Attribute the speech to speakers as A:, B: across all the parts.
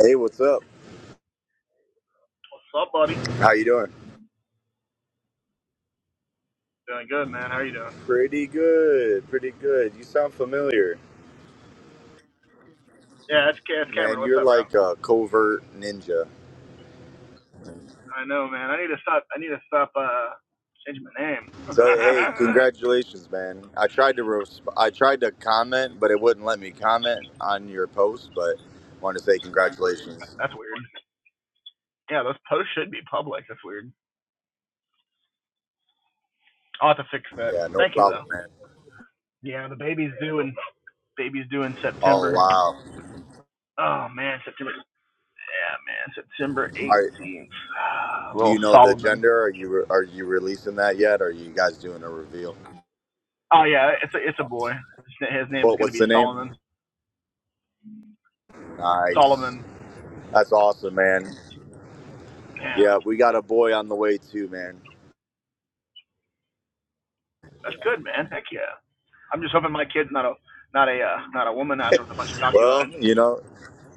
A: Hey, what's up?
B: What's up, buddy?
A: How you doing?
B: Doing good, man. How are you doing?
A: Pretty good, pretty good. You sound familiar,
B: Yeah, it's, Ca- it's Cameron.
A: man.
B: What's
A: You're
B: up, bro?
A: like a covert ninja.
B: I know, man. I need to stop. I need to stop uh changing my name.
A: So hey, congratulations, man. I tried to resp- I tried to comment, but it wouldn't let me comment on your post. But want to say congratulations.
B: That's weird. Yeah, those posts should be public. That's weird. I'll have to fix that.
A: Yeah, no
B: Thank you,
A: problem,
B: though.
A: man.
B: Yeah, the baby's due in baby's due in
A: Oh
B: September.
A: wow.
B: Oh man, September. Yeah, man, September
A: Are,
B: 18th.
A: do
B: Little
A: you know the
B: Solomon.
A: gender? Are you re- are you releasing that yet? Are you guys doing a reveal?
B: Oh yeah, it's a it's a boy. His, na- his name's
A: What
B: gonna
A: what's
B: be
A: the name?
B: Solomon.
A: Nice.
B: Solomon.
A: That's awesome, man.
B: Yeah,
A: Yeah, we got a boy on the way too, man. Yeah.
B: that's good, man. Heck yeah. I'm just hoping my kid's not a not a uh, not a womanizer with a bunch of cocky
A: Well,
B: lines.
A: you know,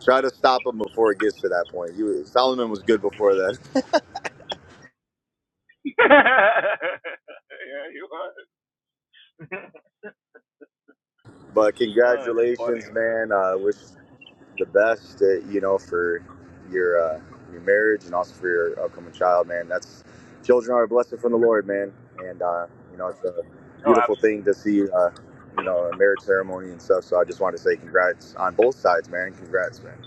A: try to stop him before it gets to that point. You, Solomon was good before that.
B: yeah, you are.
A: But
B: oh, it's funny,
A: congratulations,
B: man.
A: man. uh, wish the best, uh, you know, for your uh, your marriage and also for your upcoming child, man. That's children are a blessing from the Lord, man. And uh, you know, it's a
B: Oh,
A: beautiful
B: absolutely.
A: thing to see, uh, you know, a marriage ceremony and stuff. So I just wanted to say congrats on both sides, man. Congrats, man.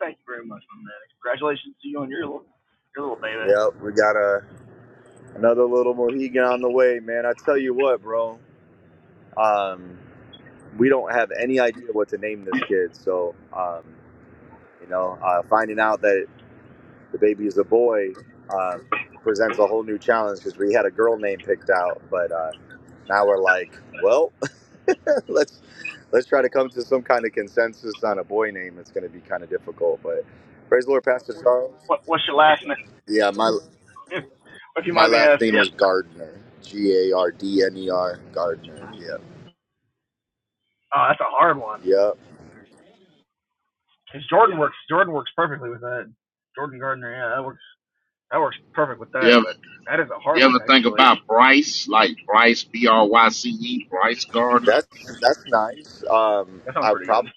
B: Thank you very much, my man. Congratulations to you on your little your little baby.
A: Yep, we got a Another little Mohegan on the way, man. I tell you what, bro. Um, we don't have any idea what to name this kid. So, um, you know, uh, finding out that the baby is a boy uh, presents a whole new challenge because we had a girl name picked out, but uh, now we're like, well, let's let's try to come to some kind of consensus on a boy name. It's going to be kind of difficult, but praise the Lord, Pastor Charles.
B: What what's your last name?
A: Yeah, my
B: if you
A: my
B: mind me
A: last
B: asking.
A: name
B: Yeah.
A: is Gardner. G A R D N E R Gardner. Yeah.
B: Oh, that's a hard one.
A: Yeah,
B: 'Cause Jordan works Jordan works perfectly with that. Jordan Gardner, yeah, that works that works perfect with
C: You
B: that.
C: ever,
B: But that is a hard
C: you
B: one
C: ever think
B: actually.
C: about Bryce, like Bryce, B R Y C E, Bryce Gardner?
A: that's that's nice. Um,
B: That sounds
A: I
B: pretty
A: probably
B: good.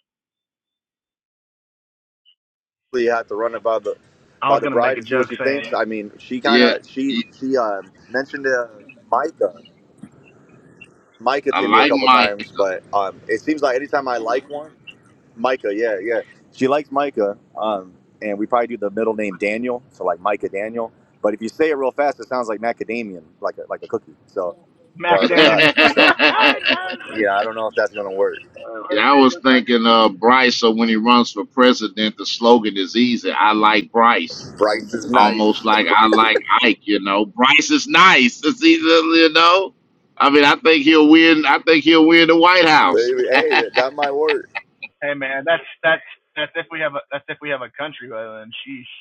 A: have to run it by the
B: I
A: by
B: was
A: the
B: gonna make
A: bride
B: a
A: and see what
B: joke
A: she thinks.
B: saying
A: I mean, she kind
C: Yeah,
A: of she
C: he-
A: she uh, mentioned uh, Micah Micah
C: I
A: to me a
C: like
A: couple
C: Mike.
A: times, but um, it seems like anytime I like one, Micah, yeah, yeah, she likes Micah. Um, and we probably do the middle name Daniel, so like Micah Daniel. But if you say it real fast, it sounds like macadamian, like a, like a cookie. So or the
C: yeah,
B: macadamia.
A: nut.
B: it
A: So
B: does.
A: yeah, I don't know if that's gonna work.
C: I was thinking uh, Bryce, so when he runs for president, the slogan is easy I like Bryce.
A: Bryce is nice.
C: Almost like I like Ike, you know. Bryce is nice. It's either, you know. I mean, I think he'll win. I think he'll win the White House.
A: Maybe- Hey, that, that might work.
B: Hey man, that's that's that's if we have a that's if we have a country rather then, sheesh.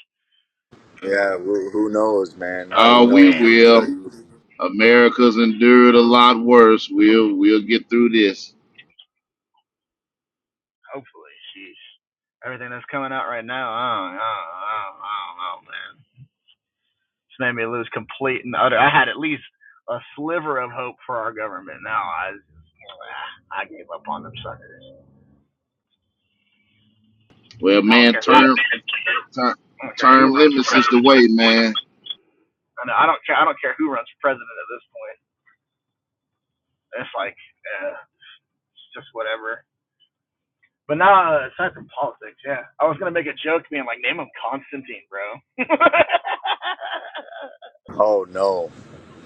A: Yeah, who, who knows, man? Who
C: Uh,
B: Oh
C: we
A: knows?
B: man,
A: Things are,
C: will. America's endured a lot worse.
B: Hope,
C: We'll we'll get through this.
B: hopefully sheesh. Everything that's coming out right now, oh, oh, oh, oh, oh man, it's made me lose complete and utter. I had at least a sliver of hope for our government. Now I I gave up on them suckers.
C: Well,
B: I don't
C: man,
B: care. Who, I
C: term term,
B: don't care
C: term
B: who runs for
C: limits is the
B: president.
C: way, man.
B: I know I don't care. I don't care who runs for president at this point. It's like uh, it's just whatever. But now, uh, aside from politics, yeah, I was gonna make a joke, being like, name him Constantine, bro.
A: oh no,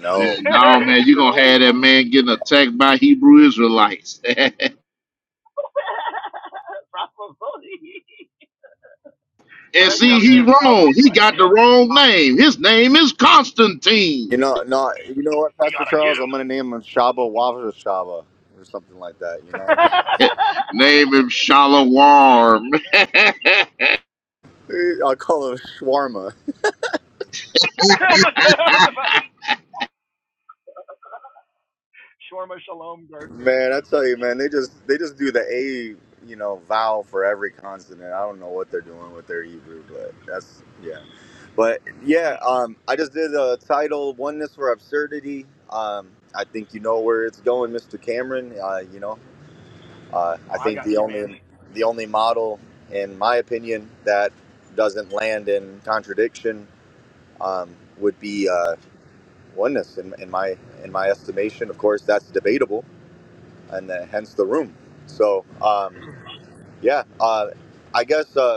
A: no.
C: And now, man,
B: He's
C: you
B: an
C: gonna
B: old.
C: have that man getting attacked by Hebrew Israelites.
B: Probably.
C: and
B: I'd
C: see,
B: come to
C: he
B: his house
C: wrong.
B: and be
C: He
B: like, we
C: got the wrong name. His name is
A: You
C: Constantine.
A: know, no. You know what,
B: we
A: Pastor
B: gotta get
A: Charles? I'm
B: him.
A: gonna name him Shaba Wafa Shaba or something like that. You know,
C: name him Shalom.
A: Eh, I'll call him Shawarma.
B: That's what I was about to. Shorma Shalom Gardner.
A: Man, I tell you, man, they just they just do the A, you know, vowel for every consonant. I don't know what they're doing with their Hebrew, but that's yeah. But yeah, um, I just did a title "Oneness for Absurdity." Um, I think you know where it's going, Mr. Cameron. Uh, you know, uh, I
B: Oh, I
A: think
B: got
A: the
B: you,
A: only
B: man.
A: the only model, in my opinion, that doesn't land in contradiction um, would be uh, oneness. In, in my in my estimation, of course, that's debatable, and uh, hence the room. So um, yeah, uh, I guess. Uh,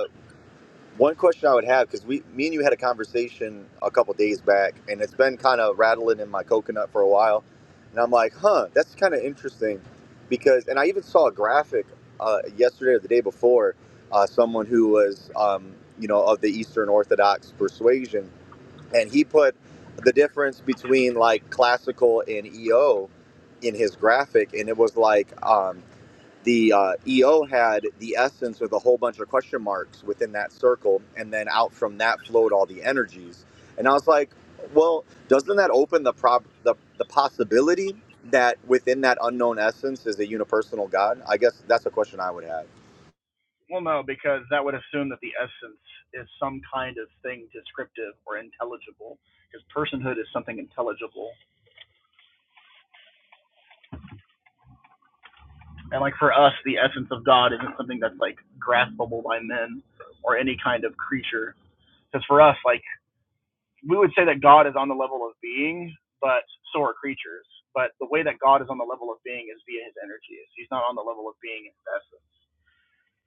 A: One question I would have because we, me and you had a conversation a couple days back, and it's been kind of rattling in my coconut for a while, and I'm like, huh, that's kind of interesting, because, and I even saw a graphic uh, yesterday or the day before, uh, someone who was, um, you know, of the Eastern Orthodox persuasion, and he put the difference between like classical and EO in his graphic, and it was like um, the uh, EO had the essence with a whole bunch of question marks within that circle, and then out from that flowed all the energies. And I was like, well, doesn't that open the prob the, the possibility that within that unknown essence is a unipersonal God? I guess that's a question I would have.
B: Well, no, because that would assume that the essence is some kind of thing descriptive or intelligible, because personhood is something intelligible And like for us, the essence of God isn't something that's like graspable by men or any kind of creature. Because for us, like we would say that God is on the level of being, but so are creatures. But the way that God is on the level of being is via his energies. He's not on the level of being in his essence.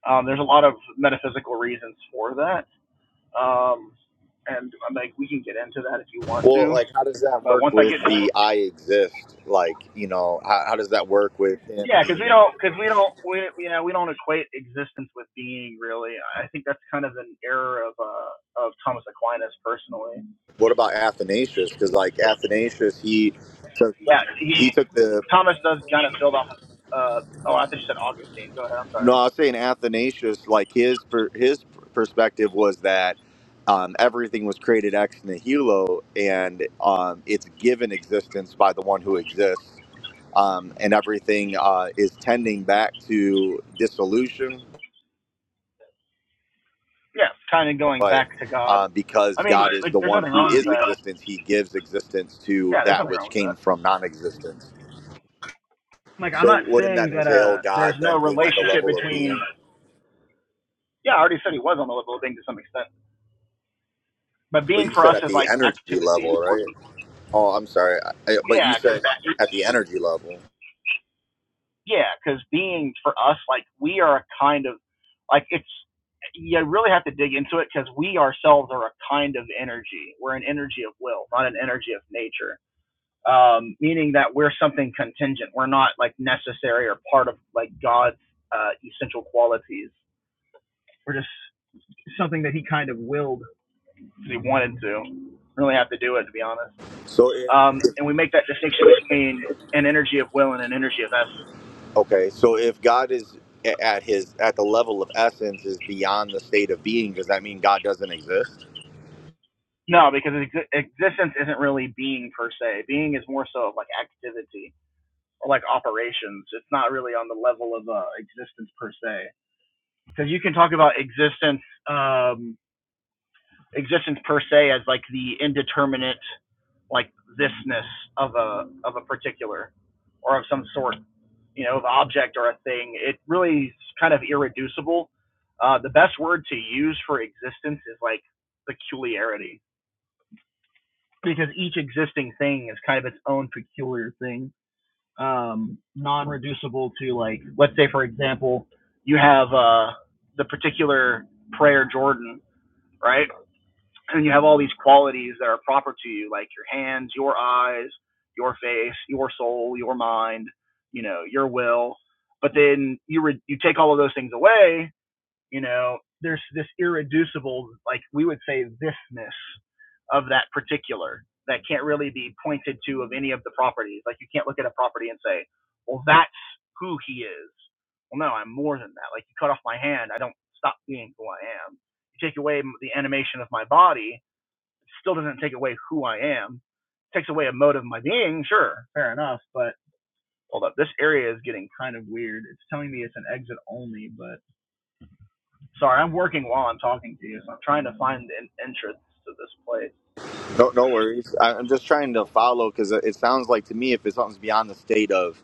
B: Um, there's a lot of metaphysical reasons for that. Um, and I'm like, we can get into that if you want
A: Well,
B: to.
A: like, how does that
B: But
A: work
B: once I get
A: with
B: to the
A: the I exist? Like, you know, how, how does that work with him?
B: Yeah, because we
A: being-
B: don't, because we don't, we you know, we don't equate existence with being really. I think that's kind of an error of uh, of Thomas Aquinas personally.
A: What about Athanasius? Because like Athanasius, he took
B: Yeah, he
A: he took the
B: Thomas does kind of build off of. Uh, oh, I think you said Augustine. Go ahead. I'm
A: No,
B: sorry.
A: I was saying Athanasius, like his per, his perspective was that um, everything was created ex nihilo, and um, it's given existence by the one who exists, um, and everything uh, is tending back to dissolution.
B: Yeah, kind of going
A: But
B: back to God.
A: uh, because
B: I mean,
A: God
B: Right.
A: is
B: like,
A: the
B: there's
A: one
B: nothing
A: who
B: wrong with
A: is
B: that.
A: existence, He gives existence to
B: Yeah, there's
A: that
B: nothing wrong
A: which
B: with
A: came
B: that.
A: from non-existence.
B: Like, I'm
A: So,
B: not
A: wouldn't that
B: saying that
A: entail
B: uh,
A: God
B: there's no
A: then being at the
B: relationship
A: level of
B: between.
A: being?
B: Yeah, I already said he was on the level of being to some extent, but
A: But
B: being
A: you
B: for
A: said
B: us
A: at
B: is
A: the
B: like
A: energy
B: activity.
A: level, right? Oh, I'm sorry. I, I- but you
B: Yeah, because
A: said
B: that
A: at the energy level.
B: yeah, because being for us, like we are a kind of like it's you really have to dig into it because we ourselves are a kind of energy. We're an energy of will, not an energy of nature. Um, meaning that we're something contingent. We're not like necessary or part of like God's uh, essential qualities. We're just something that He kind of willed because He wanted to. Really have to do it to be honest.
A: So if
B: Um, and we make that distinction between an energy of will and an energy of essence.
A: okay, so if God is a- at his at the level of essence is beyond the state of being, does that mean God doesn't exist?
B: No, because ex- existence isn't really being per se. Being is more so of like activity or like operations. It's not really on the level of uh, existence per se. Because you can talk about existence, um, existence per se as like the indeterminate like thisness of a of a particular or of some sort, you know, of object or a thing. It really is kind of irreducible. Uh, the best word to use for existence is like peculiarity because each existing thing is kind of its own peculiar thing, um, non-reducible to like, let's say for example, you have uh, the particular prayer Jordan, right? And you have all these qualities that are proper to you, like your hands, your eyes, your face, your soul, your mind, you know, your will. But then you re- you take all of those things away, you know there's this irreducible like we would say thisness of that particular that can't really be pointed to of any of the properties like you can't look at a property and say well that's who he is well no i'm more than that like you cut off my hand i don't stop being who i am you take away the animation of my body it still doesn't take away who i am it takes away a mode of my being sure fair enough but hold up this area is getting kind of weird it's telling me it's an exit only but Sorry, I'm working while I'm talking to you, so I'm trying to find an entrance to this place.
A: No, no worries. I, I'm just trying to follow because it it sounds like to me if it's something's beyond the state of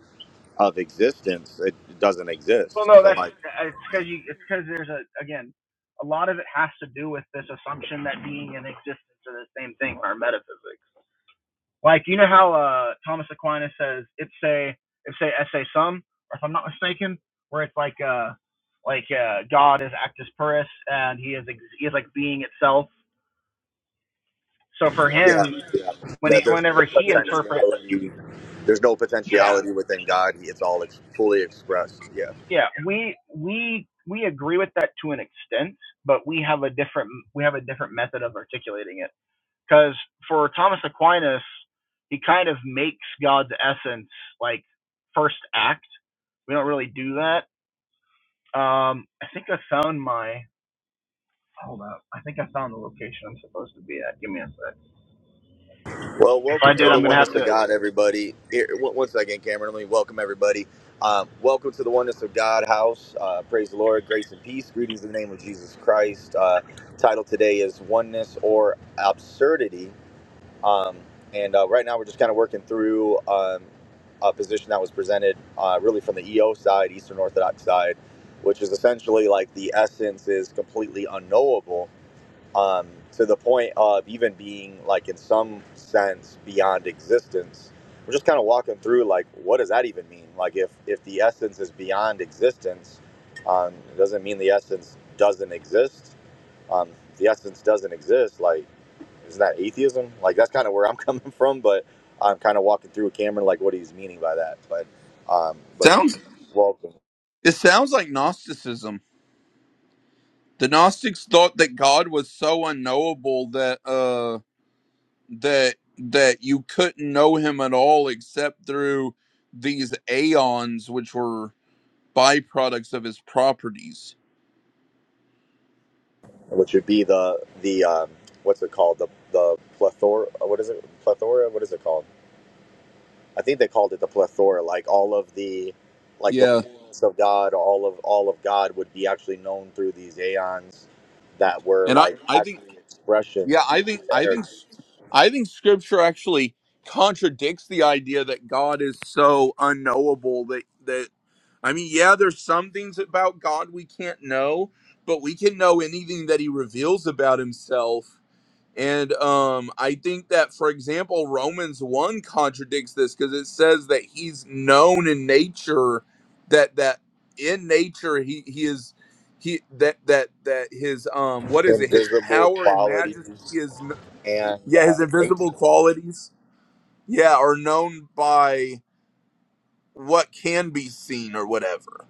A: of existence, it doesn't
B: Well,
A: exist.
B: no,
A: So
B: that's
A: like,
B: it's because you it's because there's a again a lot of it has to do with this assumption that being and existence are the same thing in our metaphysics. Like you know how uh, Thomas Aquinas says ipse ipse esse sum, or if I'm not mistaken, where it's like uh like uh, God is actus purus and he is ex- he is like being itself. So for
A: yeah,
B: him,
A: yeah,
B: when he
A: that there's no
B: whenever he interprets,
A: potentiality. There's no
B: yeah.
A: potentiality within God. It's all ex- fully expressed. Yeah.
B: yeah we we we agree with that to an extent but we have a different we have a different method of articulating it because for thomas aquinas he kind of makes god's essence like first act we don't really do that um i think i found my hold up i think i found the location i'm supposed to be at give me a sec
A: Well,
B: if i
A: welcome
B: did
A: to the
B: i'm gonna have
A: oneness
B: to
A: of God, everybody. Here, one one second, Cameron. Let me welcome everybody. Um, welcome to the oneness of God house. Uh, praise the Lord, grace and peace. Greetings in the name of Jesus Christ. Uh, title today is oneness or absurdity. Um, and uh, right now, we're just kind of working through um, a position that was presented, uh, really from the EO side, Eastern Orthodox side, which is essentially like the essence is completely unknowable um, to the point of even being like in some sense beyond existence we're just kind of walking through like what does that even mean like if if the essence is beyond existence um, it doesn't mean the essence doesn't exist um, if the essence doesn't exist like isn't that atheism like that's kind of where i'm coming from but i'm kind of walking through with cameron like what he's meaning by that but um, but
D: Sounds
A: welcome
D: it sounds like Gnosticism. The Gnostics thought that God was so unknowable that uh that that you couldn't know him at all except through these aeons which were byproducts of his properties.
A: which would be the the um, what's it called the the plethora what is it plethora what is it called I think they called it the plethora, like all of the, like the
D: Yeah.
A: fullness of God, all of all of God would be actually known through these aeons that were
D: And I
A: like
D: I think
A: actually
D: yeah,
A: expressions,
D: I think
A: like his
D: I think s-
A: energy,
D: I think scripture actually contradicts the idea that God is so unknowable that, that. I mean, yeah, there's some things about God we can't know, but we can know anything that he reveals about himself. And um, I think that, for example, Romans 1 contradicts this because it says that he's known in nature, that that in nature he he is he that that that his um what is it his
A: invisible
D: power and majesty
A: qualities
D: is kn-
A: and
D: yeah
A: uh,
D: his
A: nature.
D: invisible qualities yeah are known by what can be seen or whatever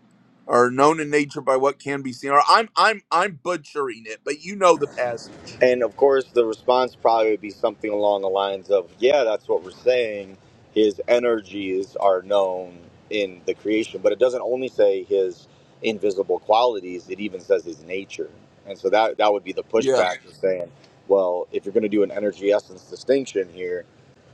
D: or known in nature by what can be seen or i'm i'm i'm butchering it but you know the passage
A: And of course, the response probably would be something along the lines of, "Yeah, that's what we're saying. His energies are known in the creation, but it doesn't only say his invisible qualities; it even says his nature." And so that that would be the
D: yeah
A: pushback for saying, "Well, if you're going to do an energy essence distinction here,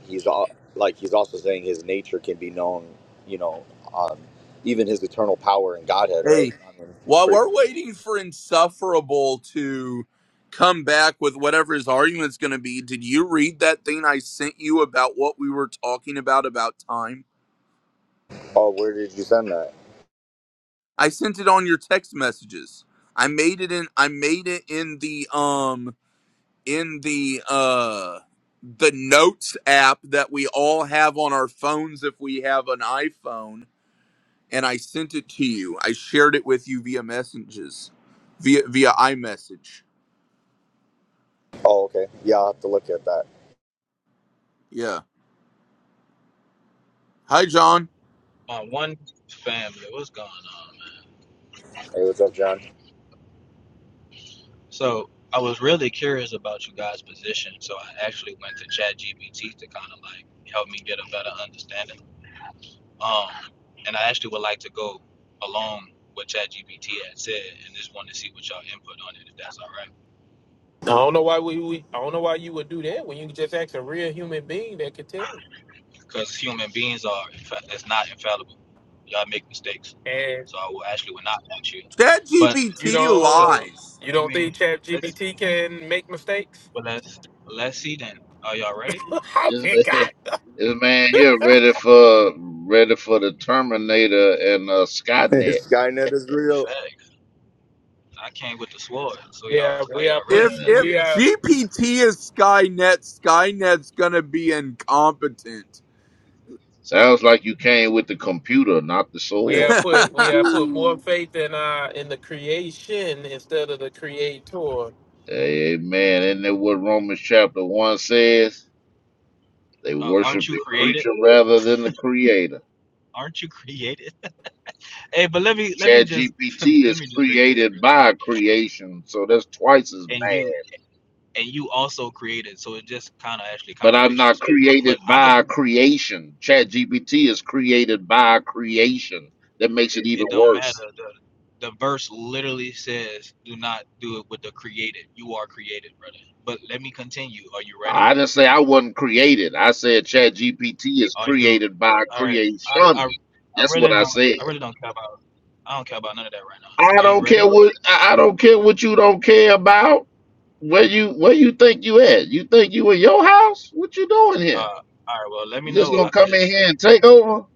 A: he's all, like he's also saying his nature can be known. You know, um, even his eternal power and Godhead, right?
D: hey
A: I mean, it's
D: while
A: pretty
D: we're
A: clear."
D: waiting for insufferable to come back with whatever his argument's going to be did you read that thing i sent you about what we were talking about about time
A: Oh, where did you send that?
D: i sent it on your text messages i made it in i made it in the um in the uh the notes app that we all have on our phones if we have an iPhone and I sent it to you. I shared it with you via messages via via iMessage.
A: Oh, okay. Yeah, I'll have to look at that.
D: Yeah. Hi John.
E: My one family, what's going on? man?
A: Hey, what's up, John?
E: So I was really curious about you guys' position, so I actually went to ChatGPT to kind of like help me get a better understanding. Um, and I actually would like to go along what ChatGPT had said, and just want to see what y'all input on it, if that's all right.
F: I don't know why we, we I don't know why you would do that when you could just ask a real human being that could tell you.
E: Because human beings are, infa- it's not infallible. Y'all make mistakes,
F: And
E: so I will actually would not want you. But
F: you
D: ChatGPT
F: don't
E: so,
D: lies.
F: you
E: I
F: don't
E: mean,
F: think Chat
E: let's
F: GBT can make mistakes?
E: well, let's let's see then. Are y'all ready?
F: How
C: this
F: can
C: man,
F: God?
C: this man here ready for ready for the Terminator and uh, Skynet.
A: Skynet is real.
E: Facts. I came with the sword. So y'all,
F: Yeah,
E: are
F: we are
E: y'all ready?
D: If
F: put
D: if
F: we are
D: GPT is Skynet, Skynet's gonna be incompetent.
C: Sounds like you came with the computer, not the
F: we
C: sword.
F: are put we are put more faith in uh in the creation instead of the creator.
C: Amen. Isn't that what Romans chapter 1 says? They
E: Uh,
C: worship
E: aren't you
C: the
E: created?
C: creature rather than the creator.
E: Aren't you created? hey, but let me let me
C: Chat
E: just
C: GPT
E: let
C: is
E: me just read this, bro.
C: created by creation, so that's twice as
E: And
C: bad.
E: you and you also created, so it just kind of actually
C: But I'm
E: contradicts
C: not
E: yourself.
C: created
E: But I could,
C: by creation. Chat GPT is created by creation. That makes it
E: it,
C: even
E: it don't matter.
C: worse.
E: The the verse literally says, "Do not do it with the created. You are created, brother." But let me continue. Are you ready?
C: I didn't say I wasn't created. I said Chat GPT is
E: Are you?
C: created by
E: All right. I I,
C: creation.
E: I
C: That's what
E: really
C: I
E: don't
C: said.
E: I really don't care about I don't care about none of that right
C: I
E: now. Are you
C: don't care
E: ready?
C: what I I don't care what you don't care about. Where you where you think you at? You think you in your house? What you doing here?
E: Uh, all right. Well, let me
C: You just
E: know.
C: gonna
E: I could
C: come in here
E: just.
C: and take over?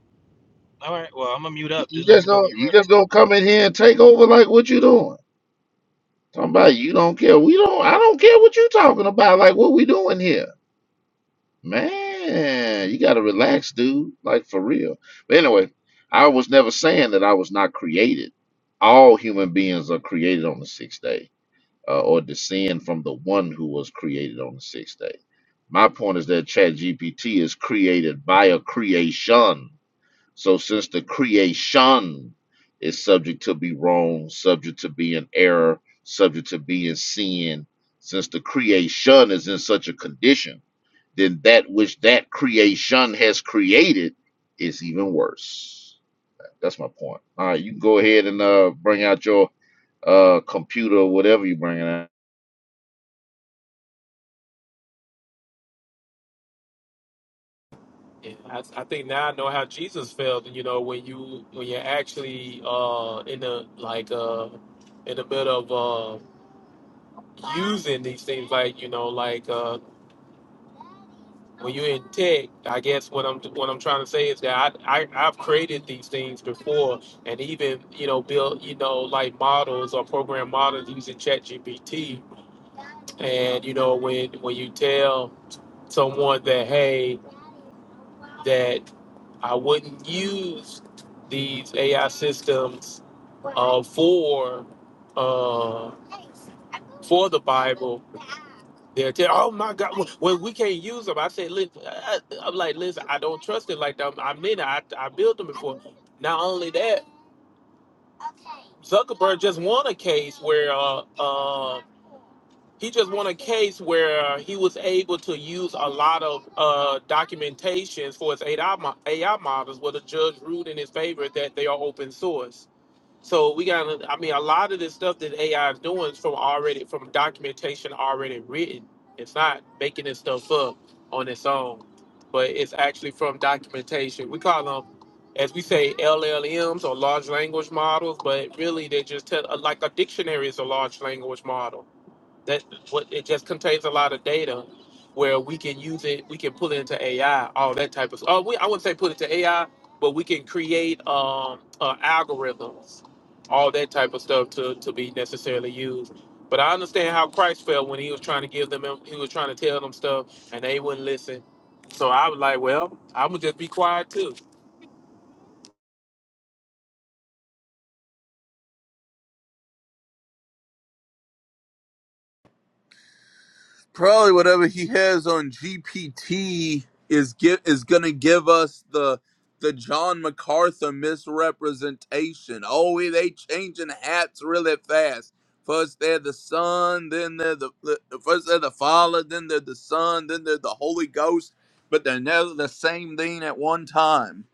E: All right. Well, I'm gonna mute up.
C: You
E: Just let
C: just
E: me know
C: gonna
E: when you're
C: you
E: ready.
C: just gonna come in here and take over like what you doing? Talking about you don't care. We don't I don't care what you talking about, like what we doing here. Man, you gotta relax, dude. Like for real. But anyway, I was never saying that I was not created. All human beings are created on the sixth day uh, or descend from the one who was created on the sixth day. My point is that ChatGPT is created by a creation. So since the creation is subject to be wrong, subject to be in error, subject to be in sin, since the creation is in such a condition, then that which that creation has created is even worse. That's my point. All right, you can go ahead and uh, bring out your uh, computer or whatever you are bringing out.
F: Yeah, I, I think now I know how Jesus felt. You know when you when you're actually uh in the like uh in the middle of uh using these things like you know like uh when you're in tech, I guess what I'm what I'm trying to say is that I, I I've created these things before, and even you know built you know like models or program models using ChatGPT, and you know when when you tell someone that hey that I wouldn't use these AI systems uh, for uh, for the Bible, They'll tell, oh my God, well, well, we can't use them. I said, listen, I, I'm like, listen, I don't trust it like that. I mean, it. I, I built them before. Not only that, Zuckerberg just won a case where uh, uh, he just won a case where he was able to use a lot of uh, documentations for his AI, mo- AI models, where the judge ruled in his favor that they are open source. So we got, I mean, a lot of the stuff that AI is doing is from already, from documentation already written. It's not making this stuff up on its own, but it's actually from documentation. We call them, as we say, LLMs or large language models, but really they just tell, like a dictionary is a large language model that what it just contains a lot of data where we can use it we can pull it into ai all that type of oh we, i wouldn't say put it to ai but we can create um uh, algorithms all that type of stuff to to be necessarily used but i understand how christ felt when he was trying to give them he was trying to tell them stuff and they wouldn't listen so i was like well i'm gonna just be quiet too
D: probably whatever he has on GPT is get is gonna give us the the John MacArthur misrepresentation. Oh, we- they changing hats really fast. First they're the Son, then they're the, the first they're the Father, then they're the Son, then they're the Holy Ghost, but they're never the same thing at one time.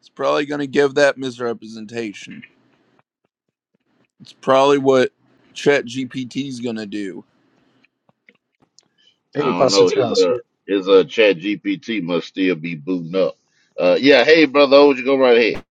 D: It's probably gonna give that misrepresentation. It's probably what Chat GPT is gonna do.
C: I
G: Hey,
C: don't
G: Pastor
C: know. His
G: Charles.
C: uh,
G: You-
C: his uh, Chat GPT must still be booting up. Uh, yeah. Hey, brother, would you go right ahead?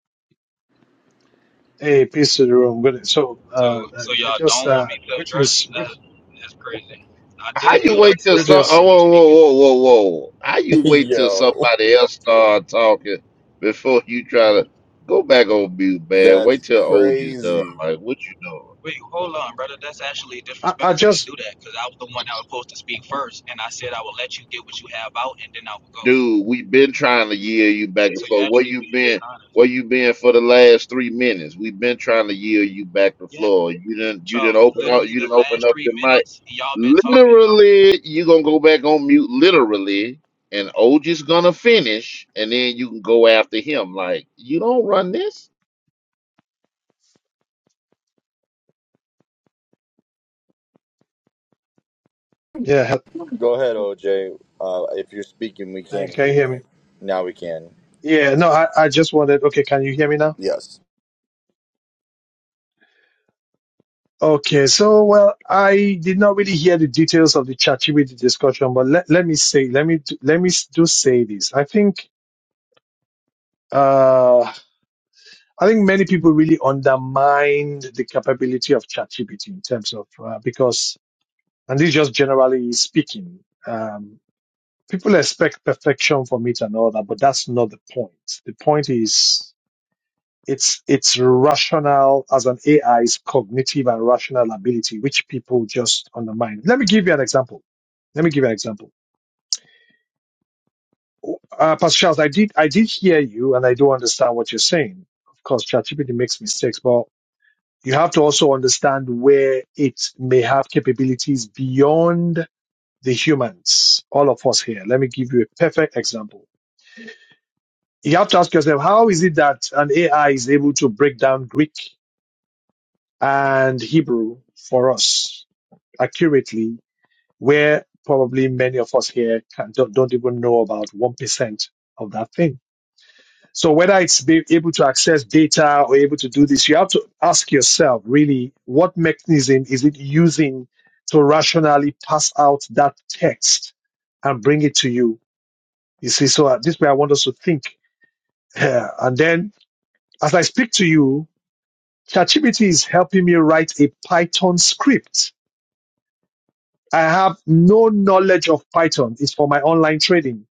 G: Hey, peace to the room. Good. So, uh,
E: So,
G: I
E: so
G: I
E: y'all
G: just
E: don't want
G: uh,
E: me to
G: greetings,
E: address? That
G: greet,
E: that's crazy. I
C: How
E: did
C: you
E: mute
C: wait
E: up to
C: till
E: let
C: some?
E: y'all
C: Oh,
G: greetings.
E: finish
C: whoa, whoa,
E: speaking.
C: whoa, whoa, whoa! How you wait till
A: Yo,
C: somebody else start talking before you try to go back on mute, man? Wait
A: that's
C: till OG is done.
A: crazy.
C: Like, what you doing,
E: Wait, hold on, brother. That's actually
G: I, I
E: disrespectful for you to
G: just
E: do that because I was the one that was supposed to speak first, and I said I would let you get what you have out, and then I would go.
C: dude? we have been trying to yield you back and
E: So you're
C: forth. Where
E: actually
C: you
E: being
C: been?
E: dishonest.
C: Where you been for the last three minutes? We've been trying to yield you back the
E: Yeah,
C: floor. You didn't. You didn't
E: Charles.
C: open up.
E: Literally
C: You
E: the
C: didn't open
E: last
C: up
E: three
C: your mic.
E: minutes, y'all been talking.
C: Literally, you gonna go back on mute literally, and OG's gonna finish, and then you can go after him. Like, you don't run this?
G: yeah. he-
A: Go ahead, OJ. Uh, if you're speaking, we
G: uh,
A: can't
G: Can
A: hear
G: you hear
A: you.
G: me?
A: Now we can.
G: Yeah. No, I, I just wanted. Okay, can you hear me now?
A: Yes.
G: Okay. So, well, I did not really hear the details of the ChatGPT discussion, but let, let me say, let me do- let me s- do say this. I think uh, I think many people really undermined the capability of ChatGPT in terms of uh, because, and this is just generally speaking. um, people expect perfection from it and all that, but that's not the point. The point is it's it's rational as an AI's cognitive and rational ability, which people just undermine. Let me give you an example. Let me give you an example. Uh, Pastor Charles, I did I did hear you, and I do understand what you're saying. Of course, ChatGPT makes mistakes, but you have to also understand where it may have capabilities beyond the humans, all of us here. Let me give you a perfect example you have to ask yourself how is it that an AI is able to break down Greek and Hebrew for us accurately, where probably many of us here can, don't, don't even know about 1% of that thing. So whether it's be able to access data or able to do this, you have to ask yourself really what mechanism is it using to rationally pass out that text and bring it to you? You see, so at this way I want us to think. Yeah. and then as I speak to you, ChatGPT is helping me write a Python script. I have no knowledge of Python. It's for my online trading.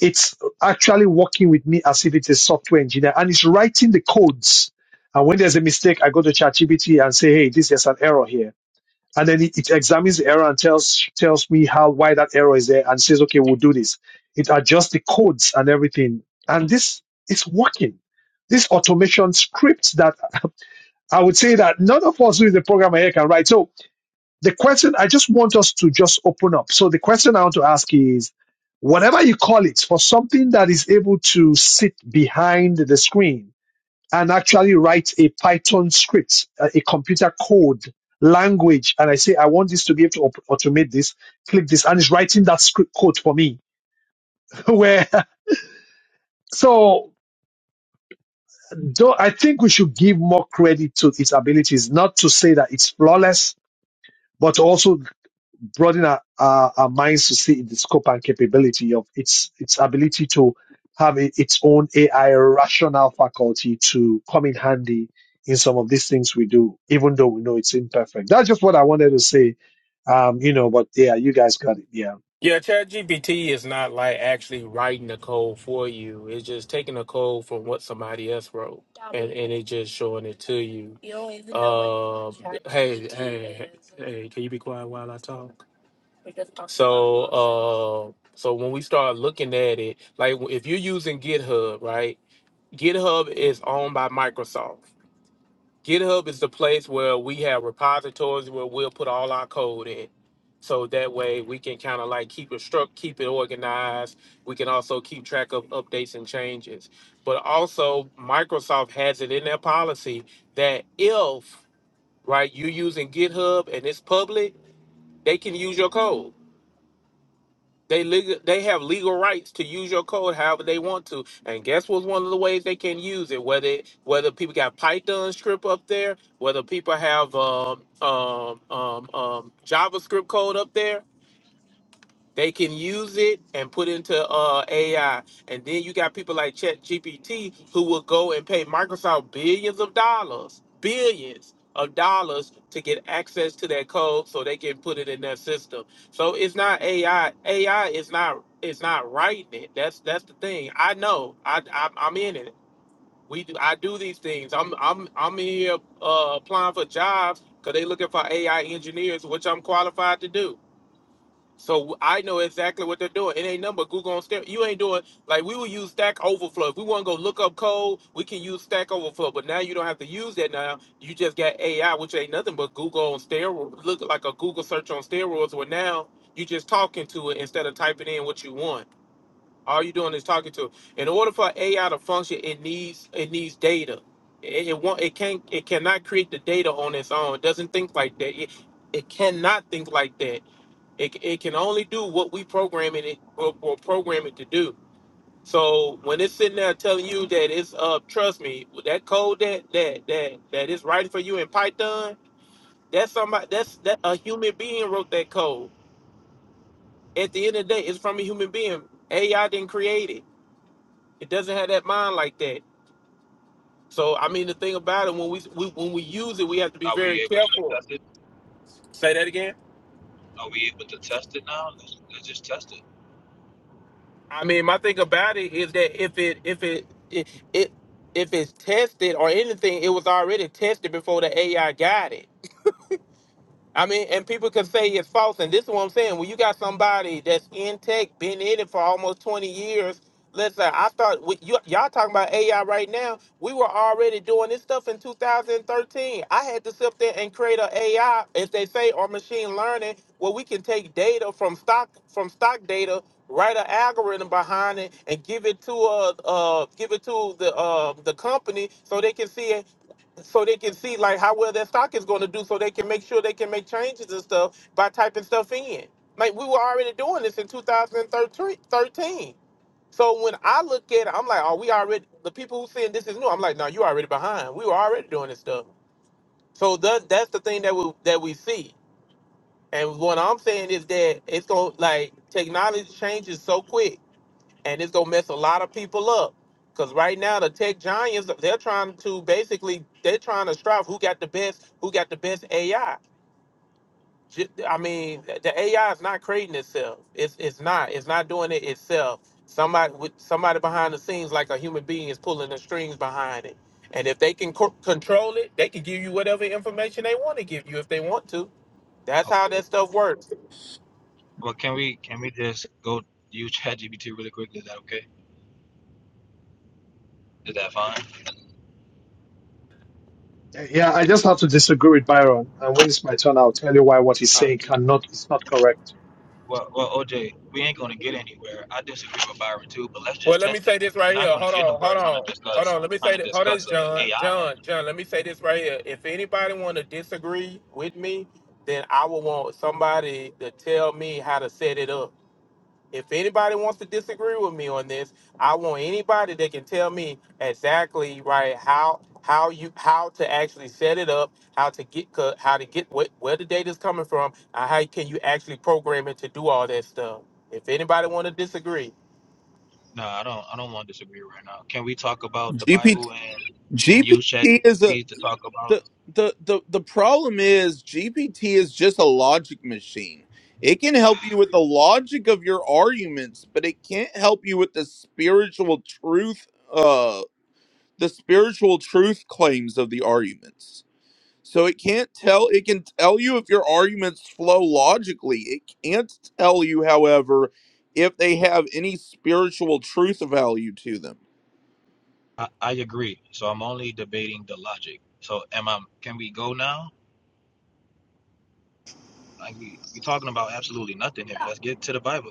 G: It's actually working with me as if it's a software engineer and it's writing the codes. And when there's a mistake, I go to ChatGPT and say, Hey, this is an error here. And then it, it examines the error and tells, tells me how, why that error is there and says, okay, we'll do this. It adjusts the codes and everything. And this is working. This automation script that I would say that none of us who is the program here can write. So the question I just want us to just open up. So the question I want to ask is whatever you call it for something that is able to sit behind the screen and actually write a Python script, a, a computer code language. And I say, I want this to be able to op- automate this, click this, and it's writing that script code for me where, so though I think we should give more credit to its abilities, not to say that it's flawless, but also broaden our, our, our minds to see the scope and capability of its its ability to have i- its own AI rational faculty to come in handy in some of these things we do, even though we know it's imperfect. That's just what I wanted to say. Um, you know, but yeah, you guys got it. Yeah.
F: Yeah, ChatGPT is not like actually writing the code for you. It's just taking the code from what somebody else wrote and, and it just showing it to you. You don't even know what Um, hey, hey, hey, hey, can you be quiet while I talk? So, uh, so when we start looking at it, like if you're using GitHub, right? GitHub is owned by Microsoft. GitHub is the place where we have repositories where we'll put all our code in. So that way we can kind of like keep it struck, keep it organized. We can also keep track of updates and changes. But also Microsoft has it in their policy that if right you're using GitHub and it's public, they can use your code. They legal, they have legal rights to use your code however they want to. And guess what's one of the ways they can use it? Whether it- whether people got Python script up there, whether people have um, um, um, um, JavaScript code up there, they can use it and put into uh, AI, and then you got people like ChatGPT who will go and pay Microsoft billions of dollars, billions of dollars to get access to that code so they can put it in their system. So it's not AI. AI is not is not writing it. That's that's the thing. I know. I, I I'm in it. We do, I do these things. I'm I'm I'm in here uh, applying for jobs because they looking for AI engineers, which I'm qualified to do. So I know exactly what they're doing. It ain't nothing but Google on steroids. You ain't doing like we would use Stack Overflow. If we want to go look up code, we can use Stack Overflow. But now you don't have to use that now. You just got AI, which ain't nothing but Google on steroids. Look like a Google search on steroids. Where now you just talking to it instead of typing in what you want. All you're doing is talking to it. In order for AI to function, it needs it needs data. It, it want it can't it cannot create the data on its own. It doesn't think like that. It, it cannot think like that it, it can only do what we program it or, or program it to do. So when it's sitting there telling you that it's uh trust me that code that that that that is writing for you in Python that's somebody that's that a human being wrote that code. At the end of the day, it's from a human being. AI didn't create it. It doesn't have that mind like that. So I mean the thing about it when we, we when we use it, we have to be
E: Are
F: very
E: we able to
F: careful.
E: test it?
F: Say that again.
E: Are we able to test it now? Let's, let's just test it.
F: I mean, my thing about it is that if it if it it, it if it's tested or anything, it was already tested before the AI got it. I mean, and people can say it's false, and this is what I'm saying. When you got somebody that's in tech, been in it for almost 20 years, listen, I start with you, y'all talking about AI right now. We were already doing this stuff in 2013. I had to sit there and create a AI, as they say, or machine learning, where we can take data from stock from stock data, write an algorithm behind it, and give it to a uh, give it to the uh, the company so they can see so they can see like how well their stock is going to do so they can make sure they can make changes and stuff by typing stuff in like we were already doing this in 2013 so when i look at it i'm like oh we already the people who saying this is new i'm like no you already behind we were already doing this stuff so that, that's the thing that we that we see and what i'm saying is that it's going like technology changes so quick and it's gonna mess a lot of people up. Cause right now the tech giants, they're trying to basically they're trying to strive who got the best, who got the best AI. Ju- I mean, the AI is not creating itself. It's it's not. It's not doing it itself. Somebody with somebody behind the scenes, like a human being, is pulling the strings behind it. And if they can co- control it, they can give you whatever information they want to give you if they want to. That's
E: Okay.
F: how that stuff works.
E: Well, can we can we just go use ChatGPT really quick? Is that okay? Is that fine?
G: Yeah, I just have to disagree with Byron. And when it's my turn, I'll tell you why what he's
E: Uh,
G: saying cannot is not correct.
E: well, well, OJ, we ain't gonna get anywhere. I disagree with Byron too, but let's
F: Well,
E: just
F: let me
E: test
F: say
E: it.
F: this
E: We're
F: right here.
E: not gonna
F: Hold
E: get
F: on,
E: nowhere
F: hold
E: trying to
F: on, hold
E: discuss
F: on. Let me
E: trying
F: say
E: to
F: this. Hold on,
E: discuss uh,
F: John,
E: AI right
F: John, John. Let me say this right here. If anybody want to disagree with me, then I will want somebody to tell me how to set it up. If anybody wants to disagree with me on this, I want anybody that can tell me exactly right how how you how to actually set it up, how to get co- how to get what where the data is coming from, and how can you actually program it to do all that stuff. If anybody want to disagree,
E: now. No, I don't. I don't want to disagree right now. Can we talk about the
D: GPT
E: Bible and and
D: GPT
E: use
D: is a
E: ChatGPT to talk about?
D: the the the the problem is GPT is just a logic machine. It can help you with the logic of your arguments, but it can't help you with the spiritual truth uh the spiritual truth claims of the arguments. So it can't tell it can tell you if your arguments flow logically. It can't tell you however if they have any spiritual truth value to them.
E: I, I agree. So I'm only debating the logic. So am I? Can we go now? Like we we talking about absolutely nothing here. Let's get to the Bible.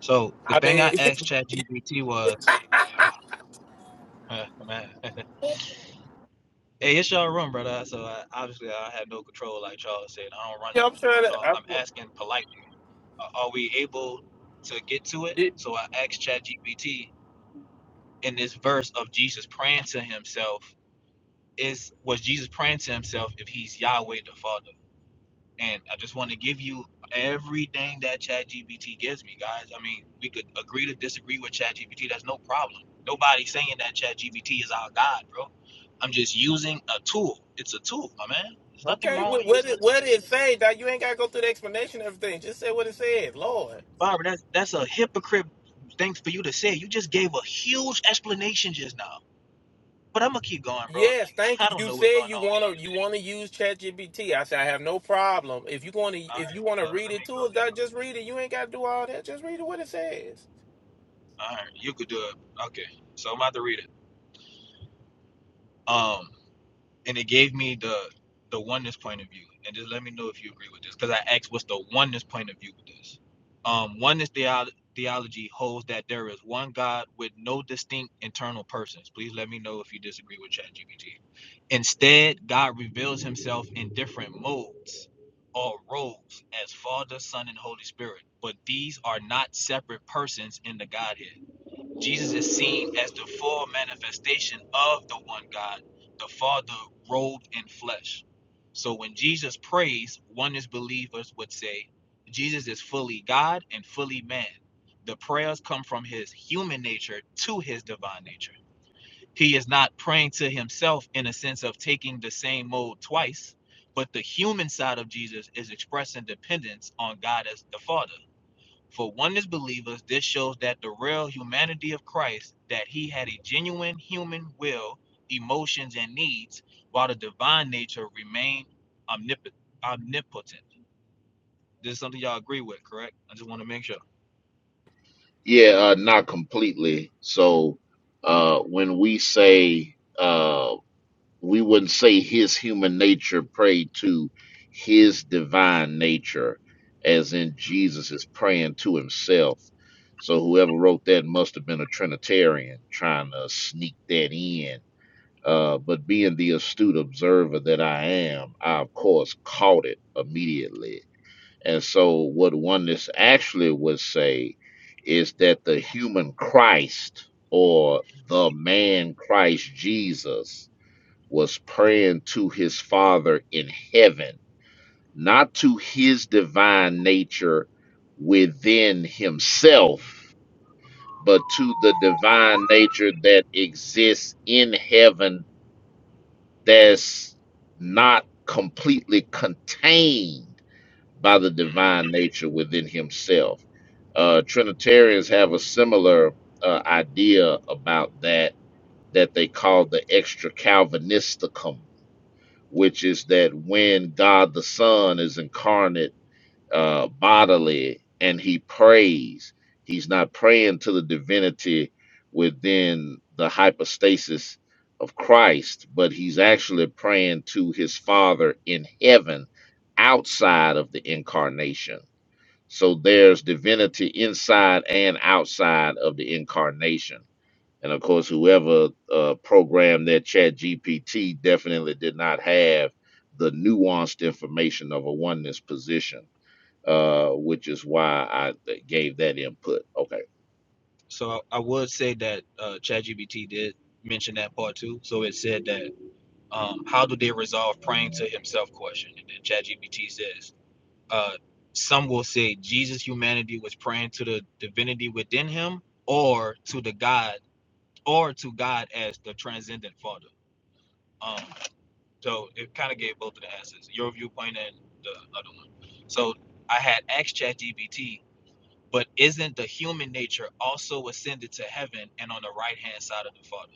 E: So the
F: I
E: thing I
F: mean.
E: asked ChatGPT was, oh, man, hey, it's your room, brother. So I, obviously I have no control, like Charles said. I don't run
F: Yeah, I'm
E: nothing.
F: sure
E: So
F: that. I,
E: I'm asking politely, a- are we able to get to it?
F: did,
E: So I asked ChatGPT in this verse of Jesus praying to himself, is was Jesus praying to himself if he's Yahweh the Father? And I just want to give you everything that ChatGPT gives me, guys. I mean, we could agree to disagree with ChatGPT. That's no problem. Nobody's saying that ChatGPT is our God, bro. I'm just using a tool. It's a tool, my man. There's nothing
F: okay,
E: wrong
F: what,
E: with
F: what,
E: using a
F: did, what
E: tool.
F: did it say? That you ain't got to go through the explanation of everything. Just say what it said, Lord.
E: Barbara, that's that's a hypocrite thing for you to say. You just gave a huge explanation just now. But I'm gonna keep going, bro.
F: Yes,
E: Like
F: thank you.
E: I don't
F: You
E: know what's
F: said
E: going
F: you
E: on with y'all
F: wanna you
E: today.
F: wanna use ChatGPT. I said I have no problem. If you gonna
E: All
F: if
E: right,
F: you wanna
E: uh,
F: read
E: let me
F: it to
E: go
F: us,
E: there.
F: that just read it. You ain't gotta do all that. Just read it what it says.
E: All right, you could do it. Okay, so I'm about to read it. Um. and it gave me the the oneness point of view and just let me know if you agree with this because i asked what's the oneness point of view with this um oneness theolo- theology holds that there is one god with no distinct internal persons please let me know if you disagree with ChatGPT. instead god reveals himself in different modes or roles as father son and holy spirit but these are not separate persons in the godhead Jesus is seen as the full manifestation of the one God, the Father robed in flesh. So when Jesus prays, one is believers would say, Jesus is fully God and fully man. The prayers come from his human nature to his divine nature. He is not praying to himself in a sense of taking the same mode twice, but the human side of Jesus is expressing dependence on God as the Father. For oneness believers, this shows that the real humanity of Christ, that he had a genuine human will, emotions, and needs, while the divine nature remained omnip- omnipotent. This is something y'all agree with, correct? I just want to make sure.
C: Yeah, uh, not completely. So uh when we say uh we wouldn't say his human nature prayed to his divine nature, as in Jesus is praying to himself. So whoever wrote that must have been a Trinitarian trying to sneak that in Uh, but being the astute observer that I am, I of course caught it immediately. And so, what oneness actually would say is that the human Christ or the man Christ Jesus was praying to his Father in heaven, not to his divine nature within himself, but to the divine nature that exists in heaven that's not completely contained by the divine nature within himself. Uh, Trinitarians have a similar uh, idea about that that they call the extra Calvinisticum, which is that when God the Son is incarnate uh, bodily and he prays. He's not praying to the divinity within the hypostasis of Christ, but he's actually praying to his Father in heaven outside of the incarnation. So there's divinity inside and outside of the incarnation. And of course, whoever uh, programmed that chat GPT definitely did not have the nuanced information of a oneness position uh, which is why I gave that input. Okay.
E: So I would say that uh, ChatGPT did mention that part too. So it said that um, how do they resolve praying to himself question? And then ChatGPT says uh, some will say Jesus' humanity was praying to the divinity within him, or to the God, or to God as the transcendent Father. Um, so it kind of gave both of the answers, your viewpoint and the other one. So I had asked ChatGPT, but isn't the human nature also ascended to heaven and on the right hand side of the Father?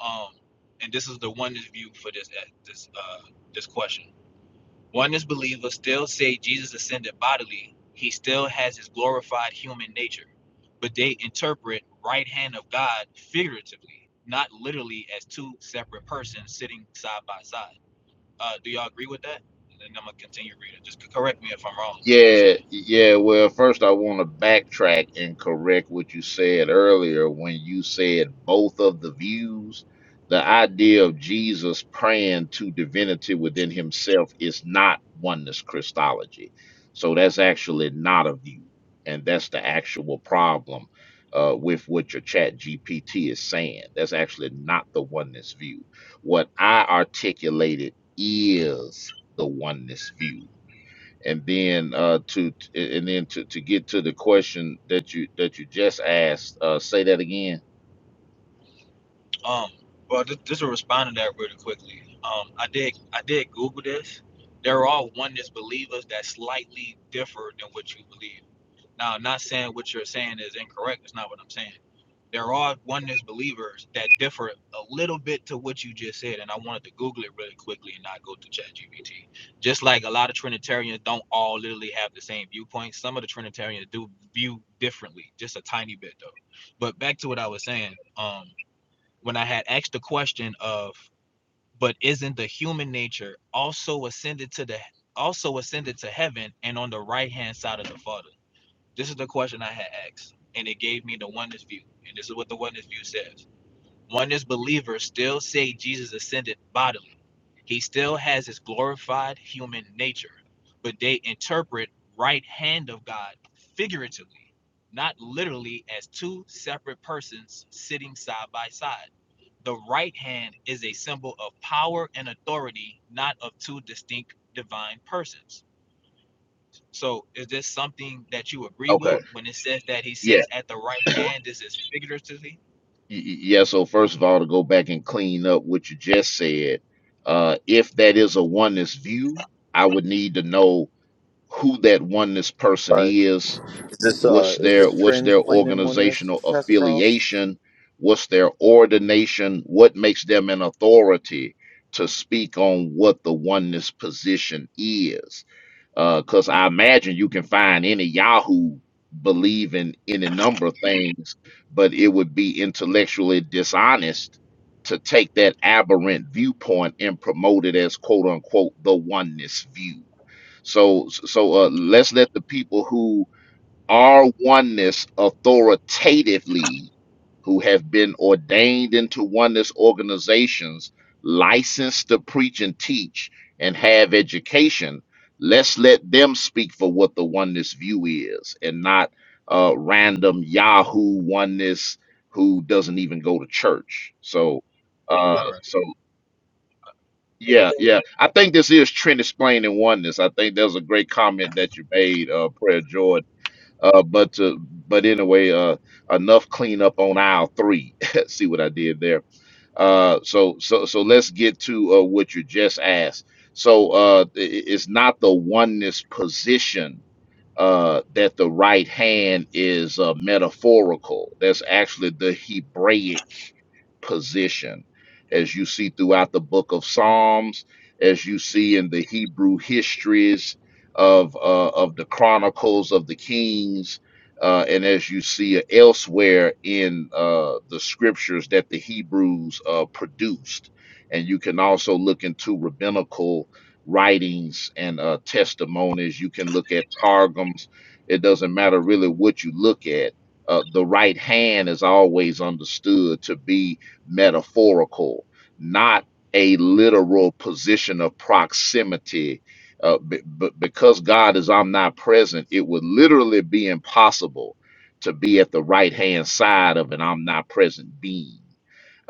E: Um, and this is the oneness view for this uh, this uh, this question. Oneness believers still say Jesus ascended bodily, he still has his glorified human nature, but they interpret right hand of God figuratively, not literally as two separate persons sitting side by side. Uh, do y'all agree with that? And then I'm gonna continue reading. Just correct me if I'm wrong. with What he's
C: Yeah,
E: saying.
C: yeah. Well, first, I want to backtrack and correct what you said earlier when you said both of the views. The idea of Jesus praying to divinity within himself is not oneness Christology. So that's actually not a view. And that's the actual problem uh, with what your chat GPT is saying. That's actually not the oneness view. What I articulated is the oneness view and then uh to and then to to get to the question that you that you just asked uh say that again
E: Um, well, just, just to respond to that really quickly. Um, I did I did Google this. There are oneness believers that slightly differ than what you believe. Now, I'm not saying what you're saying is incorrect. That's not what I'm saying there are oneness believers that differ a little bit to what you just said, and I wanted to Google it really quickly and not go to ChatGPT. Just like a lot of Trinitarians don't all literally have the same viewpoint. Some of the Trinitarians do view differently, just a tiny bit though. But back to what I was saying, um, when I had asked the question of, but isn't the human nature also ascended to the also ascended to heaven and on the right hand side of the Father? This is the question I had asked, and it gave me the oneness view. And this is what the oneness view says. Oneness believers still say Jesus ascended bodily. He still has his glorified human nature, but they interpret right hand of God figuratively, not literally as two separate persons sitting side by side. The right hand is a symbol of power and authority, not of two distinct divine persons so is this something that you agree with
C: Okay.
E: when it says that he
C: yeah
E: sits at the right hand? This is figuratively.
C: Y- y- yeah so first of all to go back and clean up what you just said uh if that is a oneness view i would need to know who that oneness person
A: All right.
C: is
A: Is this uh
C: what's
A: is
C: their
A: this
C: what's
A: trends
C: their
A: in oneness,
C: organizational
A: Pastor Charles?
C: affiliation what's their ordination what makes them an authority to speak on what the oneness position is because I imagine you can find any Yahoo believing any number of things, but it would be intellectually dishonest to take that aberrant viewpoint and promote it as quote unquote the oneness view. So, so uh, let's let the people who our oneness authoritatively who have been ordained into oneness organizations, licensed to preach and teach, and have education, let's let them speak for what the oneness view is and not uh, random Yahoo oneness who doesn't even go to church. So, uh,
E: All right.
C: so yeah,
E: That's,
C: yeah. I think this is trend explaining oneness. I think that was a great comment that you made, uh, Prayer Jordan uh, but uh, but anyway, uh, enough cleanup on aisle three. See what I did there. Uh, so so so let's get to uh, what you just asked. So uh, i- i- it's not the oneness position uh, that the right hand is uh, metaphorical. That's actually the Hebraic position, as you see throughout the book of Psalms, as you see in the Hebrew histories of uh, of the Chronicles of the Kings uh, and as you see elsewhere in uh, the scriptures that the Hebrews uh, produced. And you can also look into rabbinical writings and uh, testimonies. You can look at targums. It doesn't matter really what you look at. Uh, the right hand is always understood to be metaphorical, not a literal position of proximity uh, b- but because God is omnipresent, it would literally be impossible to be at the right hand side of an omnipresent being.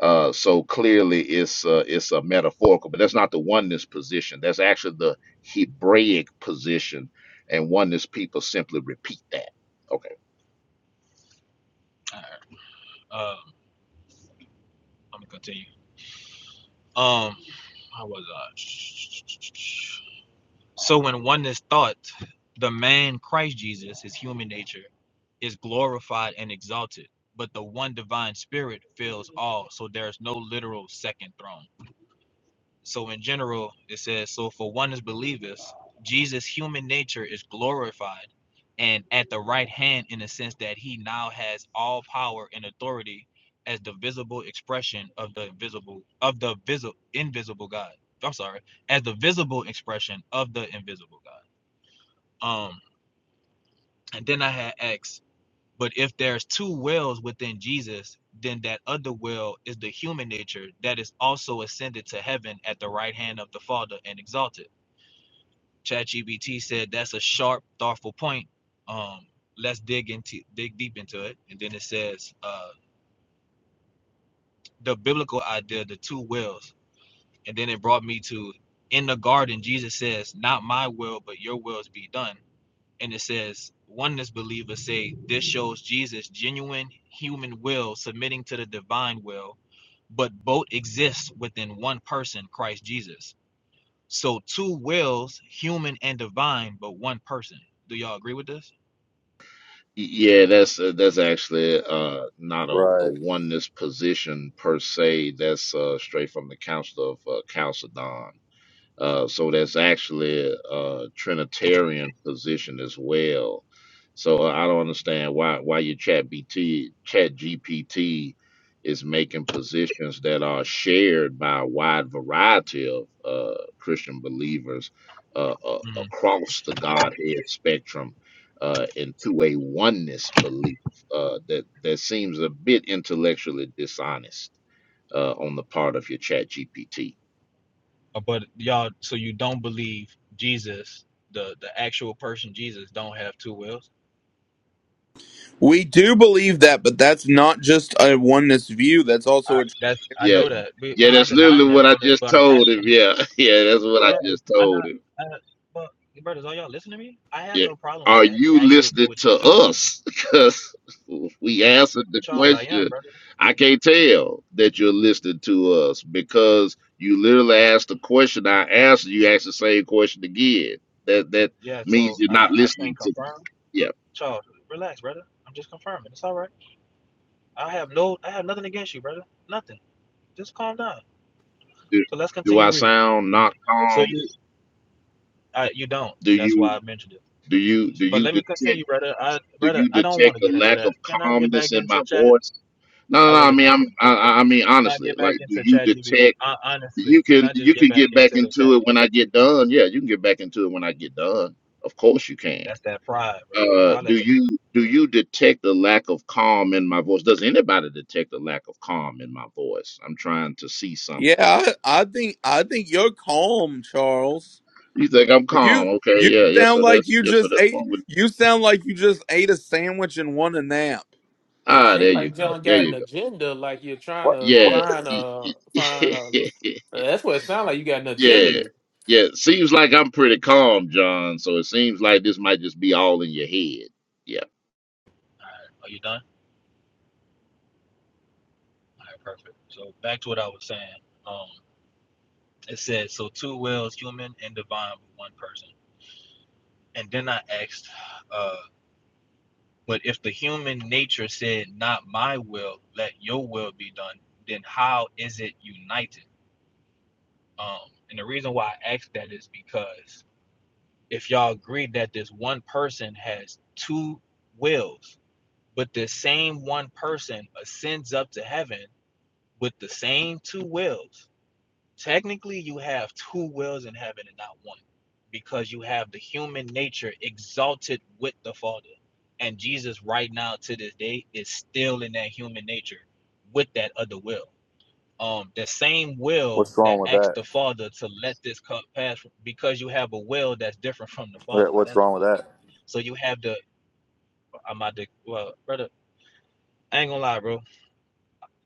C: Uh, so clearly, it's uh, it's a metaphorical, but that's not the oneness position. That's actually the Hebraic position, and oneness people simply repeat that. Okay,
E: all right. Um, let me continue. Um, how was I? So when oneness thought, the man Christ Jesus, his human nature, is glorified and exalted, but the one divine spirit fills all. So there's no literal second throne. So in general, it says, so for one is believers, Jesus' human nature is glorified and at the right hand in the sense that he now has all power and authority as the visible expression of the visible of the visible invisible God. I'm sorry, as the visible expression of the invisible God. Um, and then I had X, but if there's two wills within Jesus, then that other will is the human nature that is also ascended to heaven at the right hand of the Father and exalted ChatGPT said that's a sharp, thoughtful point. Um, let's dig into dig deep into it. And then it says uh, the biblical idea, the two wills. And then it brought me to in the garden, Jesus says, "Not my will, but your wills be done." And it says, oneness believers say this shows Jesus' genuine human will submitting to the divine will, but both exist within one person, Christ Jesus. So two wills, human and divine, but one person. Do y'all agree with this?
C: Y- yeah, that's uh, that's actually uh, not a, a
A: Right.
C: oneness position per se. That's uh, straight from the Council of uh, Chalcedon Uh, so that's actually a Trinitarian position as well. So uh, I don't understand why why your Chat BT Chat GPT is making positions that are shared by a wide variety of uh, Christian believers uh, uh,
E: Mm.
C: across the Godhead spectrum uh, into a oneness belief uh, that that seems a bit intellectually dishonest uh, on the part of your Chat GPT.
E: Uh, But y'all, so you don't believe Jesus, the the actual person Jesus, don't have two wills?
D: We do believe that, but that's not just a oneness view. That's
E: I
D: also a
E: that's I
C: Yeah,
E: know that. We- I'm
C: yeah,
E: not
C: that's
E: denying
C: literally
E: that,
C: what I
E: brother.
C: just
E: But I'm
C: told
E: asking.
C: him. Yeah, yeah, that's what I
E: Yeah,
C: just
E: I'm
C: told
E: not.
C: him.
E: Uh, but brothers, are y'all listening to me? I have
C: Yeah,
E: no problem with
C: are
E: that.
C: you
E: I actually agree
C: listening
E: with
C: to
E: this too,
C: us? Because we answered the
E: Charles. I am,
C: question.
E: brother.
C: I can't tell that you're listening to us because you literally asked the question. I answered. You asked the same question again. That that
E: Yeah.
C: means
E: So
C: you're
E: I
C: not
E: I can't
C: listening to me.
E: confirm.
C: Yeah.
E: Charles, relax, brother. I'm just confirming. It's all right. I have no. I have nothing against you, brother. Nothing. Just calm down.
C: Do,
E: So let's
C: do
E: continue
C: I
E: reading.
C: sound not
E: So
C: calm?
E: you uh, you don't.
C: Do
E: That's why
C: you
E: I mentioned it.
C: do you do
E: But
C: you
E: let me
C: detect?
E: continue, brother. I
C: Do
E: brother,
C: you
E: I don't
C: detect
E: want to
C: a
E: get into
C: lack
E: that.
C: of
E: Can I get
C: calmness
E: back
C: in my
E: into chat?
C: voice? No, no,
E: I
C: no. I
E: really
C: mean,
E: don't care.
C: I'm.
E: Can
C: I, I I mean,
E: I
C: honestly,
E: get
C: like,
E: back
C: do
E: into
C: you
E: chat GBT?
C: detect?
E: honestly,
C: You
E: can
C: can.
E: I just
C: You
E: get
C: can
E: back
C: get back
E: into the chat
C: into it when I
E: GBT?
C: get done. Yeah, you can get back into it when I get done. Of course, you can.
E: That's that pride, brother. But
C: Uh,
E: I'll
C: do
E: let you go.
C: you
E: All
C: do you detect a lack of calm in my voice? Does anybody detect a lack of calm in my voice? I'm trying to see something.
D: Yeah, I, I think I think you're calm, Charles.
C: You think I'm calm?
D: You
C: Okay,
D: you
C: yeah, yeah.
D: sound
C: So
D: like
C: that's
D: you
C: yeah. So
D: just
C: that's
D: ate
C: one with.
D: you sound like you just ate a sandwich and won a nap.
F: It
C: Ah, there
F: seems
C: you
F: like
C: go.
F: John
C: There
F: got an
C: you go.
F: agenda. Like you're trying
A: What?
F: to
C: Yeah.
F: find a find a. That's what it sounds like. You got an
C: Yeah.
F: agenda.
C: Yeah. Seems like I'm pretty calm, John. So it seems like this might just be all in your head. Yeah.
E: right. Are you done? All right, perfect. So back to what I was saying. Um, it said so two wills, human and divine, with one person. And then I asked, uh, but if the human nature said, Not my will, let your will be done, then how is it united? Um, and the reason why I ask that is because if y'all agree that this one person has two wills, but the same one person ascends up to heaven with the same two wills, technically you have two wills in heaven and not one, because you have the human nature exalted with the Father. And Jesus, right now to this day, is still in that human nature with that other will um the same will
A: What's
E: that
A: wrong with
E: asked
A: that?
E: the father to let this cup pass because you have a will that's different from the
A: What-
E: father's
A: What's
E: that's
A: wrong
E: why
A: with that?
E: so you have the i'm about to well brother i ain't gonna lie bro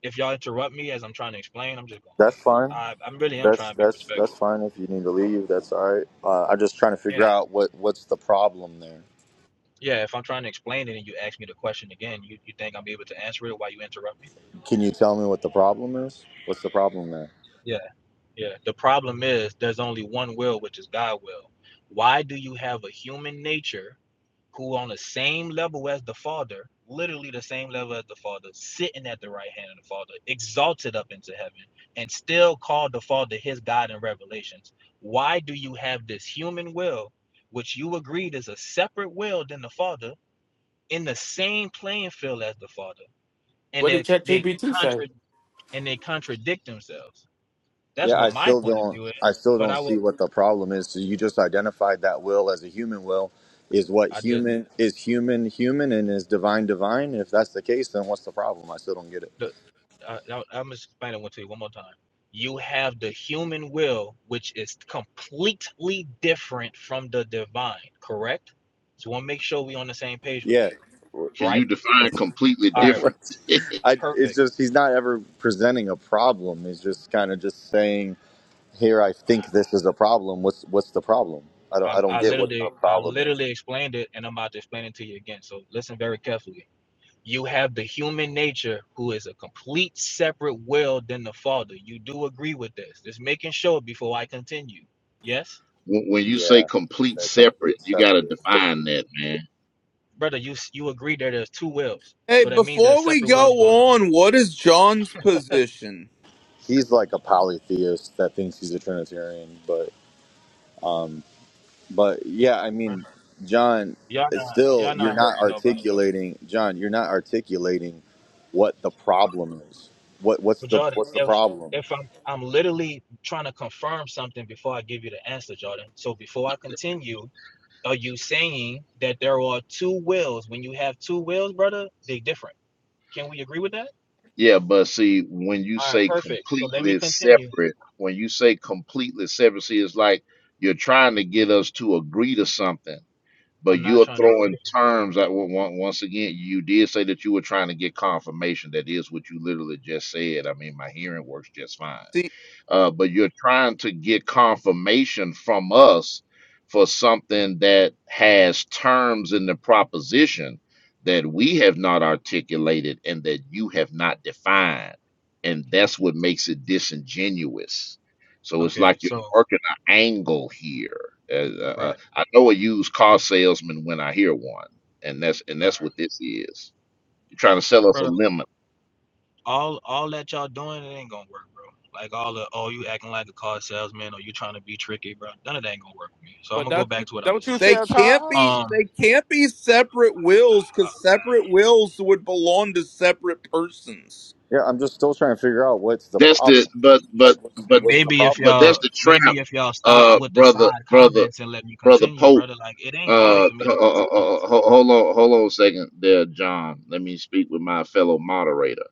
E: if y'all interrupt me as i'm trying to explain i'm just gonna
A: That's
E: leave
A: fine.
E: i i'm really am
A: That's
E: trying to be
A: that's that's
E: respectful
A: fine. If you need to leave, that's all right. Uh, I'm just trying to figure
E: yeah
A: out what what's the problem there.
E: yeah if i'm trying to explain it and you ask me the question again you, you think i'm able to answer it while you interrupt me
A: Can you tell me what the problem is? What's the problem there?
E: yeah yeah the problem is there's only one will which is god will why do you have a human nature who on the same level as the Father, literally the same level as the Father, sitting at the right hand of the Father, exalted up into heaven, and still called the Father his God in Revelations. Why do you have this human will, which you agreed is a separate will than the Father, in the same playing field as the Father? And
F: What
E: they
F: did
E: they
F: ChatGPT say?
E: contra- and they contradict themselves. That's
A: Yeah,
E: what
A: I
E: my
A: still
E: point of
A: don't.
E: view is.
A: I still
E: But
A: don't
E: I will
A: see what the problem is. So you just identified that will as a human will is what
E: I just
A: human is human human and is divine divine. If that's the case, then what's the problem? I still don't get it.
E: the I, I, I'm just explaining one to you one more time. You have the human will, which is completely different from the divine, correct? So, I want to make sure we are on the same page with
A: Yeah,
E: that,
C: Can you
E: right?
C: define completely
E: All right,
C: different?
A: what's I? It's
E: perfect.
A: just he's not ever presenting a problem. He's just kind of just saying, "Here, I think this is a problem. What's what's the problem? I don't
E: I,
A: I don't
E: I
A: get what the
E: literally, I
A: problem is."
E: literally explained it, and I'm about to explain it to you again. So, listen very carefully. You have the human nature, who is a complete separate will than the Father. You do agree with this? Just making sure before I continue. Yes.
C: When, when you say
A: Yeah,
C: complete
A: they're completely
C: separate, you got to
A: separate.
C: define that, man.
E: brother, you you agree that there's two wills,
D: Hey,
E: so that means there's
D: before we
E: separate wills going
D: go
E: on.
D: on, what is John's position?
A: He's like a polytheist that thinks he's a Trinitarian, but. But yeah, I
E: Brother,
A: mean, John,
E: y'all
A: it's
E: not
A: still
E: y'all
A: you're
E: not
A: not
E: hurting nobody.
A: articulating, John, you're not articulating what the problem is. What what's
E: But
A: the
E: Jordan,
A: what's the
E: if
A: problem?
E: if I'm I'm literally trying to confirm something before I give you the answer, Jordan. So before I continue, are you saying that there are two wills? When you have two wills, brother, they different. Can we agree with that?
C: Yeah. But see, when you
E: All right,
C: say
E: perfect. So let me
C: completely
E: continue.
C: separate, when you say completely separate, see, it's like you're trying to get us to agree to something. But
E: I'm not
C: you're
E: trying to agree. with
C: throwing
E: you.
C: terms out. on- on- Once again, you did say that you were trying to get confirmation. That is what you literally just said. I mean, my hearing works just fine
D: See,
C: uh, but you're trying to get confirmation from us for something that has terms in the proposition that we have not articulated and that you have not defined. And that's what makes it disingenuous. So it's
E: Okay,
C: like you're
E: so
C: working an angle here. Uh, uh, uh,
E: right,
C: I know a used car salesman when I hear one, and that's and
E: all
C: that's
E: right,
C: what this is. You're trying to sell us
E: brother.
C: a lemon.
E: all all that y'all doing, it ain't gonna work, bro. Like all the oh you acting like a car salesman or you trying to be tricky, bro. None of that ain't gonna work for me. So I'm
F: But
E: gonna go
F: don't you-
E: back to what I
F: don't
E: was
F: you
E: saying.
D: they
F: say,
D: can't
F: Tom?
D: be
E: Um,
D: they can't be separate wills cuz
E: uh,
D: separate wills would belong to separate persons.
A: Yeah, I'm just still trying to figure out what's the
C: that's
A: problem.
C: the but but
A: Like what's
C: but
A: what's the
E: maybe if
A: problem?
C: but
A: There?
C: that's
E: y'all
C: the
E: maybe
C: trap,
E: if y'all stop
C: uh,
E: with the
C: brother,
E: side
C: brother,
E: comments and let me
C: brother
E: continue,
C: Pope.
E: brother. Like it ain't hard
C: Uh,
E: for me
C: ho-
E: to
C: ho-
E: continue.
C: ho- ho- hold on, hold on a second, there, John. Let me speak with my fellow moderator.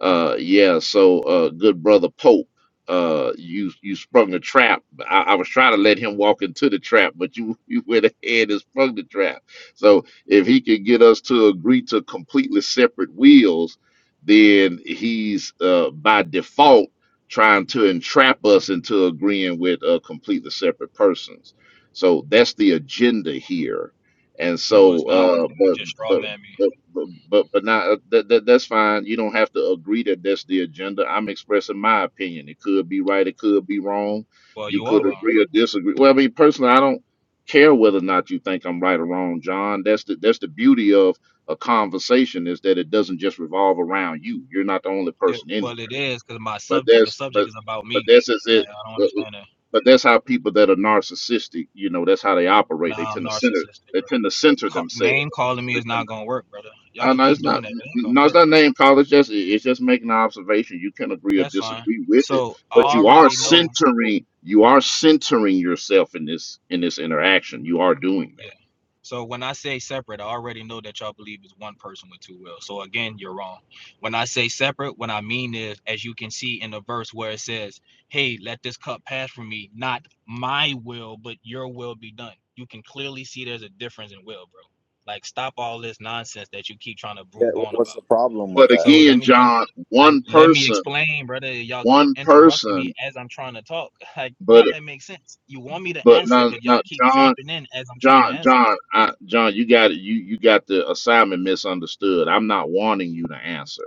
C: Uh, yeah. So, uh, good brother Pope, uh, you you sprung a trap. I, I was trying to let him walk into the trap, but you you went ahead and sprung the trap. So, if he could get us to agree to completely separate wheels, then he's uh, by default trying to entrap us into agreeing with uh, completely separate persons. So that's the agenda here. And
E: No,
C: so,
E: it's not.
C: uh,
E: You
C: but
E: just
C: but
E: straw man me.
C: but but but, but not that, that that's fine. You don't have to agree that that's the agenda. I'm expressing my opinion. It could be right. It could be wrong.
E: Well,
C: You
E: you are
C: could
E: wrong.
C: agree or disagree. Well, I mean, personally, I don't care whether or not you think I'm right or wrong, John. That's the that's the beauty of a conversation is that it doesn't just revolve around you. You're not the only
E: It,
C: person in here.
E: well, it is because my
C: But
E: subject the
C: that's
E: subject
C: but
E: is about
C: but
E: me.
C: that's is
E: I, I
C: it.
E: don't
C: But,
E: understand that.
C: but that's how people that are narcissistic, you know, that's how they operate. They
E: Nah, I'm
C: tend to center.
E: narcissistic,
C: They tend to center
E: Call,
C: themselves.
E: name calling me is not gonna work, brother. Y'all
C: Uh,
E: could
C: no,
E: keep
C: it's
E: doing
C: not.
E: that. It ain't gonna
C: No, it's
E: work.
C: not name call. It's just it's just making an observation. You can agree or
E: That's fine.
C: disagree with it,
E: So I
C: but you are
E: already know.
C: centering. You are centering yourself in this in this interaction. You are doing
E: Yeah.
C: that.
E: So when I say separate, I already know that y'all believe is one person with two wills. So again, you're wrong. When I say separate, what I mean is, as you can see in the verse where it says, "Hey, let this cup pass from me, not my will, but your will be done." You can clearly see there's a difference in will, bro. Like stop all this nonsense that you keep trying to
A: Yeah,
E: prove
A: wh-
E: on
A: what's
E: about.
A: the problem with
C: But
A: that?
E: So let
C: again,
E: me con-
C: John,
E: I,
C: one
E: let me
C: person,
E: explain, brother. Y'all keep
C: one
E: interrupting me
C: person.
E: as I'm trying to talk. Like,
C: But
E: make that make sense. You want me to
C: but
E: answer,
C: no,
E: but y'all
C: no,
E: keep
C: John,
E: jumping in as I'm trying to
C: John,
E: answer.
C: John, I, John. You got it. You you got the assignment misunderstood. I'm not wanting you to answer.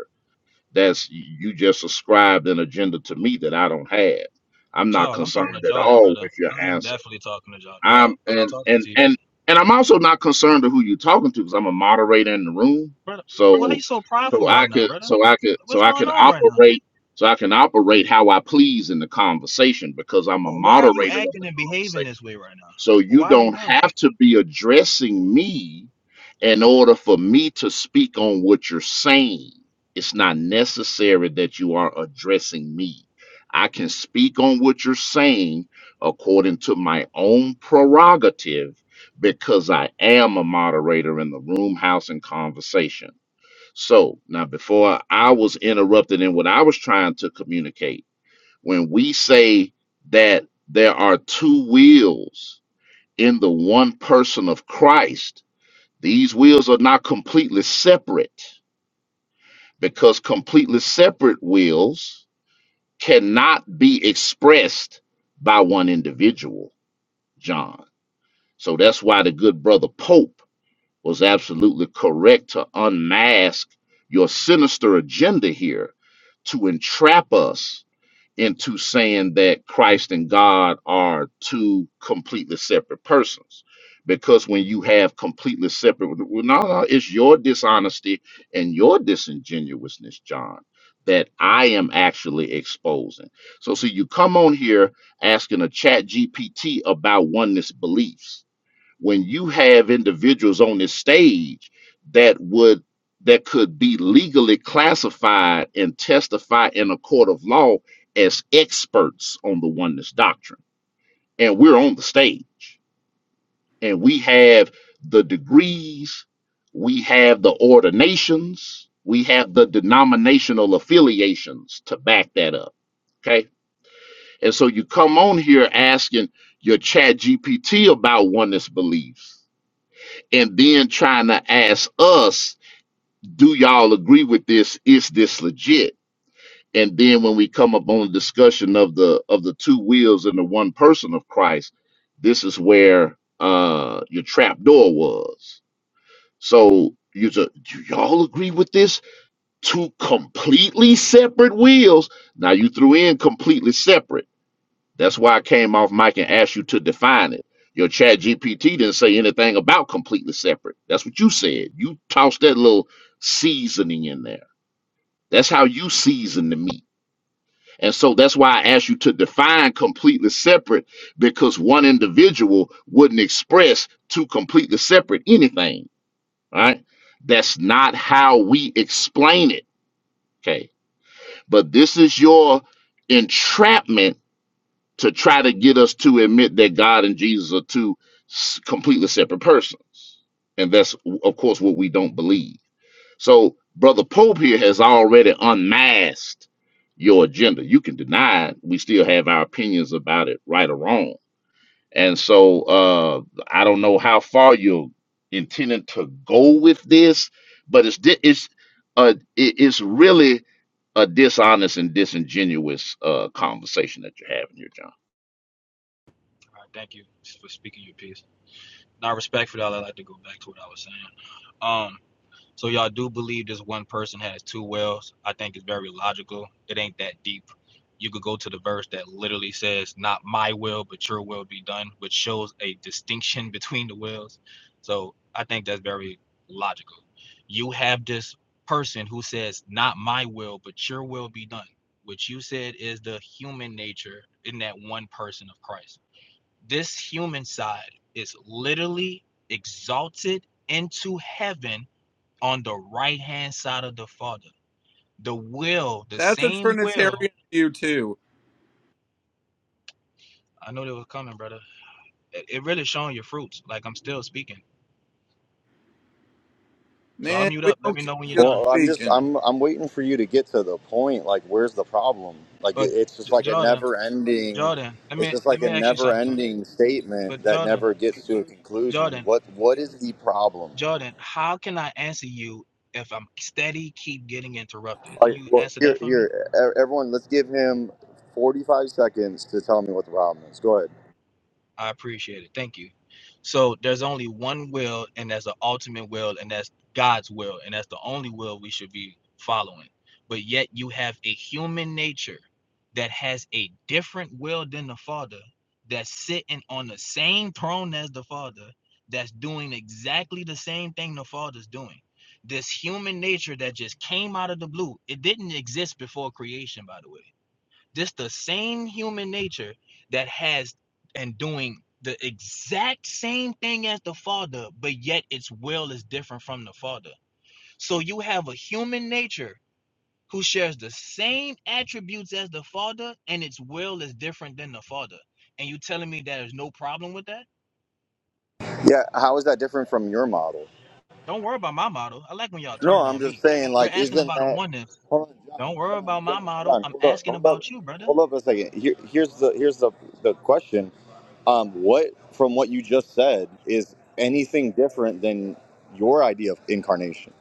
C: That's you just ascribed an agenda to me that I don't have. I'm not
E: Charles, I'm
C: concerned
E: talking to
C: at
E: Jordan,
C: all
E: brother.
C: with your
E: I'm
C: answer.
E: definitely talking to Jordan. Well,
C: I'm
E: I'm not
C: and
E: talking
C: and
E: to you,
C: and and I'm also not concerned to who you're talking to because I'm a moderator in the room.
E: brother. Why are
C: So
E: you so
C: so
E: prideful
C: I
E: right now,
C: could
E: brother?
C: so I could so
E: What's
C: I
E: going
C: can
E: on right now?
C: operate so I can operate how I please in the conversation because I'm a
E: But why are you
C: moderator of
E: acting
C: the
E: and
C: conversation.
E: behaving this way right now?
C: So
E: Well,
C: you
E: Why are you
C: don't
E: doing that?
C: have to be addressing me in order for me to speak on what you're saying. It's not necessary that you are addressing me. I can speak on what you're saying according to my own prerogative because I am a moderator in the room, house, and conversation. So now, before I was interrupted in what I was trying to communicate, when we say that there are two wills in the one person of Christ, these wills are not completely separate because completely separate wills cannot be expressed by one individual, John. So that's why the good brother Pope was absolutely correct to unmask your sinister agenda here to entrap us into saying that Christ and God are two completely separate persons. Because when you have completely separate, well, no, no, it's your dishonesty and your disingenuousness, John, that I am actually exposing. So, see, you come on here asking a chat GPT about oneness beliefs when you have individuals on this stage that would that could be legally classified and testify in a court of law as experts on the oneness doctrine and we're on the stage and we have the degrees we have the ordinations we have the denominational affiliations to back that up okay and so you come on here asking your chat gpt about oneness beliefs and then trying to ask us, do y'all agree with this? Is this legit? And then when we come up on the discussion of the of the two wheels and the one person of Christ, this is where uh your trap door was. So you just do y'all agree with this? Two completely separate wheels. Now you threw in completely separate that's why I came off mic and asked you to define it. Your chat GPT didn't say anything about completely separate. That's what you said. You tossed that little seasoning in there. That's how you season the meat. And so that's why I asked you to define completely separate because one individual wouldn't express to completely separate anything, right? That's not how we explain it, okay? But this is your entrapment to try to get us to admit that God and Jesus are two s- completely separate persons. And that's, of course, what we don't believe. So, Brother Pope here has already unmasked your agenda. You can deny it. We still have our opinions about it, right or wrong. And so, uh, I don't know how far you're intending to go with this, but it's di- it's uh, it- it's really a dishonest and disingenuous uh, conversation that you're having here, John.
E: All right, thank you for speaking your piece. Now, respectfully, I'd like to go back to what I was saying. Um. So y'all do believe this one person has two wells. I think it's very logical. It ain't that deep. You could go to the verse that literally says, Not my will, but your will be done, which shows a distinction between the wills. So I think that's very logical. You have this person who says, Not my will, but your will be done, which you said is the human nature in that one person of Christ. This human side is literally exalted into heaven on the right hand side of the Father. The will, the
D: That's a
E: same will.
D: trinitarian view too.
E: I know they was coming, brother. It, it really showing your fruits. Like I'm still speaking. So I'll
D: Man,
E: mute
D: we
E: up. Let
D: don't
E: me
D: care
E: know when you're
D: if you're
E: done.
A: Well, I'm just
D: speaking.
A: I'm I'm waiting for you to get to the point. Like, where's the problem? Like, it,
E: But
A: it's just like a
E: Jordan,
A: never ending.
E: Jordan, let
A: It's
E: me
A: just
E: let
A: like
E: me
A: a
E: ask you
A: never
E: something.
A: ending statement
E: But
A: that
E: Jordan,
A: never gets to a conclusion.
E: Jordan,
A: What what is the problem?
E: Jordan, how can I answer you if I'm steady keep getting interrupted?
A: All
E: Can
A: right,
E: you
A: well,
E: answer
A: here,
E: that for me?
A: here, e- everyone, let's give him 45 seconds to tell me what the problem is. Go ahead.
E: I appreciate it. Thank you. So there's only one will, and that's the ultimate will, and that's God's will, and that's the only will we should be following. But yet you have a human nature that has a different will than the Father, that's sitting on the same throne as the Father, that's doing exactly the same thing the Father's doing. This human nature that just came out of the blue, it didn't exist before creation, by the way this the same human nature that has and doing the exact same thing as the father, but yet its will is different from the father. So you have a human nature who shares the same attributes as the father, and its will is different than the father. And you telling me that there's no problem with that?
A: Yeah, how is that different from your model?
E: Don't worry about my model. I like when y'all
A: No,
E: turn it
A: I'm
E: on
A: just
E: me.
A: saying,
E: We're
A: like,
E: asking
A: isn't
E: about a
A: that?
E: oneness.
A: Hold on,
E: Don't
A: John,
E: worry
A: John,
E: about
A: John,
E: my model.
A: John.
E: I'm
A: Hold up,
E: asking
A: hold up,
E: about you, brother.
A: hold up a second. Here, here's the here's the the question. Um, what from what you just said is anything different than your idea of incarnation?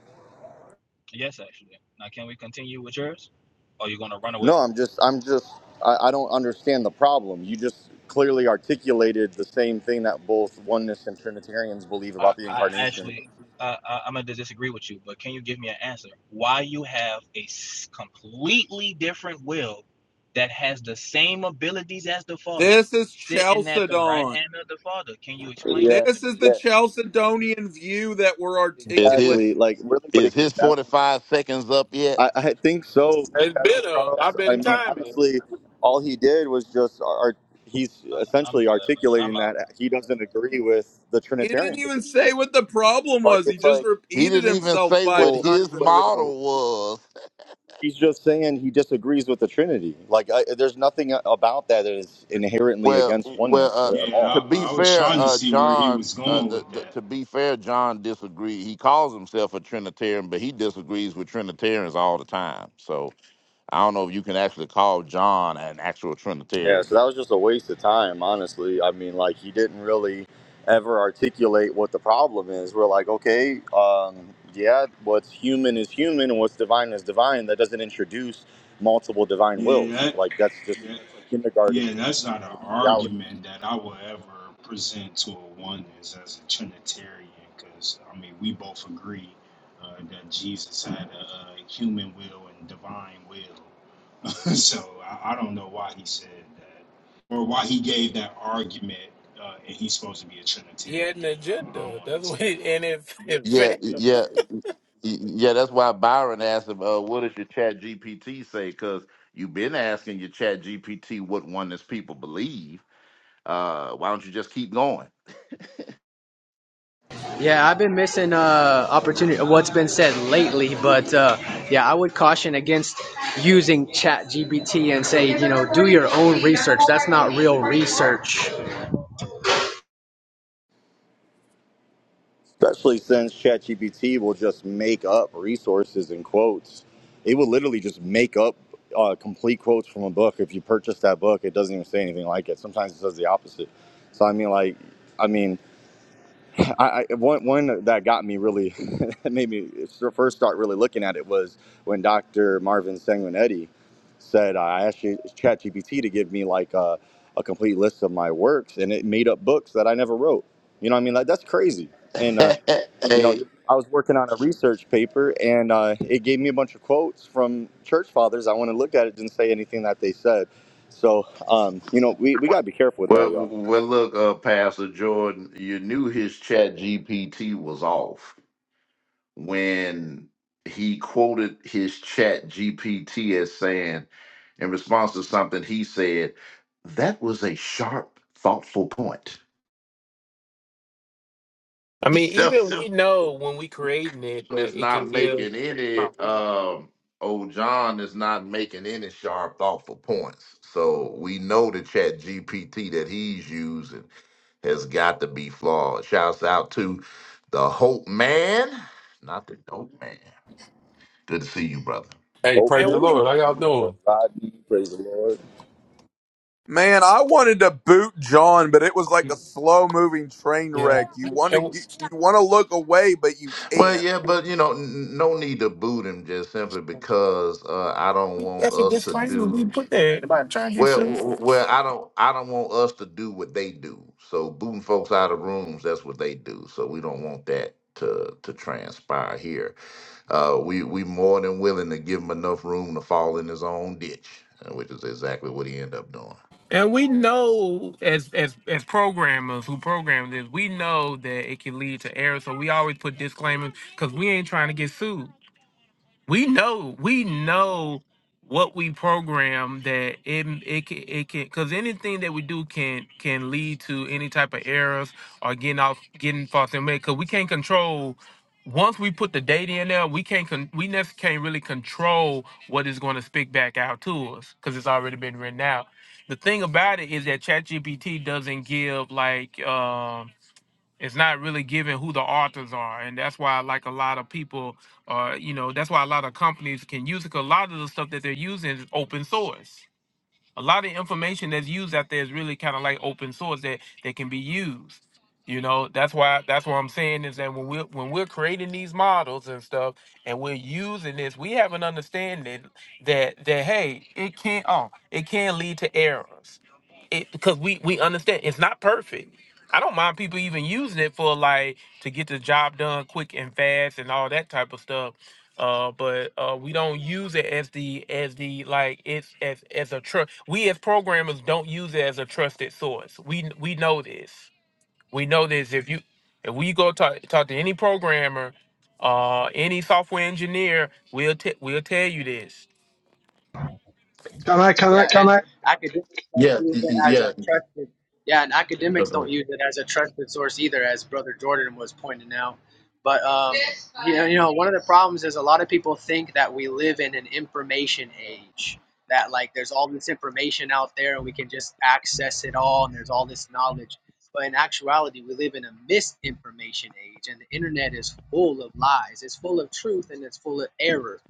E: Yes, actually. Now, can we continue with yours? Or you are gonna run away?
A: No, I'm just, I'm just, I, I don't understand the problem. You just clearly articulated the same thing that both oneness and Trinitarians believe
E: I,
A: about the
E: I
A: incarnation.
E: actually, uh, I, I'm gonna disagree with you, but can you give me an answer? Why you have a completely different will that has the same abilities as the father
D: This is
E: sitting at the right
D: Chalcedon.
E: hand of the father? Can you explain
A: Yeah,
E: that to
D: This
E: me?
D: is the
A: yeah,
D: Chalcedonian view that we're
C: Is
D: articulating.
A: exactly.
C: his
A: Like, really, what
C: is
A: it
C: his
A: gets down.
C: forty five seconds up yet?
A: I, I think so,
F: It's
A: Pastor
F: been up. I've
A: Charles. I
F: been
A: mean,
F: timing it.
A: honestly, all he did was just, art, he's
E: I'm
A: essentially
E: good, brother. I'm
A: articulating
E: out.
A: that he doesn't agree with the
D: He didn't
A: Trinitarian
D: even
A: position.
D: say what the problem
A: Like,
D: was. He
A: it's
D: just
A: like,
C: He
D: repeated
C: didn't even
D: himself
C: say
D: five
C: what
A: well,
C: his
D: times in a row.
C: model was.
A: He's just saying he disagrees with the Trinity. Like, I, there's nothing about that that is inherently
C: Well,
A: against
C: well,
A: oneness
C: uh,
A: at
H: Yeah,
C: to
A: all.
H: I,
C: be
H: I was
C: fair,
H: trying to
C: uh,
H: see where he
C: John.
H: was
C: Uh,
H: going
C: the,
H: with
C: the,
H: that.
C: to be fair, John disagreed. He calls himself a Trinitarian, but he disagrees with Trinitarians all the time. So I don't know if you can actually call John an actual
A: Yeah,
C: Trinitarian.
A: so that was just a waste of time, honestly. I mean, like, he didn't really ever articulate what the problem is. We're like, okay, um, yeah, what's human is human and what's divine is divine. That doesn't introduce multiple divine
H: Yeah,
A: wills.
H: that,
A: Like, that's just
H: that
A: that's like kindergarten,
H: yeah, that's not an
A: you know, theology.
H: argument that I will ever present to a oneness as a Trinitarian, because I mean we both agree uh, that Jesus had a, uh human will and divine will. so I, I don't know why he said that, or why he gave that argument, uh, and he's supposed to be a
F: He
H: Trinitarian.
F: had an
H: I I
F: agenda.
H: don't
F: That's what,
H: understand
F: it,
H: why.
F: and it, it
C: Yeah,
F: failed.
C: yeah, yeah. That's why Byron asked him, uh, "What does your Chat GPT say?" Because you've been asking your Chat GPT what oneness people believe. Uh, why don't you just keep going?
I: Yeah, I've been missing uh, opportunity. What's been said lately, but uh, yeah, I would caution against using ChatGPT and say, you know, do your own research. That's not real research.
A: Especially since ChatGPT will just make up resources and quotes. It will literally just make up uh, complete quotes from a book. If you purchase that book, it doesn't even say anything like it. Sometimes it says the opposite. So I mean, like, I mean, I, I one one that got me really that made me first start really looking at it was when Dr. Marvin Sanguinetti said uh, I asked ChatGPT to give me like a, a complete list of my works, and it made up books that I never wrote. You know what I mean? Like that's crazy. And uh, you know
C: hey,
A: i was working on a research paper and uh, it gave me a bunch of quotes from church fathers i went and looked at it didn't say anything that they said so um, you know we, we got to be careful with that
C: Well,
A: y'all
C: well, look, uh, Pastor Jordan, you knew his Chat GPT was off when he quoted his Chat GPT as saying, in response to something he said, that was a sharp, thoughtful point.
F: I mean, even we know when we creating it
C: is
F: that it can
C: not
F: give,
C: making any um old John is not making any sharp thoughtful points. So we know the chat GPT that he's using has got to be flawed. Shouts out to the Hope Man, not the Dope Man. Good to see you, brother.
J: Hey,
A: oh
J: praise
F: and
J: the
A: man
F: we,
J: Lord. How y'all doing?
D: Man, I wanted to boot John, but it was like a slow-moving train
F: yeah,
D: wreck. You want to
F: and we,
D: get, you want to look away, but you
C: Well,
D: can't.
C: yeah, but you know, n- no need to boot him just simply because uh, I don't want
F: that's a
C: us to
F: disclaimer we
C: do.
F: put there. Nobody trying to get
C: Well,
F: sued.
C: well, I don't, I don't want us to do what they do. So booting folks out of rooms, that's what they do. So we don't want that to to transpire here. Uh, we we more than willing to give him enough room to fall in his own ditch, uh, which is exactly what he ended up doing.
F: And we know as as as programmers who program this, we know that it can lead to error. So we always put disclaimers because we ain't trying to get sued. we know we know what we program that it it can it can because anything that we do can can lead to any type of errors or getting off getting false information because we can't control once we put the data in there we can't con- we never can't really control what is going to speak back out to us because it's already been written out the thing about it is that ChatGPT doesn't give like um it's not really given who the authors are and that's why like a lot of people uh you know that's why a lot of companies can use it 'cause a lot of the stuff that they're using is open source a lot of information that's used out there is really kind of like open source that that can be used. You know, that's why that's what I'm saying is that when we're when we're creating these models and stuff and we're using this, we have an understanding that that hey, it can oh, it can lead to errors. It because we we understand it's not perfect. I don't mind people even using it for like to get the job done quick and fast and all that type of stuff uh but uh we don't use it as the as the like it's as as a trust we as programmers don't use it as a trusted source we we know this we know this if you if we go talk talk to any programmer uh any software engineer we'll t- we'll tell you this
G: can I
I: Yeah,
G: can
I: and
G: I
I: academics don't
C: Yeah,
I: use
C: y-
I: it
C: y-
I: as
C: yeah.
I: a trusted. Yeah, and academics don't use it as a trusted source either, as Brother Jordan was pointing out. But um, You know, you know, one of the problems is a lot of people think that we live in an information age. That like there's all this information out there and we can just access it all and there's all this knowledge. But in actuality, we live in a misinformation age and the internet is full of lies. It's full of truth and it's full of error.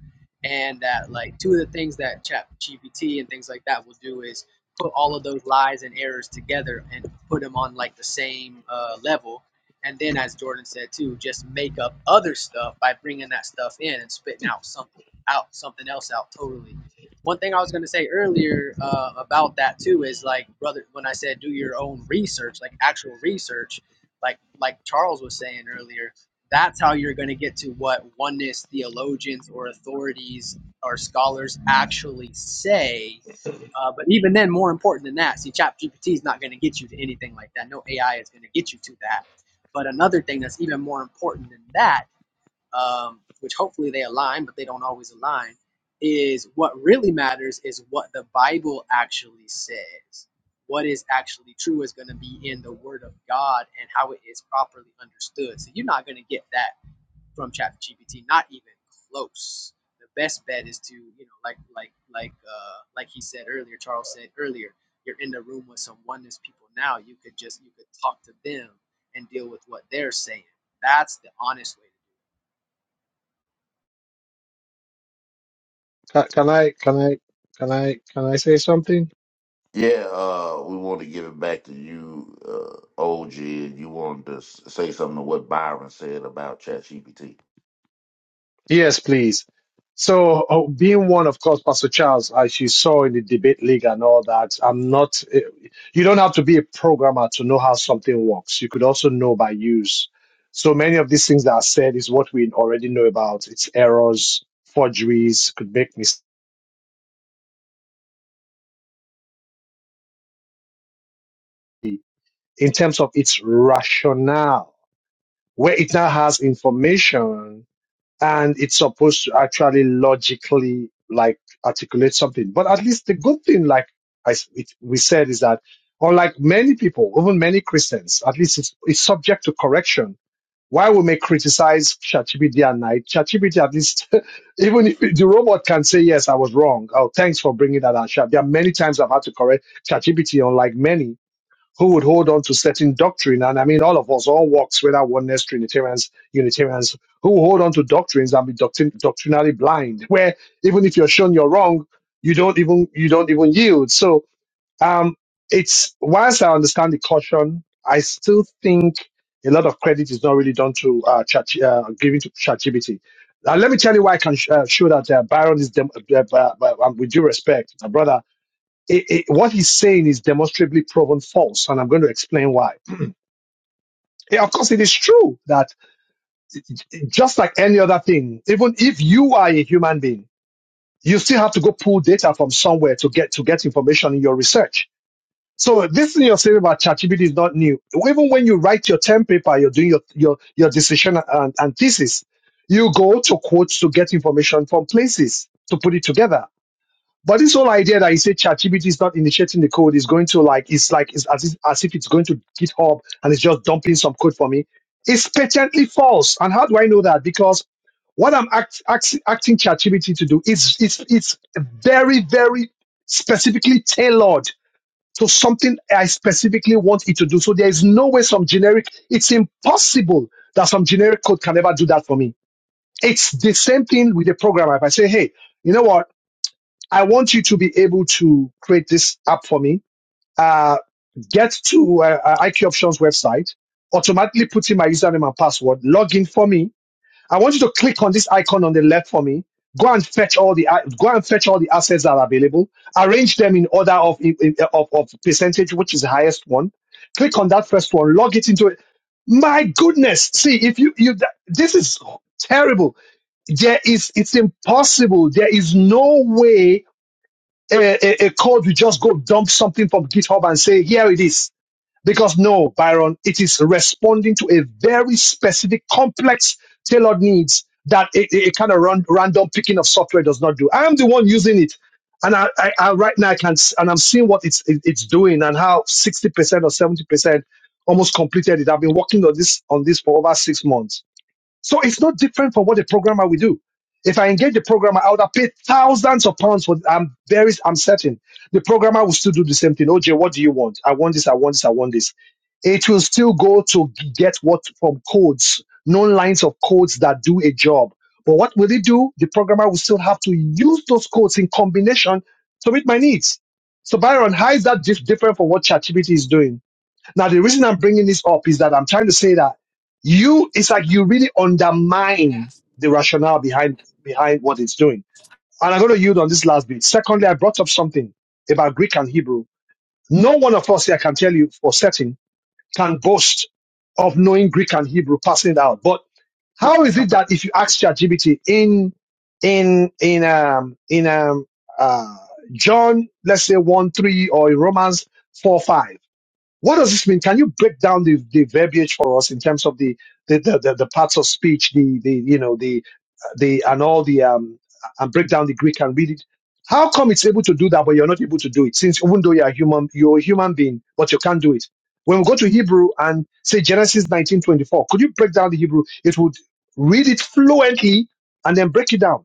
I: And that like two of the things that Chat GPT and things like that will do is put all of those lies and errors together and put them on like the same uh, level and then, as Jordan said too, just make up other stuff by bringing that stuff in and spitting out something out, something else out totally. One thing I was going to say earlier uh, about that too is like, brother, when I said do your own research, like actual research, like like Charles was saying earlier, that's how you're going to get to what oneness theologians or authorities or scholars actually say. Uh, but even then, more important than that, see, ChatGPT is not going to get you to anything like that. No AI is going to get you to that but another thing that's even more important than that, um, which hopefully they align, but they don't always align, is what really matters is what the Bible actually says. What is actually true is going to be in the Word of God and how it is properly understood. So you're not going to get that from ChatGPT. Not even close. The best bet is to you know like like like uh, like he said earlier, Charles said earlier. You're in the room with some oneness people now. You could just you could talk to them and deal with what they're saying. That's the honest way to do
G: can I can I can I can I can I say something?
C: Yeah, uh, we want to give it back to you, uh, OG. and You wanted to s- say something to what Byron said about ChatGPT.
G: Yes, please. So, uh, being one, of course, Pastor Charles, as you saw in the debate league and all that, I'm not, eh, you don't have to be a programmer to know how something works. You could also know by use. So, many of these things that are said is what we already know about. It's errors, forgeries, could make mistakes in terms of its rationale, where it now has information and it's supposed to actually logically like articulate something. But at least the good thing, like I s it, we said, is that unlike many people, even many Christians, at least it's, it's subject to correction. Why we may criticize ChatGPT at night, ChatGPT at least, even if the robot can say yes, I was wrong. Oh, thanks for bringing that out. Sha." There are many times I've had to correct ChatGPT, unlike many who would hold on to certain doctrine. And I mean, all of us, all walks, whether oneness, Trinitarians, Unitarians, who hold on to doctrines and be doctrin- doctrinally blind, where even if you're shown you're wrong, you don't even you don't even yield. So um, it's whilst I understand the caution, I still think a lot of credit is not really done to uh, chat, uh giving to ChatGPT. Uh, let me tell you why I can sh- uh, show that uh, Byron is dem- uh, uh, uh, uh, with due respect, my brother it, it- what he's saying is demonstrably proven false, and I'm going to explain why. Yeah, of course, it is true that just like any other thing, even if you are a human being, you still have to go pull data from somewhere to get to get information in your research. So this thing you're saying about ChatGPT is not new. Even when you write your term paper, you're doing your your your dissertation and, and thesis. You go to quotes to get information from places to put it together. But this whole idea that you say ChatGPT is not initiating the code is going to like it's like it's as if, as if it's going to GitHub and it's just dumping some code for me. It's patently false. And how do I know that? Because what I'm act, act, acting ChatGPT to do is it's it's very very specifically tailored to something I specifically want it to do. So there is no way some generic. It's impossible that some generic code can ever do that for me. It's the same thing with a programmer. If I say, hey, you know what? I want you to be able to create this app for me. Uh, get to uh, uh, IQ Options website, automatically put in my username and password, log in for me. I want you to click on this icon on the left for me. Go and fetch all the uh, go and fetch all the assets that are available. Arrange them in order of of, of percentage, which is the highest one. Click on that first one, log it into it. My goodness! See if you you this is terrible. There is it's impossible. There is no way a, a, a code, you just go dump something from GitHub and say, here it is. Because no, Byron, it is responding to a very specific, complex, tailored needs that a, a- a kind of run, random picking of software does not do. I am the one using it. And I, I, I right now I can, s- and I'm seeing what it's, it- it's doing and how 60% or 70% almost completed it. I've been working on this, on this for over six months so it's not different from what a programmer will do. If I engage the programmer, I would have paid thousands of pounds for. I'm very, I'm certain the programmer will still do the same thing. OJ, what do you want? I want this. I want this. I want this. It will still go to g- get what from codes, known lines of codes that do a job. But what will it do? The programmer will still have to use those codes in combination to meet my needs. So Byron, how is that dif- different from what ChatGPT is doing? Now, the reason I'm bringing this up is that I'm trying to say that you, it's like you really undermine the rationale behind, behind what it's doing. And I'm going to yield on this last bit. Secondly, I brought up something about Greek and Hebrew. No one of us here can tell you for certain can boast of knowing Greek and Hebrew, passing it out. But how is it that if you ask ChatGPT in, in, in, um, in, um, uh, John, let's say one, three, or in Romans four, five, what does this mean? Can you break down the, the verbiage for us in terms of the the, the, the, the parts of speech, the, the you know the the and all the um and break down the Greek and read it? How come it's able to do that, but you're not able to do it? Since even though you're a human, you're a human being, but you can't do it. When we go to Hebrew and say Genesis 19:24, could you break down the Hebrew? It would read it fluently and then break it down.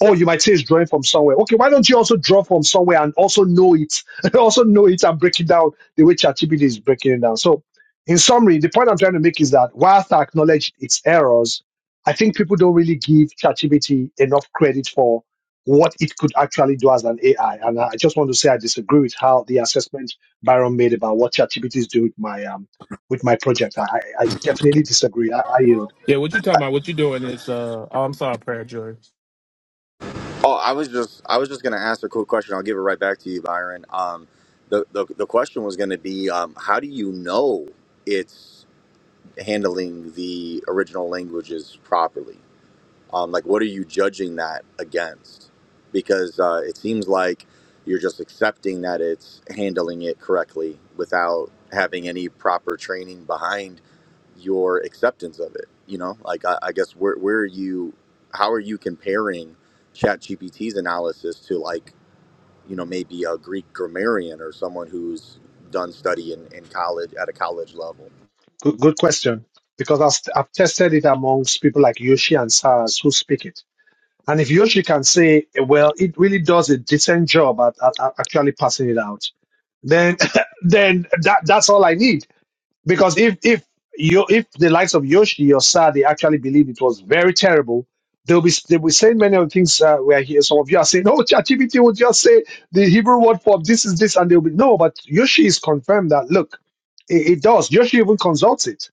G: Oh, you might say it's drawing from somewhere. Okay, why don't you also draw from somewhere and also know it, also know it and break it down the way ChatGPT is breaking it down. So, in summary, the point I'm trying to make is that whilst I acknowledge its errors, I think people don't really give ChatGPT enough credit for what it could actually do as an AI. And I just want to say I disagree with how the assessment Byron made about what ChatGPT is doing with my um with my project. I, I I definitely disagree. I, I you know.
F: Yeah, what you talking about? What you doing is uh oh, I'm sorry, prayer Joy.
A: Oh, I was just I was just gonna ask a quick question. I'll give it right back to you, Byron. Um, the the, the question was gonna be, um, how do you know it's handling the original languages properly? um, like what are you judging that against because uh, it seems like you're just accepting that it's handling it correctly without having any proper training behind your acceptance of it you know like i, I guess where, where are you how are you comparing ChatGPT's analysis to like you know maybe a greek grammarian or someone who's done study in, in college at a college level
G: Good, good question. Because I've, I've tested it amongst people like Yoshi and Saras who speak it. And if Yoshi can say, well, it really does a decent job at, at, at actually passing it out, then then that, that's all I need. Because if if you if the likes of Yoshi or Sar they actually believe it was very terrible, they'll be they'll be saying many of the things uh, we're here. Some of you are saying, no, ChatGPT would just say the Hebrew word for this is this, and they'll be no. But Yoshi is confirmed that look, it, it does. Yoshi even consults it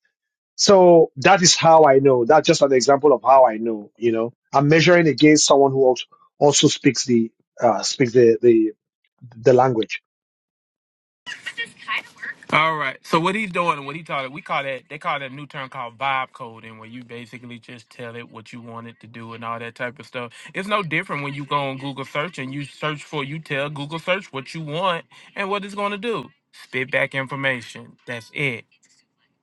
G: so that is how I know. That's just an example of how I know. You know, I'm measuring against someone who also, also speaks the uh, speaks the the the language.
F: All right. So what he's doing what he taught it, we call that they call that new term called vibe coding, where you basically just tell it what you want it to do and all that type of stuff. It's no different when you go on Google search and you search for you tell Google search what you want and what it's gonna do. Spit back information. That's it.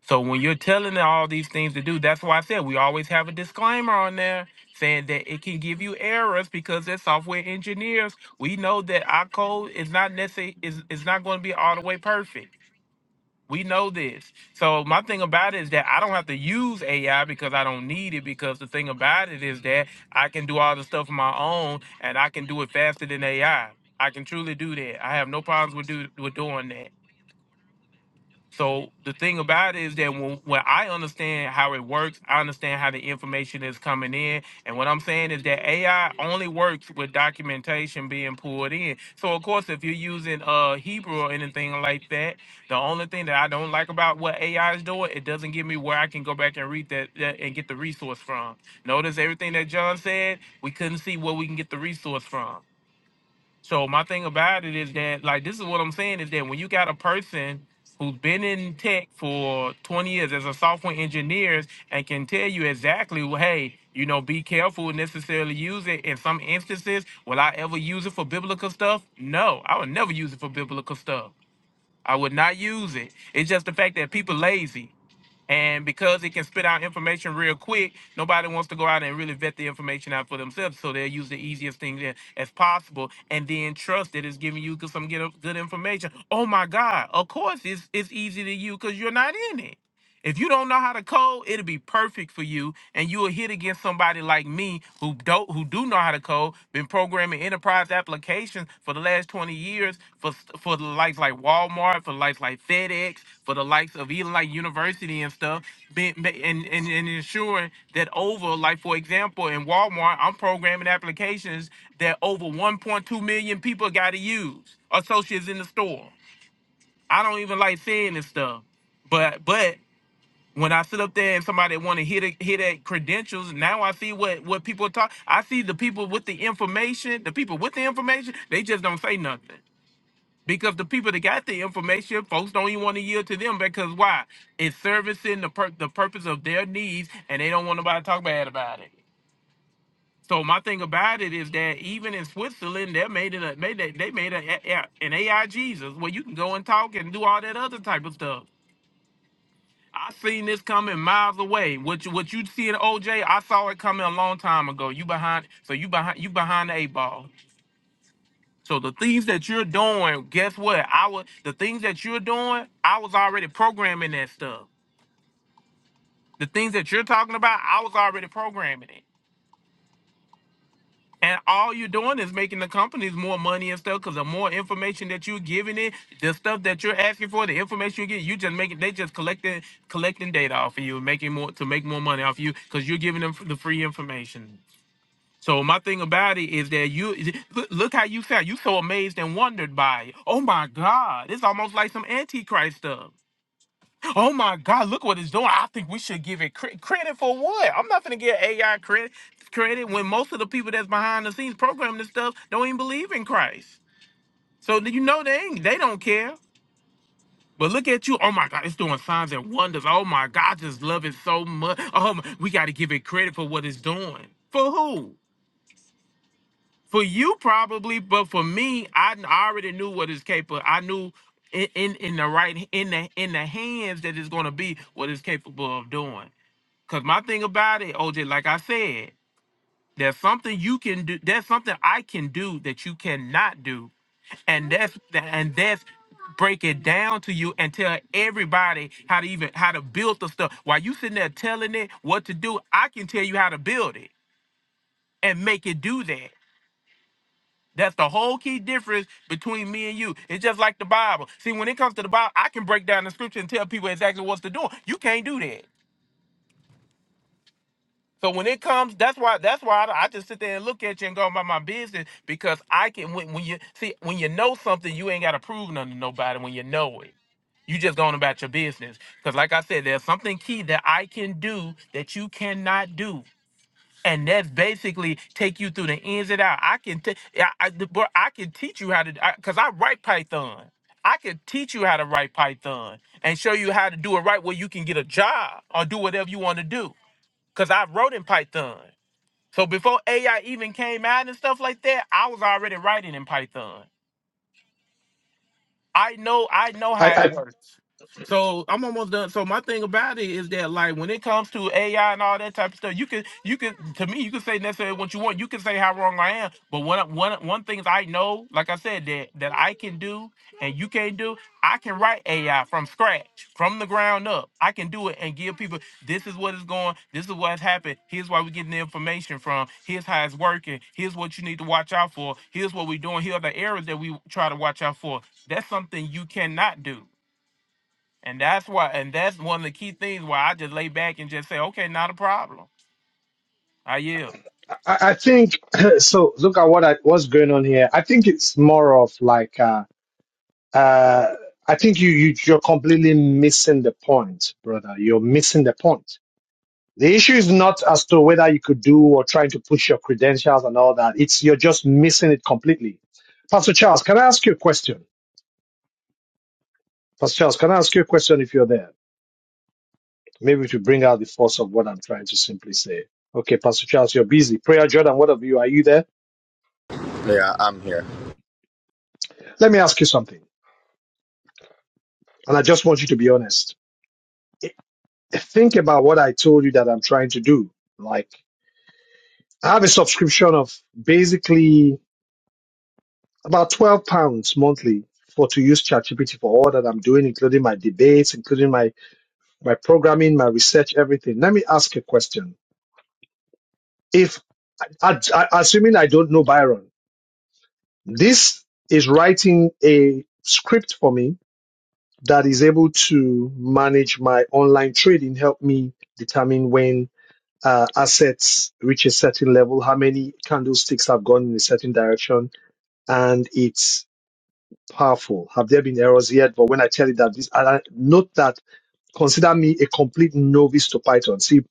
F: So when you're telling it all these things to do, that's why I said we always have a disclaimer on there saying that it can give you errors because as software engineers, we know that our code is not necessarily is, is not going to be all the way perfect we know this. So my thing about it is that I don't have to use AI because I don't need it. Because the thing about it is that I can do all the stuff on my own, and I can do it faster than AI. I I can truly do that. I have no problems with do, with doing that. So the thing about it is that when, when I understand how it works, I understand how the information is coming in. And what I'm saying is that AI only works with documentation being pulled in. So of course, if you're using uh Hebrew or anything like that, the only thing that I don't like about what AI is doing, it doesn't give me where I can go back and read that, that and get the resource from. Notice everything that John said, we couldn't see where we can get the resource from. So my thing about it is that like this is what I'm saying is that when you got a person who's been in tech for 20 years as a software engineer and can tell you exactly, well, hey, you know, be careful and necessarily use it. In some instances, will I ever use it for biblical stuff? No, I would never use it for biblical stuff. I would not use it. It's just the fact that people lazy. And because it can spit out information real quick, nobody wants to go out and really vet the information out for themselves. So they'll use the easiest thing that- as possible and then trust that it's giving you some good good information. Oh my God, of course it's, it's easy to you because you're not in it. If you don't know how to code, it'll be perfect for you, and you will hit against somebody like me who don't who do know how to code. Been programming enterprise applications for the last twenty years for for the likes like Walmart, for the likes like FedEx, for the likes of even like university and stuff. Been ma- and and, and ensuring that over like for example in Walmart, I'm programming applications that over 1.2 million people got to use associates in the store. I don't even like saying this stuff. But but when I sit up there and somebody want to hit a, hit at credentials, now I see what what people talk. I see the people with the information, the people with the information, they just don't say nothing because the people that got the information, folks don't even want to yield to them because why? It's servicing the pur- the purpose of their needs, and they don't want nobody to talk bad about it. So my thing about it is that even in Switzerland, they made it a, made a, they made a, a- an AI Jesus where you can go and talk and do all that other type of stuff. I seen this coming miles away. What you what you see in OJ, I saw it coming a long time ago. You behind so you behind you behind the eight ball. So the things that you're doing, guess what? I was the things that you're doing, I was already programming that stuff. The things that you're talking about, I was already programming it. And all you're doing is making the companies more money and stuff because the more information that you're giving it, the stuff that you're asking for, the information you get, you just making they just collecting collecting data off of you, making more to make more money off you because you're giving them the free information. So my thing about it is that you look look how you sound. You so amazed and wondered by it. Oh my God! It's almost like some antichrist stuff. Oh my God, look what it's doing. I think we should give it cre- credit for what? I'm not going to give AI credit credit when most of the people that's behind the scenes programming this stuff don't even believe in Christ. So you know they ain't, they don't care. But look at you. Oh my God, it's doing signs and wonders. Oh my God, I just love it so much. Oh, my, we got to give it credit for what it's doing. For who? For you probably, but for me, I, I already knew what it's capable. I knew in, in in the right in the in the hands that it's going to be what it's capable of doing. Cause my thing about it, OJ, like I said, there's something you can do. There's something I can do that you cannot do, and that's and that's break it down to you and tell everybody how to even how to build the stuff. While you sitting there telling it what to do, I can tell you how to build it and make it do that. That's the whole key difference between me and you. It's just like the Bible. See, when it comes to the Bible, I can break down the scripture and tell people exactly what's to do. You can't do that. So when it comes, that's why that's why I, I just sit there and look at you and go about my business because I can when, when you see when you know something you ain't got to prove nothing to nobody when you know it. You just going about your business because like I said, there's something key that I can do that you cannot do. And that's basically take you through the ins and out. I can, t- I, I, the- bro, I can teach you how to, because I 'cause I write Python. I can teach you how to write Python and show you how to do it right where you can get a job or do whatever you want to do because I wrote in Python. So before AI even came out and stuff like that, I was already writing in Python. I know I know
G: I
F: how it
G: I
F: works. So I'm almost done. So my thing about it is that like when it comes to AI and all that type of stuff, you can you can to me you can say necessarily what you want. You can say how wrong I am. But one one one things I know, like I said, that that I can do and you can't do, I can write AI from scratch, from the ground up. I can do it and give people this is what is going, this is what's happened, here's why we're getting the information from, here's how it's working, here's what you need to watch out for, here's what we're doing, here are the errors that we try to watch out for. That's something you cannot do. And that's why, and that's one of the key things why I just lay back and just say, okay, not a problem. I yield.
G: I I think so. Look at what I, what's going on here. I think it's more of like uh, uh, I think you you you're completely missing the point, brother. You're missing the point. The issue is not as to whether you could do or trying to push your credentials and all that. It's you're just missing it completely. Pastor Charles, can I ask you a question? Pastor Charles, can I ask you a question if you're there? Maybe to bring out the force of what I'm trying to simply say. Okay, Pastor Charles, you're busy. Prayer Jordan, what of you? Are you there?
A: yeah i'm here
G: Let me ask you something. And I just want you to be honest. Eh, eh, Think about what I told you that I'm trying to do. Like, I have a subscription of basically about 12 pounds monthly for to use ChatGPT for all that I'm doing, including my debates, including my, my programming, my research, everything. Let me ask a question. If, I, I, assuming I don't know Byron, This is writing a script for me that is able to manage my online trading, help me determine when uh, assets reach a certain level, how many candlesticks have gone in a certain direction, and it's powerful. Have there been errors yet? But when I tell you that this, and I note that consider me a complete novice to Python. See,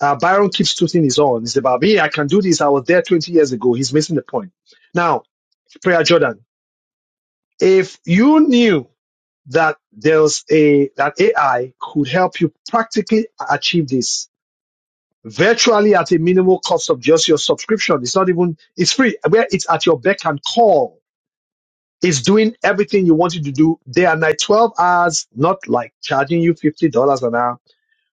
G: uh, Byron keeps tooting his own. It's about me. I can do this. I was there 20 years ago. He's missing the point. Now, Prayer Jordan, if you knew that there's a that AI could help you practically achieve this virtually at a minimal cost of just your subscription. It's not even it's free. Where it's at your beck and call. It's doing everything you want it to do day and night, 12 hours, not like charging you $50 an hour.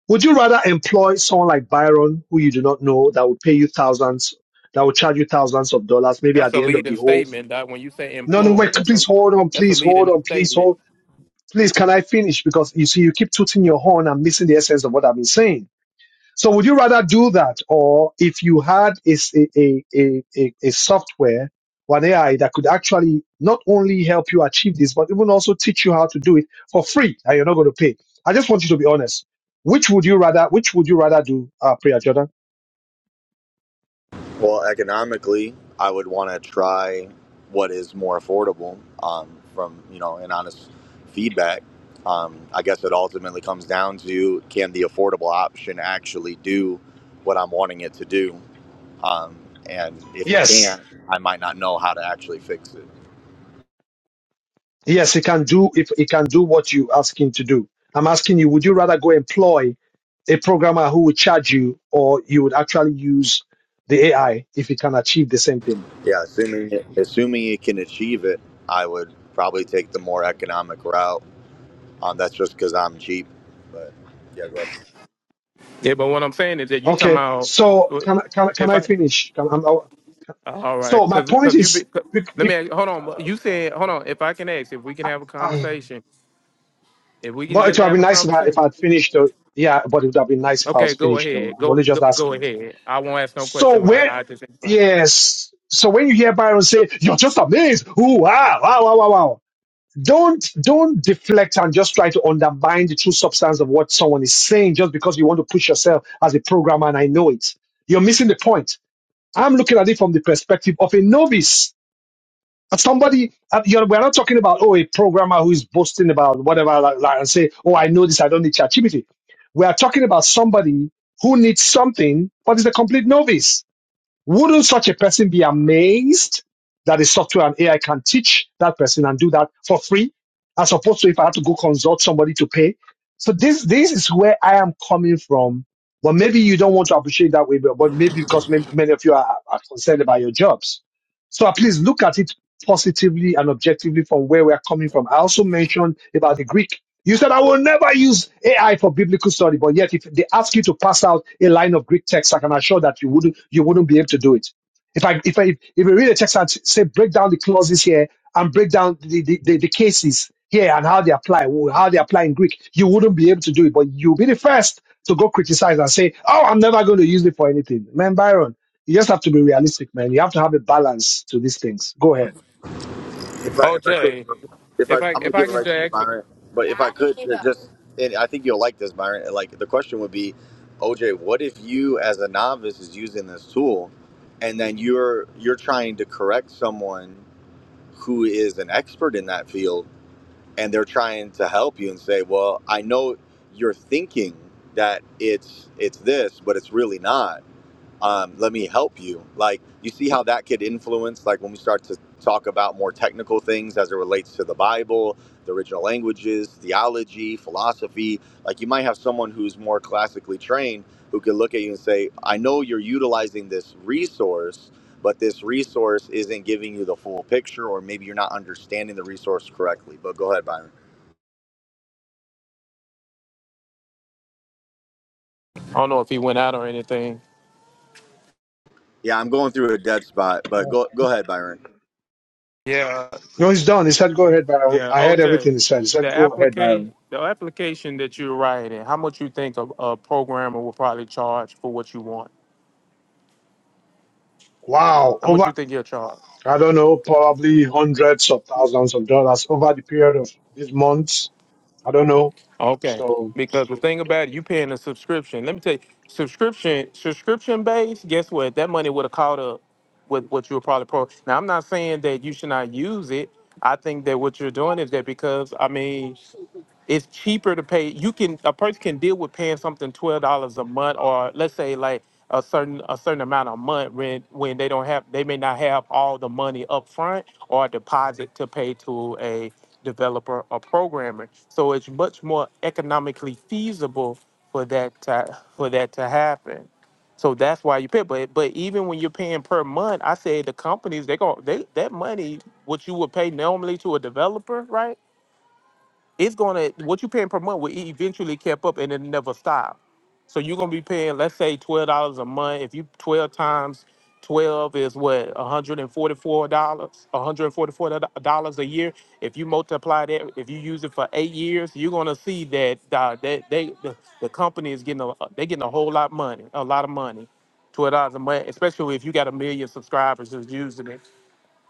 G: Would you rather employ someone like Byron, who you do not know, that will pay you thousands, that will charge you thousands of dollars, maybe
F: That's
G: at
F: a
G: the end of
F: leading
G: the whole thing?
F: statement, Doc. When you say
G: No, no,
F: employed,
G: wait,
F: that's a
G: please hold on,
F: that's a
G: please hold
F: leading
G: on, please hold.
F: statement.
G: Please, can I finish? Because you see, you keep tooting your horn and missing the essence of what I've been saying. So would you rather do that? Or if you had a, s- a, a, a, a a software or an AI that could actually not only help you achieve this, but even also teach you how to do it for free and you're not going to pay. I just want you to be honest. Which would you rather, which would you rather do, uh, Priya Jordan?
A: Well, economically, I would want to try what is more affordable. Um, from you know, an honest feedback, um, I guess it ultimately comes down to can the affordable option actually do what I'm wanting it to do, um, and if it
G: Yes.
A: can't, I might not know how to actually fix it.
G: Yes, he can do if he can do what you ask him to do. I'm asking you, would you rather go employ a programmer who would charge you or you would actually use the AI if it can achieve the same thing?
A: Yeah, assuming it, assuming it can achieve it, I would probably take the more economic route. Um, that's just because I'm cheap, but yeah, go ahead.
F: Yeah, but what I'm saying is that you talking
G: Okay.
F: about
G: So
F: uh,
G: can I- can I- can
F: if
G: I
F: I
G: finish? Can, I'm, I-
F: all right,
G: so my
F: because
G: point
F: because you
G: is,
F: be, 'cause-
G: bec-
F: let me
G: bec-
F: ask, hold on. You said hold on. If I can ask, if we can
G: uh,
F: have a
G: uh,
F: conversation, if we can
G: but it
F: just
G: would have
F: have
G: been
F: a
G: nice if I if
F: conversation.
G: I'd finished. Though. Yeah, but it would have been nice if I was
F: Okay, go
G: finished. Though
F: ahead.
G: I'm only
F: Go go,
G: just
F: go
G: asking.
F: ahead. I won't ask no
G: So
F: question.
G: when
F: I, I just explain.
G: Yes. So when you hear Byron say, "You're just amazed," ooh, wow, wow, wow, wow, wow. don't don't deflect and just try to undermine the true substance of what someone is saying just because you want to push yourself as a programmer and I know it. You're missing the point. I'm looking at it from the perspective of a novice. As Somebody, uh, you know, we're not talking about oh a programmer who is boasting about whatever like, like, and say oh I know this I don't need ChatGPT. We are talking about somebody who needs something but is a complete novice wouldn't such a person be amazed that the software and AI can teach that person and do that for free, as opposed to if I had to go consult somebody to pay? So this this is where I am coming from. But maybe you don't want to appreciate that way, but but maybe because may- many of you are, are concerned about your jobs. So at least look at it positively and objectively from where we're coming from. I also mentioned about the Greek. You said, I will never use AI for biblical study, but yet if they ask you to pass out a line of Greek text, I can assure that you wouldn't, you wouldn't be able to do it. If I, if I, if you read a text and say, break down the clauses here and break down the, the, the, the cases here and how they apply, how they apply in Greek, you wouldn't be able to do it, but you'll be the first to go criticize and say, oh, I'm never going to use it for anything. Man, Byron, you just have to be realistic, man. You have to have a balance to these things. Go ahead.
A: If I
F: Oh,
A: if I could,
F: Jay,
A: if I
F: if I
A: I'm gonna
F: if I
A: give it
F: can
A: right to you,
F: just
A: Byron. But if I could, uh,
F: ask
A: just and I think you'll like this, Byron. and, Like the question would be, OJ, what if you as a novice is using this tool, and then you're you're trying to correct someone who is an expert in that field, and they're trying to help you and say, well, I know you're thinking that it's it's this, but it's really not um, let me help you like you see how that could influence like when we start to talk about more technical things as it relates to the bible the original languages theology philosophy like you might have someone who's more classically trained who can look at you and say i know you're utilizing this resource but this resource isn't giving you the full picture or maybe you're not understanding the resource correctly but go ahead byron
F: I don't know if he went out or anything.
A: yeah i'm going through a dead spot but go go ahead byron
G: No, he's done. He said, go ahead, Baron.
F: Yeah,
G: I heard
F: OJ,
G: everything he said. He
F: the
G: said, go ahead,
F: application
G: Baron.
F: the application that you're writing, how much you think a, a programmer will probably charge for what you want?
G: Wow.
F: How much you
G: Over,
F: think you'll charge?
G: I don't know, probably hundreds of thousands of dollars over the period of these months. I don't know.
F: Okay,
G: So,
F: because the thing about it, you paying a subscription. Let me tell you, subscription subscription based. Guess what? That money would have caught up with what you were probably pro. Now I'm not saying that you should not use it. I think that what you're doing is that because I mean it's cheaper to pay. You can a person can deal with paying something twelve dollars a month, or let's say like a certain a certain amount a month rent when they don't have they may not have all the money up front or deposit to pay to a developer or programmer. So it's much more economically feasible for that to, for that to happen. So that's why you pay. But but even when you're paying per month, I say the companies they go they that money what you would pay normally to a developer, right? it's gonna what you paying per month will eventually keep up and it never stop. So you're gonna be paying, let's say, twelve dollars a month. If you twelve times twelve is what one hundred and forty four dollars, one hundred and forty four dollars a year. If you multiply that, if you use it for eight years, you're gonna see that uh, that they the, the company is getting a uh, they getting a whole lot of money, a lot of money, twelve dollars a month, especially if you got a million subscribers who's using it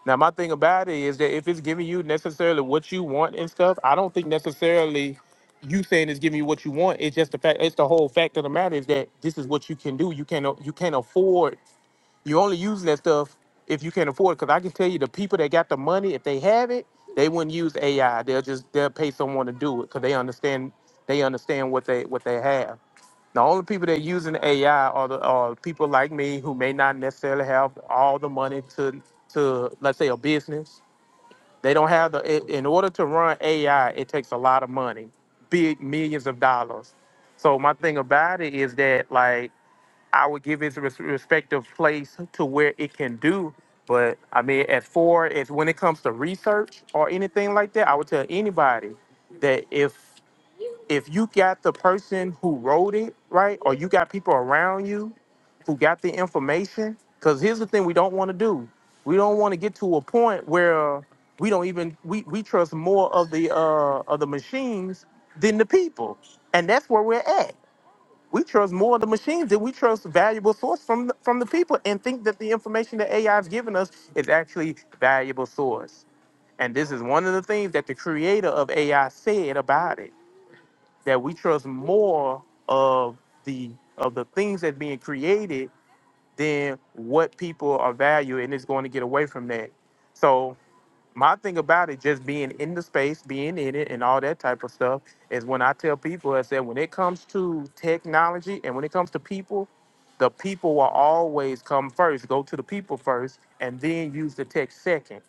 F: now, my thing about it is that if it's giving you necessarily what you want and stuff, I don't think necessarily you saying it's giving you what you want. It's just the fact. It's the whole fact of the matter is that this is what you can do. You can't. You can't afford. You only using that stuff if you can afford. Because I can tell you, the people that got the money, if they have it, they wouldn't use AI. They'll just they'll pay someone to do it because they understand. They understand what they what they have. The only people that using AI are the are people like me who may not necessarily have all the money to to let's say a business. They don't have the i- in order to run AI, it takes a lot of money, big millions of dollars. So my thing about it is that like I would give its res- respective place to where it can do. But I mean, as far as when it comes to research or anything like that, I would tell anybody that if if you got the person who wrote it right or you got people around you who got the information because here's the thing we don't want to do we don't want to get to a point where we don't even we, we trust more of the uh of the machines than the people and that's where we're at we trust more of the machines than we trust valuable source from the, from the people and think that the information that ai is giving us is actually valuable source and this is one of the things that the creator of ai said about it that we trust more of the of the things that's being created than what people are valuing and it's going to get away from that. So my thing about it, just being in the space, being in it and all that type of stuff, is when I tell people I said when it comes to technology and when it comes to people, the people will always come first. Go to the people first and then use the tech second.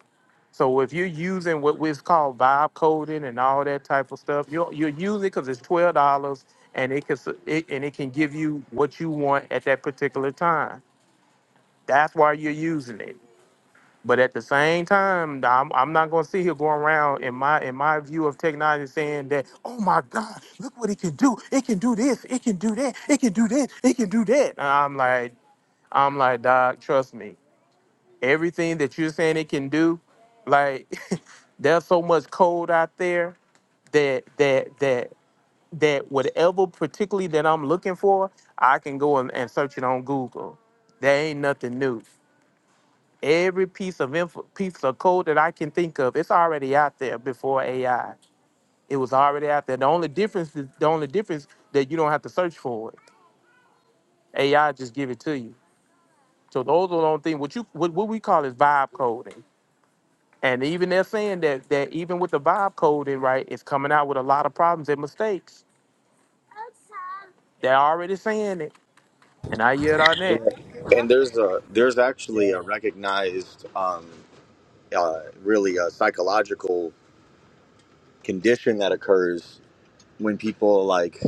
F: So if you're using what was called vibe coding and all that type of stuff, you're you're using because it's twelve dollars and it can s- it, and it can give you what you want at that particular time. That's why you're using it. But at the same time, I'm, I'm not going to sit here going around in my in my view of technology saying that oh my God, look what it can do. It can do this. It can do that. It can do this. It can do that. And I'm like I'm like, Doc, trust me. Everything that you're saying it can do, like there's so much code out there that that that that whatever particularly that I'm looking for, I can go and, and search it on Google. There ain't nothing new. Every piece of info, piece of code that I can think of, it's already out there before AI. It was already out there. The only difference is the only difference that you don't have to search for it. AI just give it to you. So those are the only thing. What you what, what we call is vibe coding. And even they're saying that that even with the vibe code, it right, it's coming out with a lot of problems and mistakes. They're already saying it, and I yelled on
A: yeah.
F: that.
A: and there's a there's
I: it.
A: actually a recognized um, uh, really a psychological condition that occurs when people like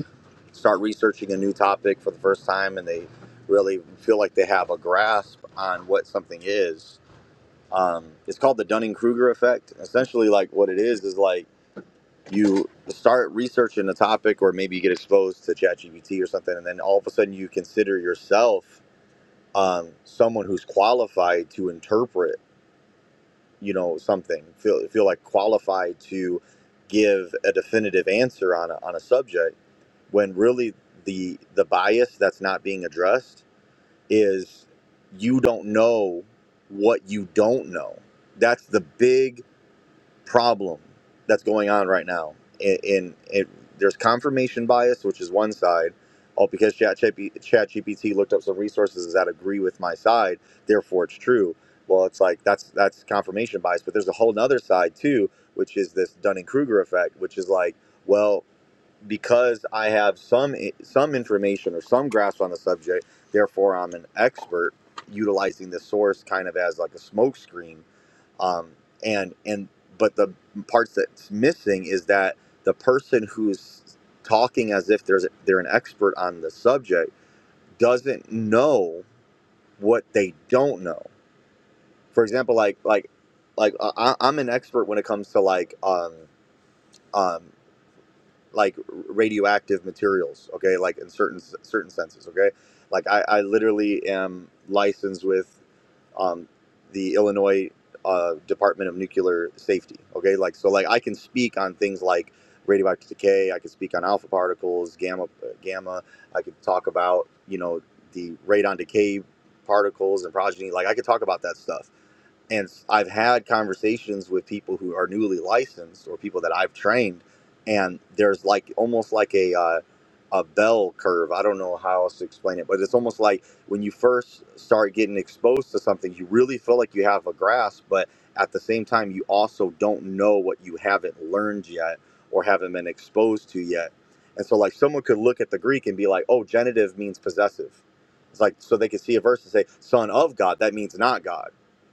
A: start researching a new topic for the first time and they really feel like they have a grasp on what something is. Um, it's called the Dunning Kruger effect. Essentially, like what it is is like you start researching a topic or maybe you get exposed to ChatGPT or something, and then all of a sudden you consider yourself um, someone who's qualified to interpret you know something feel feel like qualified to give a definitive answer on a, on a subject when really the the bias that's not being addressed is you don't know what you don't know that's the big problem that's going on right now. In, in it, there's confirmation bias, which is one side. Oh, because Chat GPT looked up some resources that agree with my side, therefore it's true. Well, it's like that's that's confirmation bias, but there's a whole other side too, which is this Dunning Kruger effect, which is like, well, because I have some eh, some information or some grasp on the subject, therefore I'm an expert utilizing the source kind of as like a smokescreen um, and and but the parts that's missing is that the person who's talking as if there's they're an expert on the subject doesn't know what they don't know. For example, like like like uh, I, I'm an expert when it comes to like um um like radioactive materials. Okay, like in certain certain senses. Okay, like I, I literally am licensed with um, the Illinois uh, Department of Nuclear Safety. Okay, like so, like I can speak on things like radioactive decay. I can speak on alpha particles, gamma, uh, gamma. I could talk about you know the radon decay particles and progeny. Like I could talk about that stuff and I've had conversations with people who are newly licensed or people that I've trained, and there's like almost like a uh, a bell curve. I don't know how else to explain it, but it's almost like when you first start getting exposed to something, you really feel like you have a grasp, but at the same time, you also don't know what you haven't learned yet or haven't been exposed to yet. And so, like, someone could look at the Greek and be like, "Oh, genitive means possessive." It's like so they could see a verse and say, "Son of God," that means not God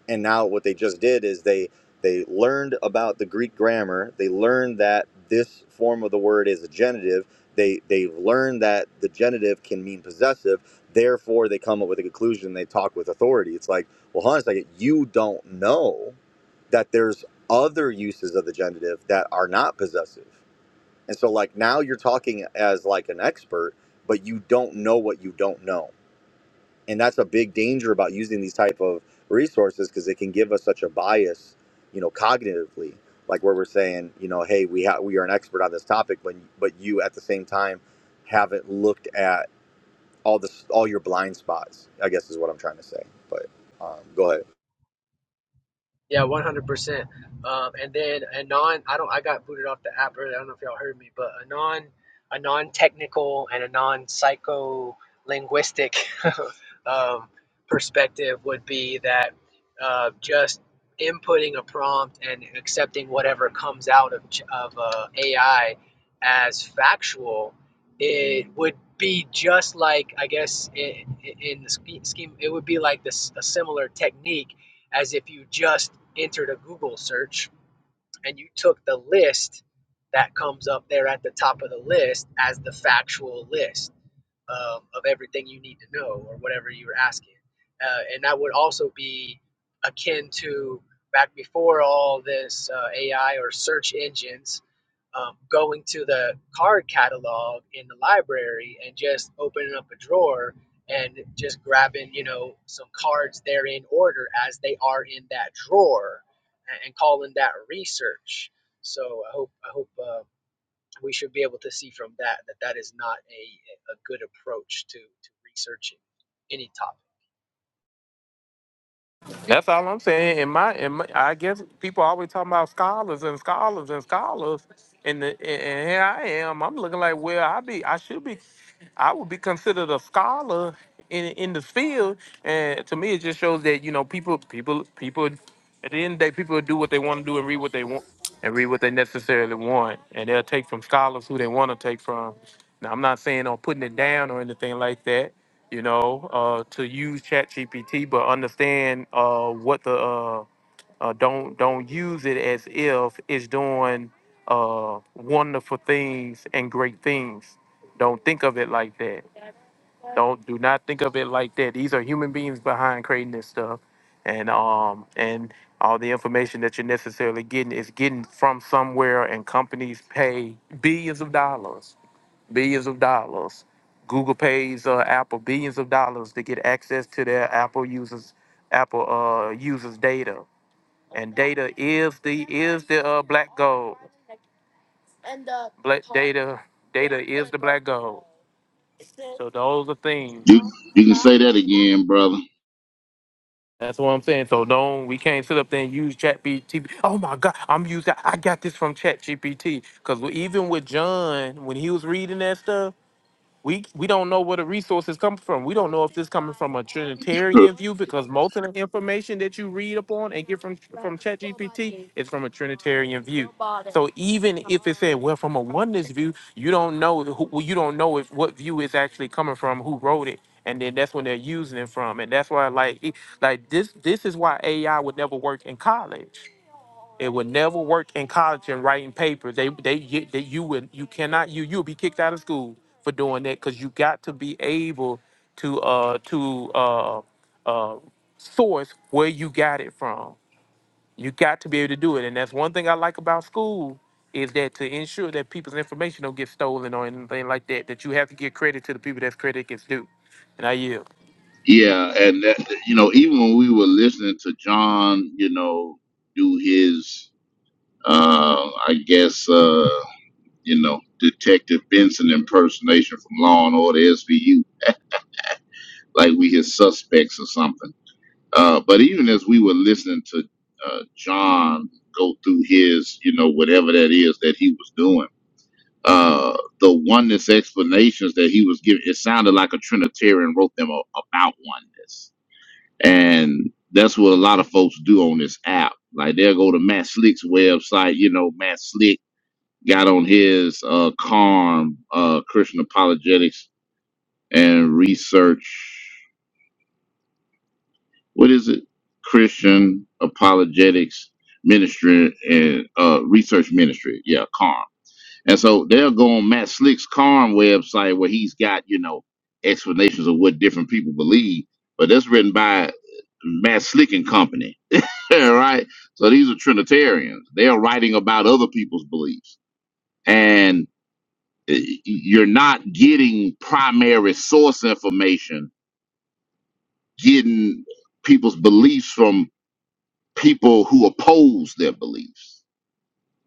A: and now what they just did is they they learned about the greek grammar they learned that this form of the word is a genitive they they learned that the genitive can mean possessive therefore they come up with a conclusion they talk with authority it's like well hold on a second you don't know that there's other uses of the genitive that are not possessive and so like now you're talking as like an expert but you don't know what you don't know and that's a big danger about using these type of resources because it can give us such a bias you know cognitively like where we're saying you know hey we ha- we are an expert on this topic but but you at the same time haven't looked at all this all your blind spots i guess is what i'm trying to say but um, go ahead
I: Yeah, one hundred percent. Um, and then Anon, I don't, I got booted off the app earlier. I don't know if y'all heard me, but Anon, a non-technical and a non-psycho-linguistic um, perspective would be that uh, just inputting a prompt and accepting whatever comes out of ch- of uh, AI as factual, it would be just like I guess in, in the sch- scheme, it would be like this a similar technique as if you just entered a Google search and you took the list that comes up there at the top of the list as the factual list um, of everything you need to know or whatever you were asking. Uh, and that would also be akin to back before all this uh, AI or search engines, um, going to the card catalog in the library and just opening up a drawer and just grabbing, you know, some cards there in order as they are in that drawer and, and calling that research. So I hope I hope uh, we should be able to see from that that that is not a, a good approach to, to researching any topic
F: That's all I'm saying. In my, in my, I guess people always talking about scholars and scholars and scholars, and the, and and here I am. I'm looking like, well, I be, I should be, I would be considered a scholar in in this field. And to me, it just shows that you know, people, people, people. At the end of the day, people do what they want to do and read what they want and read what they necessarily want, and they'll take from scholars who they want to take from. Now, I'm not saying I'm putting it down or anything like that you know, uh, to use ChatGPT, but understand uh, what the uh, uh, don't don't use it as if it's doing uh, wonderful things and great things. Don't think of it like that. Don't do not think of it like that. These are human beings behind creating this stuff, and um and all the information that you're necessarily getting is getting from somewhere, and companies pay billions of dollars billions of dollars. Google pays uh, Apple billions of dollars to get access to their Apple users, Apple uh, users' data, and data is the is the uh, black gold. Black data, data is the black gold. So those are things.
C: You you can say that again, brother.
F: That's what I'm saying. So don't we can't sit up there and use Chat GPT. Oh my God, I'm using I got this from Chat GPT because even with John when he was reading that stuff We we don't know where the resources come from. We don't know if this coming from a Trinitarian view because most of the information that you read upon and get from from ChatGPT is from a Trinitarian view. So even if it said well from a oneness view, you don't know who well, you don't know if what view is actually coming from, who wrote it, and then that's when they're using it from, and that's why like it- like this this is why AI would never work in college it would never work in college and writing papers. They they get that you would you cannot you you'll be kicked out of school for doing that because you got to be able to uh to uh uh source where you got it from. You got to be able to do it, and that's one thing I like about school is that to ensure that people's information don't get stolen or anything like that. That you have to give credit to the people that's credit gets due, and I yield.
C: Yeah, and that you know, even when we were listening to John, you know, do his uh I guess uh, you know, Detective Benson impersonation from Law and Order SVU, like we his suspects or something. Uh but even as we were listening to uh John go through his, you know, whatever that is that he was doing, uh the oneness explanations that he was giving, it sounded like a Trinitarian wrote them a, about oneness And that's what a lot of folks do on this app. Like they'll go to Matt Slick's website. You know, Matt Slick got on his uh Karm uh Christian apologetics and research. What is it? Christian apologetics ministry and uh research ministry. Yeah, Karm. And so they'll go on Matt Slick's Karm website where he's got, you know, explanations of what different people believe. But that's written by Matt Slick and Company Yeah, right. So these are Trinitarians. They are writing about other people's beliefs, and uh, you're not getting primary source information, getting people's beliefs from people who oppose their beliefs.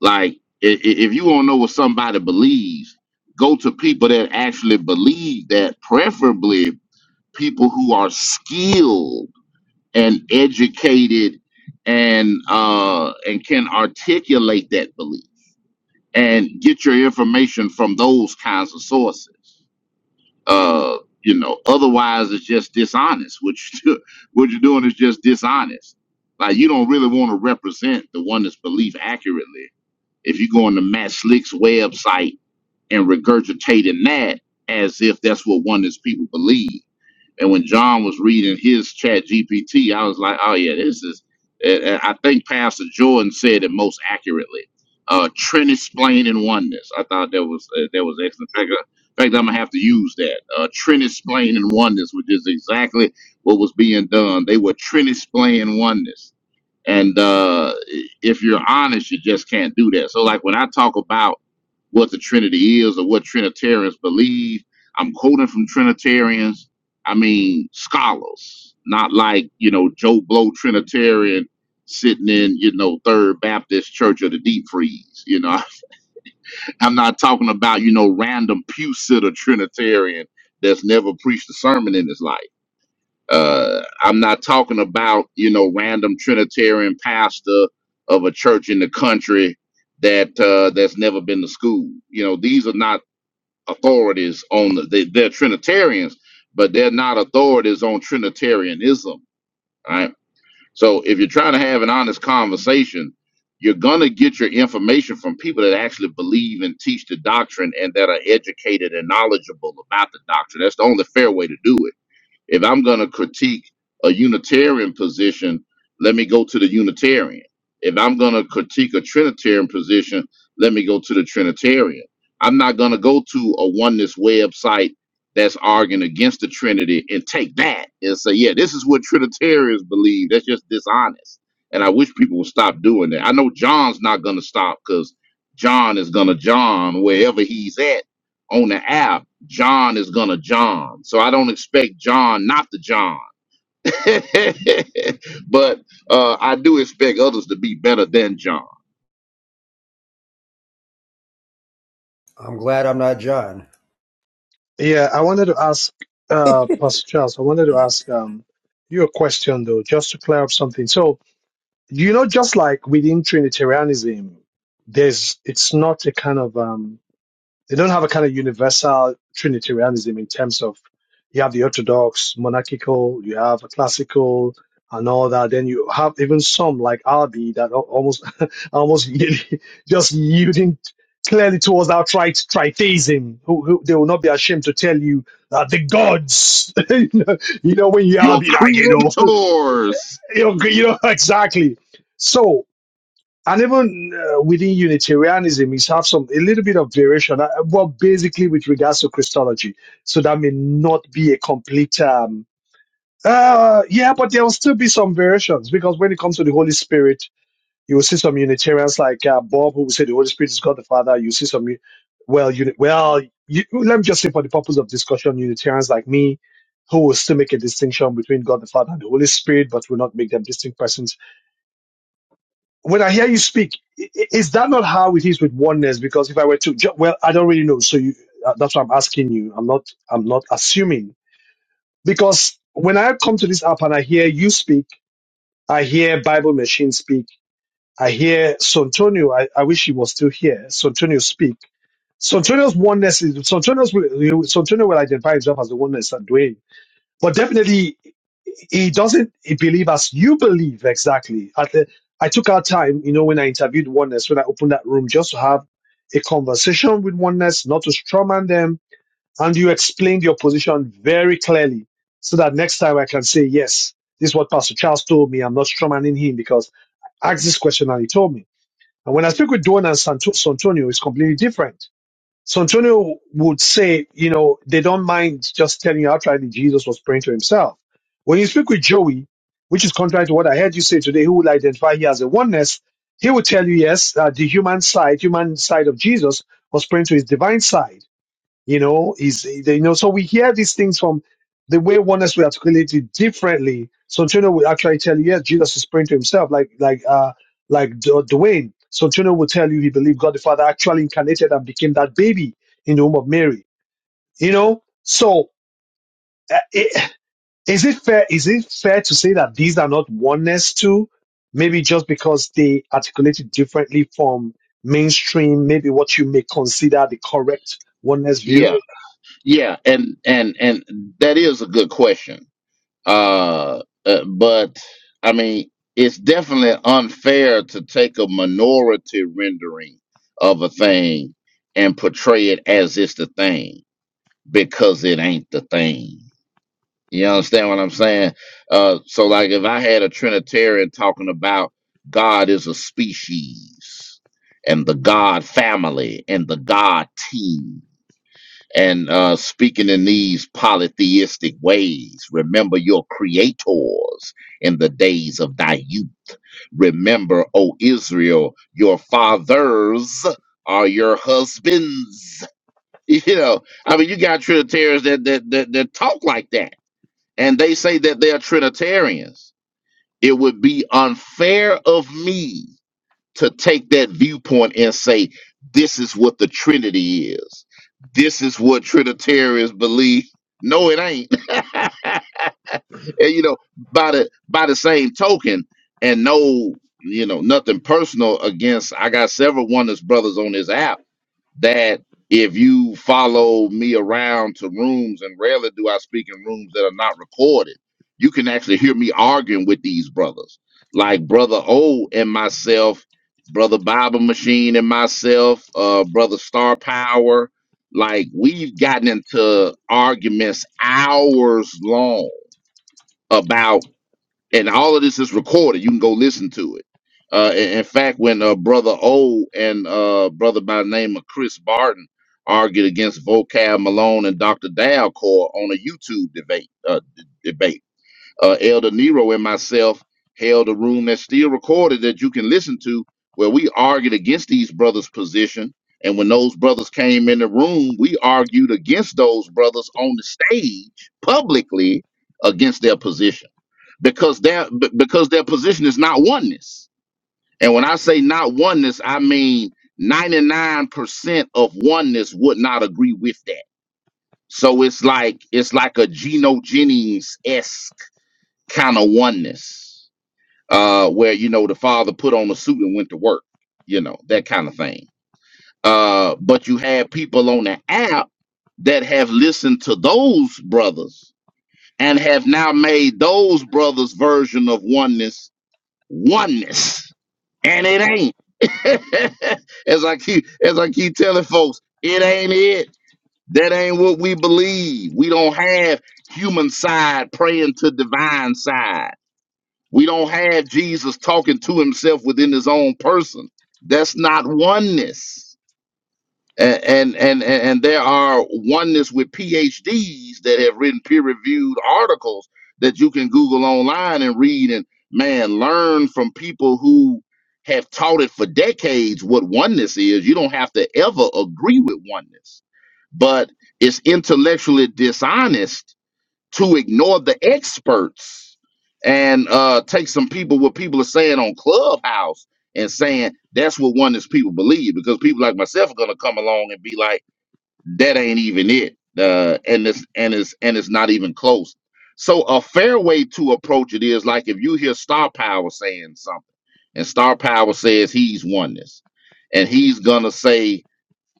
C: Like, i- i- if you want to know what somebody believes, go to people that actually believe that, preferably people who are skilled and educated and uh and can articulate that belief and get your information from those kinds of sources. Uh, you know, otherwise it's just dishonest. What you do, what you're doing is just dishonest. Like you don't really want to represent the one that's belief accurately. If you go on the Matt Slick's website and regurgitating that as if that's what one is people believe. And when John was reading his chat GPT, I was like, oh, yeah, this is. And and I think Pastor Jordan said it most accurately. Uh, Trinity explaining oneness. I thought that was uh, that was excellent. In fact, uh, in fact, I'm gonna have to use that. Uh, Trinity explaining oneness, which is exactly what was being done. They were Trinity explaining oneness. And uh, if you're honest, you just can't do that. So, like when I talk about what the Trinity is or what Trinitarians believe, I'm quoting from Trinitarians. I mean, scholars, not like, you know, Joe Blow Trinitarian sitting in, you know, Third Baptist Church of the Deep Freeze. You know, I'm not talking about, you know, random pew sitter Trinitarian that's never preached a sermon in his life. Uh, I'm not talking about you know random Trinitarian pastor of a church in the country that uh, that's never been to school. You know, these are not authorities on the, they, they're Trinitarians, but they're not authorities on Trinitarianism, right? So if you're trying to have an honest conversation, you're gonna get your information from people that actually believe and teach the doctrine and that are educated and knowledgeable about the doctrine. That's the only fair way to do it if I'm going to critique a Unitarian position, let me go to the Unitarian. If I'm going to critique a Trinitarian position, let me go to the Trinitarian. I'm not going to go to a oneness website that's arguing against the Trinity and take that and say, yeah, this is what Trinitarians believe. That's just dishonest. And I wish people would stop doing that. I know John's not going to stop because John is going to John wherever he's at on the app, John is gonna John. So I don't expect John not to John. but uh, I do expect others to be better than John.
K: I'm glad I'm not John.
G: yeah, I wanted to ask, uh, Pastor Charles, I wanted to ask, um, you a question though, just to clear up something. So, you know, just like within Trinitarianism, there's, it's not a kind of, um, They don't have a kind of universal Trinitarianism in terms of you have the Orthodox, monarchical, you have a classical, and all that. Then you have even some like Albi that al- almost almost yield- just yielding clearly towards outright tritheism. Who, who they will not be ashamed to tell you that the gods, you know, you know, when you are
C: Your
G: be like, you know,
C: creators.
G: you know, you know, exactly. So and even uh, within Unitarianism, is have some a little bit of variation, uh, well, basically with regards to Christology. So that may not be a complete. Um, uh, yeah, but there will still be some variations because when it comes to the Holy Spirit, you will see some Unitarians like uh, Bob who will say the Holy Spirit is God the Father. You see some, well, uni, well, you, let me just say for the purpose of discussion, Unitarians like me who will still make a distinction between God the Father and the Holy Spirit, but will not make them distinct persons when I hear you speak, is that not how it is with oneness? Because if I were to, well, I don't really know. So you, uh, that's why I'm asking you. I'm not, I'm not assuming because when I come to this app and I hear you speak, I hear Bible Machine speak, I hear Santonio. I, I wish he was still here. Santonio speak. Santonio's oneness is Santonio's will- Santonio will identify himself as the oneness that but definitely he doesn't believe as you believe exactly. At the, I took our time, you know, when I interviewed Oneness, when I opened that room, just to have a conversation with Oneness, not to strawman them, and you explained your position very clearly, so that next time I can say yes. This is what Pastor Charles told me. I'm not strawmanning him because I asked this question and he told me. And when I speak with Duane and Sant- Santonio, it's completely different so Antonio would say, you know, they don't mind just telling you outright that Jesus was praying to himself. When you speak with Joey, which is contrary to what I heard you say today, who would identify here as a oneness, he would tell you, yes, uh, the human side, human side of Jesus was praying to his divine side. You know, is you know, so we hear these things from the way oneness will articulate it differently. Santino will actually tell you, yes, Jesus is praying to himself, like like uh like D- uh, Dwayne. Santino will tell you he believed God the Father actually incarnated and became that baby in the womb of Mary. You know, so uh, it, is it fair? Is it fair to say that these are not oneness too? Maybe just because they articulate it differently from mainstream, maybe what you may consider the correct oneness view.
C: Yeah, yeah, and and and that is a good question. Uh, uh but I mean, it's definitely unfair to take a minority rendering of a thing and portray it as it's the thing because it ain't the thing You understand what I'm saying? Uh, so, like, if I had a Trinitarian talking about God is a species and the God family and the God team and uh, speaking in these polytheistic ways, remember your creators in the days of thy youth. Remember, O Israel, your fathers are your husbands. You know, I mean, you got Trinitarians that that that, that talk like that and they say that they are Trinitarians, it would be unfair of me to take that viewpoint and say, this is what the Trinity is. This is what Trinitarians believe. No, it ain't. and you know, by the by the same token, and no, you know, nothing personal against I got several oneness brothers on this app that if you follow me around to rooms, and rarely do I speak in rooms that are not recorded, you can actually hear me arguing with these brothers, like Brother O and myself, Brother Bible Machine and myself, uh, Brother Star Power. Like we've gotten into arguments hours long about and all of this is recorded. You can go listen to it. Uh, in in fact, when uh, brother O and uh, brother by the name of Chris Barton argued against Vocab Malone and Dr. Dalcor on a YouTube debate, uh, d- debate, uh, Elder Nero and myself held a room that's still recorded that you can listen to, where we argued against these brothers' position. And when those brothers came in the room, we argued against those brothers on the stage publicly against their position because their b- because their position is not oneness. And when I say not oneness, I mean 99% of oneness would not agree with that. So it's like it's like a Geno Jennings esque kind of oneness, uh, where you know the father put on a suit and went to work, you know that kind of thing. Uh, but you have people on the app that have listened to those brothers and have now made those brothers' version of oneness oneness. And it ain't. as I keep as I keep telling folks, it ain't it. That ain't what we believe. We don't have human side praying to divine side. We don't have Jesus talking to himself within his own person. That's not oneness and and and and there are oneness with PhDs that have written peer-reviewed articles that you can Google online and read and man learn from people who have taught it for decades what oneness is. You don't have to ever agree with oneness, but it's intellectually dishonest to ignore the experts and uh, take some people what people are saying on Clubhouse and saying that's what one is people believe because people like myself are gonna come along and be like that ain't even it uh, and it's and it's and it's not even close. So a fair way to approach it is like if you hear Star Power saying something and Star Power says he's oneness and he's gonna say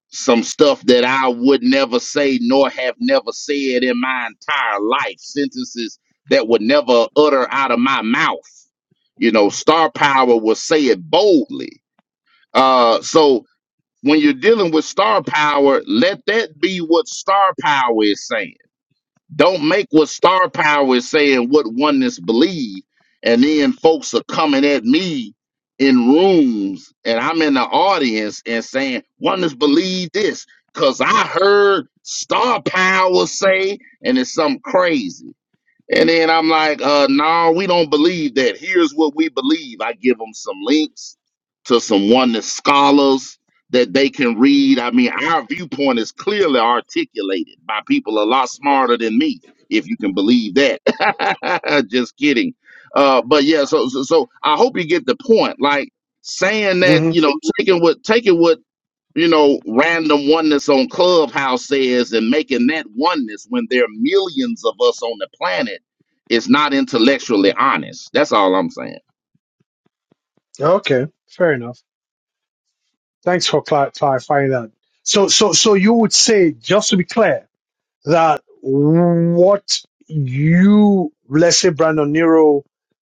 C: some stuff that I would never say nor have never said in my entire life, sentences that would never utter out of my mouth. You know, star power will say it boldly. Uh, so when you're dealing with star power, let that be what star power is saying don't make what star power is saying what oneness believe, and then folks are coming at me in rooms, and I'm in the audience and saying oneness believe this, cause I heard star power say, and it's something crazy. And then I'm like, uh, no, we don't believe that. Here's what we believe. I give them some links to some oneness scholars that they can read. I mean, our viewpoint is clearly articulated by people a lot smarter than me, if you can believe that. Just kidding. Uh, but yeah, so, so so I hope you get the point. Like saying that,
G: Mm-hmm.
C: you know, taking what taking what you know, random oneness on Clubhouse says and making that oneness when there are millions of us on the planet is not intellectually honest. That's all I'm saying.
G: Okay, fair enough. Thanks for clar- clarifying that. So, so, so you would say, just to be clear, that what you, let's say, Brandon Nero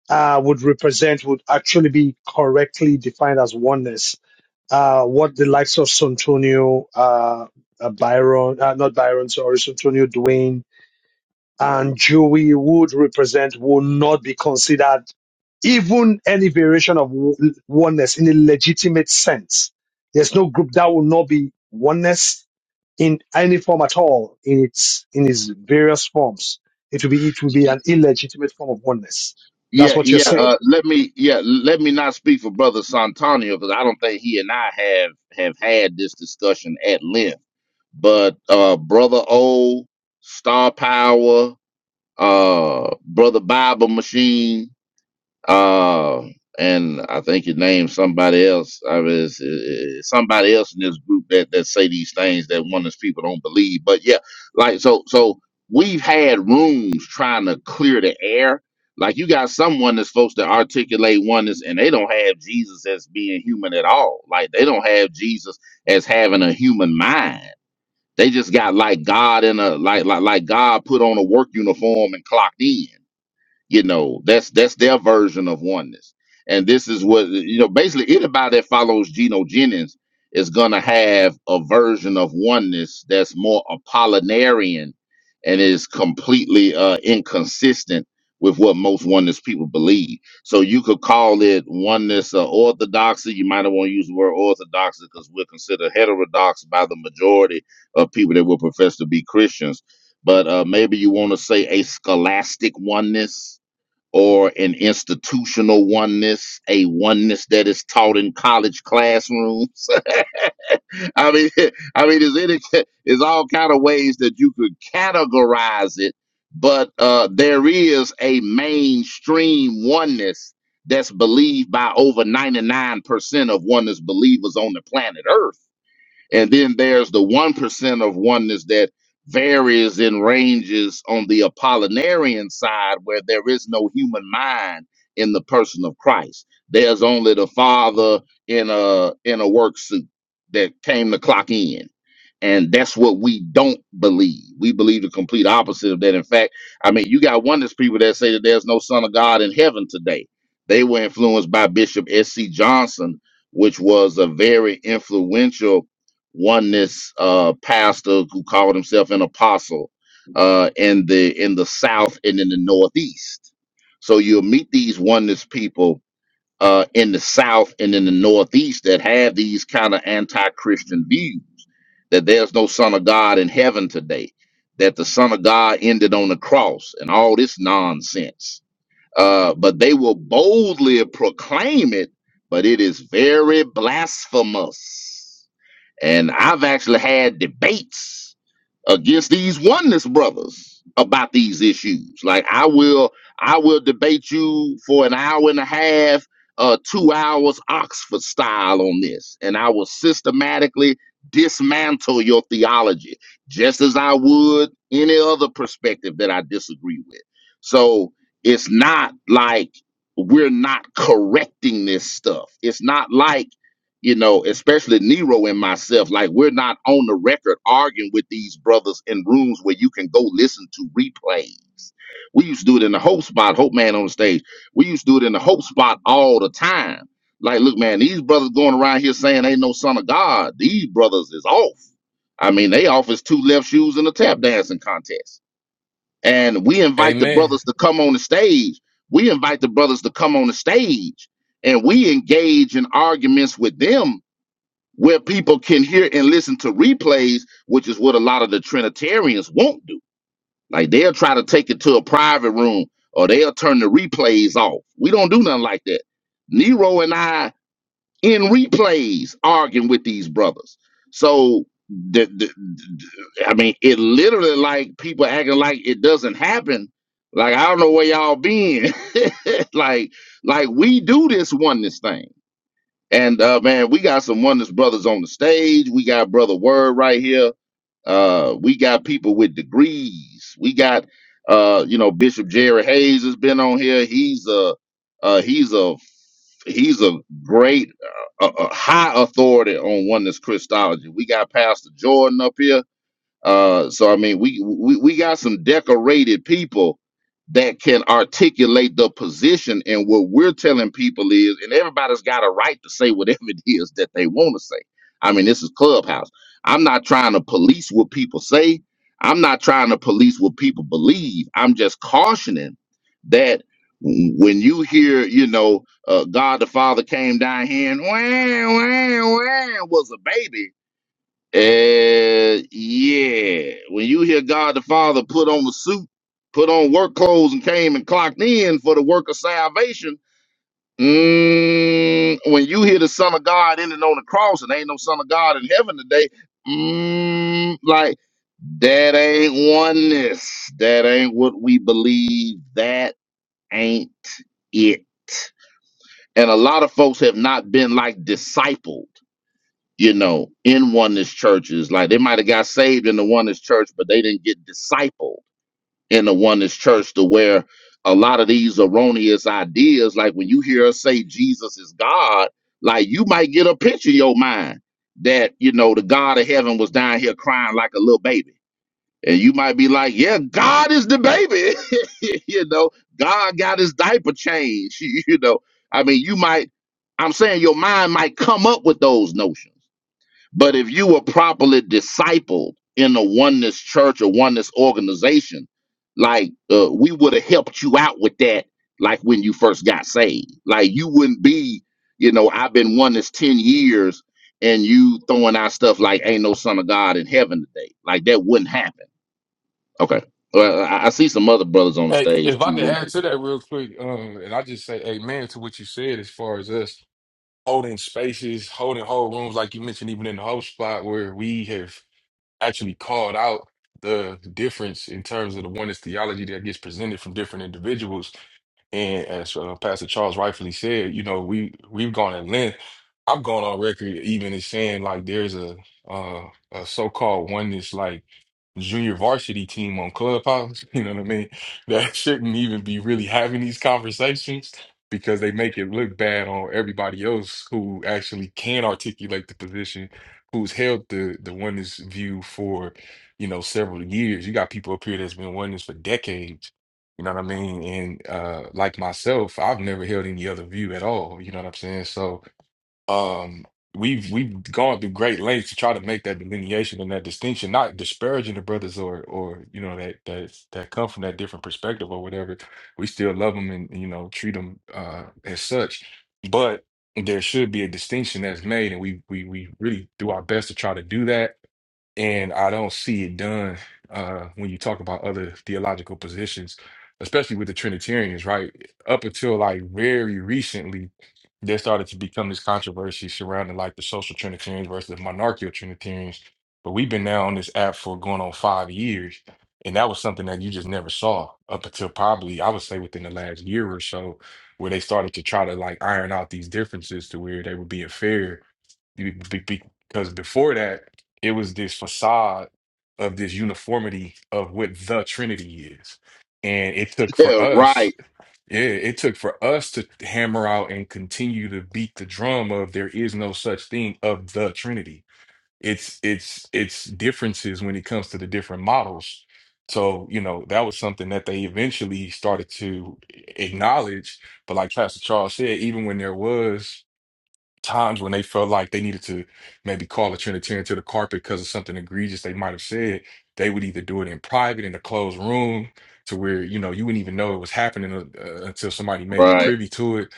G: uh, would represent would actually be correctly defined as oneness. Uh, what the likes of Santonio, uh, uh, Byron, uh, not Byron, sorry, Santonio, Dwayne, and Jewy would represent will not be considered even any variation of w- oneness in a legitimate sense. There's no group that will not be oneness in any form at all in its in its various forms. It will be it will be an illegitimate form of oneness. That's
C: Yeah,
G: what you're
C: yeah.
G: saying.
C: Uh, let me, yeah, let me not speak for Brother Santonio because I don't think he and I have have had this discussion at length. But uh, Brother O, Star Power, uh, Brother Bible Machine, Uh, and I think you named somebody else. I mean, it's, it's somebody else in this group that that say these things that one of these people don't believe. But yeah, like so, so we've had rooms trying to clear the air. Like you got someone that's supposed to articulate oneness, and they don't have Jesus as being human at all. Like they don't have Jesus as having a human mind. They just got like God in a like like like God put on a work uniform and clocked in you know that's that's their version of oneness and this is what you know basically anybody that follows geno jennings is going to have a version of oneness that's more apollinarian and is completely uh, inconsistent with what most oneness people believe so you could call it oneness or orthodoxy you might not want to use the word orthodoxy because we're considered heterodox by the majority of people that will profess to be christians but uh, maybe you want to say a scholastic oneness or an institutional oneness, a oneness that is taught in college classrooms. I mean, I mean, is any is all kind of ways that you could categorize it, but uh, there is a mainstream oneness that's believed by over ninety nine percent of oneness believers on the planet Earth and then there's the 1% of oneness that varies in ranges on the Apollinarian side, where there is no human mind in the person of Christ. There's only the Father in a in a work suit that came to clock in. And that's what we don't believe. We believe the complete opposite of that. In fact, I mean, you got oneness people that say that there's no Son of God in heaven today. They were influenced by Bishop S.C. Johnson, which was a very influential oneness uh, pastor who called himself an apostle uh, in the in the South and in the Northeast. So you'll meet these oneness people uh, in the South and in the Northeast that have these kind of anti-Christian views that there's no Son of God in heaven today, that the Son of God ended on the cross, and all this nonsense. Uh, but they will boldly proclaim it, but it is very blasphemous and I've actually had debates against these oneness brothers about these issues. Like I will I will debate you for an hour and a half, uh two hours Oxford style on this. And I will systematically dismantle your theology just as I would any other perspective that I disagree with. So it's not like we're not correcting this stuff. It's not like you know, especially Nero and myself, like we're not on the record arguing with these brothers in rooms where you can go listen to replays. We used to do it in the Hope Spot, Hope Man on the stage. We used to do it in the Hope Spot all the time. Like, look, man, these brothers going around here saying ain't no son of God. These brothers is off. I mean, they off is two left shoes in a tap dancing contest. And we invite the
J: Amen.
C: brothers to come on the stage. We invite the brothers to come on the stage and we engage in arguments with them where people can hear and listen to replays, which is what a lot of the Trinitarians won't do. Like they'll try to take it to a private room or they'll turn the replays off. We don't do nothing like that. Nero and I in replays arguing with these brothers. So the, the, the- I mean, it literally like people acting like it doesn't happen. Like I don't know where y'all been. like like we do this oneness thing. And uh, man, we got some oneness brothers on the stage. We got brother Word right here. Uh, we got people with degrees. We got uh, you know, Bishop Jerry Hayes has been on here. He's a uh, he's a he's a great uh, a, a high authority on oneness Christology. We got Pastor Jordan up here uh, so I mean, we, we we got some decorated people that can articulate the position, and what we're telling people is, and everybody's got a right to say whatever it is that they want to say. I mean, this is Clubhouse. I'm not trying to police what people say. I'm not trying to police what people believe. I'm just cautioning that w- when you hear, you know, uh, God the Father came down here and wah, wah, wah, was a baby uh, yeah. When you hear God the Father put on the suit, put on work clothes, and came and clocked in for the work of salvation, mm, when you hear the Son of God ending on the cross and ain't no Son of God in heaven today, mm, like that ain't oneness. That ain't what we believe. That ain't it. And a lot of folks have not been like discipled you know, in oneness churches. Like they might have got saved in the oneness church, but they didn't get discipled in the oneness church to where a lot of these erroneous ideas, like when you hear us say Jesus is God, like you might get a picture in your mind that, you know, the God of heaven was down here crying like a little baby. And you might be like, yeah, God is the baby. you know, God got his diaper changed. You know, I mean, you might, I'm saying your mind might come up with those notions but if you were properly discipled in a oneness church or oneness organization, like uh, we would have helped you out with that, like when you first got saved. Like you wouldn't be, you know, I've been oneness 10 years and you throwing out stuff like ain't no son of God in heaven today. Like that wouldn't happen. Okay. Well, I, I see some other brothers on the
J: Hey,
C: stage
J: if I could
C: too.
J: add to that real quick, um, and I just say amen to what you said as far as us holding spaces, holding whole rooms, like you mentioned, even in the whole spot where we have actually called out the difference in terms of the oneness theology that gets presented from different individuals. And as uh, Pastor Charles rightfully said, you know, we we've gone at length. I've gone on record even as saying like there's a uh, a so-called oneness like. junior varsity team on Clubhouse. You know what I mean? That shouldn't even be really having these conversations because they make it look bad on everybody else who actually can articulate the position, who's held the the oneness view for, you know, several years. You got people up here that's been oneness for decades. You know what I mean? And uh like myself, I've never held any other view at all. You know what I'm saying? So um, we've we've gone through great lengths to try to make that delineation and that distinction, not disparaging the brothers or or you know that that that come from that different perspective or whatever. We still love them and you know treat them uh, as such, but there should be a distinction that's made, and we we we really do our best to try to do that. And I don't see it done uh, when you talk about other theological positions, especially with the Trinitarians, right? Up until like very recently there started to become this controversy surrounding like the social Trinitarians versus the monarchical Trinitarians. But we've been now on this app for going on five years. And that was something that you just never saw up until probably, I would say, within the last year or so, where they started to try to like iron out these differences to where they were being fair. Be- be- be- Because before that, it was this facade of this uniformity of what the Trinity is. And it took for
C: yeah,
J: us
C: right,
J: yeah, it took for us to hammer out and continue to beat the drum of there is no such thing of the Trinity. It's it's it's differences when it comes to the different models. So, you know, that was something that they eventually started to acknowledge. But like Pastor Charles said, even when there was times when they felt like they needed to maybe call a Trinitarian to the carpet because of something egregious they might have said, they would either do it in private in a closed room to where you know you wouldn't even know it was happening uh, uh, until somebody made you
C: right.
J: privy to it,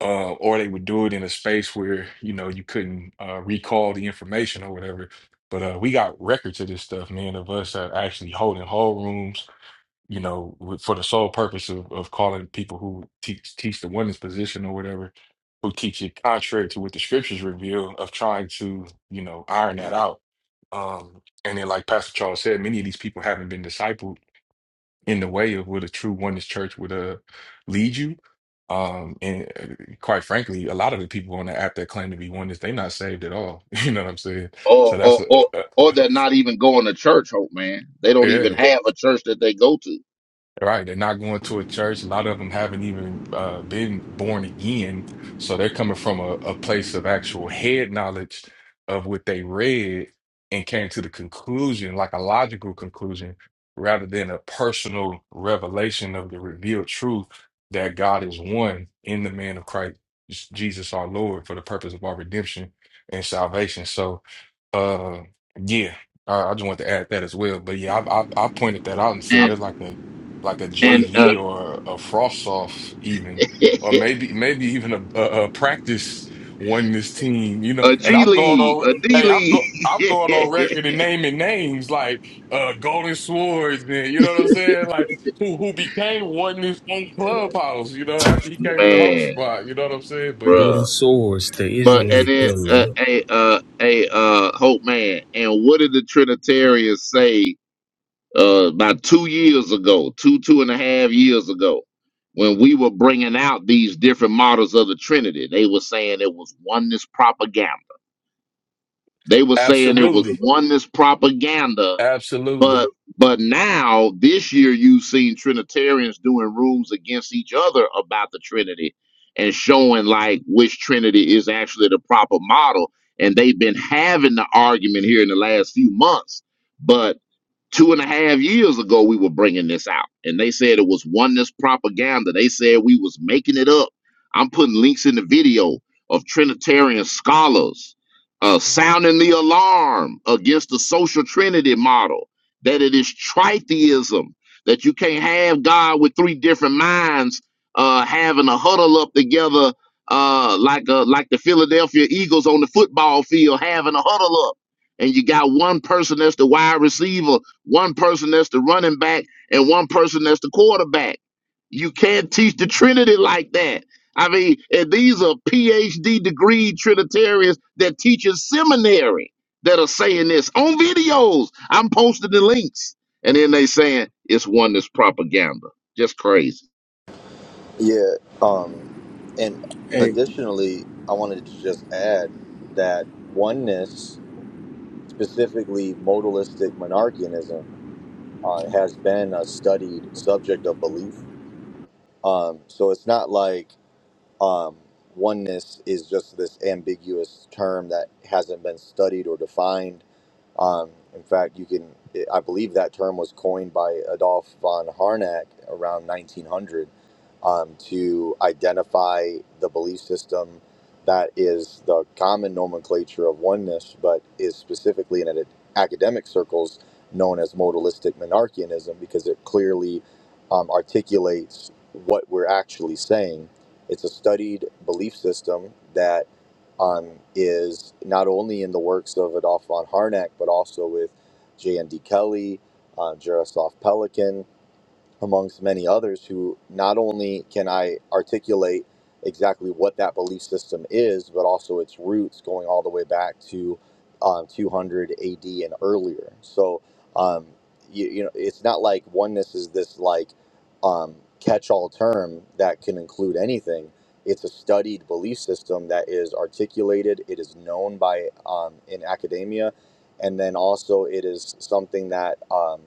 J: uh, or they would do it in a space where you know you couldn't uh, recall the information or whatever. But uh, we got records of this stuff, man, of us uh, actually holding whole rooms you know, with, for the sole purpose of, of calling people who teach teach the women's position or whatever, who teach it contrary to what the scriptures reveal, of trying to you know iron that out. Um, and then, like Pastor Charles said, many of these people haven't been discipled in the way of what a true oneness church would uh, lead you. Um, and uh, quite frankly, a lot of the people on the app that claim to be oneness, they not saved at all. You know what I'm saying?
C: Or,
J: So that's
C: or,
J: a,
C: or,
J: uh,
C: or they're not even going to church, Hope, man. They don't even
J: yeah.
C: have a church that they go to.
J: Right, they're not going to a church. A lot of them haven't even uh, been born again, so they're coming from a, a place of actual head knowledge of what they read and came to the conclusion, like a logical conclusion, rather than a personal revelation of the revealed truth that God is one in the man of Christ Jesus our Lord for the purpose of our redemption and salvation. So, uh, yeah, I, I just want to add that as well. But yeah, I, I, I pointed that out and said there's like a like a
C: and uh,
J: JV or a frost off even, or maybe maybe even a, a, a practice one this team, you know.
C: a
J: And
C: G
J: I'm going
C: League,
J: on.
C: a D
J: Hey, I'm
C: League,
J: go I'm going on record and naming names like uh Golden Swords, man. You know what I'm saying? Like who who became one this own clubhouse, you know, after he came in the home
C: man,
J: spot. You know what I'm saying? But yeah,
L: Golden
C: bruh.
L: swords, the
C: But and
L: Israelite
C: then uh,
L: killer.
C: a uh, a uh, Hope man, and what did the Trinitarians say uh, about two years ago, two two and a half years ago, when we were bringing out these different models of the Trinity? They were saying it was oneness propaganda. They were saying it was
J: Absolutely.
C: oneness propaganda
J: Absolutely.
C: But but now this year you've seen Trinitarians doing rooms against each other about the Trinity and showing like which Trinity is actually the proper model. And they've been having the argument here in the last few months. But two and a half years ago we were bringing this out and they said it was oneness propaganda they said we was making it up i'm putting links in the video of trinitarian scholars uh, sounding the alarm against the social trinity model that it is tritheism that you can't have god with three different minds uh, having a huddle up together uh, like a like the philadelphia eagles on the football field having a huddle up and you got one person that's the wide receiver, one person that's the running back, and one person that's the quarterback. You can't teach the Trinity like that. I mean, and these are PhD degree Trinitarians that teach in seminary that are saying this on videos. I'm posting the links. And then they saying it's one that's propaganda. Just crazy.
A: yeah um and
M: Hey,
A: additionally i wanted to just add that oneness specifically modalistic monarchianism uh, has been a studied subject of belief Um, so it's not like um, oneness is just this ambiguous term that hasn't been studied or defined um, in fact, you can, I believe that term was coined by Adolf von Harnack around 1900 um, to identify the belief system that is the common nomenclature of oneness, but is specifically in academic circles known as modalistic monarchianism because it clearly um, articulates what we're actually saying. It's a studied belief system that um, is not only in the works of Adolph von Harnack, but also with J.N.D. Kelly, uh, Jaroslav Pelikan, amongst many others who not only can I articulate exactly what that belief system is, but also its roots going all the way back to um, 200 AD and earlier. So, um, you, you know, it's not like oneness is this like um, catch all term that can include anything. It's a studied belief system that is articulated, it is known by um, in academia, and then also it is something that. Um,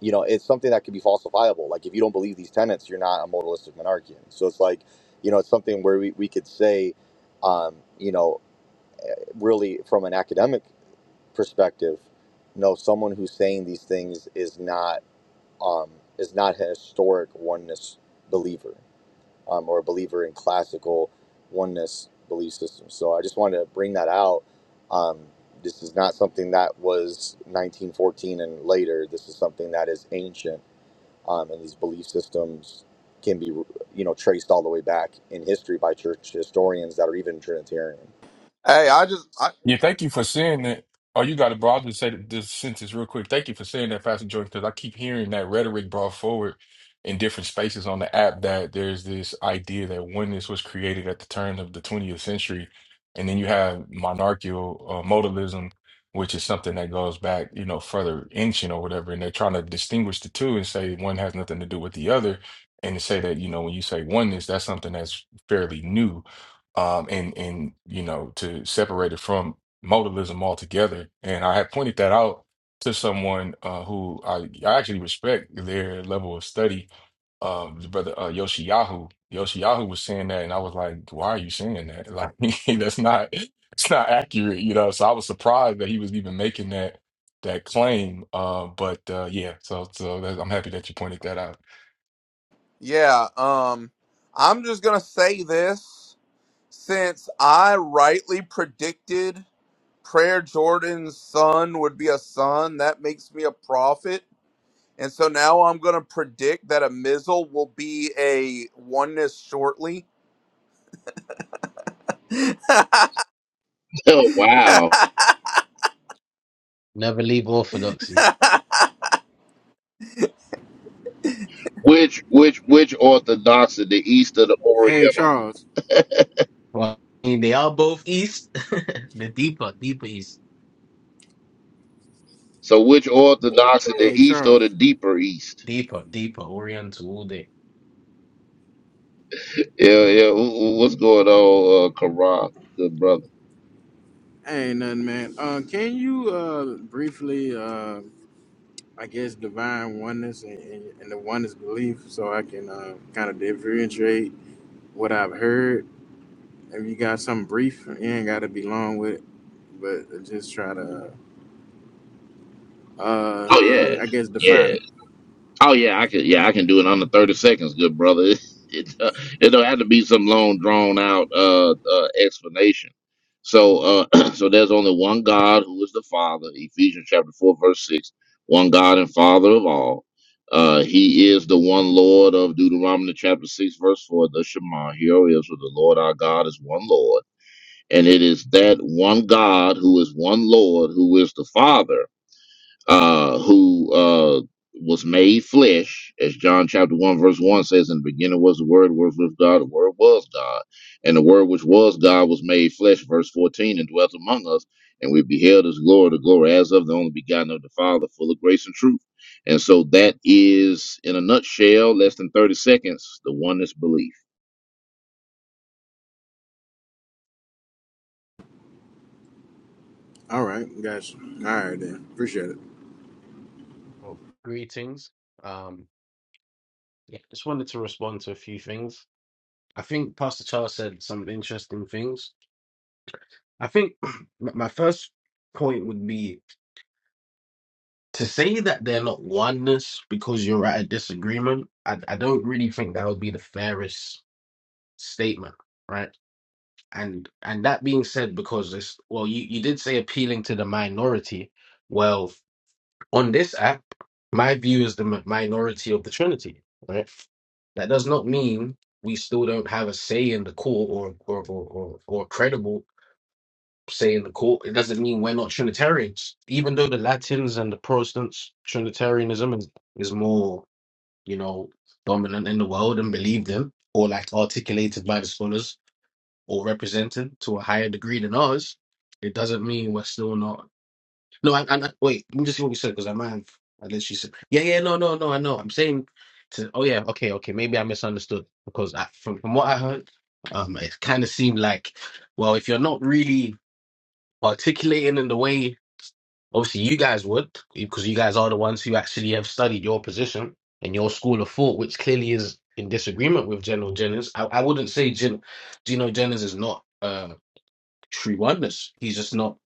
A: you know, it's something that could be falsifiable. Like if you don't believe these tenets, you're not a modalistic monarchian. So it's like, you know, it's something where we, we could say, um, you know, really from an academic perspective, no, someone who's saying these things is not um, is not a historic oneness believer um, or a believer in classical oneness belief systems. So I just wanted to bring that out. Um, this is not something that was 1914 and later. This is something that is ancient um, and these belief systems can be you know traced all the way back in history by church historians that are even trinitarian
D: Hey, I just I,
J: Yeah, thank you for saying that. Oh, you got it, bro. I'll just say this sentence real quick. Thank you for saying that, Pastor Jordan, because I keep hearing that rhetoric brought forward in different spaces on the app that there's this idea that oneness was created at the turn of the 20th century. And then you have monarchical uh, modalism, which is something that goes back, you know, further ancient or whatever. And they're trying to distinguish the two and say one has nothing to do with the other. And to say that, you know, when you say oneness, that's something that's fairly new um, and and you know to separate it from modalism altogether. And I had pointed that out to someone uh, who I, I actually respect their level of study. Um, the brother uh, Yoshiyahu, Yoshiyahu was saying that, and I was like, "Why are you saying that? Like, that's not it's not accurate, you know." So I was surprised that he was even making that that claim. Uh, but uh, yeah, so so that, I'm happy that you pointed that out.
D: yeah, um I'm just going to say this since I rightly predicted Prayer Jordan's son would be a son, that makes me a prophet And so now I'm going to predict that a Mizzle will be a oneness shortly.
C: Oh wow.
N: Never leave orthodoxy.
C: Which which which orthodox of the east or the
M: hey,
C: oriental?
M: Charles.
N: Well, I mean, they are both east. the deeper, deeper east,
C: So which orthodox of the
M: Hey,
C: east or the
M: Charles.
C: deeper east?
N: deeper, deeper oriental all day.
C: Yeah, yeah. wh- wh- What's going on, uh, Karan, good brother?
M: Hey, nothing, man. Uh, can you uh, briefly, uh, I guess, divine oneness and, and, and the oneness belief, so I can uh, kind of differentiate what I've heard. If you got something brief, you ain't got to be long with it, but just try to, uh,
C: Oh yeah,
M: I guess, define
C: yeah.
M: it.
C: Oh yeah, I can. Yeah, I can do it under thirty seconds, good brother. It, it, uh, it don't have to be some long, drawn out uh, uh, explanation. So, uh, so there's only one God who is the Father. Ephesians chapter four, verse six. One God and Father of all. Uh, he is the one Lord of Deuteronomy chapter six, verse four. The Shema. Hear, O Israel, the Lord our God is one Lord and it is that one God who is one Lord, who is the Father, uh, who uh, was made flesh, as John chapter one verse one says, "In the beginning was the Word, the Word was with God, the Word was God, and the Word which was God was made flesh." Verse fourteen, and dwelt among us, and we beheld His glory, the glory as of the only begotten of the Father, full of grace and truth. And so that is, in a nutshell, less than thirty seconds, the oneness belief.
M: All right, gotcha. All right, then. Appreciate it.
N: Oh, greetings. Um, yeah, just wanted to respond to a few things. I think Pastor Charles said some interesting things. I think my my first point would be to say that they're not oneness because you're at a disagreement. I, I don't really think that would be the fairest statement, right? and and that being said because this well you, you did say appealing to the minority well on this app my view is the mi- minority of the trinity right that does not mean we still don't have a say in the court or or or, or, or a credible say in the court it doesn't mean we're not trinitarians even though the latins and the protestants trinitarianism is, is more you know dominant in the world and believed in or like articulated by the scholars or represented to a higher degree than us, it doesn't mean we're still not. No, I, I, I- wait. let me just see what you said because I might have. I literally said, yeah, yeah, no, no, no. I know. I'm saying to. Oh yeah, okay, okay. Maybe I misunderstood because I, from from what I heard, um, it kind of seemed like, well, if you're not really articulating in the way, obviously you guys would because you guys are the ones who actually have studied your position and your school of thought, which clearly is in disagreement with General Jennings. I, I wouldn't say Gen, Geno Jennings is not. uh, true oneness. He's just not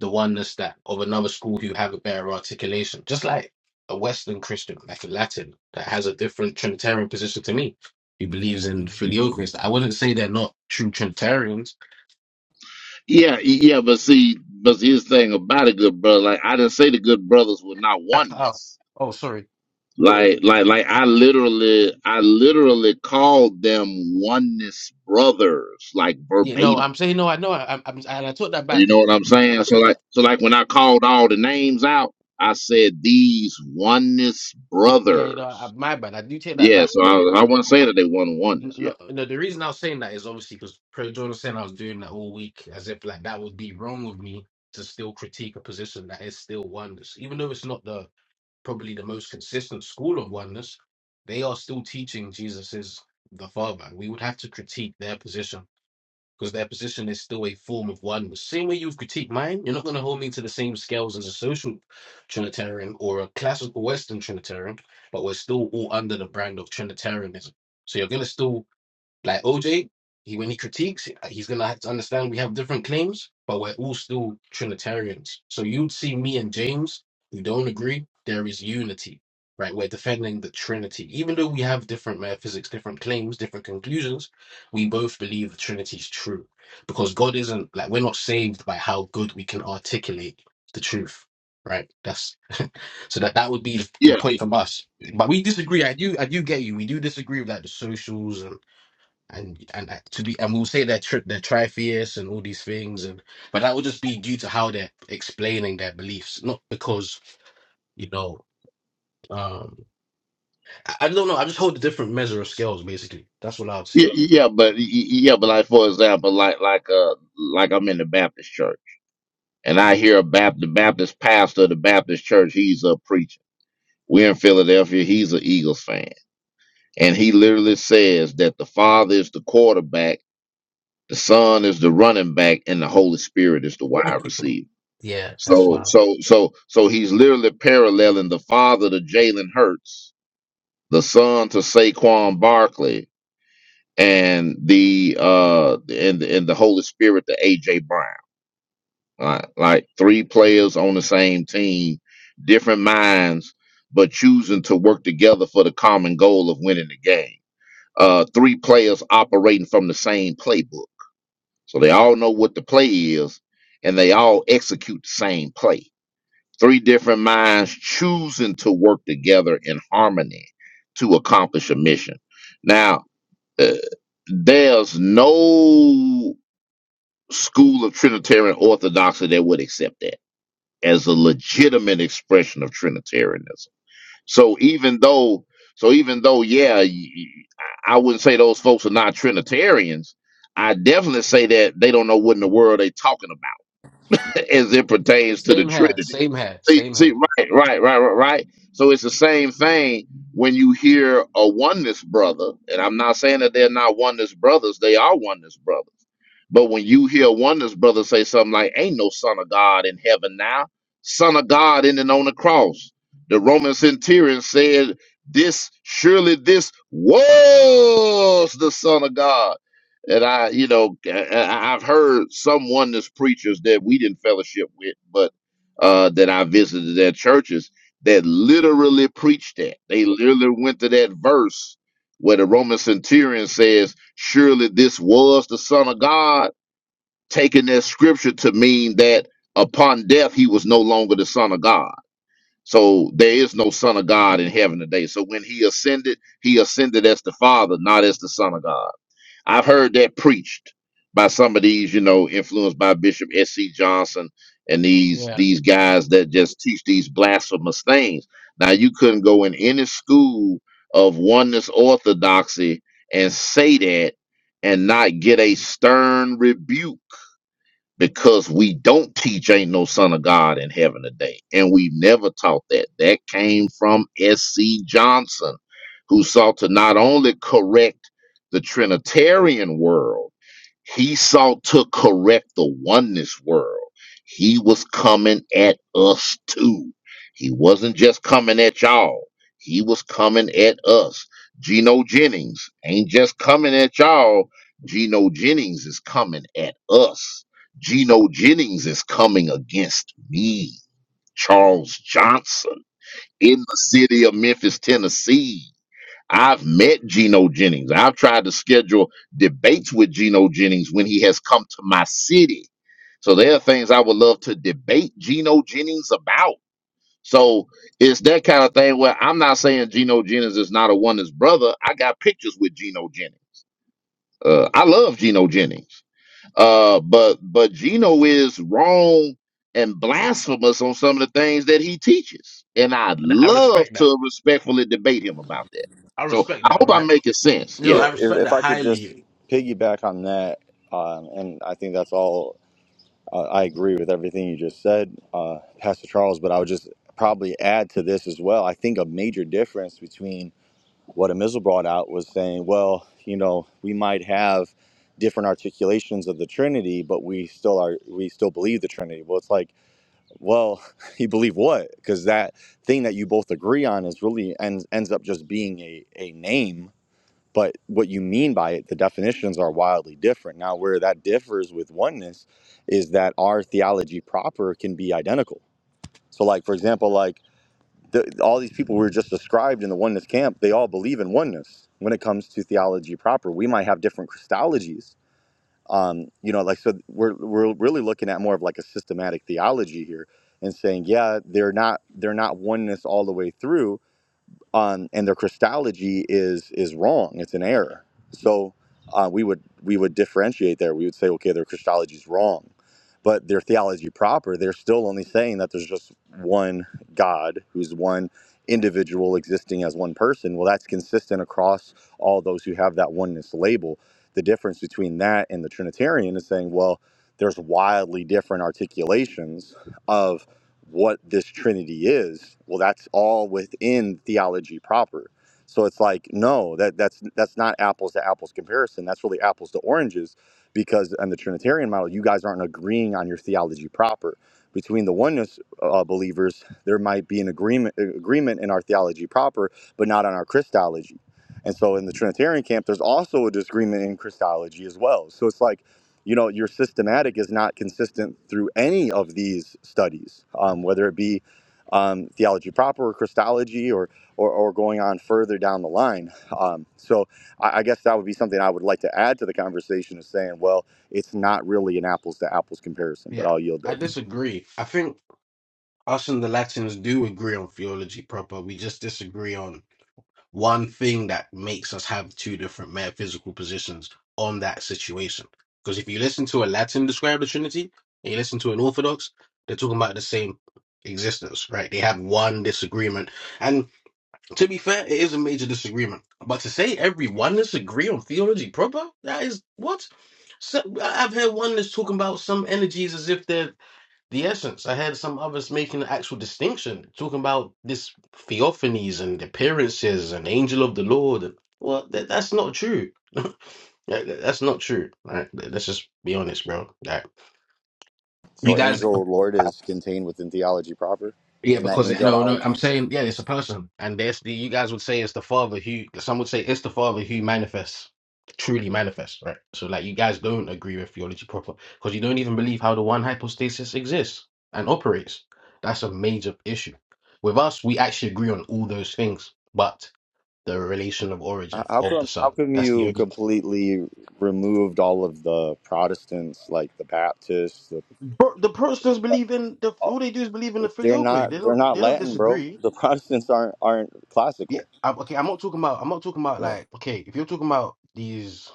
N: the oneness that of another school who have a better articulation. Just like a Western Christian, like a Latin, that has a different Trinitarian position to me, who believes in filioquist. I wouldn't say they're not true Trinitarians.
C: Yeah, yeah, but see, but here's the thing about a good brother. Like I didn't say the good brothers were not
N: Oh,
C: oneness.
N: oh, sorry.
C: Like, like, like I literally, I literally called them oneness brothers, like
N: Yeah, no,
C: verbatim.
N: I'm saying no. I know. I, I'm, i and I took that
C: You
N: back.
C: know what I'm
N: I
C: saying? So
N: took that.
C: like, so like when I called all the names out, I said these oneness
N: Yeah, yeah, no, I,
C: brothers.
N: my bad. I do take that
C: Yeah,
N: back.
C: so I, I wouldn't say that they won oneness. Yeah,
N: No, no, the reason I was saying that is obviously because Pro Jordan was saying I was doing that all week, as if like that would be wrong with me to still critique a position that is still oneness, even though it's not the probably the most consistent school of oneness. They are still teaching Jesus is the Father. We would have to critique their position because their position is still a form of oneness. Same way you've critiqued mine, you're not going to hold me to the same scales as a social Trinitarian or a classical Western Trinitarian, but we're still all under the brand of Trinitarianism. So you're going to still like OJ, he when he critiques, uh, he's gonna have to understand we have different claims, but we're all still Trinitarians. So you'd see me and James who don't agree. There is unity, right? We're defending the Trinity, even though we have different metaphysics, different claims, different conclusions. We both believe the Trinity is true because God isn't like we're not saved by how good we can articulate the truth, right? That's so that that would be the
C: yeah,
N: point from us. But we disagree. I do I do get you. We do disagree with like the socials and and and uh, to be and we'll say they're tri- they're tritheists and all these things and but that would just be due to how they're explaining their beliefs not because you know um I, I don't know I just hold a different measure of scales basically that's what I would say
C: yeah, yeah. But y- y- yeah, but like for example, like like uh, like I'm in the Baptist church. and I hear a Bap- the Baptist pastor of the Baptist church, he's a preacher. We're in Philadelphia, he's an Eagles fan. And he literally says that the Father is the quarterback, the Son is the running back, and the Holy Spirit is the wide receiver.
N: yeah that's
C: So
N: why
C: so so so he's literally paralleling the father to Jalen Hurts, the son to Saquon Barkley, and the uh and and the Holy Spirit to AJ Brown. like, like three players on the same team, different minds, but choosing to work together for the common goal of winning the game. Uh, three players operating from the same playbook. So they all know what the play is and they all execute the same play. Three different minds choosing to work together in harmony to accomplish a mission. Now, uh, there's no school of Trinitarian orthodoxy that would accept that as a legitimate expression of Trinitarianism. So even though, so even though, yeah, y- y- I I wouldn't say those folks are not Trinitarians. I definitely say that they don't know what in the world they're talking about. as it pertains to the
N: same hair
C: Trinity.
N: same hair
C: See,
N: same hair
C: see, right, right, right, right, right. So it's the same thing when you hear a oneness brother, and I'm not saying that they're not oneness brothers, they are oneness brothers. But when you hear a oneness brother say something like, Ain't no son of God in heaven now, son of God in and on the cross. The Roman centurion said, This surely this was the son of God and I, you know, I- I- have heard some oneness preachers that we didn't fellowship with, but uh, that I visited their churches that literally preached that. They literally went to that verse where the Roman centurion says, "Surely this was the Son of God," taking that scripture to mean that upon death he was no longer the Son of God. So there is no Son of God in heaven today. So when he ascended, he ascended as the Father, not as the Son of God. I've heard that preached by some of these, you know, influenced by Bishop S.C. Johnson and these
N: yeah
C: these guys that just teach these blasphemous things. Now you couldn't go in any school of oneness orthodoxy and say that and not get a stern rebuke because we don't teach ain't no son of God in heaven today. And we never taught that. That came from S.C. Johnson, who sought to not only correct the Trinitarian world, he sought to correct the oneness world. He was coming at us too. He wasn't just coming at y'all. He was coming at us. Geno Jennings ain't just coming at y'all. Geno Jennings is coming at us. Geno Jennings is coming against me, Charles Johnson, in the city of Memphis, Tennessee. I've met Geno Jennings. I've tried to schedule debates with Geno Jennings when he has come to my city. So there are things I would love to debate Geno Jennings about. So it's that kind of thing where I'm not saying Geno Jennings is not a oneness brother. I got pictures with Geno Jennings. Uh, I love Geno Jennings. Uh, but but Gino is wrong and blasphemous on some of the things that he teaches, and I'd
N: And I
C: love
N: respect that
C: to respectfully debate him about that.
N: I
C: So
N: respect
C: I
N: that
C: hope I'm
N: right
C: making sense.
N: no
C: Yeah.
A: Yeah,
N: I
A: if,
N: respect that
A: if I could just
N: highly
A: piggyback on that, um, and I think that's all. Uh, I agree with everything you just said, uh, Pastor Charles. But I would just probably add to this as well. I think a major difference between what Amizel brought out was saying, well, you know, we might have different articulations of the Trinity, but we still are we still believe the Trinity. Well, it's like Well, you believe what? Because that thing that you both agree on is really ends ends up just being a, a name, but what you mean by it, the definitions are wildly different. Now, where that differs with oneness is that our theology proper can be identical. So, like for example, like the, all these people we were just described in the oneness camp, they all believe in oneness when it comes to theology proper. We might have different Christologies, um, you know, like so we're we're really looking at more of like a systematic theology here and saying, yeah, they're not they're not oneness all the way through, um, and their Christology is is wrong. It's an error. So uh, we would we would differentiate there. We would say, okay, their Christology is wrong, but their theology proper, they're still only saying that there's just one God who's one individual existing as one person. Well, that's consistent across all those who have that oneness label. The difference between that and the Trinitarian is saying, well, there's wildly different articulations of what this Trinity is, well, that's all within theology proper. So it's like, no, that that's that's not apples to apples comparison. That's really apples to oranges, because on the Trinitarian model, you guys aren't agreeing on your theology proper. Between the oneness uh, believers, there might be an agreement agreement in our theology proper, but not on our Christology. And so in the Trinitarian camp, there's also a disagreement in Christology as well. So it's like you know your systematic is not consistent through any of these studies um, whether it be um, theology proper or christology or, or or going on further down the line um, so I, I guess that would be something i would like to add to the conversation of saying well it's not really an apples to apples comparison but
N: yeah
A: i'll yield
N: I
A: there
N: disagree I think us and the Latins do agree on theology proper we just disagree on one thing that makes us have two different metaphysical positions on that situation. Because if you listen to a Latin describe the Trinity and you listen to an Orthodox, they're talking about the same existence, right? They have one disagreement. And to be fair, it is a major disagreement. But to say everyone disagree on theology proper, that is what? So, I- I've heard oneness talking about some energies as if they're the essence. I had some others making an actual distinction, talking about this theophanies and appearances and angel of the Lord. Well, that, that's not true. That- that- that's not true. Right? Let's just be honest, bro. Like, you
A: so
N: guys.
A: angel lord is contained within theology proper
N: Yeah,
A: isn't that
N: because it, no, no,
A: angelology
N: I'm saying yeah, it's a person, and there's the you guys would say it's the father who some would say it's the father who manifests, truly manifests, right? So like you guys don't agree with theology proper because you don't even believe how the one hypostasis exists and operates. That's a major issue. With us, we actually agree on all those things, but the relation of
A: H-
N: origin
A: how
N: of the
A: come
N: son.
A: how come
N: That's the
A: you
N: only.
A: completely removed all of the protestants like the baptists the,
N: Bro, the Protestants believe in the
A: like,
N: all they do is believe in the
A: They're
N: filioque. They
A: not they're
N: don't
A: not
N: they don't
A: Latin, bro.
N: disagree
A: The Protestants aren't aren't
N: Yeah,
A: classical.
N: I, okay. I'm not talking about. I'm not talking about
A: Yeah.
N: like. Okay, if you're talking about these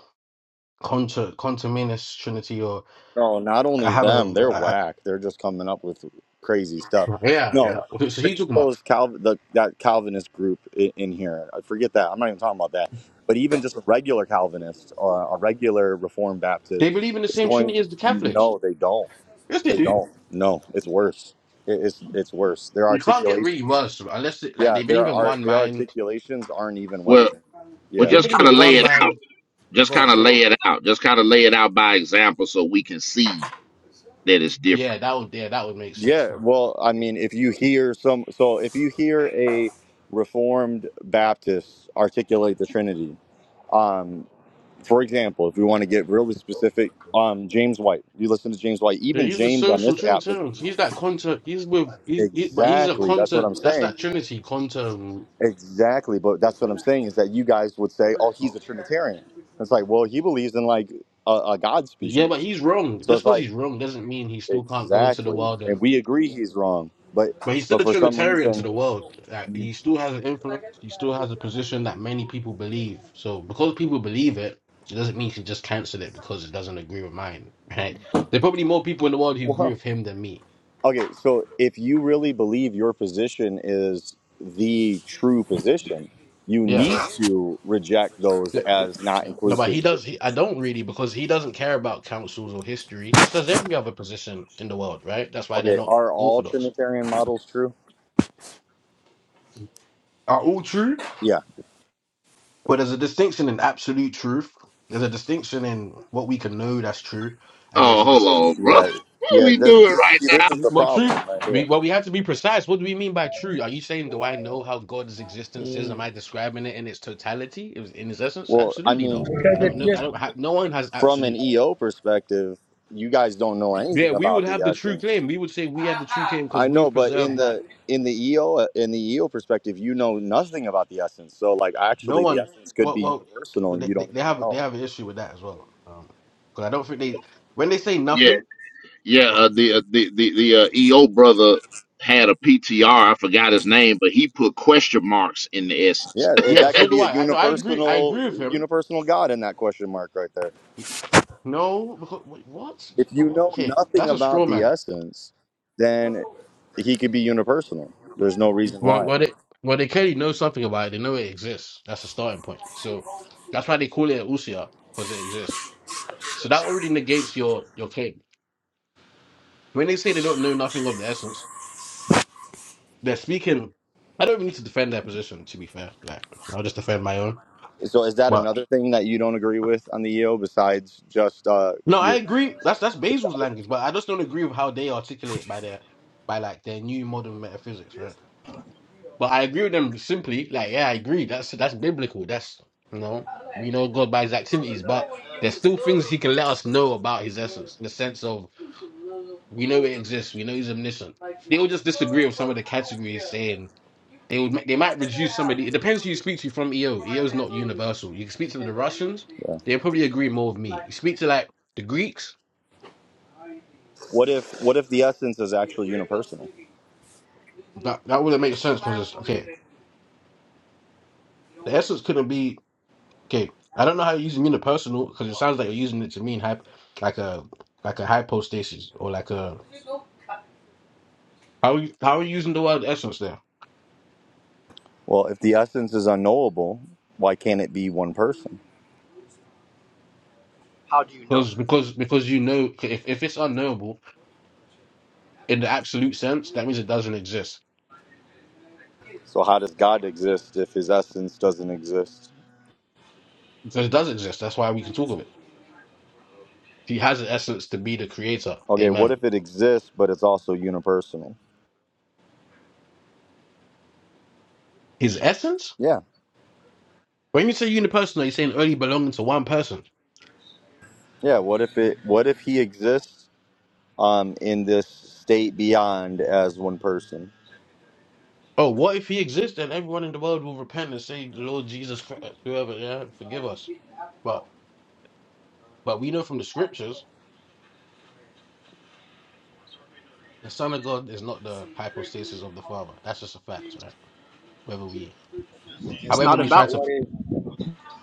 N: contra contaminous Trinity, or
A: No, not
N: I
A: only
N: have a
A: them, they're
N: I, I-
A: whack. They're just coming up with crazy stuff.
N: yeah, yeah.
A: No,
N: Okay, so he's
A: forget
N: talking about
A: those Calvin the, that Calvinist group in, in here. I Forget that. I'm not even talking about that. But even just a regular Calvinist or a regular Reformed
N: they
A: Baptist
N: believe in the
A: is
N: same
A: going.
N: Trinity as the Catholics.
A: No, they don't.
N: Yes, they
A: They
N: do.
A: don't. No, it's worse. It, it's it's worse. Their
N: You can't get really
A: articulations.
N: worse unless it, like
A: Yeah,
N: they believe
A: their
N: in
A: art.
N: one
A: Their
N: man.
A: articulations aren't even
C: Well,
A: Western.
C: well,
N: If
A: Yeah.
N: they
C: just
N: believe
C: kind
N: in
C: of lay
N: one
C: it out.
N: man,
C: Just
N: God,
C: kind of
N: sorry.
C: lay it out. Just kind of lay it out by example, so we can see that it's different.
N: Yeah, that would yeah, that would make sense.
A: Yeah,
N: Now.
A: well, I mean, if you hear some, so if you hear a Reformed Baptist articulate the Trinity, um, for example, if we want to get really specific, um, James White, you listen to James White,
N: Dude,
A: even
N: He's the
A: James on
N: social
A: this app doesn't
N: Trinitarian.
A: agree
N: He's
A: with
N: that
A: James.
N: contra. He's with. He's he, but he's a
A: Exactly, that's what
N: contra.
A: I'm
N: That's
A: saying.
N: that Trinity contra.
A: Exactly, but that's what I'm saying is that you guys would say, oh, he's a Trinitarian. It's like, well, he believes in like a, a God
N: Yeah, but
A: species.
N: he's wrong.
A: So
N: Just
A: it's
N: because
A: like,
N: he's wrong doesn't mean he still can't go to the
A: exactly.
N: world
A: And
N: and.
A: we agree he's wrong, but
N: But he's still
A: but
N: a
A: for some
N: Trinitarian to
A: reason,
N: the world. Like, he still has an influence. He still has a position that many people believe. So because people believe it, it doesn't mean he should just cancel it because it doesn't agree with mine. Right? There are probably more people in the world who agree
A: Well,
N: with him than me.
A: okay, so if you really believe your position is the true position, you
N: Yeah.
A: need to reject those
N: Yeah.
A: as not
N: No, but
A: inclusive
N: he
A: to your
N: does. He, I
A: position.
N: don't really because he doesn't care about councils or history, just as every other position in the world. Right? That's why they're
A: Okay,
N: not
A: are all
N: orthodox.
A: Trinitarian models true?
N: Are all true?
A: Yeah,
N: Well, there's a distinction in absolute truth. There's a distinction in what we can know that's true, and there's
C: Oh,
N: a
C: hold
N: dis-
C: on, bro.
A: yeah,
C: What
A: yeah.
C: we
A: This,
C: doing
A: this,
C: right
A: see,
C: now?
A: this is the
N: well, truth.
A: problem right
N: We,
A: here.
N: well, we have to be precise. What do we mean by true? Are you saying do I know how God's existence is? Am I describing it in its totality, It was in its essence?
A: Well, I
N: Absolutely no.
A: mean,
I: because
N: I don't
I: it's
N: know. I
I: just
N: don't have. No one has
A: from an
N: absolute.
A: EO perspective, you guys don't know
N: Yeah,
A: anything
N: we would
A: about the
N: have the true
A: essence.
N: claim. We would say we have the true claim because
A: I know,
N: we've
A: but in
N: preserved that.
A: the in the EO uh, in the EO perspective, you know nothing about the essence. So like
N: No
A: actually, the
N: one.
A: essence could
N: Well,
A: be
N: well,
A: universal,
N: but
A: and
N: they,
A: you
N: they
A: don't
N: they
A: even
N: have they
A: know.
N: have an issue with that as well. Um, because I don't think they when they say
C: Yeah,
N: nothing.
C: yeah.
N: well,
C: Uh, the uh, the the the uh, EO brother had a PTR. I forgot his name, but he put question marks in the essence.
A: Yeah, it,
N: Yeah,
A: that
N: so
A: could
N: do
A: be a
N: I. I no, I agree. I
A: unipersonal
N: agree with him.
A: unipersonal God in that question mark right there.
N: No, because wait, what?
A: If you know
N: Okay,
A: nothing
N: that's a straw
A: about the
N: man.
A: essence, then he could be unipersonal. There's no reason
N: Well,
A: why.
N: well, they well they clearly know something about it. They know it exists. That's a starting point. So that's why they call it usia because it exists. So that already negates your your claim. When they say they don't know nothing of the essence, they're speaking. I don't even need to defend their position. To be fair, like I'll just defend my own.
A: So is that
N: But
A: another thing that you don't agree with on the EO besides just uh,
N: no, I
A: your,
N: agree. That's that's
A: your
N: Basil's
A: Christology?
N: language, but I just don't agree with how they articulate by their by like their new modern metaphysics, right? But I agree with them simply, like, yeah, I agree. That's that's biblical. That's you know, we know God by his activities, but there's still things he can let us know about his essence, in the sense of we know it exists, we know he's omniscient. They will just disagree with some of the categories saying they would ma- they might reduce somebody. It depends who you speak to from EO. EO is not universal. You can speak to the Russians,
A: Yeah.
N: they'll probably agree more with me. You speak to like the Greeks,
A: What if what if the essence is actually unipersonal?
N: that that wouldn't make sense because it's okay. The essence couldn't be. Okay, I don't know how you're using unipersonal because it sounds like you're using it to mean hyp, like a like a hypostasis or like a how are you how are you using the word essence there?
A: Well, if the essence is unknowable, why can't it be one person?
I: how do you know
N: Because because because you know if if it's unknowable in the absolute sense, that means it doesn't exist.
A: So, how does God exist if his essence doesn't exist?
N: So it does exist. That's why we can talk of it. He has an essence to be the creator.
A: Okay, what
N: Amen.
A: if it exists but it's also unipersonal?
N: His essence.
A: Yeah.
N: When you say unipersonal, you're saying only belonging to one person.
A: Yeah, what if it what if he exists um in this state beyond as one person?
N: Oh, what if he exists and everyone in the world will repent and say, "Lord Jesus Christ, whoever, yeah, forgive us." But but we know from the scriptures The Son of God is not the hypostasis of the Father. That's just a fact, right? Whether we,
I: it's
N: however,
I: not
N: we
I: about
N: try to,
I: what is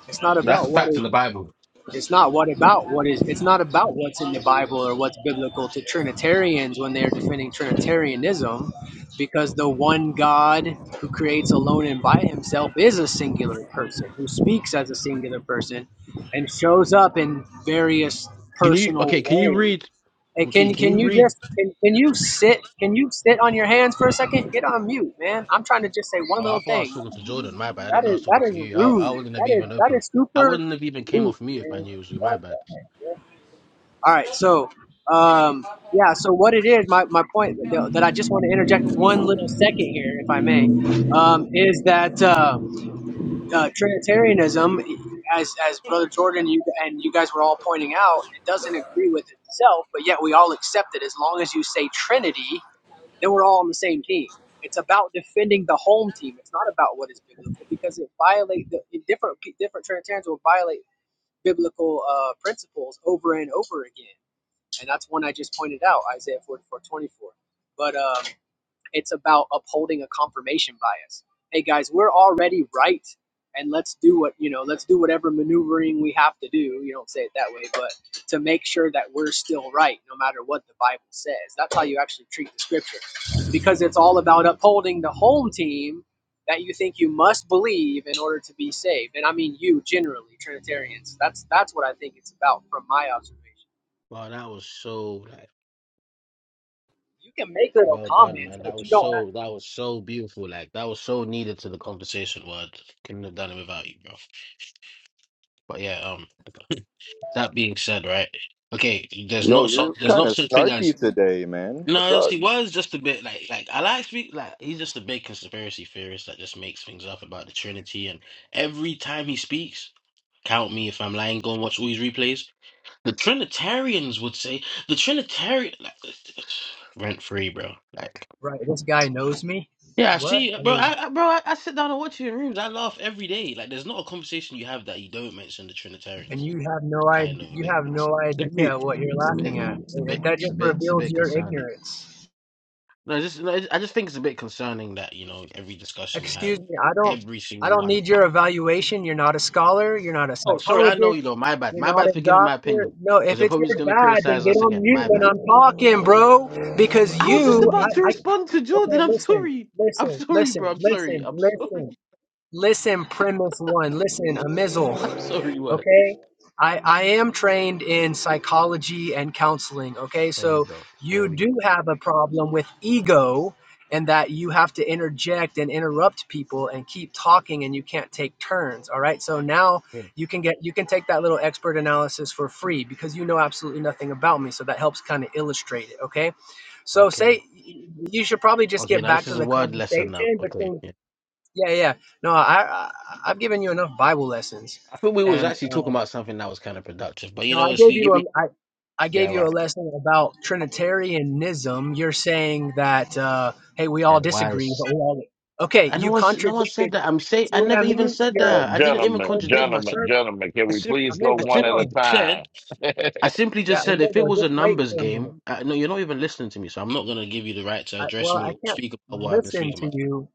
I: it's not
N: that's a
I: about what
N: fact
I: is
N: in the Bible.
I: it's not what about what is it's not about what's in the bible or what's biblical to trinitarians when they're defending trinitarianism because the one god who creates alone and by himself is a singular person who speaks as a singular person and shows up in various
N: Can you?
I: personal
N: Okay, can you
I: ways
N: read?
I: Hey,
N: Okay,
I: can
N: can
I: can
N: you
I: you
N: read?
I: just can, can you sit? Can you sit on your hands for a second? Get on mute, man. I'm trying to just say one
N: Oh, I
I: little
N: thought I was
I: thing.
N: talking to Jordan. My bad. I
I: That
N: didn't know I
I: is
N: was
I: that
N: talking to
I: is
N: you. I, I
I: rude.
N: wouldn't have
I: That is
N: even
I: that
N: opened.
I: is
N: I
I: super
N: wouldn't have even came
I: rude,
N: off mute if I
I: man.
N: knew it was you.
I: I
N: My
I: like
N: bad.
I: that, man. All right, so um, yeah, so what it is, my my point that that I just want to interject one little second here, if I may, um, is that. Um, uh, Trinitarianism, as as Brother Jordan you and you guys were all pointing out, it doesn't agree with itself, but yet we all accept it as long as you say Trinity, then we're all on the same team. It's about defending the home team. It's not about what is biblical because it violate the different different Trinitarians will violate biblical uh, principles over and over again, and that's one I just pointed out, Isaiah forty four twenty four. But um, it's about upholding a confirmation bias. Hey guys, we're already right, and let's do what you know. Let's do whatever maneuvering we have to do. You don't say it that way, but to make sure that we're still right, no matter what the Bible says. That's how you actually treat the Scripture, because it's all about upholding the home team that you think you must believe in order to be saved. And I mean you generally, Trinitarians. That's that's what I think it's about from my observation.
N: Wow, that was so like
I: You can make little
N: well done,
I: comments,
N: man. That
I: but you
N: was
I: don't have
N: so that was so beautiful. Like that was so needed to the conversation. Word couldn't have done it without you, bro. But yeah, um, that being said, right? Okay, there's
A: Yo,
N: not so
A: you're
N: there's
A: kind
N: not
A: of
N: such thing as
A: snarky today, man. What's
N: No,
A: up?
N: he was just a bit like like I like speak like he's just a big conspiracy theorist that just makes things up about the Trinity and every time he speaks, count me if I'm lying, go and watch all these replays. The Trinitarians would say the Trinitarian like, rent free, bro. Like
I: Right. This guy knows me.
N: yeah, I
I: What?
N: see,
I: I
N: bro.
I: mean.
N: I, I bro, I, I sit down and watch you in rooms. I laugh every day. Like there's not a conversation you have that you don't mention the
I: and
N: Trinitarians.
I: you have no idea
N: Kind of a
I: you have no
N: bit.
I: idea what you're laughing at
N: It's a bit. It's a bit. It's a
I: It-
N: bit.
I: that
N: It's
I: just
N: a bit. It's a
I: reveals
N: bit
I: your
N: concerning.
I: ignorance
N: No, just no, I just think it's a bit concerning that you know every discussion you have,
I: excuse me i don't
N: every
I: i
N: single
I: don't
N: one.
I: need your evaluation you're not a scholar you're not a
N: Oh, sorry, I know
I: psychologist
N: you know. My bad.
I: you're
N: My
I: not
N: bad
I: a
N: for giving my
I: doctor
N: opinion
I: no
N: because
I: if
N: you're
I: it's
N: probably just
I: your
N: gonna
I: bad then
N: criticize
I: get
N: us
I: on
N: again.
I: mute
N: My
I: when
N: bad.
I: i'm talking bro because
N: But I was just
I: you
N: about to
I: i, I
N: respond to
I: okay
N: Jordan. I'm
I: listen
N: sorry. I'm
I: listen
N: sorry, bro.
I: listen
N: I'm sorry.
I: listen
N: I'm sorry.
I: listen listen premise one listen a mizzle.
N: I'm sorry. What?
I: okay i i am trained in psychology and counseling okay
N: There we
I: so
N: go.
I: you
N: There we go.
I: do have a problem with ego and that you have to interject and interrupt people and keep talking and you can't take turns all right so now
N: Yeah.
I: you can get you can take that little expert analysis for free because you know absolutely nothing about me so that helps kind of illustrate it okay so
N: Okay.
I: say you should probably just
N: Okay.
I: get
N: Now
I: back
N: this
I: to
N: is a
I: the
N: word lesson. Now.
I: conversation
N: Okay.
I: between
N: Yeah.
I: yeah yeah no i, I i've given you enough bible lessons
N: I think we was
I: and
N: actually talking
I: um,
N: about something that was kind of productive, but you
I: no, I
N: know, if
I: gave
N: you
I: you
N: give
I: a
N: me,
I: I I gave
N: yeah,
I: you a
N: right.
I: lesson about Trinitarianism. You're saying that uh, hey, we
N: Yeah.
I: all disagree,
N: Wise.
I: but we all okay.
N: I no
I: You
N: one, s- no one
I: contradicted.
N: said that. I'm saying
I: See
N: I
I: what I
N: never even
I: mean?
N: said
I: You're
C: Uh,
N: that. I didn't even
C: gentlemen,
I: you're
N: contradict myself.
C: gentlemen,
I: concerned.
C: gentlemen, can
N: I,
C: we
N: sim-
C: please go
N: I
I: Amigo,
C: one
I: hold
C: at a
N: simply
I: on.
N: said,
C: time?
N: I simply
I: Yeah,
N: just said, if
I: Amigo,
N: it was a
I: just wait
N: numbers
I: for a minute.
N: game, uh, no, you're not even listening to me, so I'm not gonna give you the right to
I: I,
N: address
I: well, I
N: me or
I: can't
N: speak about what I've been
I: listen
N: speaking
I: to
N: about.
I: you.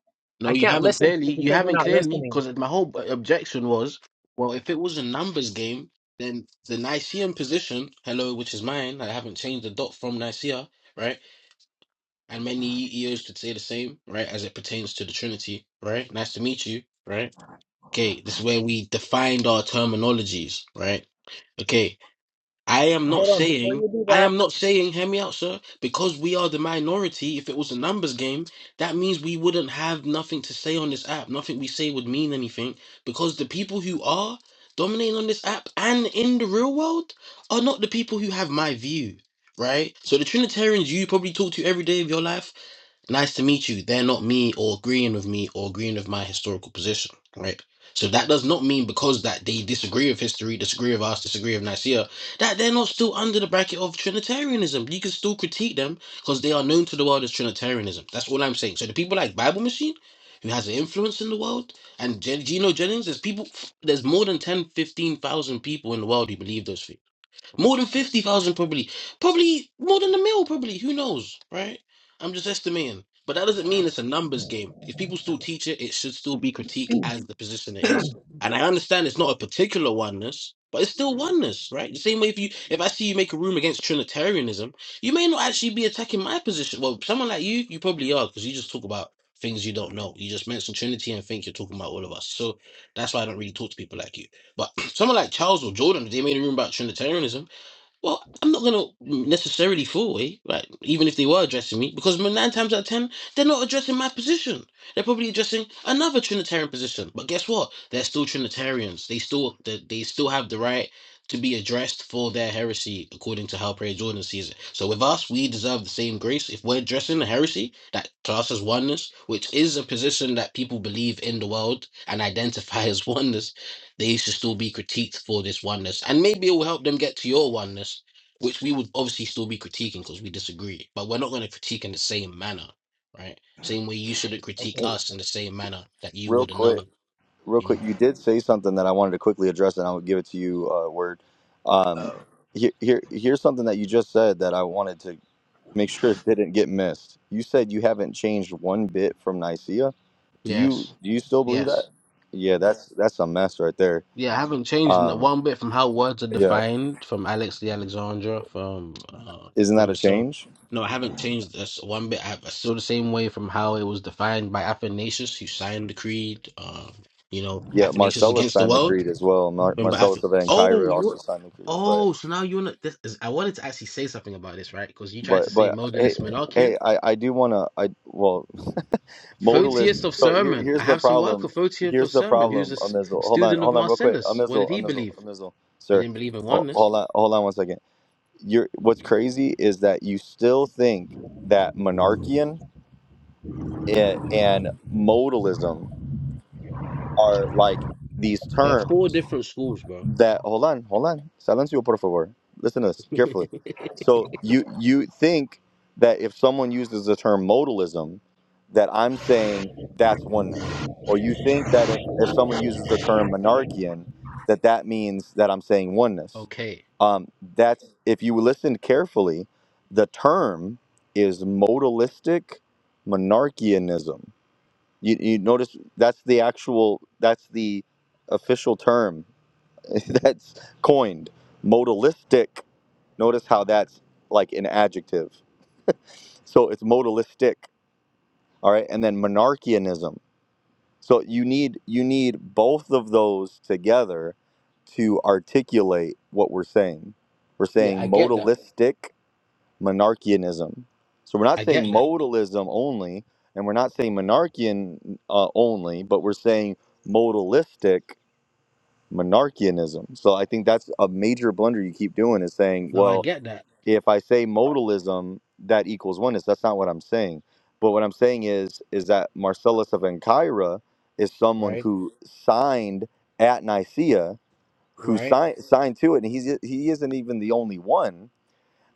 I: I
N: No, you
I: can't
N: haven't
I: listen to
N: clearly.
I: you
N: You
I: because you're
N: haven't
I: not
N: clearly
I: listening.
N: because my whole objection was, well, if it was a numbers game, then the Nicaean position, hello, which is mine. I haven't changed a dot from Nicaea, right? And many ears could say the same, right, as it pertains to the Trinity, right? Nice to meet you, right? Okay, this is where we defined our terminologies, right? Okay, I am not
I: Hold on. Before
N: saying,
I: you do
N: I
I: that,
N: am not saying, hear me out, sir, because we are the minority. If it was a numbers game, that means we wouldn't have nothing to say on this app. Nothing we say would mean anything because the people who are dominating on this app and in the real world are not the people who have my view, right? So the Trinitarians you probably talk to every day of your life nice to meet you. They're not me or agreeing with me or agreeing with my historical position, right? So that does not mean because that they disagree with history, disagree with us, disagree with Nicaea, that they're not still under the bracket of Trinitarianism. You can still critique them because they are known to the world as Trinitarianism. That's all I'm saying. So the people like Bible Machine, who has an influence in the world, and Gen- Geno Jennings, there's people, there's more than 10, 15,000 people in the world who believe those things. More than 50,000 probably. Probably more than a mil probably. Who knows, right? I'm just estimating. But that doesn't mean it's a numbers game. If people still teach it, it should still be critiqued as the position it is. And I understand it's not a particular oneness, but it's still oneness, right? The same way if you if I see you make a room against Trinitarianism, you may not actually be attacking my position. Well, someone like you, you probably are, because you just talk about things you don't know. You just mention Trinity and think you're talking about all of us. So that's why I don't really talk to people like you. But someone like Charles or Jordan, if they made a room about Trinitarianism. Well, I'm not gonna necessarily fall away, right? Even if they were addressing me, because m- nine times out of ten, they're not addressing my position. They're probably addressing another Trinitarian position. But guess what? They're still Trinitarians. They still they, they still have the right to be addressed for their heresy, according to how Prayer Jordan sees it. So with us, we deserve the same grace. If we're addressing a heresy that to us as oneness, which is a position that people believe in the world and identify as oneness, there used to still be critiqued for this oneness, and maybe it will help them get to your oneness, which we would obviously still be critiquing because we disagree. But we're not going to critique in the same manner, right? Same way you shouldn't critique
I: okay.
A: Hey,
N: us in the same manner that you
A: real
N: would
A: quick.
N: another.
A: Real
N: You
A: quick,
N: know.
A: you did say something that I wanted to quickly address and I'll give it to you uh word. Um
I: Oh.
A: here, here here's something that you just said that I wanted to make sure it didn't get missed. You said you haven't changed one bit from Nicaea. Do you
N: Yes.
A: do you still believe
N: Yes.
A: that? Yeah, that's that's a mess right there.
N: Yeah, I haven't changed n-
A: Um,
N: one bit from how words are
A: yeah,
N: defined from Alex the Alexandra from uh,
A: isn't that
N: from
A: a
N: so
A: change?
N: No, I haven't changed this one bit. I have, still the same way from how it was defined by Athanasius, who signed the creed. Uh, you know,
A: Yeah,
N: Athanasius
A: Marcellus
N: against the
A: signed the
N: world.
A: creed as well. Mar-
N: Remember, Ath-
A: Marcellus of
N: oh,
A: Ancyra also
N: you
A: signed the creed, but
N: oh, so now you are not. This is, I wanted to actually say something about this, right? Because you tried to
A: but
N: say
A: but hey
N: modalist monarchian.
A: hey I I do want to I well modalist.
N: Photius of
A: So here
N: Sermon.
A: here's
N: I
A: the
N: have some work for
A: problem.
N: Photius of
A: Here's the
N: Sermon, who's a
A: problem,
N: s-
A: Amizel. Hold on,
N: student of
A: hold on, real quick,
N: Marcellus. What did
A: Amizel,
N: he
A: Amizel,
N: believe?
A: Amizel,
N: He
A: sir.
N: didn't believe in
A: Hold,
N: oneness.
A: hold on, hold on one second. you're what's crazy is that you still think that monarchian a- and modalism are like these
N: They're
A: terms
N: four different schools, bro.
A: that hold on, hold on. Silencio, por favor. Listen to this carefully. So you you think that if someone uses the term modalism, that I'm saying that's oneness, or you think that if if someone uses the term monarchian, that that means that I'm saying oneness.
N: Okay.
A: Um, that's if you listen carefully, the term is modalistic monarchianism. You, you notice that's the actual that's the official term that's coined. Modalistic. Notice how that's like an adjective. So it's modalistic. All right. And then monarchianism. So you need you need both of those together to articulate what we're saying. We're
N: yeah, I
A: saying
N: get that.
A: modalistic monarchianism. So we're not
N: I
A: saying
N: get that.
A: modalism only, and we're not saying monarchian uh, only, but we're saying modalistic monarchianism. So I think that's a major blunder you keep doing is saying,
N: No, I
A: well,
N: get that.
A: if I say modalism, that equals oneness. That's not what I'm saying. But what I'm saying is is that Marcellus of Ancyra is someone
N: Right?
A: who signed at Nicaea, who
N: Right?
A: signed signed to it, and he's he isn't even the only one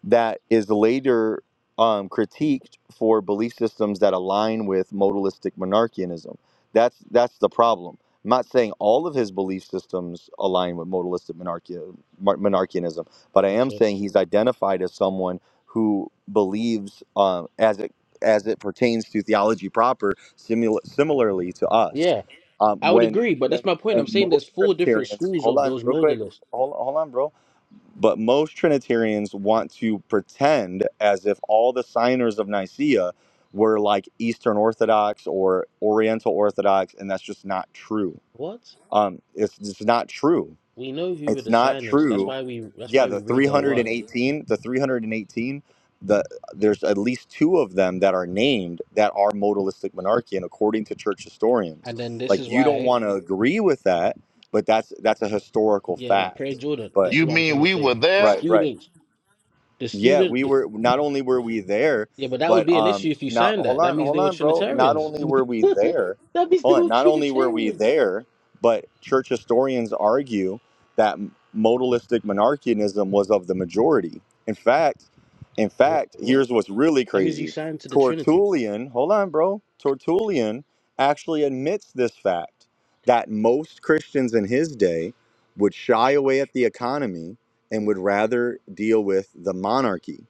A: that is later um, critiqued for belief systems that align with modalistic monarchianism. That's that's the problem. I'm not saying all of his belief systems align with modalistic monarchia, mon- monarchianism, but I am
N: Okay.
A: saying he's identified as someone who believes, um, as it as it pertains to theology proper, simula- similarly to us.
N: Yeah,
A: Um,
N: I would
A: when
N: agree, but
A: when
N: that's my point. I'm
A: when
N: saying there's
A: most
N: four different
A: Trinitarians,
N: schools
A: hold
N: of
A: on,
N: those
A: real quick,
N: modalists.
A: hold, hold on, bro but most Trinitarians want to pretend as if all the signers of Nicaea were like Eastern Orthodox or Oriental Orthodox, and that's just not true.
N: What?
A: Um, it's just not true.
N: We know who were
A: It's
N: the
A: not
N: signers. That's
A: true.
N: why we that's
A: Yeah,
N: why we
A: the
N: read their work.
A: 318, the 318, the there's at least two of them that are named that are modalistic monarchian, according to church historians,
N: And then this
A: like
N: is
A: you don't
N: why
A: want to agree with that, but that's that's a historical
N: yeah, but Prayer
A: fact.
N: Jordan, this
A: But
N: is
C: You
N: what I'm trying
C: mean
N: to
C: we were
N: say. The
C: there?
A: right, right.
N: students, the
A: Yeah,
N: student
A: we
N: the,
A: were not only were we there,
N: yeah, but that would
A: but
N: be an issue
A: um
N: if you
A: not
N: signed that.
A: hold
N: That
A: on,
N: means
A: hold
N: they were
A: on, bro. Not
N: Trinitarians.
A: only were we there,
N: That means they
A: hold on,
N: were
A: not only were we
N: Trinitarians.
A: there, but church historians argue that m- modalistic monarchianism was of the majority. In fact, in
N: What
A: fact,
N: what?
A: here's what's really
N: That means you
A: crazy.
N: signed to the Trinity.
A: Tertullian, hold on, bro. Tertullian actually admits this fact that most Christians in his day would shy away at the economy and would rather deal with the monarchy.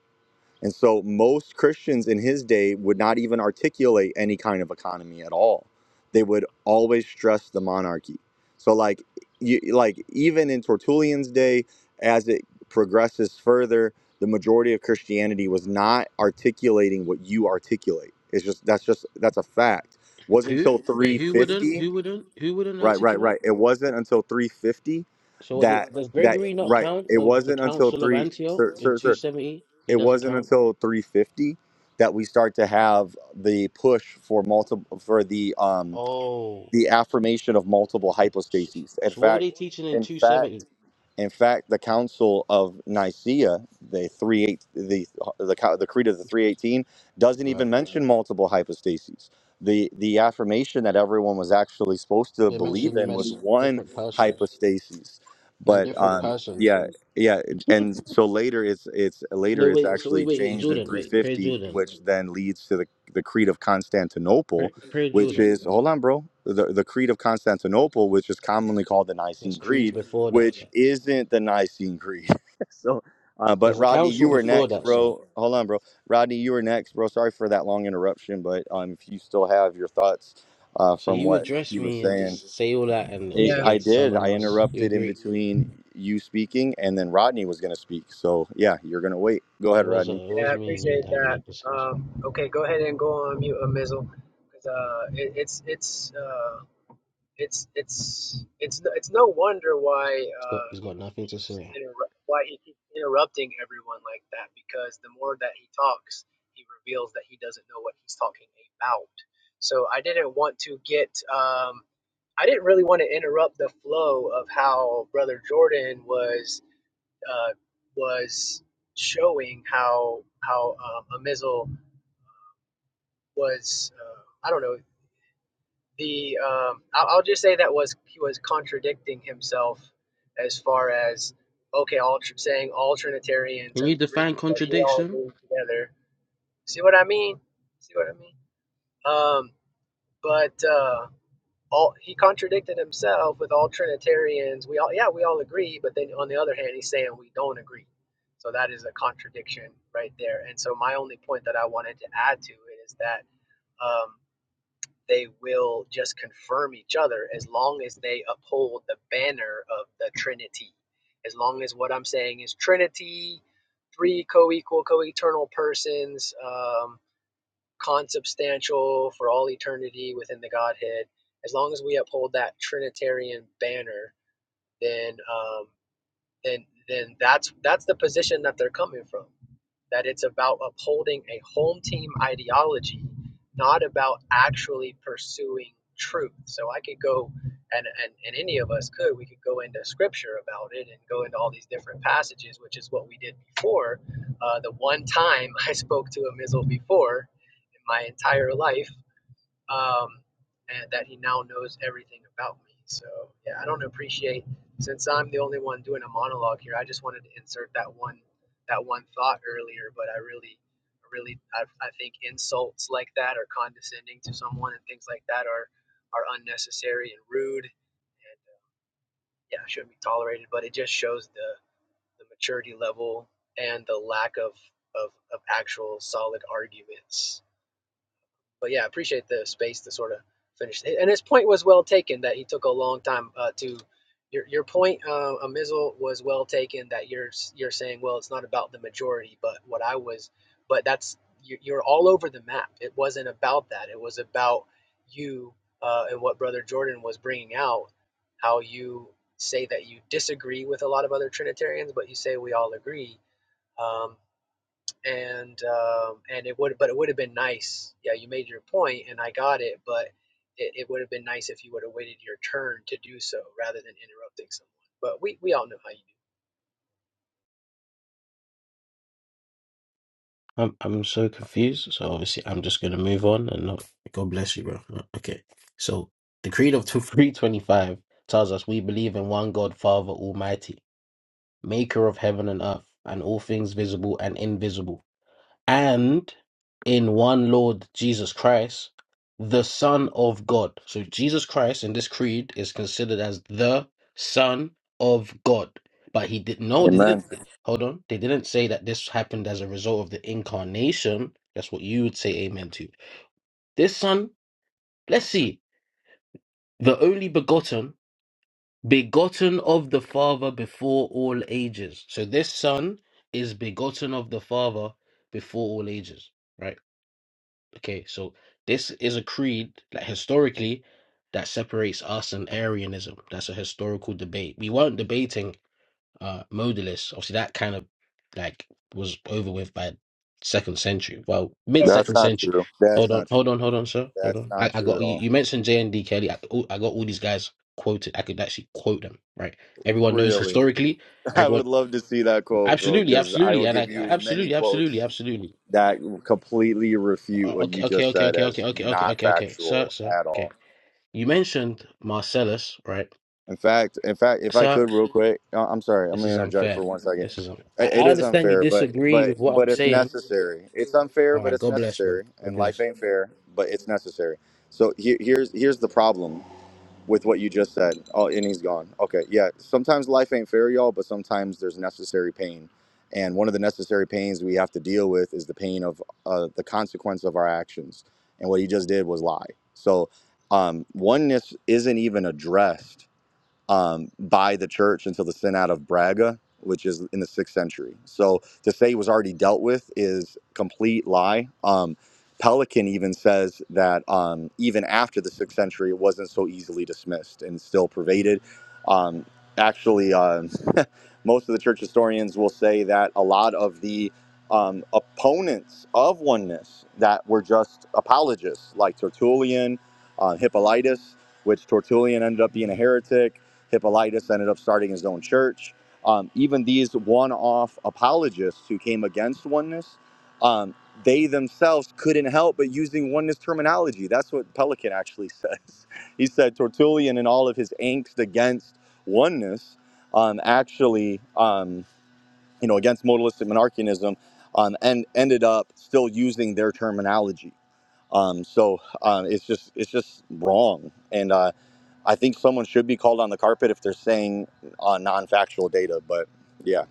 A: And so most Christians in his day would not even articulate any kind of economy at all. They would always stress the monarchy. So like you, like even in Tertullian's day as it progresses further, the majority of Christianity was not articulating what you articulate. It's just that's just that's a fact. It wasn't until
N: Who? Wait, who wouldn't?
A: 350
N: Who wouldn't? Who wouldn't
A: Right, right, right.
N: articulate?
A: It wasn't until 350
N: So what did-
A: that
N: does
A: that
N: Gregory not
A: right.
N: count
A: It
N: of the
A: wasn't until
N: Council of
A: three,
N: Antioch
A: sir,
N: in
A: sir, sir.
N: 270? He
A: It
N: doesn't
A: wasn't
N: count.
A: until 350 that we start to have the push for multiple for the um
N: Oh,
A: the affirmation of multiple
N: so,
A: hypostases. In
N: so what were
A: fact,
N: they teaching in
A: in fact.
N: 270?
A: In fact, the Council of Nicaea, the three the the the Creed of the three eighteen, doesn't even
N: But
A: mention multiple hypostases. The the affirmation that everyone was actually supposed to
N: they
A: believe
N: mentioned
A: in was
N: mess
A: one
N: different persons
A: hypostasis,
N: and
A: but
N: different
A: um,
N: persons.
A: yeah, yeah, and so later it's it's later
N: no,
A: it's
N: wait. So wait,
A: actually
N: wait, wait.
A: changed in
N: Jordan,
A: three
N: wait. Pray
A: fifty,
N: Jordan.
A: which then leads to the the Creed of Constantinople,
N: Pray, pray
A: which
N: Jordan.
A: is hold on, bro. The the Creed of Constantinople, which is commonly called the Nicene
N: There's creeds
A: Creed,
N: before that, sir.
A: which isn't the Nicene Creed. so, uh, but
N: There's a
A: Rodney,
N: council
A: you were
N: before
A: next,
N: that, sir.
A: bro. Hold on, bro. Rodney, you were next, bro. Sorry for that long interruption, but um, if you still have your thoughts uh,
N: So
A: from
N: you
A: what
N: address
A: you were
N: me and
A: saying,
N: just say all that, and
A: I
I: Yeah.
N: obviously give
A: I
N: it to
A: did.
N: someone
A: I
N: else. You
A: interrupted in
N: agree?
A: between you speaking and then Rodney was going to speak. So yeah, you're going to wait. Go
N: But it
A: ahead,
N: was it
A: Rodney.
I: Yeah,
N: was
I: I
N: me and you
I: appreciate
N: having a
I: that.
N: discussion.
I: Um, okay, go ahead and go on mute, Amizel, because uh, it, it's it's uh, it's it's it's no- it's no wonder why
N: It's got
I: uh,
N: he's got
I: he
N: nothing to
I: keeps
N: say.
I: interrupt why he keeps interrupting everyone like that. Because the more that he talks, he reveals that he doesn't know what he's talking about. So I didn't want to get um, I didn't really want to interrupt the flow of how Brother Jordan was uh, was showing how how um, a was uh, I don't know the um, I'll, I'll just say that was he was contradicting himself as far as okay all saying all Trinitarians
N: Can you
I: agree
N: define
I: like we all
N: contradiction?
I: agree together see what I mean see what I mean um, but uh, all he contradicted himself with all Trinitarians. We all yeah, we all agree, but then on the other hand, he's saying we don't agree. So that is a contradiction right there. And so my only point that I wanted to add to it is that um, they will just confirm each other as long as they uphold the banner of the Trinity. As long as what I'm saying is Trinity, three co-equal, co-eternal persons. Um, consubstantial for all eternity within the Godhead, as long as we uphold that Trinitarian banner, then um, then then that's that's the position that they're coming from that it's about upholding a home team ideology, not about actually pursuing truth. So I could go, and, and, and any of us could, we could go into scripture about it and go into all these different passages, which is what we did before. Uh, the one time I spoke to a Mizzle before in my entire life, um, and that he now knows everything about me. So yeah, I don't appreciate since I'm the only one doing a monologue here. I just wanted to insert that one that one thought earlier, but I really, really, I, I think insults like that or condescending to someone and things like that are are unnecessary and rude, and uh, yeah, shouldn't be tolerated. But it just shows the the maturity level and the lack of of, of actual solid arguments but yeah, I appreciate the space to sort of finish. And his point was well taken that he took a long time uh, to. Your, your point, uh, Amizel, was well taken. That you're you're saying, well, it's not about the majority, but what I was, but that's you- you're all over the map. It wasn't about that. It was about you uh, and what Brother Jordan was bringing out. How you say that you disagree with a lot of other Trinitarians, but you say we all agree. Um, and um, and it would but it would have been nice yeah you made your point and i got it but it, it would have been nice if you would have waited your turn to do so rather than interrupting someone but we, we all know how you do
N: I'm I'm so confused. So obviously I'm just gonna move on and not. God bless you, bro. Okay. So the creed of three twenty five tells us we believe in one God, Father Almighty, Maker of heaven and earth, and all things visible and invisible and in one Lord Jesus Christ, the Son of God. So Jesus Christ in this creed is considered as the Son of God. But he did no, they
A: Amen.
N: didn't hold on. They didn't say that this happened as a result of the incarnation. That's what you would say amen to. This son, let's see, the only begotten, begotten of the Father before all ages. So this son is begotten of the Father before all ages, right? Okay, so this is a creed that historically that separates us and Arianism. That's a historical debate. We weren't debating uh modalists. Obviously, that kind of like was over with by second century. Well, mid
A: That's
N: second
A: not
N: century.
A: true. That's
N: Hold on,
A: not true.
N: hold on, hold on, sir. Hold
A: That's
N: on. I,
A: not
N: I
A: true
N: got
A: at
N: you.
A: all.
N: You mentioned J and D Kelly. I, all- I got all these guys quoted. I could actually quote them. Right. Everyone knows
A: Really,
N: historically.
A: I
N: Everyone,
A: would love to see that quote, bro,
N: absolutely,
A: because I
N: absolutely,
A: will
N: and I
A: give you many
N: absolutely, absolutely,
A: quotes
N: absolutely.
A: that completely refute
N: Uh,
A: what
N: Okay,
A: you
N: okay,
A: just
N: okay,
A: said
N: okay, okay,
A: as
N: okay, okay,
A: not
N: okay, okay. Sir,
A: factual
N: sir,
A: at
N: okay.
A: all.
N: You mentioned Marcellus, right?
A: In fact, in fact, if I
N: Sir,
A: could real quick, uh, I'm sorry, I'm
N: this
A: gonna
N: is
A: interject
N: unfair.
A: for one second.
N: This is unfair.
A: I-
N: I,
A: It
N: I
A: is
N: understand you
A: unfair, but
N: disagree
A: but
N: with what I'm
A: but it's
N: saying.
A: necessary. It's unfair,
N: All
A: but
N: right,
A: it's
N: God bless, bro.
A: necessary,
N: God
A: and
N: bless.
A: life ain't fair, but it's necessary. So he- here's here's the problem. with what you just said. Oh, and he's gone. Okay, yeah. Sometimes life ain't fair, y'all, but sometimes there's necessary pain. And one of the necessary pains we have to deal with is the pain of uh, the consequence of our actions. And what he just did was lie. So um, oneness isn't even addressed um, by the church until the synod of Braga, which is in the sixth century. So to say it was already dealt with is complete lie. Um, Pelican even says that um, even after the sixth century, it wasn't so easily dismissed and still pervaded. Um, actually, um most of the church historians will say that a lot of the um, opponents of oneness that were just apologists, like Tertullian, uh, Hippolytus, which Tertullian ended up being a heretic Hippolytus ended up starting his own church. Um, even these one off apologists who came against oneness, um, they themselves couldn't help but using oneness terminology. That's what Pelikan actually says. He said Tertullian, in all of his angst against oneness, um, actually, um, you know, against modalistic monarchianism, um, and ended up still using their terminology um, so uh, it's just it's just wrong, and uh, I think someone should be called on the carpet if they're saying uh, non-factual data. But yeah.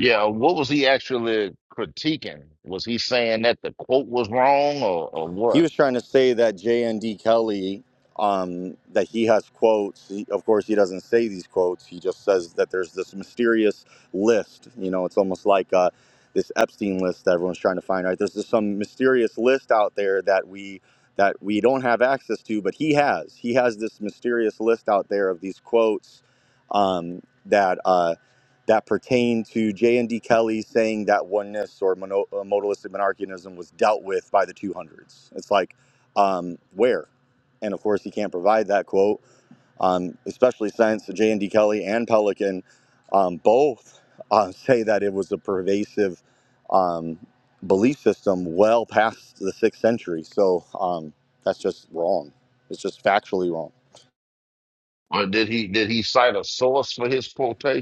C: Yeah, what was he actually critiquing? Was he saying that the quote was wrong or, or
A: he
C: what?
A: was trying to say that J.N.D. Kelly, um, that he has quotes. He, of course, he doesn't say these quotes. He just says that there's this mysterious list. You know, it's almost like uh, this Epstein list that everyone's trying to find. Right? There's just some mysterious list out there that we that we don't have access to, but he has. He has this mysterious list out there of these quotes um, that. Uh, that pertain to J. and D. Kelly saying that oneness or mono, uh, modalistic monarchianism was dealt with by the 200s. It's like, um, where? And of course, he can't provide that quote, um, especially since J. and D. Kelly and Pelican um, both uh, say that it was a pervasive um, belief system well past the sixth century. So um, that's just wrong. It's just factually wrong.
C: Or did he did he cite a source for his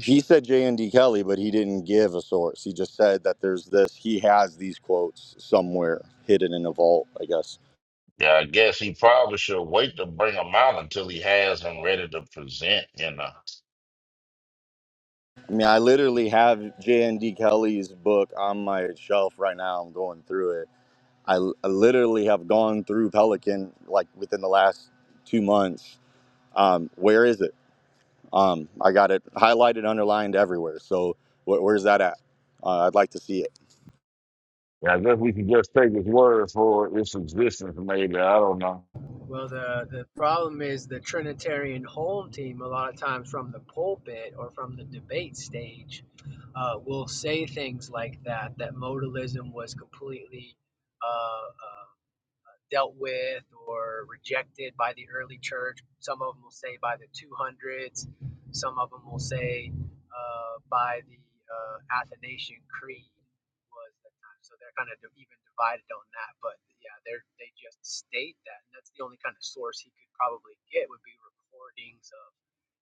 A: He said J and D Kelly, but he didn't give a source. He just said that there's this. He has these quotes somewhere hidden in a vault, I guess.
C: Yeah, I guess he probably should wait to bring him out until he has him ready to present, you know.
A: I mean, I literally have J and D Kelly's book on my shelf right now. I'm going through it. I, I literally have gone through Pelican like within the last two months. Um, where is it? Um, I got it highlighted, underlined everywhere. So wh- where's that at? Uh, I'd like to see it.
C: Yeah, I guess we can just take his word for its existence, maybe. I don't know.
I: well the the problem is the trinitarian home team a lot of times from the pulpit or from the debate stage uh, will say things like that that modalism was completely uh, uh, dealt with or rejected by the early church. Some of them will say by the 200s, some of them will say uh, by the uh, Athanasian Creed was the time. So they're kind of even divided on that. But yeah, they they just state that, and that's the only kind of source he could probably get would be recordings of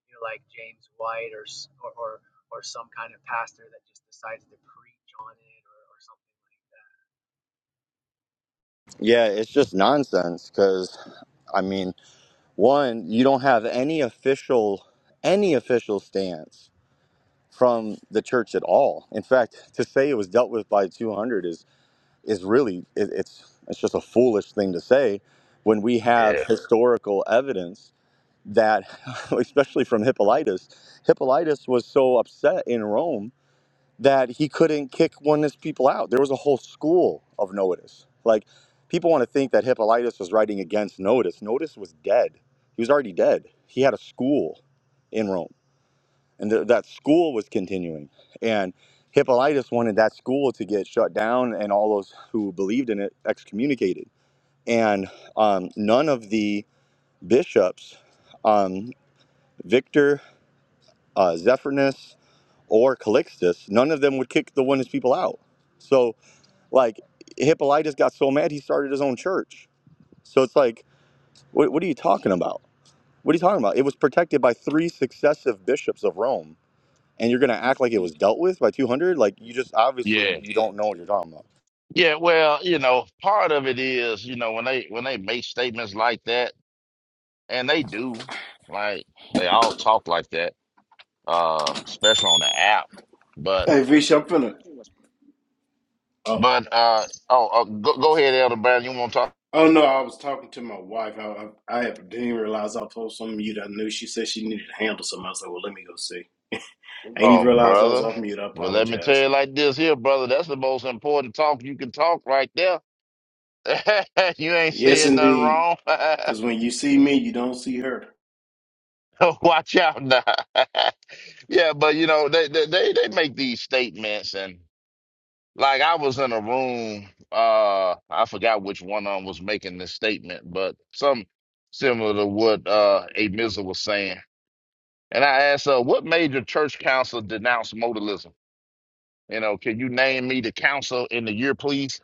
I: you know like James White or or or, or some kind of pastor that just decides to preach on it or, or something.
A: Yeah, it's just nonsense because I mean. One, you don't have any official any official stance from the church at all. In fact, to say it was dealt with by 200 is is really it, it's it's just a foolish thing to say when we have
C: Yeah.
A: historical evidence that especially from Hippolytus, Hippolytus was so upset in Rome that he couldn't kick oneness people out. There was a whole school of Noetus. Like people want to think that Hippolytus was writing against Noetus. Noetus was dead. He was already dead. He had a school in Rome, and th- that school was continuing. And Hippolytus wanted that school to get shut down, and all those who believed in it excommunicated. And um, none of the bishops, um, Victor, uh, Zephyrinus, or Calixtus, none of them would kick the oneness people out. So like Hippolytus got so mad he started his own church. So it's like, what, what are you talking about? What are you talking about? It was protected by three successive bishops of Rome, and you're gonna act like it was dealt with by 200? Like you just obviously
C: Yeah.
A: you don't know what you're talking about.
C: Yeah, well, you know, part of it is, you know, when they when they make statements like that, and they do, like they all talk like that, uh, especially on the app. But
O: Hey, Vish, I'm finna. Oh,
C: but uh oh, uh, go, go ahead, Elder Brand. You want to talk?
O: Oh no, I was talking to my wife. I I, I didn't even realize I was off some mute. I knew she said she needed to handle something. I was like, well, let me go see. I ain't even
C: Oh,
O: realized I was
C: brother.
O: off mute. I
C: Well, let me tell
O: apologize.
C: you like this here, brother. That's the most important talk you can talk right there. You ain't
O: Yes,
C: saying nothing
O: indeed.
C: wrong.
O: Because when you see me, you don't see her.
C: Watch out now. Yeah, but you know, they they they they make these statements Like I was in a room, uh, I forgot which one of them was making this statement, but some similar to what uh A Mizzle was saying. And I asked her, what major church council denounced modalism? You know, can you name me the council in the year, please?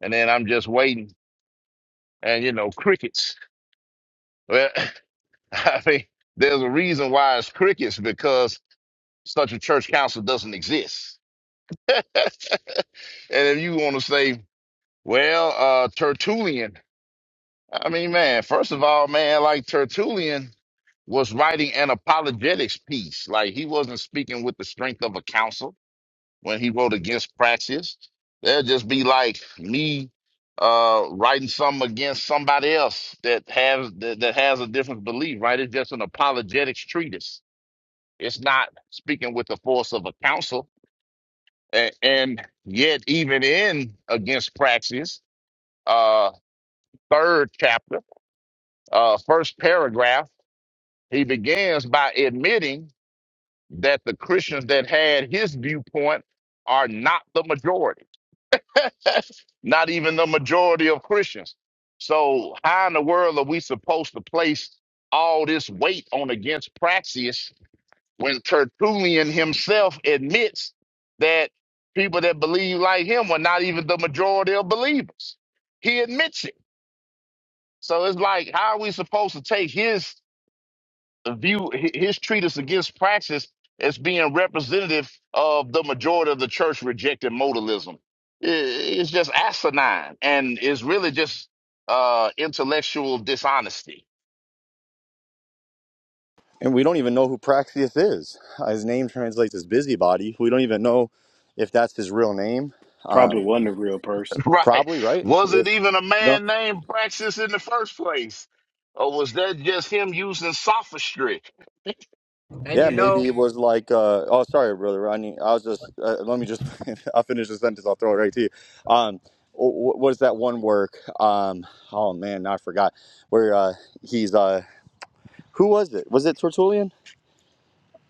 C: And then I'm just waiting and you know, crickets. Well, I mean, there's a reason why it's crickets because such a church council doesn't exist. And if you want to say, well, uh, Tertullian I mean, man, first of all, man, like Tertullian was writing an apologetics piece. Like he wasn't speaking with the strength of a counsel when he wrote against Praxis. That'd just be like me uh writing something against somebody else that has that, that has a different belief, right? It's just an apologetics treatise. It's not speaking with the force of a counsel. And, and yet even in against Praxis, uh third chapter, uh first paragraph. He begins by admitting that the Christians that had his viewpoint are not the majority, not even the majority of Christians. So, how in the world are we supposed to place all this weight on against Praxius when Tertullian himself admits that people that believe like him are not even the majority of believers? He admits it. So, it's like, how are we supposed to take his view hi- his treatise against praxis as being representative of the majority of the church rejected modalism. I- It's just asinine and it's really just uh intellectual dishonesty.
A: And we don't even know who Praxius is. Uh, His name translates as busybody. We don't even know if that's his real name. Um,
O: Probably wasn't a real person.
C: Right.
A: probably right.
C: Was
A: It
C: it
A: was-
C: even a
A: no.
C: man named Praxis in the first place? Or was that just him using sophistry?
I: And
A: Yeah,
I: you
A: maybe
I: know
A: it was like, uh, oh, sorry, brother Rodney. I was just, uh, let me just, I'll finish the sentence. I'll throw it right to you. Um, wh- wh- what is that one work? Um, oh man, now I forgot. Where uh, he's, uh, who was it? Was it Tertullian?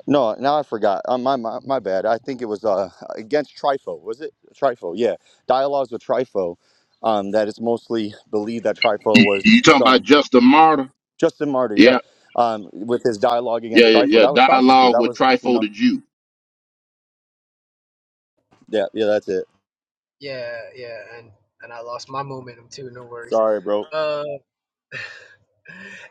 A: No, now I forgot. Uh, my, my my bad. I think it was uh, against Trifo. Was it Trifo? Yeah, dialogues with Trifo. Um, that it's mostly believed that Trifo was
C: You talking about
A: some
C: Justin Martyr?
A: Justin Martyr. Yep.
C: Yeah,
A: Um, with his dialogue
C: yeah,
A: against
C: yeah.
A: Trifo, that was
C: yeah.
A: sophistry.
C: Dialogue
A: That
C: with
A: was, you
C: Trifo
A: know,
C: the Jew.
A: yeah, yeah, that's it.
I: Yeah, yeah, and and I lost my momentum too. No worries.
A: Sorry, bro.
I: Uh,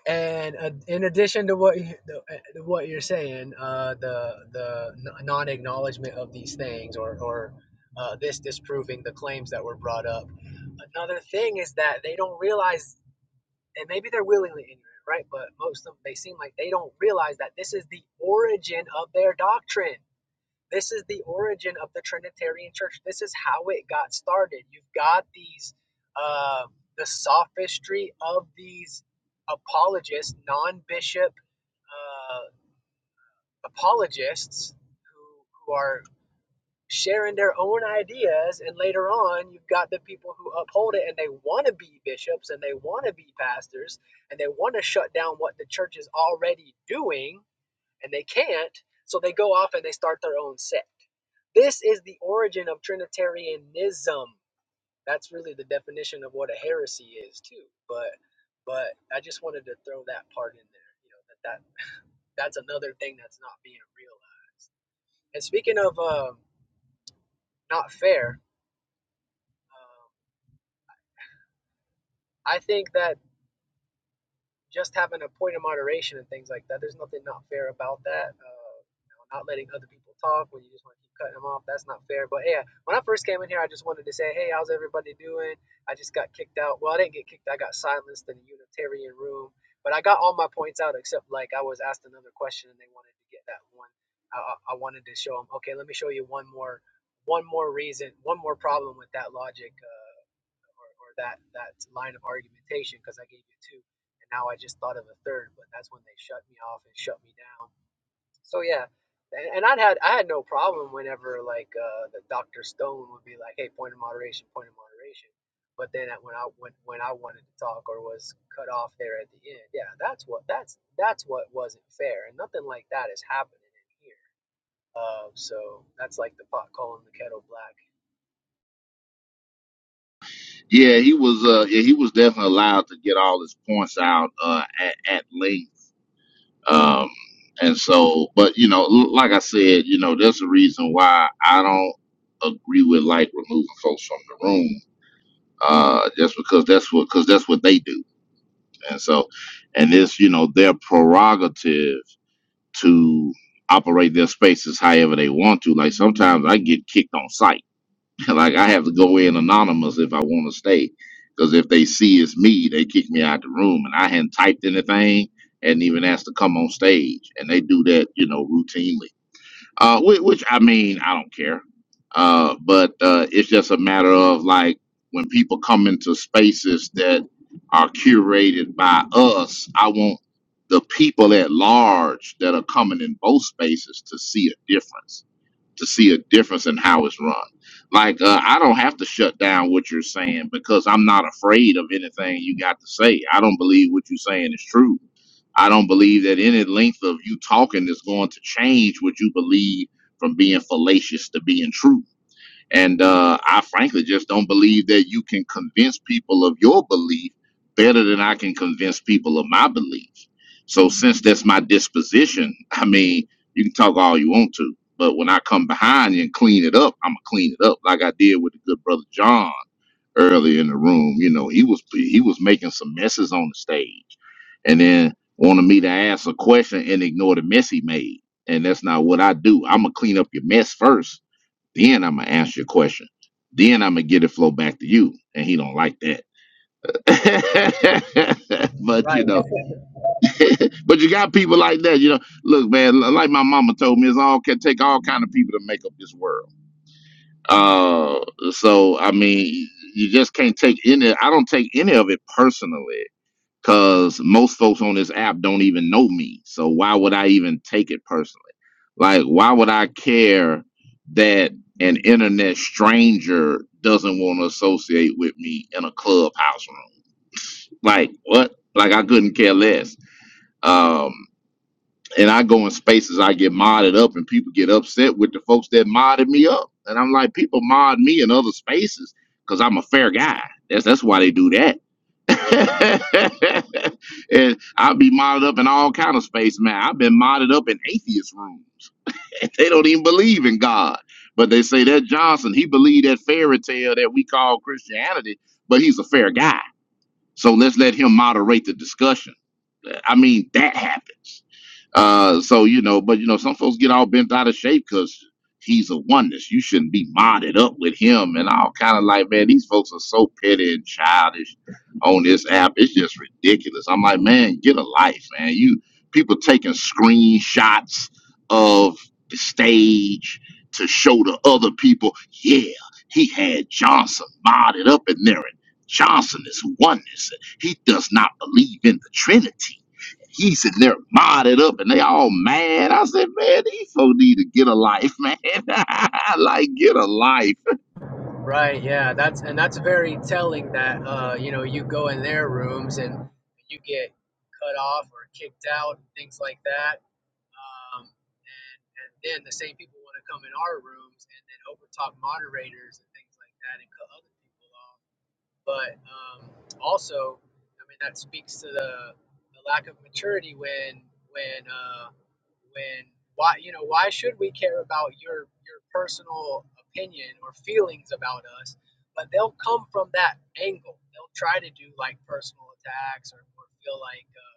I: and uh, in addition to what you, the, uh, to what you're saying, uh, the the n- non-acknowledgement of these things, or or uh, this disproving the claims that were brought up. Another thing is that they don't realize, and maybe they're willingly ignorant, right? But most of them, they seem like they don't realize that this is the origin of their doctrine this is the origin of the Trinitarian Church. This is how it got started. You've got these, uh, the sophistry of these apologists, non-bishop uh, apologists, who who are sharing their own ideas, and later on, you've got the people who uphold it and they want to be bishops and they want to be pastors and they want to shut down what the church is already doing and they can't, so they go off and they start their own sect. This is the origin of Trinitarianism. That's really the definition of what a heresy is too. But but I just wanted to throw that part in there. You know that, that that's another thing that's not being realized. And speaking of um, not fair, um, I think that just having a point of moderation and things like that. There's nothing not fair about that. Uh, you know, not letting other people talk when you just want to keep cutting them off. That's not fair. But yeah, when I first came in here, I just wanted to say, hey, how's everybody doing? I just got kicked out. Well, I didn't get kicked. I got silenced in the Unitarian room. But I got all my points out except like I was asked another question and they wanted to get that one. I, I wanted to show them, okay, let me show you one more, one more reason, one more problem with that logic. Uh, or, or that that line of argumentation because I gave you two, and now I just thought of a third, but that's when they shut me off and shut me down. So yeah, and, and i had I had no problem whenever like uh, the Doctor Stone would be like, hey, point of moderation, point of moderation. But then at, when I when, when I wanted to talk or was cut off there at the end, yeah, that's what that's that's what wasn't fair, and nothing like that is happening in here. Uh, so that's like the pot calling the kettle black.
C: Yeah, he was. Uh, yeah, he was definitely allowed to get all his points out uh, at, at length. Um, and so, but you know, l- like I said, you know, there's a reason why I don't agree with like removing folks from the room. Uh, just because that's what, because that's what they do. And so, and it's you know their prerogative to operate their spaces however they want to. Like sometimes I get kicked on site like I have to go in anonymous if I want to stay, because if they see it's me, they kick me out the room. And I hadn't typed anything, hadn't even asked to come on stage, and they do that, you know, routinely. Uh, which, which I mean, I don't care. Uh, but uh, it's just a matter of like when people come into spaces that are curated by us, I want the people at large that are coming in both spaces to see a difference to see a difference in how it's run. Like uh, I don't have to shut down what you're saying because I'm not afraid of anything you got to say. I don't believe what you're saying is true. I don't believe that any length of you talking is going to change what you believe from being fallacious to being true. And uh, I frankly just don't believe that you can convince people of your belief better than I can convince people of my belief. So, since that's my disposition, I mean, you can talk all you want to, but when I come behind you and clean it up, I'm gonna clean it up like I did with the good brother John earlier in the room. You know, he was he was making some messes on the stage, and then wanted me to ask a question and ignore the mess he made. And that's not what I do. I'm gonna clean up your mess first then I'm gonna answer your question. Then I'm gonna get it flow back to you. And he don't like that. but
I: right?
C: you know, but you got people like that. You know, look, man. li- Like my mama told me, it's all can take all kind of people to make up this world. Uh, so I mean, you just can't take any. I don't take any of it personally because most folks on this app don't even know me. So why would I even take it personally? Like, why would I care that an internet stranger doesn't want to associate with me in a clubhouse room? Like, what? Like, I couldn't care less. Um, and I go in spaces, I get modded up, and people get upset with the folks that modded me up. And I'm like, people mod me in other spaces because I'm a fair guy. That's that's why they do that and I'll be modded up in all kind of space, man. I've been modded up in atheist room. They don't even believe in God, but they say that Johnson he believed that fairy tale that we call Christianity, but he's a fair guy. So let's let him moderate the discussion. I mean, that happened. Uh, so you know, but you know, some folks get all bent out of shape because he's a oneness. You shouldn't be modded up with him and all kind of like, man, these folks are so petty and childish on this app. It's just ridiculous. I'm like, man, get a life, man. You people taking screenshots of the stage to show to other people. Yeah, he had Johnson modded up in there. And Johnson is oneness. He does not believe in the Trinity he said they're modded up and they all mad. I said, man, these folks need to get a life, man. like get a life.
I: Right, yeah, that's and that's very telling that uh, you know, you go in their rooms and you get cut off or kicked out and things like that. Um, and and then the same people want to come in our rooms and then overtalk moderators and things like that and cut other people off. But um, also, I mean, that speaks to the, the lack of maturity when when uh, when why you know why should we care about your your personal opinion or feelings about us but they'll come from that angle they'll try to do like personal attacks or, or feel like uh,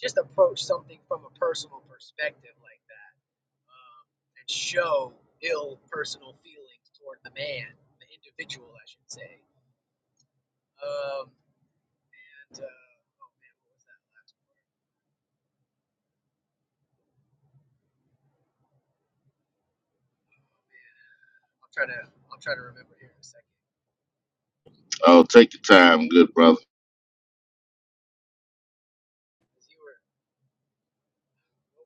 I: just approach something from a personal perspective like that um, and show ill personal feelings toward the man the individual i should say Um, and uh, oh man, what was that last part? Oh man, I'll try to I'll try to remember here in a second.
C: Oh, take your time, good brother.
I: 'Cause you were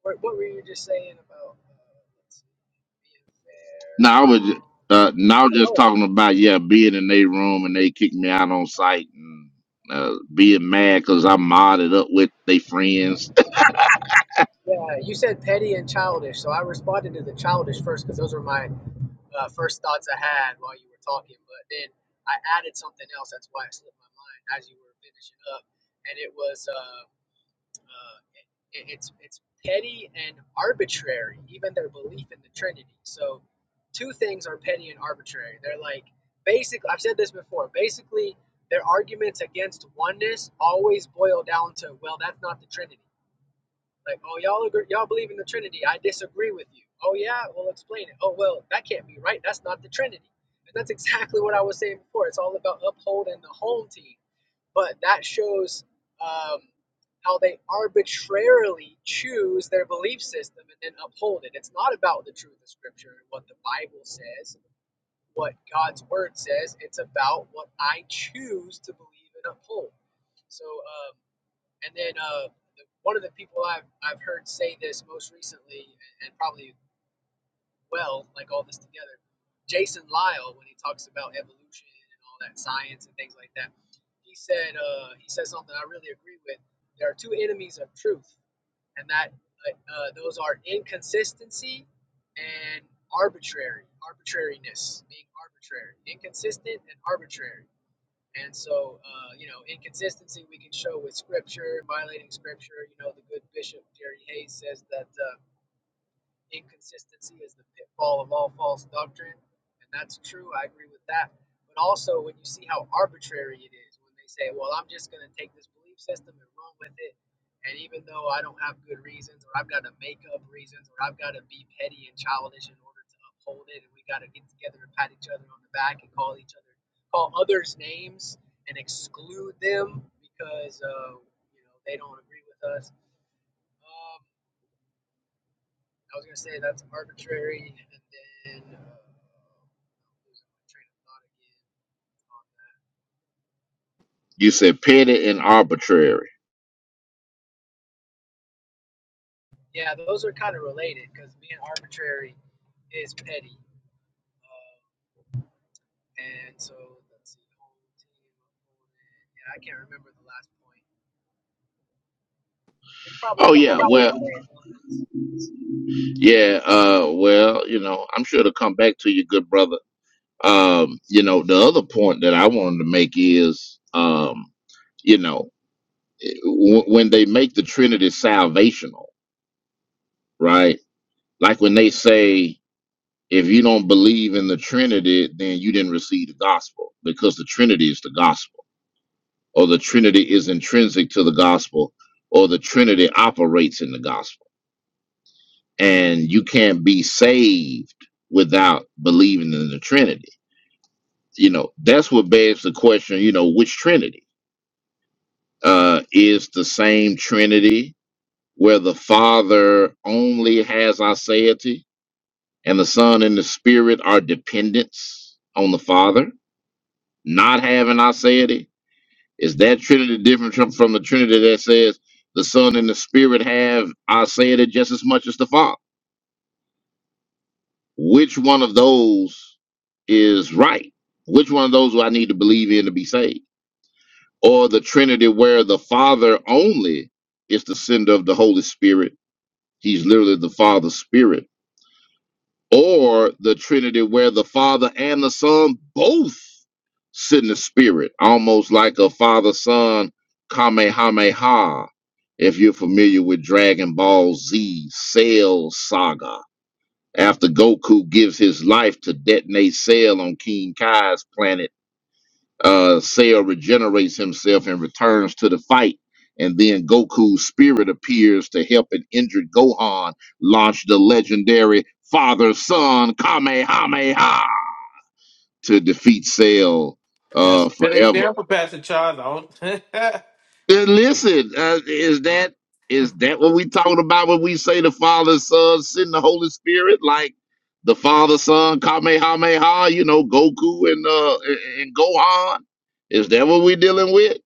I: what, what were you just saying about uh, let's see, being fair?
C: Now I
I: No.
C: was ju- uh, now just
I: Oh
C: talking about yeah, being in their room and they kicked me out on site and uh, being mad because I modded up with their friends.
I: yeah, you said petty and childish, so I responded to the childish first because those were my uh, first thoughts I had while you were talking. But then I added something else. That's why it slipped my mind as you were finishing up, and it was. Uh, Uh, it, it's it's petty and arbitrary, even their belief in the Trinity. So, two things are petty and arbitrary. They're like basically I've said this before. Basically, their arguments against oneness always boil down to well, that's not the Trinity. Like, oh y'all agree, y'all believe in the Trinity. I disagree with you. Oh yeah, well explain it. Oh well, that can't be right. That's not the Trinity. And that's exactly what I was saying before. It's all about upholding the home team but that shows um, how they arbitrarily choose their belief system and then uphold it. It's not about the truth of Scripture and what the Bible says, what God's Word says. It's about what I choose to believe and uphold. So, um, and then uh, one of the people I've, I've heard say this most recently, and probably well, like all this together. Jason Lyle, when he talks about evolution and all that science and things like that, he said uh, he said something I really agree with. There are two enemies of truth, and that uh, uh, those are inconsistency and arbitrary, arbitrariness, being arbitrary, inconsistent and arbitrary. And so, uh, you know, inconsistency we can show with scripture, violating scripture. You know, the good bishop Jerry Hayes says that. Uh, inconsistency is the pitfall of all false doctrine, and that's true. I agree with that. But also, when you see how arbitrary it is, when they say, "Well, I'm just going to take this belief system and run with it," and even though I don't have good reasons, or I've got to make up reasons, or I've got to be petty and childish in order to uphold it, and we got to get together and pat each other on the back and call each other, call others names and exclude them because uh, you know they don't agree with us. Um, I was gonna say that's arbitrary, and then uh, I'm losing my train of thought again. Um,
C: you said petty and arbitrary.
I: yeah, those are kind of related because being arbitrary is petty, um, and so let's see, home team opponent. Yeah, I can't remember the last point. It's
C: Oh
I: probably something
C: yeah,
I: along
C: well,
I: the same lines.
C: yeah, uh, well, you know, I'm sure to come back to you, good brother Um, you know, the other point that I wanted to make is, um, you know, eh, w- when they make the Trinity salvational, right? Like when they say, if you don't believe in the Trinity, then you didn't receive the gospel because the Trinity is the gospel, or the Trinity is intrinsic to the gospel, or the Trinity operates in the gospel. And you can't be saved without believing in the Trinity. You know, that's what begs the question, you know, which Trinity? uh, is the same Trinity, where the Father only has aseity and the Son and the Spirit are dependents on the Father, not having aseity? Is that Trinity different from, from the Trinity that says the Son and the Spirit have aseity just as much as the Father? Which one of those is right? Which one of those do I need to believe in to be saved? Or the Trinity where the Father only is the sender of the Holy Spirit He's literally the Father Spirit or the Trinity where the Father and the Son both sit in the Spirit, almost like a Father Son Kamehameha. If you're familiar with Dragon Ball Z Cell Saga, after Goku gives his life to detonate Cell on King Kai's planet uh, Seiya regenerates himself and returns to the fight. And then Goku's spirit appears to help an injured Gohan launch the legendary father son Kamehameha to defeat Cell
F: That's
C: uh,
F: a good
C: forever.
F: example, Pastor Charles.
C: And listen, uh, is that is that what we talking about when we say the Father, Son, send the Holy Spirit? Like the Father, Son, Kamehameha, you know, Goku and uh, and and Gohan? Is that what we're dealing with?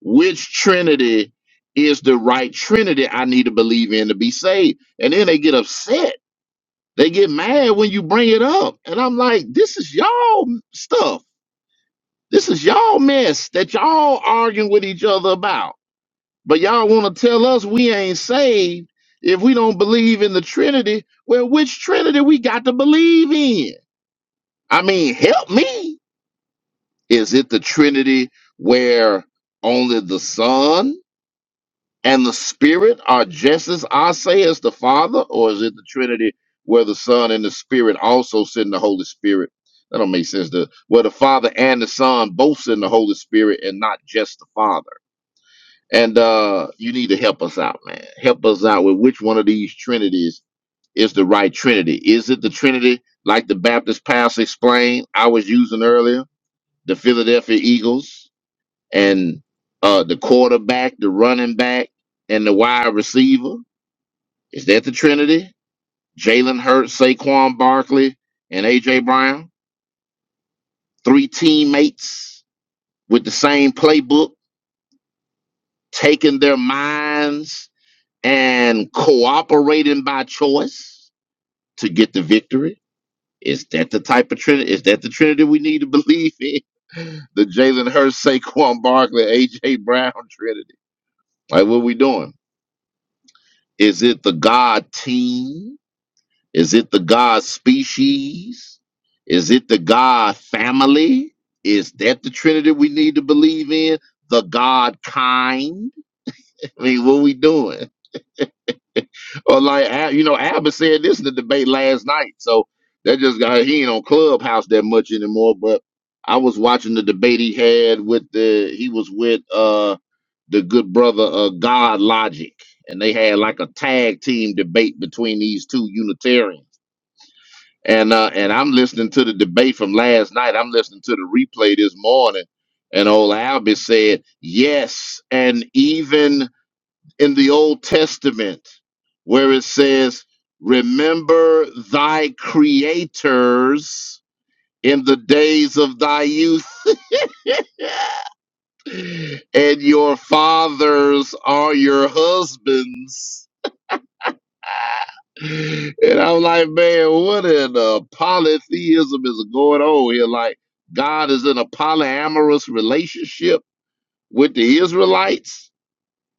C: which trinity is the right trinity I need to believe in to be saved. And then they get upset. They get mad when you bring it up. And I'm like, this is y'all stuff. This is y'all mess that y'all arguing with each other about. But y'all want to tell us we ain't saved if we don't believe in the Trinity. Well, which Trinity we got to believe in? I mean, help me. Is it the Trinity where only the Son and the Spirit are just as I say as the Father, or is it the Trinity where the Son and the Spirit also send the Holy Spirit? That don't make sense. To, where the Father and the Son both send the Holy Spirit and not just the Father. And uh, you need to help us out, man. Help us out with which one of these Trinities is the right Trinity. Is it the Trinity like the Baptist past explained I was using earlier, the Philadelphia Eagles? and uh, the quarterback, the running back, and the wide receiver. Is that the Trinity? Jalen Hurts, Saquon Barkley, and AJ Brown. Three teammates with the same playbook, taking their minds and cooperating by choice to get the victory. Is that the type of Trinity? Is that the Trinity we need to believe in? The Jalen Hurts, Saquon Barkley, AJ Brown Trinity. Like, what we doing? Is it the God team? Is it the God species? Is it the God family? Is that the Trinity we need to believe in? The God kind? I mean, what we doing? Or like Al- you know, Albert said this in the debate last night. So that just got he ain't on Clubhouse that much anymore. But I was watching the debate he had with the he was with uh the good brother uh God Logic, and they had like a tag team debate between these two Unitarians. And uh and I'm listening to the debate from last night. I'm listening to the replay this morning, and old Albert said, Yes, and even in the Old Testament where it says, Remember thy creators in the days of thy youth, and your fathers are your husbands. And I'm like, man, what an uh, polytheism is going on here? Like, God is in a polyamorous relationship with the Israelites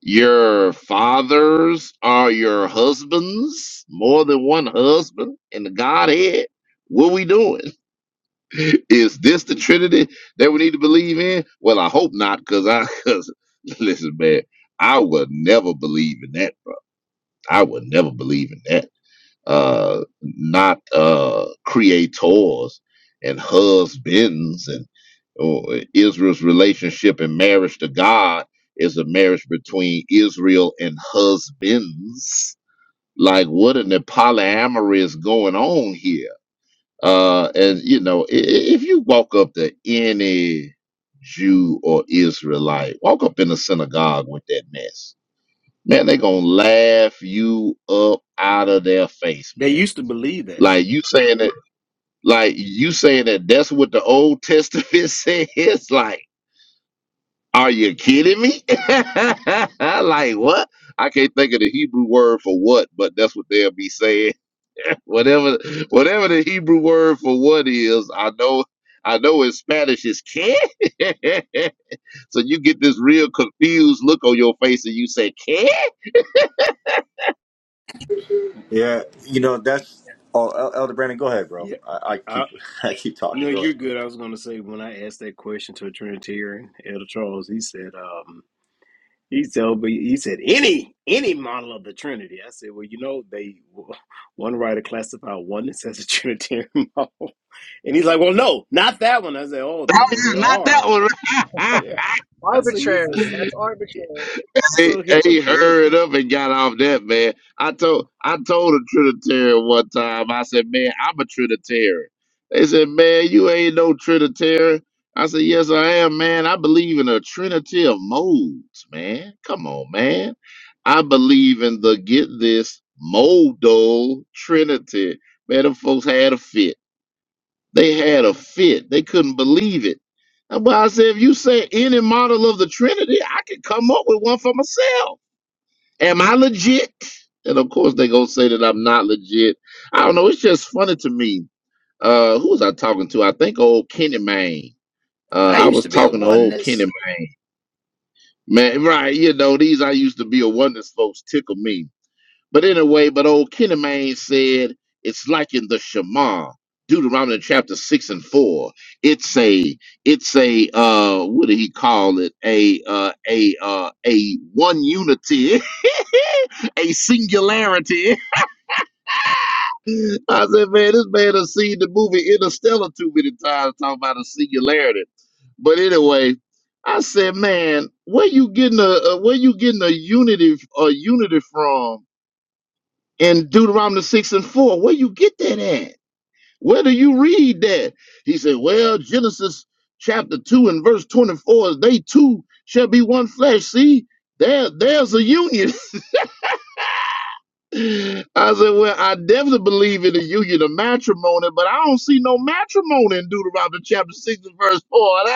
C: Your fathers are your husbands, more than one husband in the Godhead. What we doing? Is this the Trinity that we need to believe in? Well, I hope not, because I cause listen, man, I would never believe in that. I would never believe in that uh, not uh, creators and husbands. And oh, Israel's relationship and marriage to God is a marriage between Israel and husbands. Like, what in the polyamory is going on here? Uh, and you know, i- i- if you walk up to any Jew or Israelite, walk up in the synagogue with that mess, man, they gonna laugh you up out of their face,
O: They
C: man
O: used to believe that.
C: like you saying that, like you saying that that's what the Old Testament says. Like, are you kidding me? like what? I can't think of the Hebrew word for what, but that's what they'll be saying. whatever, whatever the Hebrew word for what is, I know, I know in Spanish is que. so you get this real confused look on your face, and you say que?
A: Yeah, you know that's. Oh, El- Elder Brandon, go ahead, bro.
O: Yeah.
A: I,
O: I,
A: I
O: I,
A: keep I keep talking.
O: no,
A: Go
O: you're
A: ahead. Bro.
O: good. I was going to say when I asked that question to a Trinitarian, Elder Charles, he said, um, He said, but he said any any model of the Trinity. I said, well, you know, they one writer classified oneness as a Trinitarian model, and he's like, well, no, not that one. I said, oh, there's well, there
C: Not that
O: are.
C: one.
O: Yeah, I said, he's just
I: Arbitrary. That's arbitrary.
C: He
O: so
C: they hurried up
O: hypocritical.
C: and got off that man. I told I told a Trinitarian one time. I said, "Man, I'm a Trinitarian." They said, "Man, you ain't no Trinitarian." I said, "Yes, I am, man. I believe in a Trinity of modes, man. Come on, man. I believe in the get this modal Trinity. Man, them folks had a fit. They had a fit. They couldn't believe it." But I said, if you say any model of the Trinity, I could come up with one for myself. Am I legit? And of course, they gonna say that I'm not legit. I don't know. It's just funny to me. Uh, who was I talking to? I think old Kenny Man. Uh,
O: I
C: I
O: used
C: was
O: to be a
C: talking to old Kenny
O: oneness.
C: Man. Right, you know, these I used to be a wonders folks tickle me. But anyway, but old Kenny Man said it's like in the Shema, Deuteronomy chapter six and four. It's a, it's a, uh, what did he call it? A, uh, a, uh, a one unity. a singularity I said, man, this man has seen the movie Interstellar too many times talking about a singularity. But anyway, I said, man, where you getting a, a where you getting a unity a unity from in Deuteronomy six and four? Where you get that at? Where do you read that? He said, well, Genesis chapter two and verse twenty four, they two shall be one flesh. See, there there's a union. I said, well, I definitely believe in the union of matrimony, but I don't see no matrimony in Deuteronomy chapter 6 and verse 4. And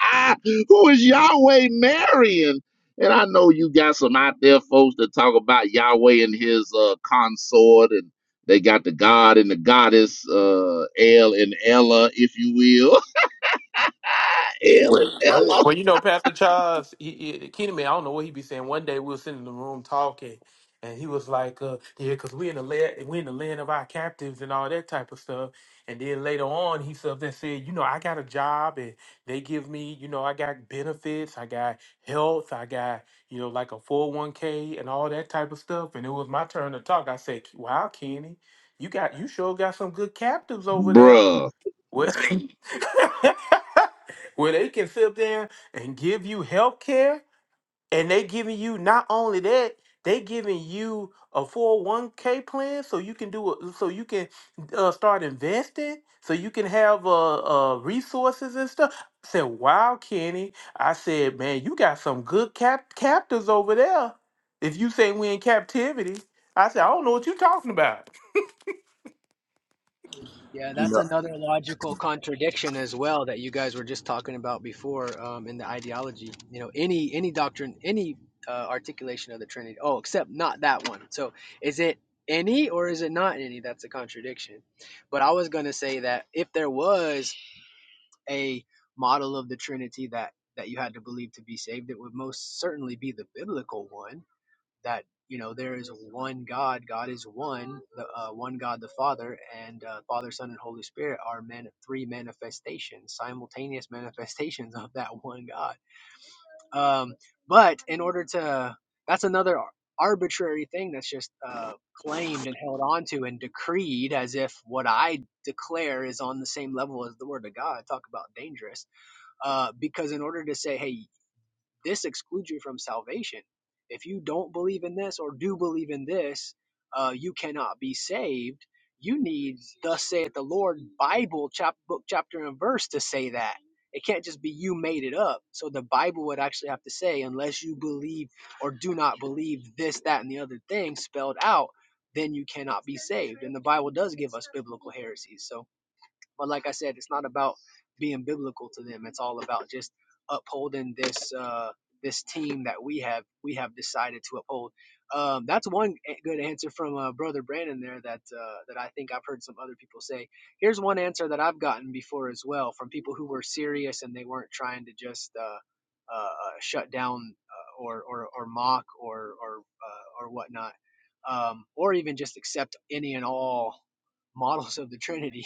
C: I- Who is Yahweh marrying? And I know you got some out there folks that talk about Yahweh and his uh, consort, and they got the God and the goddess, uh, El and Ella, if you will. El and
A: Wait, what?
C: Ella.
F: Well, you know, Pastor Charles, he, he, Kenny man, I don't know what he be saying. One day we were sitting in the room talking, and he was like, uh, "Yeah, because we in the land, we in the land of our captives and all that type of stuff." And then later on, he said that said, "You know, I got a job, and they give me, you know, I got benefits, I got health, I got, you know, like a four hundred one k and all that type of stuff." And it was my turn to talk. I said, "Wow, Kenny, you got you sure got some good captives over there."
C: Bruh.
F: Where, they, where they can sit there and give you health care, and they giving you not only that, they giving you a 401k plan so you can do a, so you can uh, start investing, so you can have uh, uh, resources and stuff. I said, wow, Kenny. I said, man, you got some good cap- captors over there. If you say we in captivity, I said, I don't know what you're talking about.
I: Yeah,
A: You
I: that's
A: know,
I: another logical contradiction as well that you guys were just talking about before um, in the ideology. You know, any any doctrine, any uh, articulation of the Trinity. Oh, except not that one. So, is it any or is it not any? That's a contradiction. But I was going to say that if there was a model of the Trinity that that you had to believe to be saved, it would most certainly be the biblical one that you know there is one God. God is one, the uh, one God, the Father, and uh, Father, Son, and Holy Spirit are man three manifestations, simultaneous manifestations of that one God. Um, but in order to, that's another ar- arbitrary thing that's just uh, claimed and held on to and decreed as if what I declare is on the same level as the Word of God. Talk about dangerous. Uh, because in order to say, hey, this excludes you from salvation. If you don't believe in this or do believe in this, uh, you cannot be saved. You need, thus saith the Lord, Bible chap- book, chapter, and verse to say that. It can't just be you made it up. So the Bible would actually have to say, unless you believe or do not believe this, that, and the other thing spelled out, then you cannot be saved. And the Bible does give us biblical heresies. So but like I said, it's not about being biblical to them. It's all about just upholding this uh, this team that we have we have decided to uphold. Um, that's one good answer from uh, brother Brandon there that uh, that I think I've heard some other people say. Here's one answer that I've gotten before as well from people who were serious and they weren't trying to just uh, uh, uh, shut down uh, or, or or mock or or uh, or whatnot, um, or even just accept any and all models of the Trinity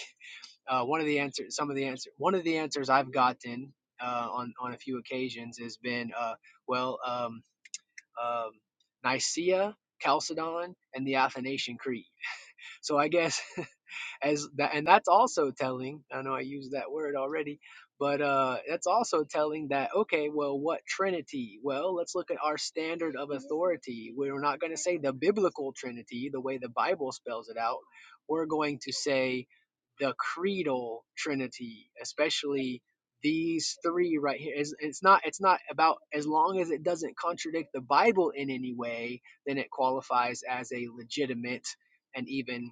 I: uh, one of the answers, some of the answer, one of the answers I've gotten uh, on on a few occasions has been, uh, well, um, um, Nicaea, Chalcedon, and the Athanasian Creed. So I guess as that, and that's also telling. I know I used that word already, but uh, that's also telling that okay, well, what Trinity? Well, let's look at our standard of authority. We're not going to say the biblical Trinity the way the Bible spells it out. We're going to say the creedal trinity, especially these three right here. It's, it's not it's not about as long as it doesn't contradict the Bible in any way, then it qualifies as a legitimate and even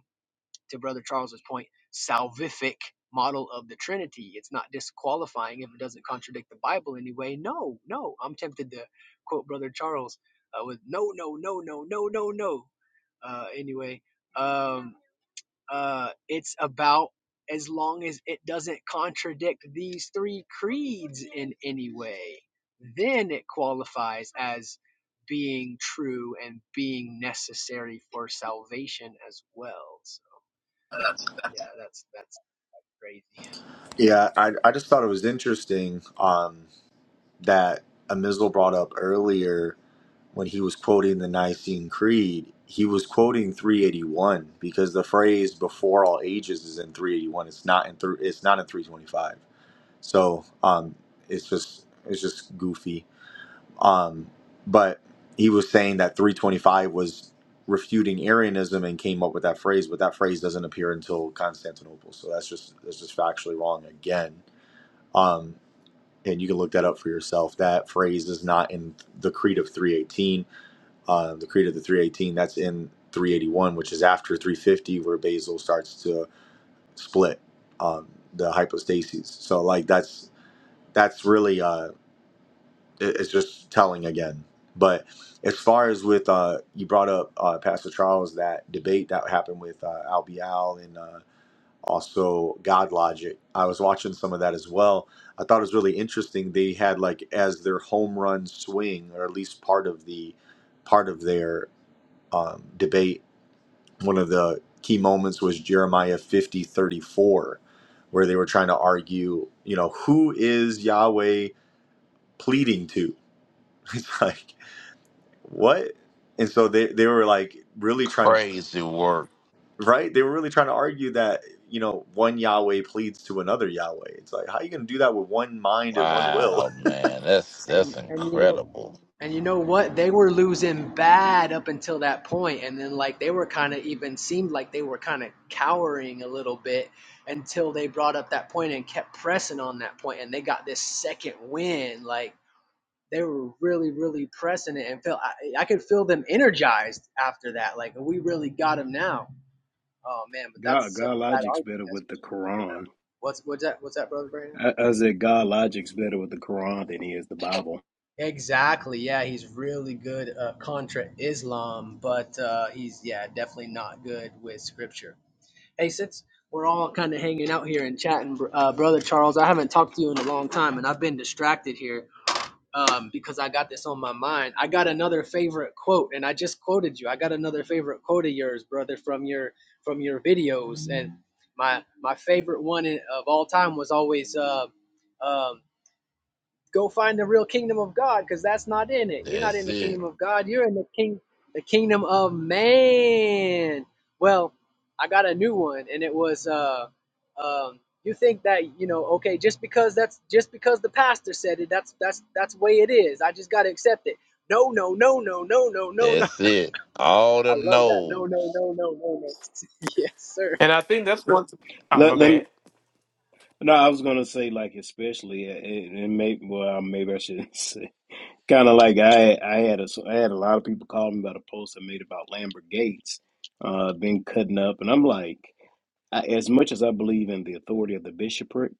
I: to Brother Charles's point, salvific model of the Trinity. It's not disqualifying if it doesn't contradict the Bible anyway. No, no. I'm tempted to quote Brother Charles uh, with no, no, no, no, no, no, no. Uh, anyway, um, uh, it's about as long as it doesn't contradict these three creeds in any way, then it qualifies as being true and being necessary for salvation as well. So yeah, that's that's crazy.
A: yeah, I I just thought it was interesting um, that Amizel brought up earlier when he was quoting the Nicene Creed. He was quoting 381 because the phrase "before all ages" is in 381. It's not in three. It's not in 325. So um, it's just it's just goofy. Um, but he was saying that 325 was refuting Arianism and came up with that phrase, but that phrase doesn't appear until Constantinople. So that's just that's just factually wrong again. Um, and you can look that up for yourself. That phrase is not in the Creed of 318. Uh, the Creed of the 318 that's in 381, which is after 350, where Basil starts to split um, the hypostases. So like that's that's really uh, it- it's just telling again. But as far as with uh, you brought up uh, Pastor Charles that debate that happened with uh, Al Bial and uh, also God Logic. I was watching some of that as well. I thought it was really interesting. They had like as their home run swing, or at least part of the part of their um, debate. One of the key moments was Jeremiah fifty thirty four, where they were trying to argue, you know, who is Yahweh pleading to? It's like what? And so they they were like really trying to right? They were really trying to argue that you know one Yahweh pleads to another Yahweh. It's like how you going to do that with one mind and one will?
I: And and you know And you know what? They were losing bad up until that point, and then like they were kind of even seemed like they were kind of cowering a little bit until they brought up that point and kept pressing on that point, and they got this second win. Like they were really, really pressing it, and felt I, I could feel them energized after that. Like we really got them now. Oh man, but
O: God,
I: that's such
O: God
I: a bad
O: logic's
I: argument
O: better
I: as we
O: with the
I: just pointed out.
O: Quran.
I: What's what's that? What's that, brother Brandon?
O: I, I said, God logic's better with the Quran than he is the Bible.
I: Exactly. Yeah, he's really good uh, contra Islam, but uh, he's yeah definitely not good with scripture. Hey, since we're all kind of hanging out here and chatting, br- uh, brother Charles, I haven't talked to you in a long time, and I've been distracted here um, because I got this on my mind. I got another favorite quote, and I just quoted you. I got another favorite quote of yours, brother, from your from your videos, and my my favorite one in- of all time was always. Uh, um, go find the real kingdom of God because that's not in it. You're not in the kingdom of God. You're in the king the kingdom of man. Well, I got a new one and it was uh um you think that you know okay just because that's just because the pastor said it that's that's that's the way it is. I just got to accept it. No, no, no, no, no, no, no, no.
C: That's it. All
I: I
C: them
I: love that. No, no,
C: no's.
I: no, no, no, no. yes, sir.
F: And I think that's what. Oh, my
O: Let let me.
F: bad.
O: No, I was gonna say like especially, uh, and and maybe well maybe I should. not kind of like I I had a, I had a lot of people call me about a post I made about Lambert Gates uh, being cutting up, and I'm like, I, as much as I believe in the authority of the bishopric,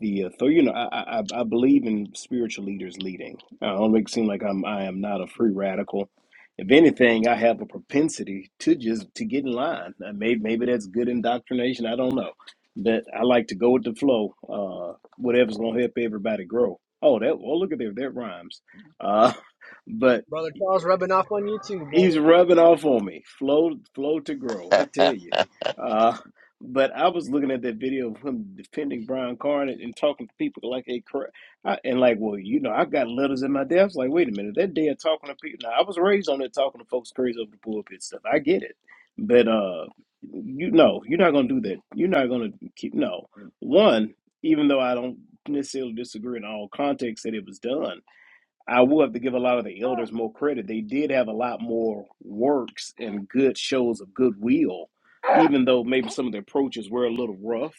O: the author you know I, I i I believe in spiritual leaders leading i don't make it seem like i'm i am not a free radical if anything i have a propensity to just to get in line Uh, maybe maybe that's good indoctrination i don't know but i like to go with the flow uh whatever's gonna help everybody grow oh that well look at there that rhymes uh but
I: Brother Charles rubbing off on you too,
O: he's
I: brother.
O: rubbing off on me. Flow, flow to grow. I tell you. Uh, but I was looking at that video of him defending Brian Carnett and and talking to people like a cra- I, and like, well, you know, I've got letters in my desk. like, wait a minute, that day of talking to people. Now, I was raised on it talking to folks crazy over the pulpit stuff. I get it, but uh, you know, you're not gonna do that. You're not gonna keep no one. Even though I don't necessarily disagree in all contexts that it was done, I will have to give a lot of the elders more credit. They did have a lot more works and good shows of goodwill, even though maybe some of the approaches were a little rough.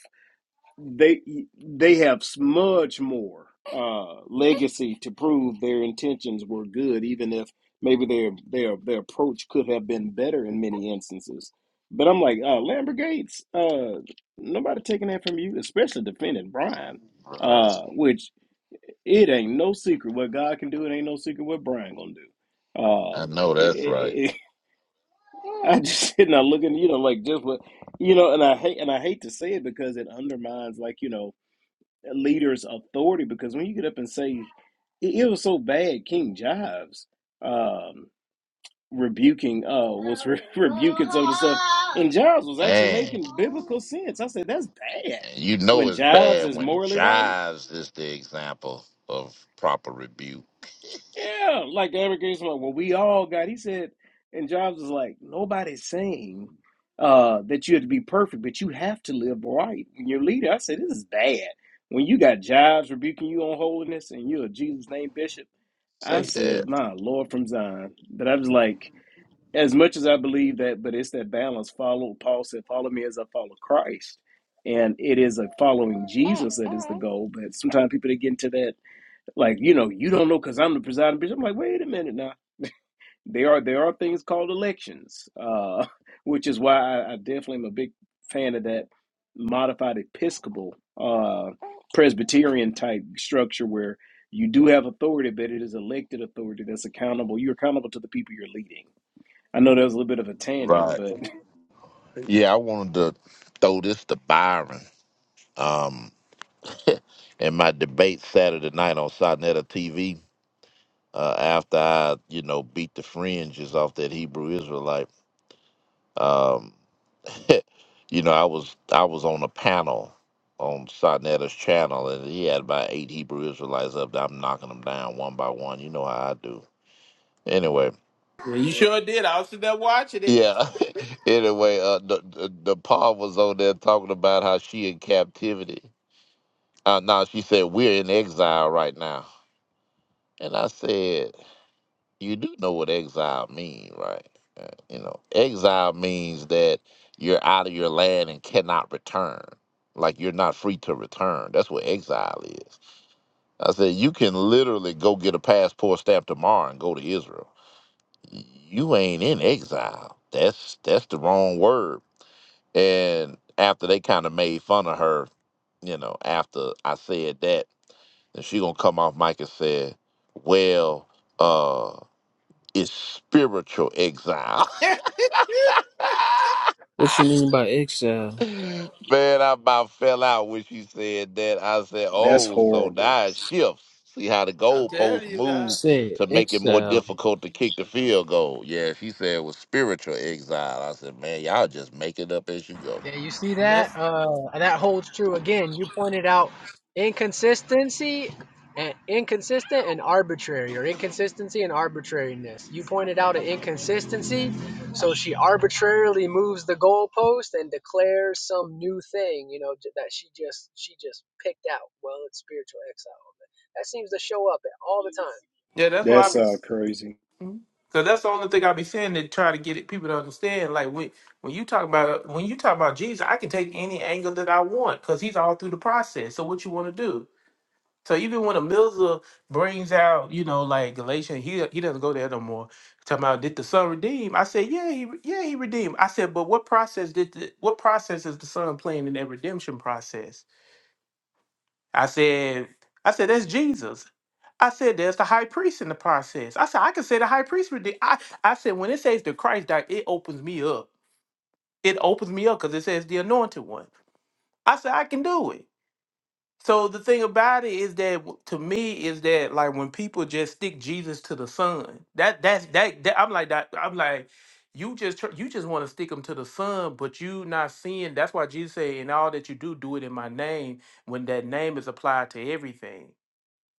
O: They they have s- much more uh, legacy to prove their intentions were good, even if maybe their their their approach could have been better in many instances. But I'm like uh, Lambert Gates, uh, nobody taking that from you, especially defending Brian, uh,
C: Bruh,
O: which it ain't no secret what God can do. It ain't no secret what Brian gonna do. Uh,
C: I know
O: it,
C: that's right.
O: it, it, I just sitting there looking, you know, like just what, you know, and I hate and I hate to say it because it undermines like you know a leader's authority. Because when you get up and say it, it was so bad, King Jives um, rebuking uh was re- rebuking some of the stuff, and Jives was actually
C: Man.
O: making biblical sense. I said that's bad
C: you know
O: when
C: it's
O: Jives
C: bad
O: is
C: when
O: morally right
C: Jives is the example of proper rebuke.
O: Yeah, like Eric Gates, well, we all got. He said, and Jobs was like, nobody's saying uh, that you have to be perfect, but you have to live right. And your leader, I said, this is bad. When you got Jobs rebuking you on holiness, and you're a Jesus name bishop,
C: Say
O: I
C: that.
O: said, my Lord from Zion. But I was like, as much as I believe that, but it's that balance. Follow Paul said, follow me as I follow Christ, and it is a following Jesus that is the goal. But sometimes people they get into that like, you know, you don't know because I'm the presiding bishop. I'm like, wait a minute now. There are there are things called elections, uh, which is why I, I definitely am a big fan of that modified Episcopal uh, Presbyterian type structure where you do have authority, but it is elected authority that's accountable. You're accountable to the people you're leading. I know that was a little bit of a tangent,
C: Right.
O: but
C: Yeah, I wanted to throw this to Byron. Um in my debate Saturday night on Sonetta TV, uh, after I, you know, beat the fringes off that Hebrew Israelite, um, you know, I was I was on a panel on Sonetta's channel and he had about eight Hebrew Israelites up there. I'm knocking them down one by one. You know how I do. Anyway,
F: Well, you sure did. I was sitting there watching it.
C: Yeah. anyway, uh, the, the the Paul was on there talking about how she in captivity. Uh, now she said we're in exile right now, and I said, you do know what exile mean, right? Uh, you know, exile means that you're out of your land and cannot return. Like you're not free to return. That's what exile is. I said you can literally go get a passport stamp tomorrow and go to Israel. You ain't in exile. That's that's the wrong word And after they kind of made fun of her, you know, after I said that, and she gonna come off mic and said, "Well, uh, it's spiritual exile."
L: What you mean by exile?
C: Man, I about fell out when she said that. I said,
O: that's
C: "Oh, so
O: horrible.
C: now it shifts. See how the
F: I'm telling
C: goalposts
F: you, guys.
C: move
L: Say
C: to make it more
L: exile.
C: difficult to kick the field goal." Yeah, she said it was spiritual exile. I said, "Man, y'all just make it up as you go."
I: Yeah, you see
F: And
I: that?
F: that's
I: Uh, and that holds true. Again, you pointed out inconsistency and inconsistent and arbitrary, or inconsistency and arbitrariness. You pointed out an inconsistency, so she arbitrarily moves the goalpost and declares some new thing. You know j- that she just she just picked out. Well, it's spiritual exile. That seems to show up all the time.
F: yeah, that's why I
O: That's
F: be.
O: uh, crazy.
F: So that's the only thing I be saying to try to get it, people to understand. Like when when you talk about when you talk about Jesus, I can take any angle that I want because he's all through the process. So what you want to do? So even when a Milza brings out, you know, like Galatians, he he doesn't go there no more. Talking about did the son redeem? I said, yeah, he re- yeah he redeemed. I said, but what process did the, what process is the son playing in that redemption process? I said, I said, that's Jesus. I said, there's the high priest in the process. I said, I can say the high priest. with the- I, I said, when it says the Christ died, it opens me up. It opens me up because it says the anointed one. I said, I can do it. So the thing about it is that w- to me is that like when people just stick Jesus to the Son, that that's that, that I'm like that I'm like you just tr- you just want to stick them to the Son, but you not seeing. That's why Jesus said, "In all that you do, do it in my name." When that name is applied to everything,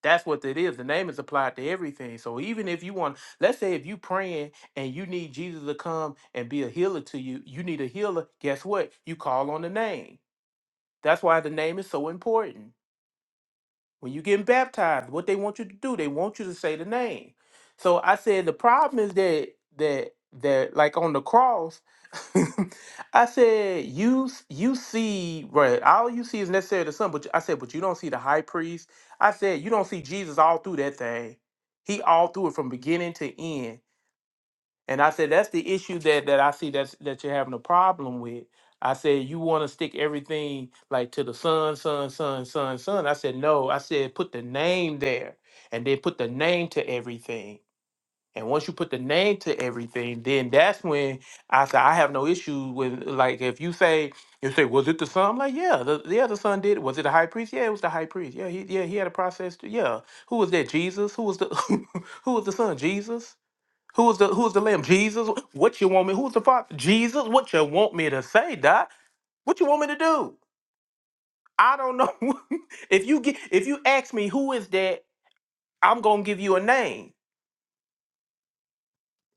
F: that's what it is. The name is applied to everything. So even if you want, let's say if you praying and you need Jesus to come and be a healer to you, you need a healer. Guess what? You call on the name. That's why the name is so important. When you getting baptized, what they want you to do, they want you to say the name. So I said the problem is that that that like on the cross, I said you s- you see right all you see is necessary to some, but you- I said but you don't see the high priest. I said you don't see Jesus all through that thing. He all through it from beginning to end and I said, that's the issue that that I see that's that you're having a problem with. I said, you want to stick everything like to the son, son, son, son, son. I said, no. I said, put the name there and then put the name to everything. And once you put the name to everything, then that's when I said I have no issue with like if you say you say was it the son? I'm like yeah, the, yeah the son did. it. Was it the high priest? Yeah, it was the high priest. Yeah, he yeah he had a process. To, yeah, who was that? Jesus. Who was the who was the son? Jesus. Who was the who was the lamb? Jesus. What you want me? Who's the father? Jesus. What you want me to say, Doc? What you want me to do? I don't know. if you get if you ask me who is that, I'm gonna give you a name.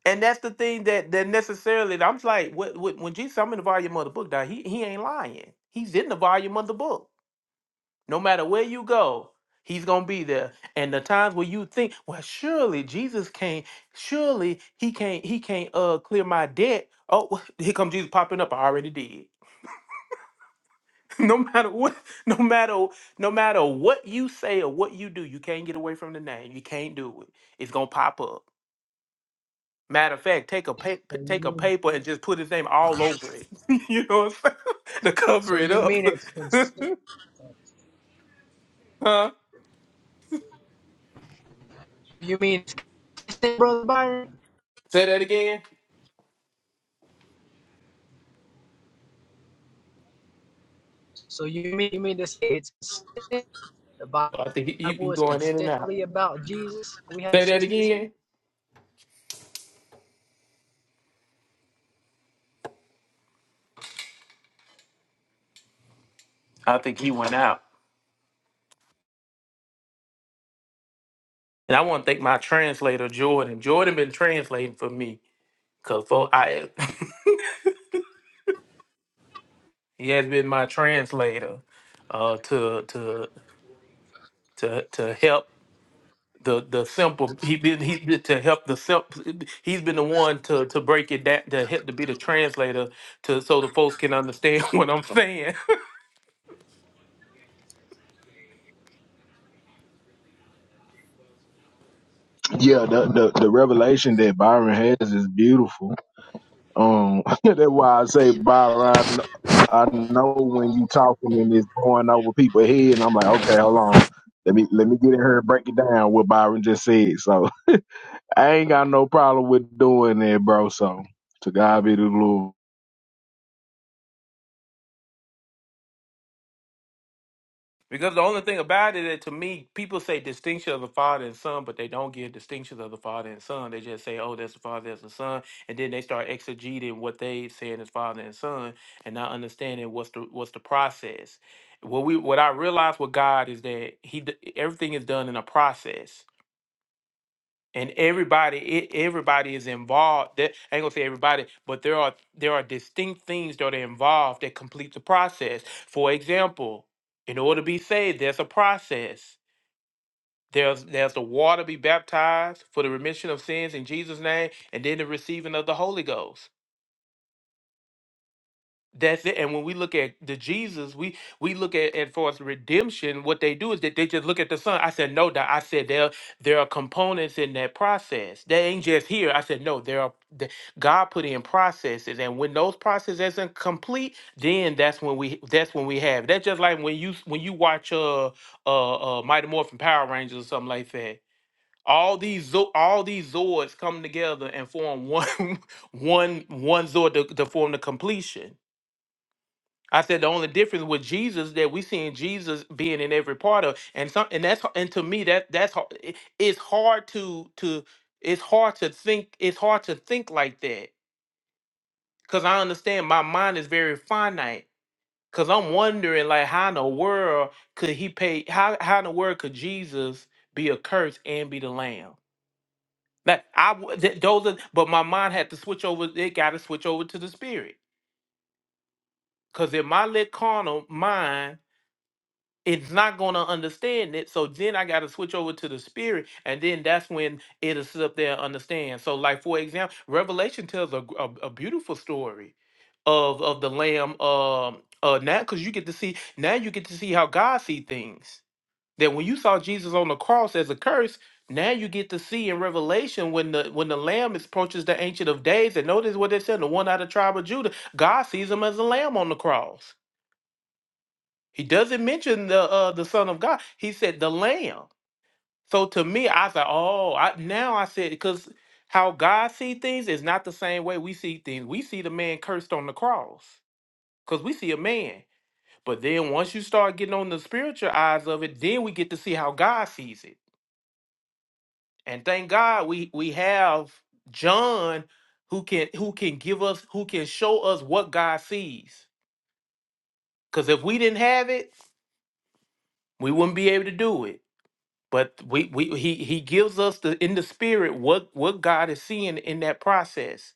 F: And that's the thing that that necessarily I'm just like what, what- when Jesus, I'm in the volume of the book, Doc. He he ain't lying. He's in the volume of the book. No matter where you go, he's going to be there. And the times where you think, well, surely Jesus can't, surely he can't, he can't uh clear my debt. Oh, here comes Jesus popping up. I already did. no matter what, no matter, no matter what you say or what you do, you can't get away from the name. You can't do it. It's gonna pop up. Matter of fact, take a pa- p- take a
I: So
F: paper and just put his name all over it. you know what I'm saying? to cover it
I: you mean so you
F: up.
I: mean it's cons-
F: huh?
I: you mean it's consistent, brother Byron?
F: Say that again.
I: So you mean you mean to say it's consistent? The
F: I think he, he he
I: Bible is
F: going in and out.
I: consistently about Jesus. We have
F: Say that
I: consistency.
F: again. I think he went out. And I want to thank my translator, Jordan. Jordan been translating for me. Cause for I he has been my translator uh to to to to help the the simple he been he been to help the simple he's been the one to to break it down to help to be the translator to so the folks can understand what I'm saying.
P: Yeah, the, the the revelation that Byron has is beautiful. Um, that's why I say Byron. I know when you talking and it's going over people's head, and I'm like, okay, hold on, let me let me get in here and break it down what Byron just said. So I ain't got no problem with doing that, bro. So to God be the glory.
F: Because the only thing about it, is, to me, people say distinction of the father and son, but they don't give distinctions of the father and son. They just say, "Oh, that's the father, that's the son," and then they start exegeting what they saying is father and son, and not understanding what's the what's the process. What we what I realize with God is that he d- everything is done in a process and everybody it, everybody is involved that i ain't gonna say everybody but there are there are distinct things that are involved that complete the process for example in order to be saved there's a process there's there's the water be baptized for the remission of sins in jesus name and then the receiving of the holy ghost That's it. And when we look at the Jesus, we we look at as far as redemption, what they do is that they just look at the Son. I said, no, Doc. I said there there are components in that process. They ain't just here. I said, no, there are the, God put in processes, and when those processes isn't complete, then that's when we that's when we have. That's just like when you when you watch uh uh, uh Mighty Morphin Power Rangers or something like that. All these Zo- all these Zords come together and form one one one Zord to, to form the completion I said the only difference with Jesus that we seeing Jesus being in every part of, and some, and that's h- and to me that that's har- it's hard to to it's hard to think it's hard to think like that because I understand my mind is very finite because I'm wondering like how in the world could he pay how how in the world could Jesus be a curse and be the Lamb? That I w- th- those are, but my mind had to switch over. It got to switch over to the spirit because in my little carnal mind. it's not going to understand it. So then I got to switch over to the spirit, and then that's when it'll sit up there and understand. So, like for example, Revelation tells a, gr- a, a beautiful story of of the Lamb. Um, uh, now because you get to see now you get to see how God see things. That when you saw Jesus on the cross as a curse, now you get to see in Revelation when the when the Lamb approaches the Ancient of Days, and notice what they said: the one out of tribe of Judah, God sees him as a lamb on the cross. He doesn't mention the uh, the Son of God. He said the Lamb. So to me, I said, oh, I, now I said because how God see things is not the same way we see things. We see the man cursed on the cross because we see a man. But then once you start getting on the spiritual eyes of it, then we get to see how God sees it. And thank God we we have John who can who can give us who can show us what God sees. Because if we didn't have it, we wouldn't be able to do it. but we, we he he gives us the in the spirit what what God is seeing in that process.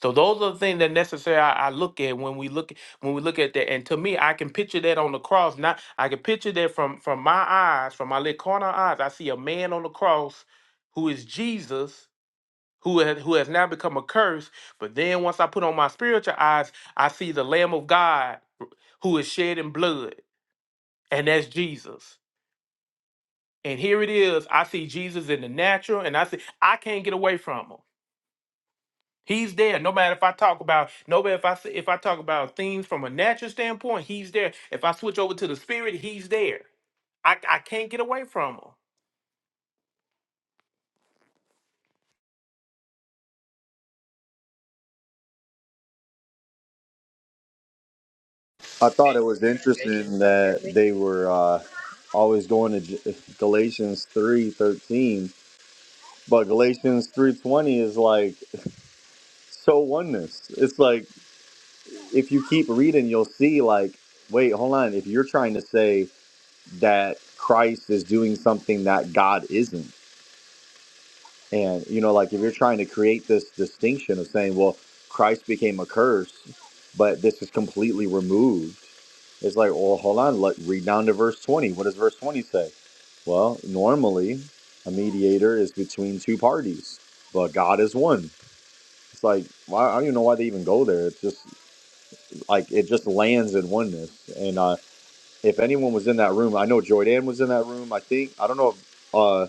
F: So those are the things that necessarily I, I look at when we look when we look at that. And to me, I can picture that on the cross. Not I can picture that from from my eyes, from my little corner eyes. I see a man on the cross who is Jesus, who has, who has now become a curse. But then once I put on my spiritual eyes, I see the Lamb of God who is shedding blood, and that's Jesus. And here it is. I see Jesus in the natural, and I see I can't get away from him. He's there. No matter if I talk about, no matter if I s- if I talk about things from a natural standpoint, he's there. If I switch over to the spirit, he's there. I, I can't get away from him.
A: I thought it was
I: Hey, can you
A: interesting
I: guys hear
A: that
I: me?
A: they were uh, always going to J- Galatians three thirteen, but Galatians three twenty is like so oneness. It's like if you keep reading, you'll see like, wait, hold on. If you're trying to say that Christ is doing something that God isn't, And you know, like if you're trying to create this distinction of saying, well, Christ became a curse, but this is completely removed, it's like, well, hold on, let read down to verse 20. What does verse 20 say? Well, normally a mediator is between two parties, but God is one. It's like, why, I don't even know why they even go there. It's just like it just lands in oneness. And uh, if anyone was in that room, I know Joydan was in that room. I think I don't know if uh,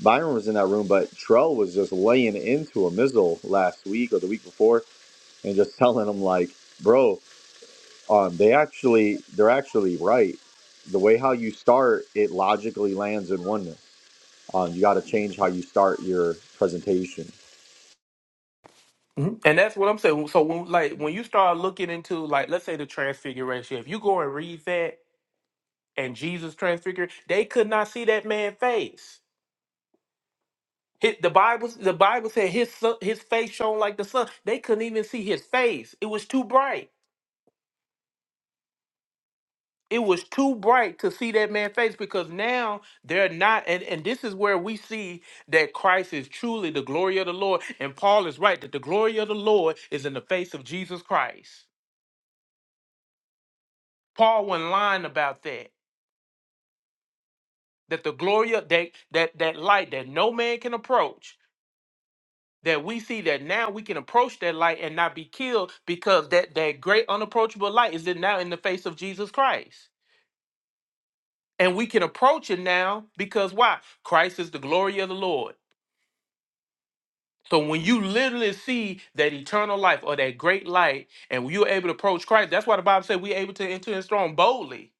A: Byron was in that room, but Trell was just laying into a Mizzle last week or the week before, and just telling him like, "Bro, um, they actually they're actually right. The way how you start, it logically lands in oneness. Um, you got to change how you start your presentation.
F: Mhm. And that's what I'm saying. So when like when you start looking into like let's say the transfiguration, if you go and read that and Jesus transfigured, they could not see that man's face. Hit the Bible. The Bible said his sun, his face shone like the sun. They couldn't even see his face. It was too bright. It was too bright to see that man's face because now they're not. And and this is where we see that Christ is truly the glory of the Lord. And Paul is right that the glory of the Lord is in the face of Jesus Christ. Paul wasn't lying about that. That the glory of that that that light that no man can approach that we see that now we can approach that light and not be killed because that that great unapproachable light is in now in the face of Jesus Christ. And we can approach it now because why? Christ is the glory of the Lord. So when you literally see that eternal life or that great light and when you're able to approach Christ, that's why the Bible said we're able to enter his throne boldly.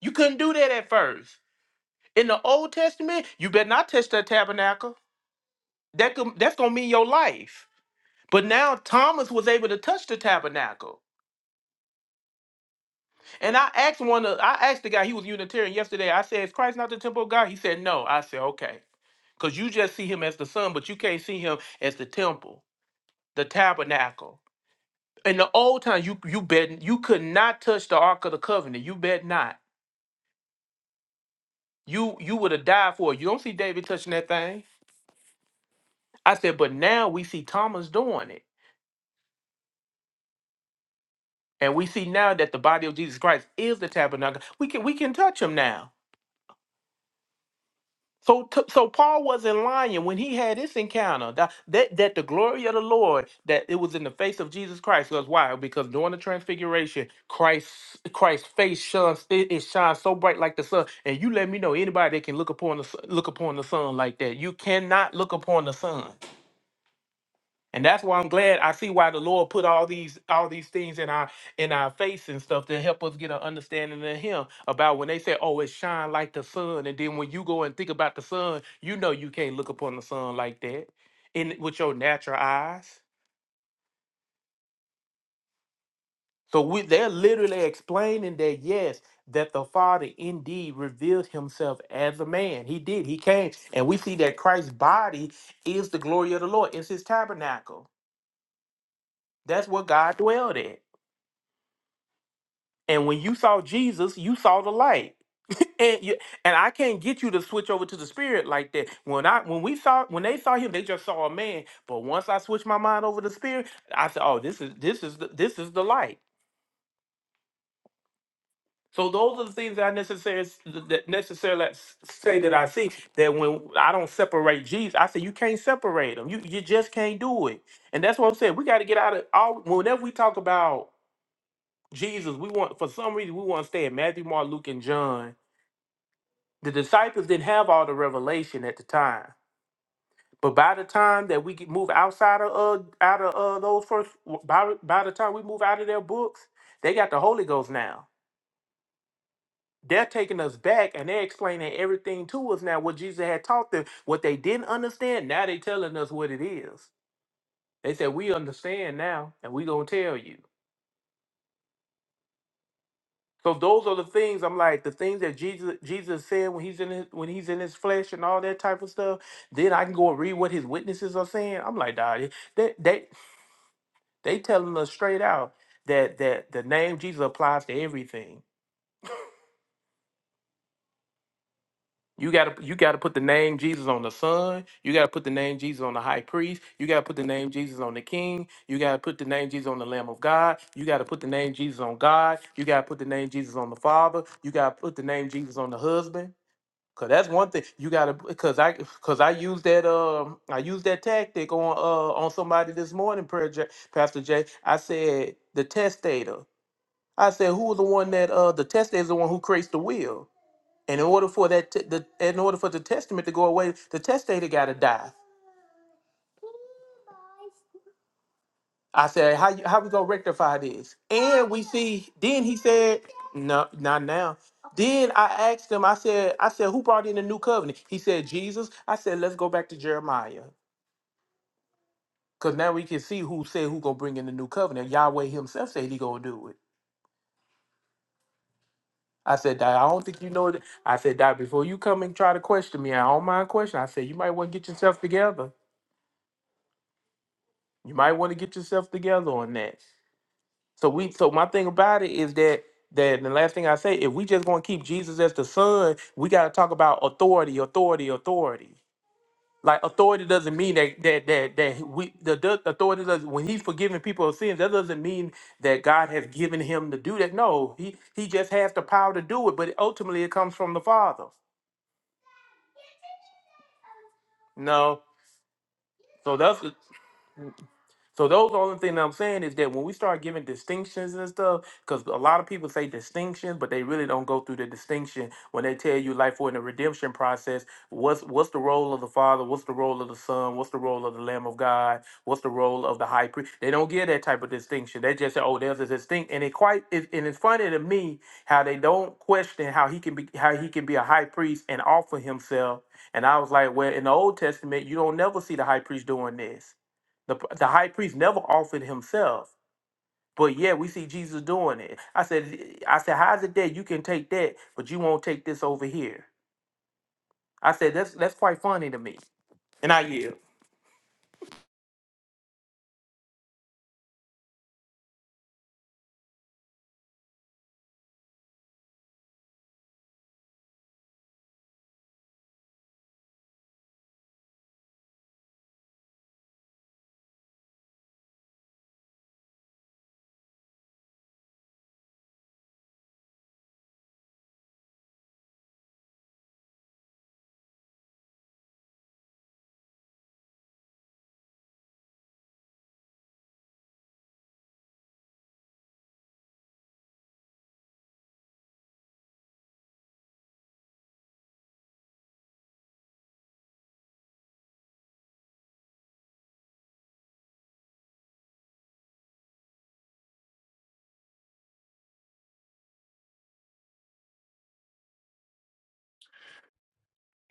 F: You couldn't do that at first. In the Old Testament, you better not touch that tabernacle. That could, that's gonna mean your life. But now Thomas was able to touch the tabernacle. And I asked one of I asked the guy, he was Unitarian yesterday. I said, Is Christ not the temple of God? He said, No. I said, Okay. Because you just see him as the son, but you can't see him as the temple, the tabernacle. In the old time, you you bet you could not touch the Ark of the Covenant. You bet not. You you would have died for it. You don't see David touching that thing. I said, but now we see Thomas doing it. And we see now that the body of Jesus Christ is the tabernacle. We can we can touch him now. So, t- so Paul wasn't lying when he had this encounter that, that that the glory of the Lord that it was in the face of Jesus Christ. Because why? Because during the transfiguration, Christ Christ's face shines it, it shines so bright like the sun. And you let me know anybody that can look upon the sun- look upon the sun like that. You cannot look upon the sun. And that's why I'm glad I see why the Lord put all these all these things in our in our face and stuff to help us get an understanding of him about when they say, Oh, it shine like the sun. And then when you go and think about the sun, you know you can't look upon the sun like that in with your natural eyes. So we they're literally explaining that yes, that the Father indeed revealed himself as a man. He did, he came. And we see that Christ's body is the glory of the Lord, it's his tabernacle. That's where God dwelled at. And when you saw Jesus, you saw the light. and you, and I can't get you to switch over to the spirit like that. When I when we saw when they saw him, they just saw a man. But once I switched my mind over to spirit, I said, "Oh, this is this is the, this is the light." So those are the things that I necessarily that necessarily s- say that I see that when I don't separate Jesus, I say you can't separate them. You you just can't do it. And that's what I'm saying. We got to get out of all. Whenever we talk about Jesus, we want for some reason we want to stay in Matthew, Mark, Luke, and John The disciples didn't have all the revelation at the time, but by the time that we get move outside of uh, out of uh, those first, by by the time we move out of their books, they got the Holy Ghost now. They're taking us back and they're explaining everything to us now. What Jesus had taught them, what they didn't understand, now they telling us what it is. They said we understand now, and we gonna tell you. So those are the things I'm like the things that Jesus Jesus said when he's in his, when he's in his flesh and all that type of stuff. Then I can go and read what his witnesses are saying. I'm like, nah, they they they telling us straight out that that the name Jesus applies to everything. You gotta you gotta put the name Jesus on the son. You gotta put the name Jesus on the high priest. You gotta put the name Jesus on the king. You gotta put the name Jesus on the Lamb of God. You gotta put the name Jesus on God. You gotta put the name Jesus on the Father. You gotta put the name Jesus on the husband. Cause that's one thing you gotta. Cause I, cause I used that. Um, I used that tactic on uh on somebody this morning, Prayer J, Pastor J. I said the testator. I said who was the one that uh the testator is the one who creates the will. And in order for that, t- the in order for the testament to go away, the testator gotta die. I said how you- how we gonna rectify this? And we see. Then he said, no, not now. Then I asked him, I said, I said, who brought in the new covenant? He said, Jesus. I said, let's go back to Jeremiah. Cause now we can see who said who gonna bring in the new covenant. Yahweh himself said he gonna do it. I said, "Doc, I don't think you know that. I said, "Doc, before you come and try to question me, I don't mind question. I said, you might want to get yourself together. You might want to get yourself together on that. So we, so my thing about it is that that the last thing I say, if we just gonna keep Jesus as the son, we gotta talk about authority, authority, authority. Like authority doesn't mean that that that that we the, the authority does when he's forgiving people of sins. That doesn't mean that God has given him to do that. No, he he just has the power to do it, but ultimately it comes from the Father. No, so that's So those the only thing I'm saying is that when we start giving distinctions and stuff, because a lot of people say distinction, but they really don't go through the distinction when they tell you like for in the redemption process, what's what's the role of the Father, what's the role of the Son, what's the role of the Lamb of God, what's the role of the high priest. They don't give that type of distinction. They just say, Oh, there's a distinct and it quite it, and it's funny to me how they don't question how he can be how he can be a high priest and offer himself. And I was like, Well, in the old testament, you don't never see the high priest doing this. The, the high priest never offered himself, but yeah, we see Jesus doing it. I said, I said, how's it that you can take that, but you won't take this over here? I said, that's that's quite funny to me, and I yield.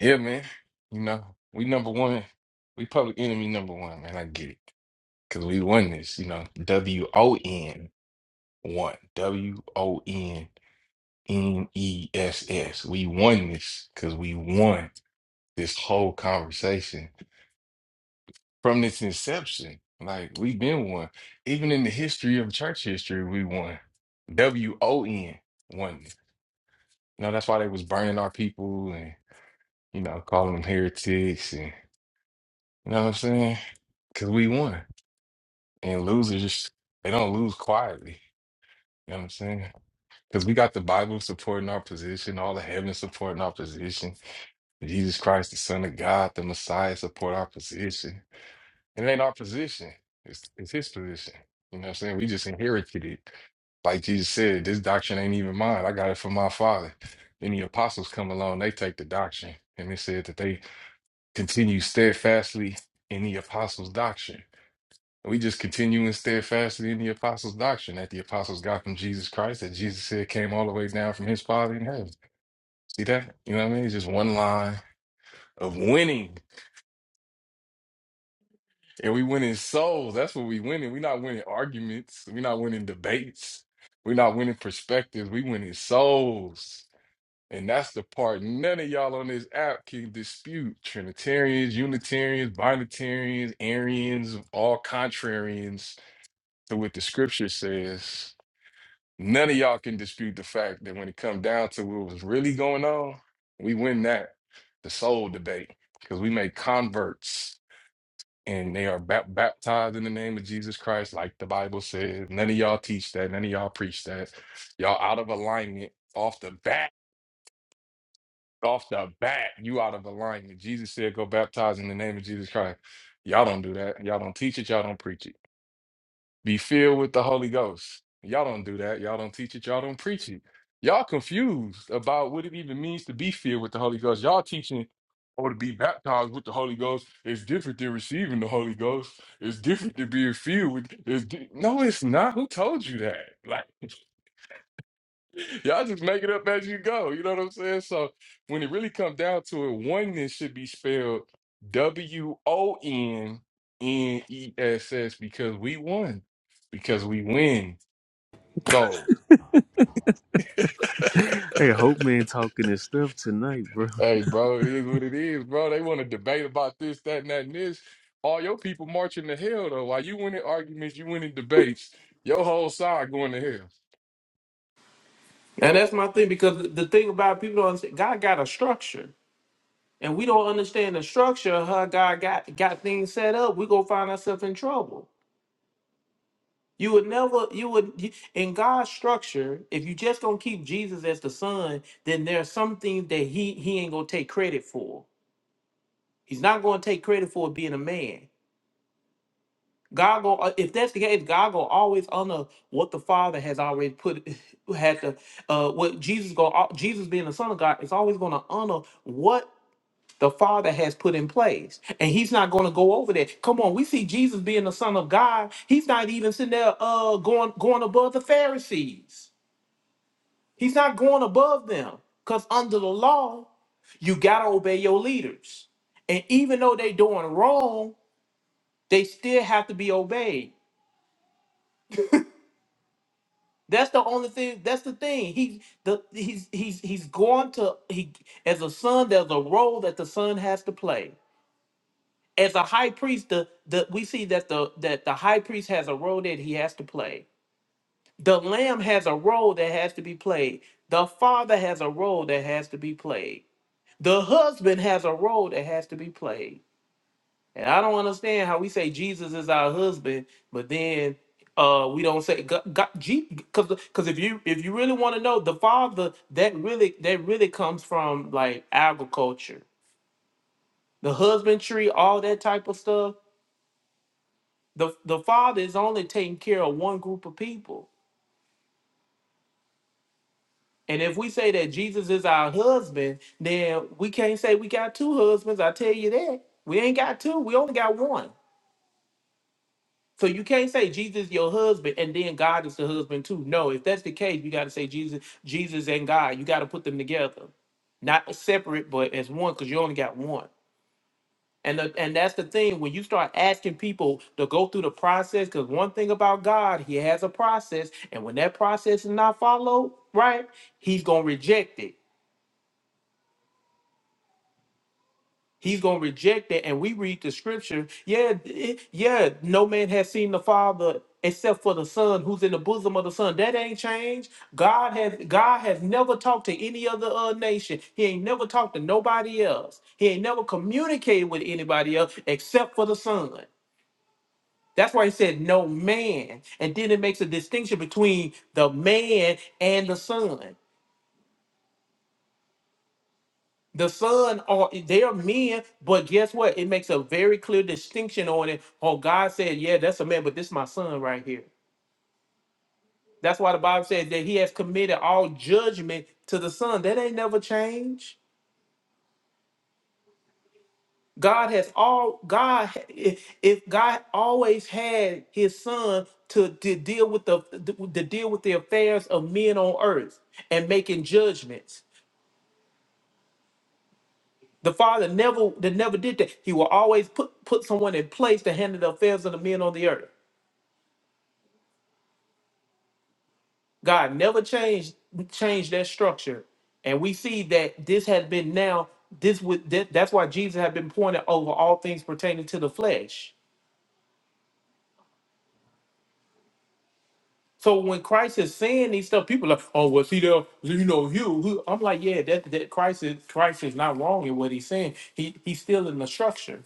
J: Yeah, man. You know, we number one. We public enemy number one, man. I get it. Because we won this, you know, W O N one, W O N N E S S. We won this because we won this whole conversation from its inception. Like we've been one. Even in the history of church history, we won. W O N one. You know, that's why they was burning our people and, you know, calling them heretics and, you know what I'm saying? Because we won. And losers, they don't lose quietly. You know what I'm saying? Because we got the Bible supporting our position, all the heaven supporting our position, Jesus Christ, the Son of God, the Messiah support our position. it ain't our position, it's, it's his position. You know what I'm saying? We just inherited it. Like Jesus said, this doctrine ain't even mine. I got it from my father. Then the apostles come along, they take the doctrine. And they said that they continue steadfastly in the apostles' doctrine. And we just continuing steadfastly in the apostles' doctrine that the apostles got from Jesus Christ, that Jesus said came all the way down from his Father in heaven. See that? You know what I mean? It's just one line of winning. And we winning souls. That's what we winning. We're not winning arguments. We're not winning debates. We're not winning perspectives. We winning souls. And that's the part none of y'all on this app can dispute. Trinitarians, Unitarians, Binitarians, Arians, all contrarians to what the scripture says. None of y'all can dispute the fact that when it come down to what was really going on, we win that, the soul debate, because we make converts and they are bap- baptized in the name of Jesus Christ, like the Bible says. None of y'all teach that. None of y'all preach that. Y'all out of alignment off the bat. Off the bat, you out of alignment. Jesus said, "Go baptize in the name of Jesus Christ." Y'all don't do that. Y'all don't teach it. Y'all don't preach it. Be filled with the Holy Ghost. Y'all don't do that. Y'all don't teach it. Y'all don't preach it. Y'all confused about what it even means to be filled with the Holy Ghost. Y'all teaching or to be baptized with the Holy Ghost is different than receiving the Holy Ghost. It's different than being filled with. It's di- no, it's not. Who told you that? Like. Y'all just make it up as you go. You know what I'm saying? So when it really comes down to it, oneness should be spelled W O N N E S S because we won, because we win. So,
L: Good stuff tonight, bro.
J: hey, bro, it is what it is, bro. They want to debate about this, that, and that, and this. All your people marching to hell, though. While you winning arguments, you winning debates, your whole side going to hell.
F: And that's my thing because the thing about people don't understand, God got a structure, and we don't understand the structure of how God got got things set up. We gonna find ourselves in trouble. You would never, you would, you- in God's structure, if you just gonna keep Jesus as the son, then there are some things that he he ain't gonna take credit for. He's not going to take credit for it being a man. God go uh, if that's the case, God go always honor what the Father has already put had to uh what Jesus go al- Jesus being the Son of God is always going to honor what the Father has put in place, and He's not going to go over that. Come on, we see Jesus being the Son of God. He's not even sitting there uh going going above the Pharisees. He's not going above them because under the law, you gotta obey your leaders, and even though they doing wrong. They still have to be obeyed. That's the only thing. That's the thing. He the he's he's he's going to he as a son. There's a role that the son has to play. As a high priest, the, the we see that the that the high priest has a role that he has to play. The lamb has a role that has to be played. The father has a role that has to be played. The husband has a role that has to be played. And I don't understand how we say Jesus is our husband, but then uh we don't say God, because because if you if you really want to know the father that really that really comes from like agriculture, the husbandry, all that type of stuff. The the father is only taking care of one group of people. And if we say that Jesus is our husband, then we can't say we got two husbands. I tell you that. We ain't got two. We only got one. So you can't say Jesus your husband and then God is the husband too. No, if that's the case, you got to say Jesus, Jesus and God. You got to put them together, not separate, but as one, because you only got one. And the, and that's the thing when you start asking people to go through the process, because one thing about God, He has a process, and when that process is not followed, right, He's gonna reject it. He's gonna reject that, and we read the scripture. Yeah, it- yeah. No man has seen the Father except for the Son, who's in the bosom of the Son. That ain't changed. God has God has never talked to any other uh, nation. He ain't never talked to nobody else. He ain't never communicated with anybody else except for the Son. That's why he said no man, and then it makes a distinction between the man and the Son. The son are they are men, but guess what? It makes a very clear distinction on it. Oh, God said, Yeah, that's a man, but this is my son right here. That's why the Bible says that he has committed all judgment to the son. That ain't never changed. God has all God if if God always had his son to, to deal with the to deal with the affairs of men on earth and making judgments. The father never that never did that. He will always put put someone in place to handle the affairs of the men on the earth. God never changed changed that structure, and we see that this has been now this would that, that's why Jesus had been pointed over all things pertaining to the flesh. So when Christ is saying these stuff, people are like, oh, well, see there, you know, you. Who? I'm like, yeah, that that Christ is Christ is not wrong in what he's saying. He he's still in the structure.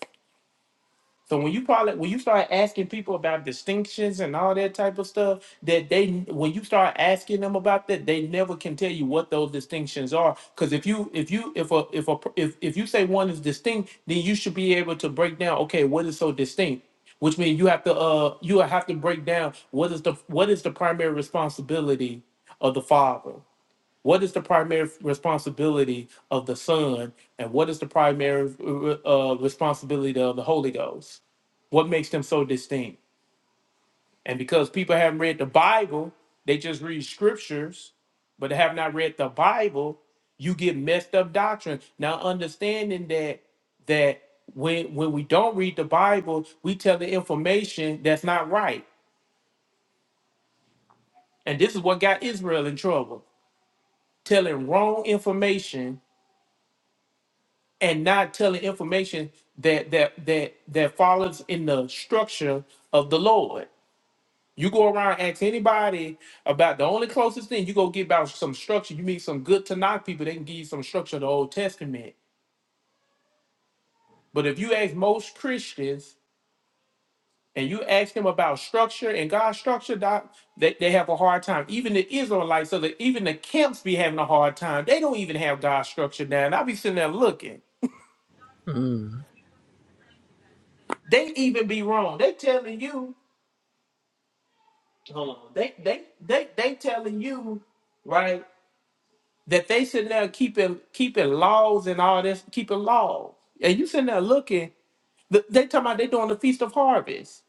F: So when you probably when you start asking people about distinctions and all that type of stuff, that they when you start asking them about that, they never can tell you what those distinctions are. Because if you if you if a if a if if you say one is distinct, then you should be able to break down. Okay, what is so distinct? Which means you have to uh you have to break down what is the what is the primary responsibility of the father what is the primary responsibility of the Son, and what is the primary uh, uh, responsibility of the Holy Ghost? What makes them so distinct? And because people haven't read the Bible, they just read scriptures, but they have not read the Bible. You get messed up doctrine. Now, understanding that that when when we don't read the Bible, we tell the information that's not right, and this is what got Israel in trouble, telling wrong information and not telling information that that that that follows in the structure of the Lord. You go around ask anybody about the only closest thing you go get about some structure. You meet some good Tanakh people, they can give you some structure of the Old Testament. But if you ask most Christians and you ask them about structure and God's structure, doc, they, they have a hard time. Even the Israelites, so that even the camps be having a hard time. They don't even have God's structure down. I be sitting there looking.
L: Mm.
F: They even be wrong. They telling you hold on. They they they they telling you right that they sitting there keeping keeping laws and all this, keeping laws, and you sitting there looking. th- They talking about they doing the feast of harvest.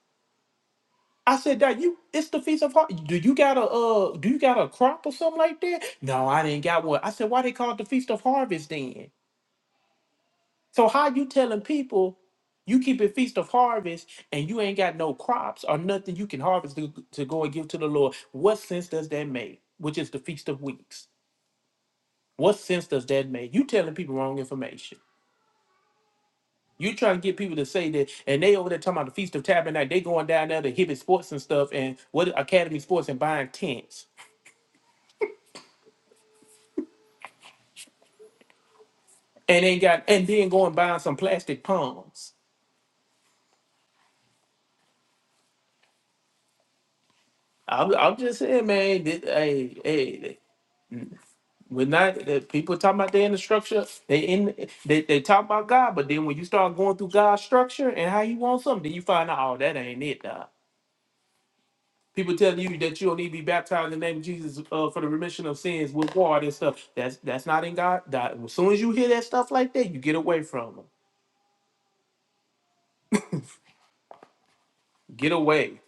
F: I said that you it's the feast of harvest. Do you got a uh do you got a crop or something like that? No, I didn't got one. I said why they call it the feast of harvest then? So how you telling people you keep a feast of harvest and you ain't got no crops or nothing you can harvest to, to go and give to the Lord? What sense does that make? Which is the feast of weeks. What sense does that make? You telling people wrong information. You trying to get people to say that, and they over there talking about the Feast of Tabernacle. They going down there to Hibbett Sports and stuff, and what Academy Sports and buying tents, and ain't got, and then going buying some plastic palms. I'm, I'm just saying, man. That, hey, hey, We're not the people talking about they in the structure. They in they, they talk about God, but then when you start going through God's structure and how He wants something, then you find out, oh, that ain't it. Dog. People telling you that you don't need to be baptized in the name of Jesus uh, for the remission of sins with water and stuff. That's that's not in God. Dog. As soon as you hear that stuff like that, you get away from them. Get away.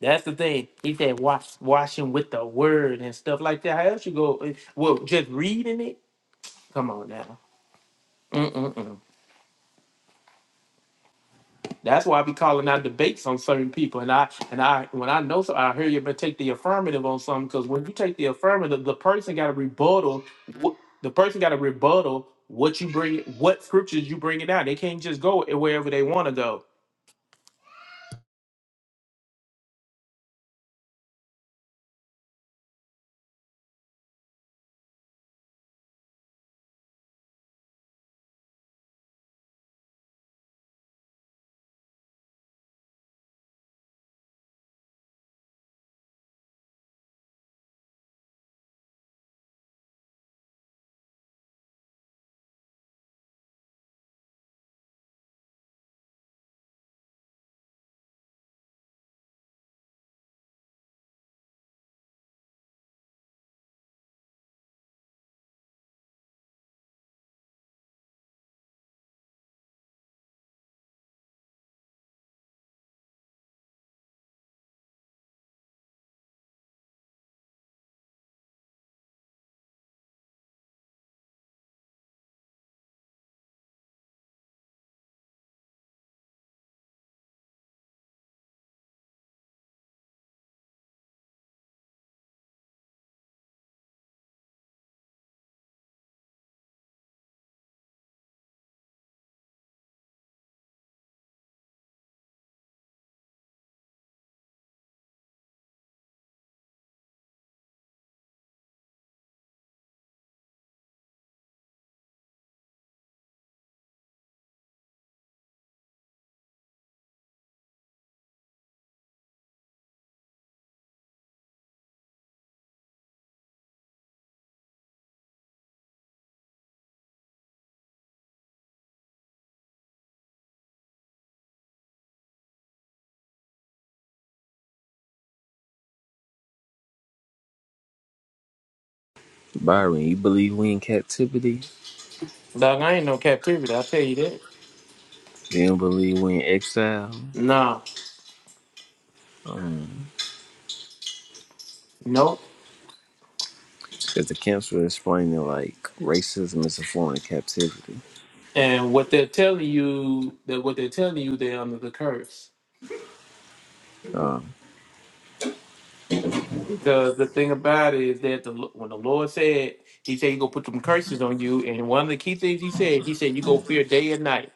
F: That's the thing. He said, wash washing with the word and stuff like that. How else you go? eh, Well, just reading it. Come on now. That's why I be calling out debates on certain people, and I and I when I know so I hear you, but take the affirmative on something because when you take the affirmative, the person got to rebuttal. What the person got to rebuttal what you bring, what scriptures you bringing out. They can't just go wherever they want to go.
L: Byron, you believe we in captivity?
F: Dog, I ain't no captivity. I tell you that.
L: You don't believe we in exile?
F: Nah, nope.
L: Because the camps were explaining like racism is a form of captivity.
F: And what they're telling you that what they're telling you, they're under the curse. Because the thing about it is that the when the Lord said, He said He gonna put some curses on you, and one of the key things He said, He said you go fear day and night.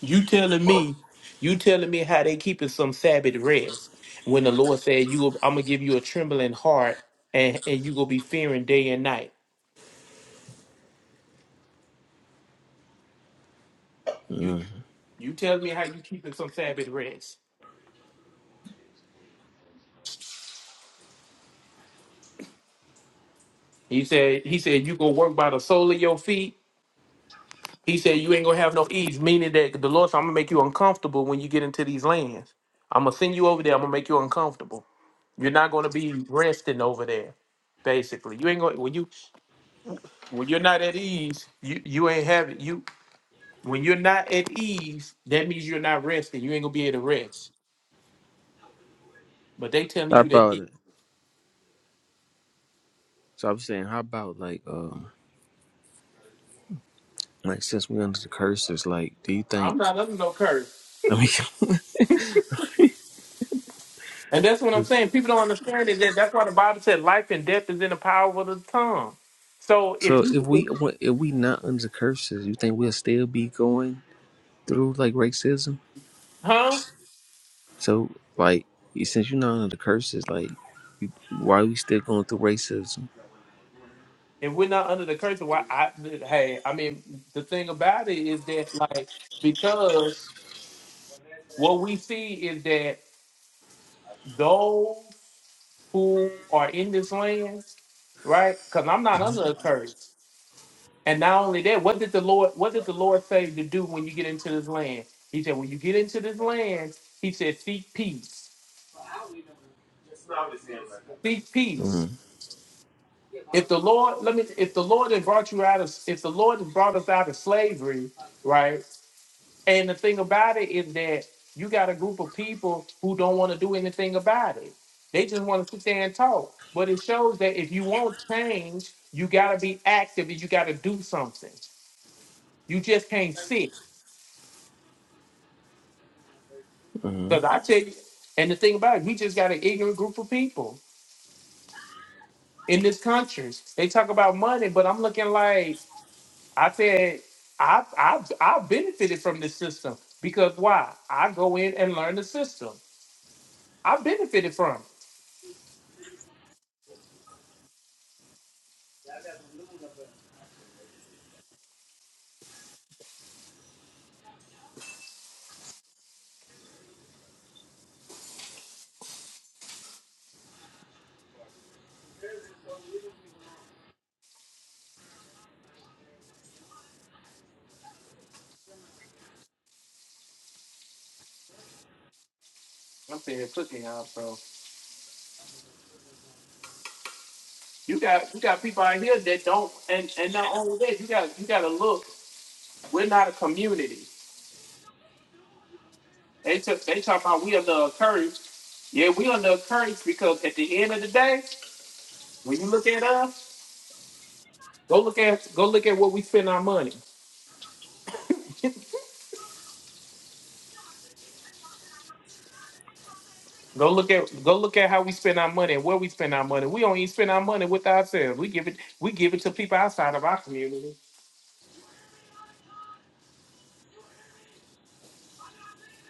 F: You telling me, you telling me how they keeping some Sabbath rest when the Lord said you, I'm gonna give you a trembling heart, and and you gonna be fearing day and night. You you telling me how you keeping some Sabbath rest? He said He said you go work by the sole of your feet, He said, You ain't gonna have no ease, meaning that the Lord said, I'm gonna make you uncomfortable when you get into these lands. I'm gonna send you over there, I'm gonna make you uncomfortable. You're not gonna be resting over there, basically. You ain't gonna when you when you're not at ease, you, you ain't having you when you're not at ease, that means you're not resting. You ain't gonna be able to rest. But they telling
L: How
F: you they
L: about it?
F: keep
L: So I'm saying, how about like, um, like since we under the curses, like, do you
F: I'm
L: think?
F: not under no curse.
L: I mean,
F: And that's what I'm saying. People don't understand it that that's why the Bible said life and death is in the power of the tongue. So if
L: so
F: you
L: if we if we not under curses, you think we'll still be going through like racism?
F: huh?
L: So, like, you- since you know under the curses, like, you- why we still going through racism?
F: if we're not under the curse, why I hey, I mean the thing about it is that like because what we see is that those who are in this land, right? Because I'm not under a curse. And not only that, what did the Lord what did the Lord say to do when you get into this land? He said, When you get into this land, he said, seek peace. Seek peace.
L: Mm-hmm.
F: If the Lord, let me if the Lord had brought you out of if the Lord had brought us out of slavery, right? And the thing about it is that you got a group of people who don't want to do anything about it. They just want to sit there and talk. But it shows that if you want change, you got to be active and you got to do something. You just can't sit.
L: hmm
F: Because I tell you, and the thing about it, we just got an ignorant group of people in this country. They talk about money, but I'm looking like I said, I I I benefited from this system because why? I go in and learn the system. I benefited from it. I'm saying cooking y'all. So you got you got people out here that don't and and not only that, you got you gotta look. We're not a community. They took they talk about we under encouraged. Yeah, we under encouraged because at the end of the day, when you look at us, go look at go look at what we spend our money. Go look at go look at how we spend our money and where we spend our money. We don't even spend our money with ourselves. We give it we give it to people outside of our community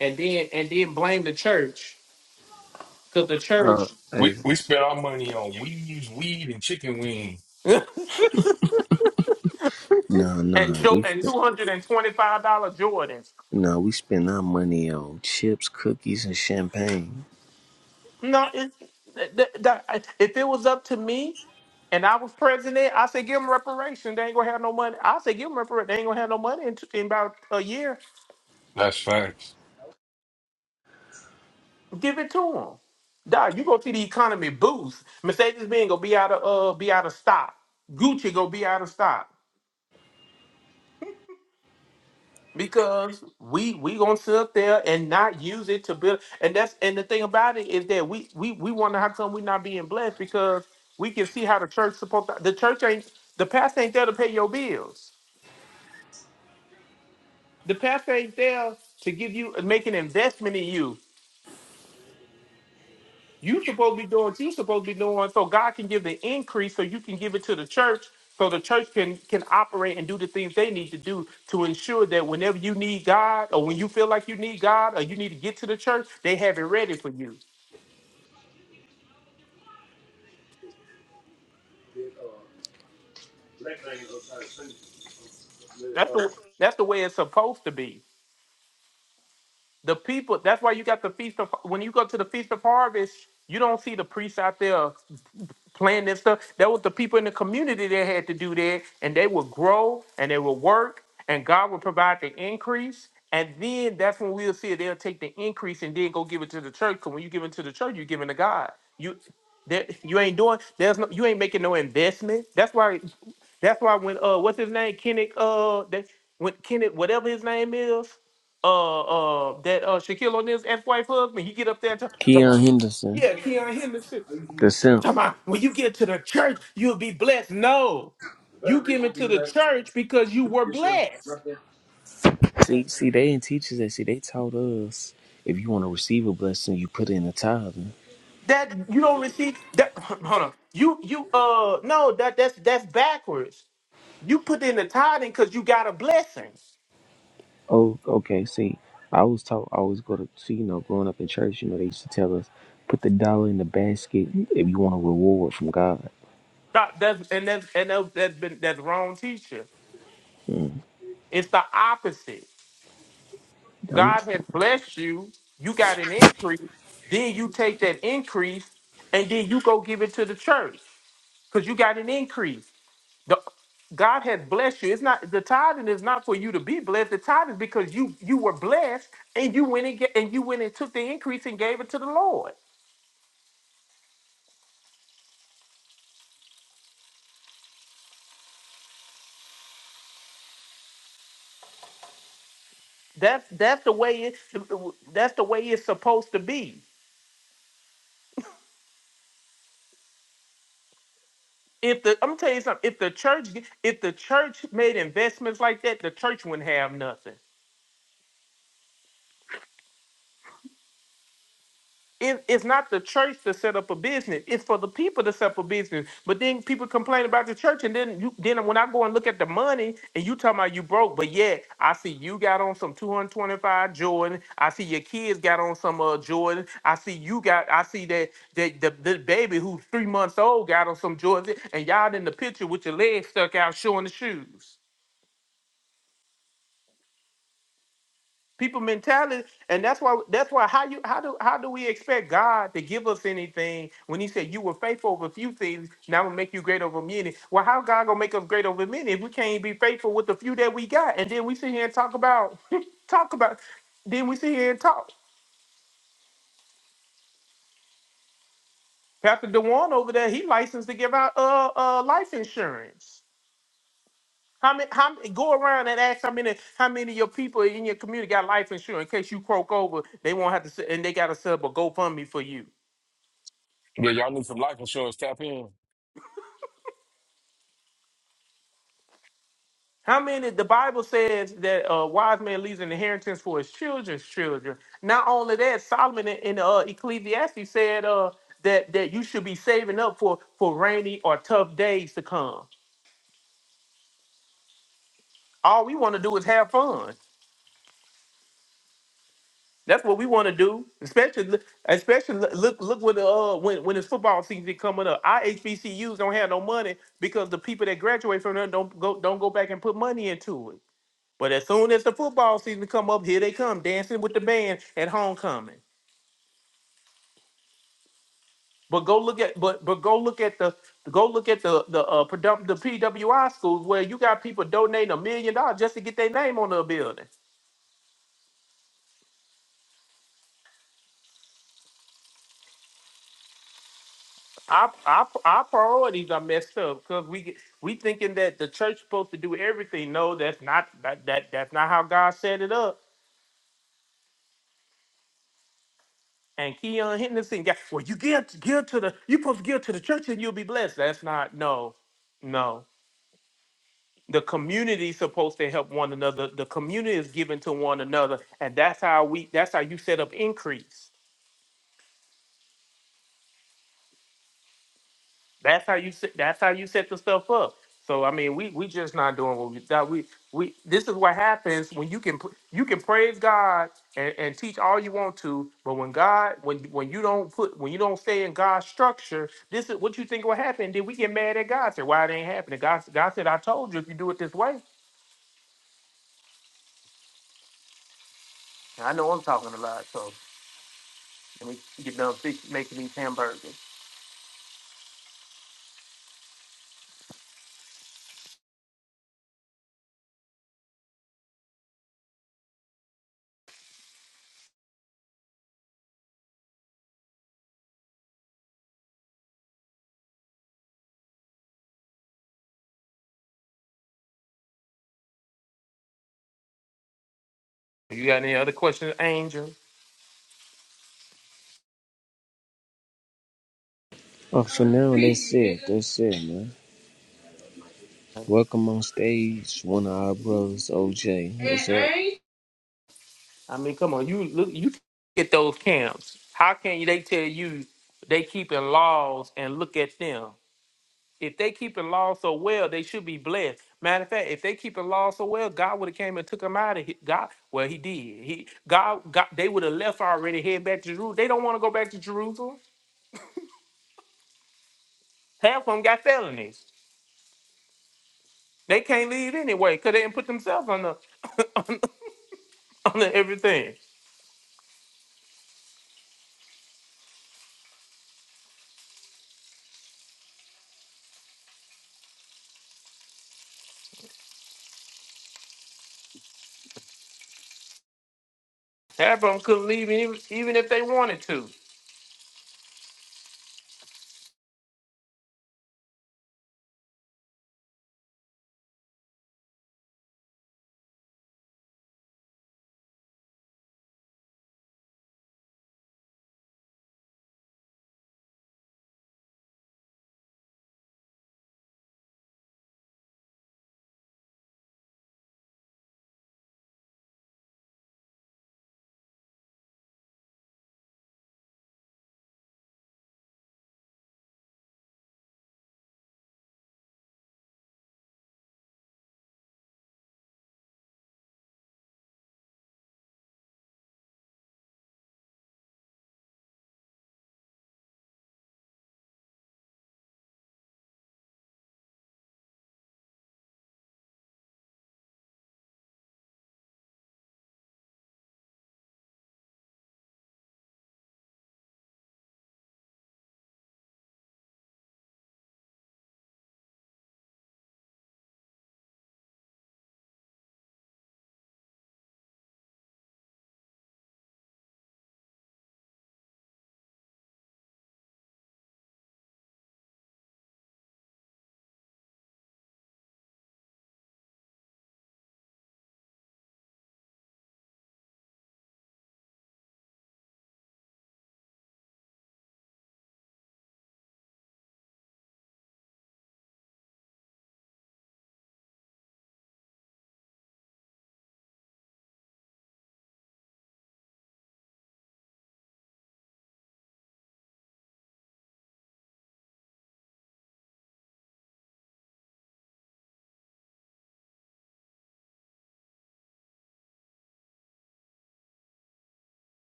F: and then and then blame the church because the church
J: We,
L: Hey,
J: we spent our money on weeds, weed, and chicken wing.
L: no,
F: and
L: no,
F: jo-
L: we
F: and
L: sp-
F: two hundred and twenty five dollar Jordans.
L: no, we spend our money on chips, cookies, and champagne.
F: No, it's th- th- th- if it was up to me and I was president, I say give them reparation. They ain't gonna have no money. I say give them reparation. They ain't gonna have no money in, in about a year.
J: That's facts.
F: Give it to them. Dog, you going to see the economy boost. Mercedes Benz gonna be out of uh be out of stock. Gucci gonna be out of stock. because we we gonna sit up there and not use it to build and that's and the thing about it is that we we we wonder how come we not being blessed because we can see how the church supposed to, the church ain't the pastor ain't there to pay your bills the pastor ain't there to give you make an investment in you You supposed to be doing what you supposed to be doing so God can give the increase so you can give it to the church so the church can can operate and do the things they need to do to ensure that whenever you need God or when you feel like you need God or you need to get to the church, they have it ready for you. That's the that's the way it's supposed to be. The people that's why you got the feast of when you go to the feast of harvest, you don't see the priests out there planting and stuff. That was the people in the community that had to do that, and they would grow and they would work, and God would provide the increase. And then that's when we'll see it. They'll take the increase and then go give it to the church. Because when you give it to the church, you're giving to God. You that you ain't doing. There's no. You ain't making no investment. That's why. That's why when uh, what's his name, Kenneth uh, that when Kenneth whatever his name is, uh uh that uh Shaquille O'Neal's ex-wife husband, he get up there and talk, talk
L: Keon
F: about
L: Henderson,
F: yeah, Keon Henderson.
L: the simp.
F: Talking about when you give to the church, you'll be blessed. No, you give it to the church because you were blessed.
L: See, see, they didn't teach us that. See, they taught us if you want to receive a blessing, you put in a tithing.
F: That you don't receive that hold on. You you uh no, that that's that's backwards. You put in the tithing because you got a blessing.
L: Oh, okay. See, I was taught. I always go to see. You know, growing up in church, you know, they used to tell us put the dollar in the basket if you want a reward from God.
F: That- that's and that's and that's, that's been that's wrong teacher. It's the opposite.
L: I'm,
F: God has blessed you, you got an increase, then you take that increase and then you go give it to the church because you got an increase. The- God has blessed you. It's not the tithing is not for you to be blessed. The tithing is because you you were blessed and you went and get, and you went and took the increase and gave it to the Lord. That's that's the way it that's the way it's supposed to be. If the I'm gonna tell you something, if the church if the church made investments like that, the church wouldn't have nothing. It, it's not the church to set up a business. It's for the people to set up a business. But then people complain about the church, and then you then when I go and look at the money, and you talking about you broke, but yeah, I see you got on some two hundred twenty five Jordan. I see your kids got on some uh Jordan. I see you got. I see that that the, the baby who's three months old got on some Jordan, and y'all in the picture with your legs stuck out showing the shoes. people mentality and that's why that's why how you how do how do we expect god to give us anything when he said you were faithful over a few things now i'm gonna make you great over many well how god gonna make us great over many if we can't be faithful with the few that we got and then we sit here and talk about talk about then we sit here and talk pastor dewan over there he licensed to give out uh uh life insurance how many how many- go around and ask how many how many of your people in your community got life insurance in case you croak over they won't have to s- and they gotta set up a gofundme for you
J: Yeah, y'all need some life insurance. Tap in.
F: How many? The Bible says that a wise man leaves an inheritance for his children's children. Not only that, Solomon in, in uh, Ecclesiastes said uh, that that you should be saving up for for rainy or tough days to come. All we want to do is have fun. That's what we want to do. Especially, especially look look when the uh, when when it's football season coming up. Our HBCUs don't have no money because the people that graduate from there don't go don't go back and put money into it. But as soon as the football season come up, here they come dancing with the band at homecoming. But go look at but but go look at the go look at the the uh, predom- the PWI schools where you got people donating a million dollars just to get their name on the building. Our our, our priorities are messed up because we get- we thinking that the church supposed to do everything. No, that's not that, that that's not how God set it up. And Keon Henderson got well. You give give to the you supposed to give to the church and you'll be blessed. That's not no no. the community is supposed to help one another the community is given to one another and that's how we that's how you set up increase that's how you set that's how you set the stuff up so i mean we we just not doing what we that we we this is what happens when you can pr- you can praise god and, and teach all you want to but when god when when you don't put when you don't stay in god's structure this is what you think will happen then we get mad at god say why it ain't happening god, god said i told you if you do it this way i know i'm talking a lot so when we get done fix, making these hamburgers. You got any other questions, Angel?
L: oh, for now, that's it. That's it, man. Welcome on stage, one of our brothers, OJ. What's
F: I mean, come on, you look, you get those camps. How can you? They tell you they keeping laws and look at them. If they keeping laws so well, they should be blessed. Matter of fact, if they keeping laws so well, God would have came and took them out of here. God. Well, He did. He God. God they would have left already. Head back to Jerusalem. They don't want to go back to Jerusalem. Half of them got felonies. They can't leave anyway because they didn't put themselves on the on the everything. Half of them couldn't leave even, even if they wanted to.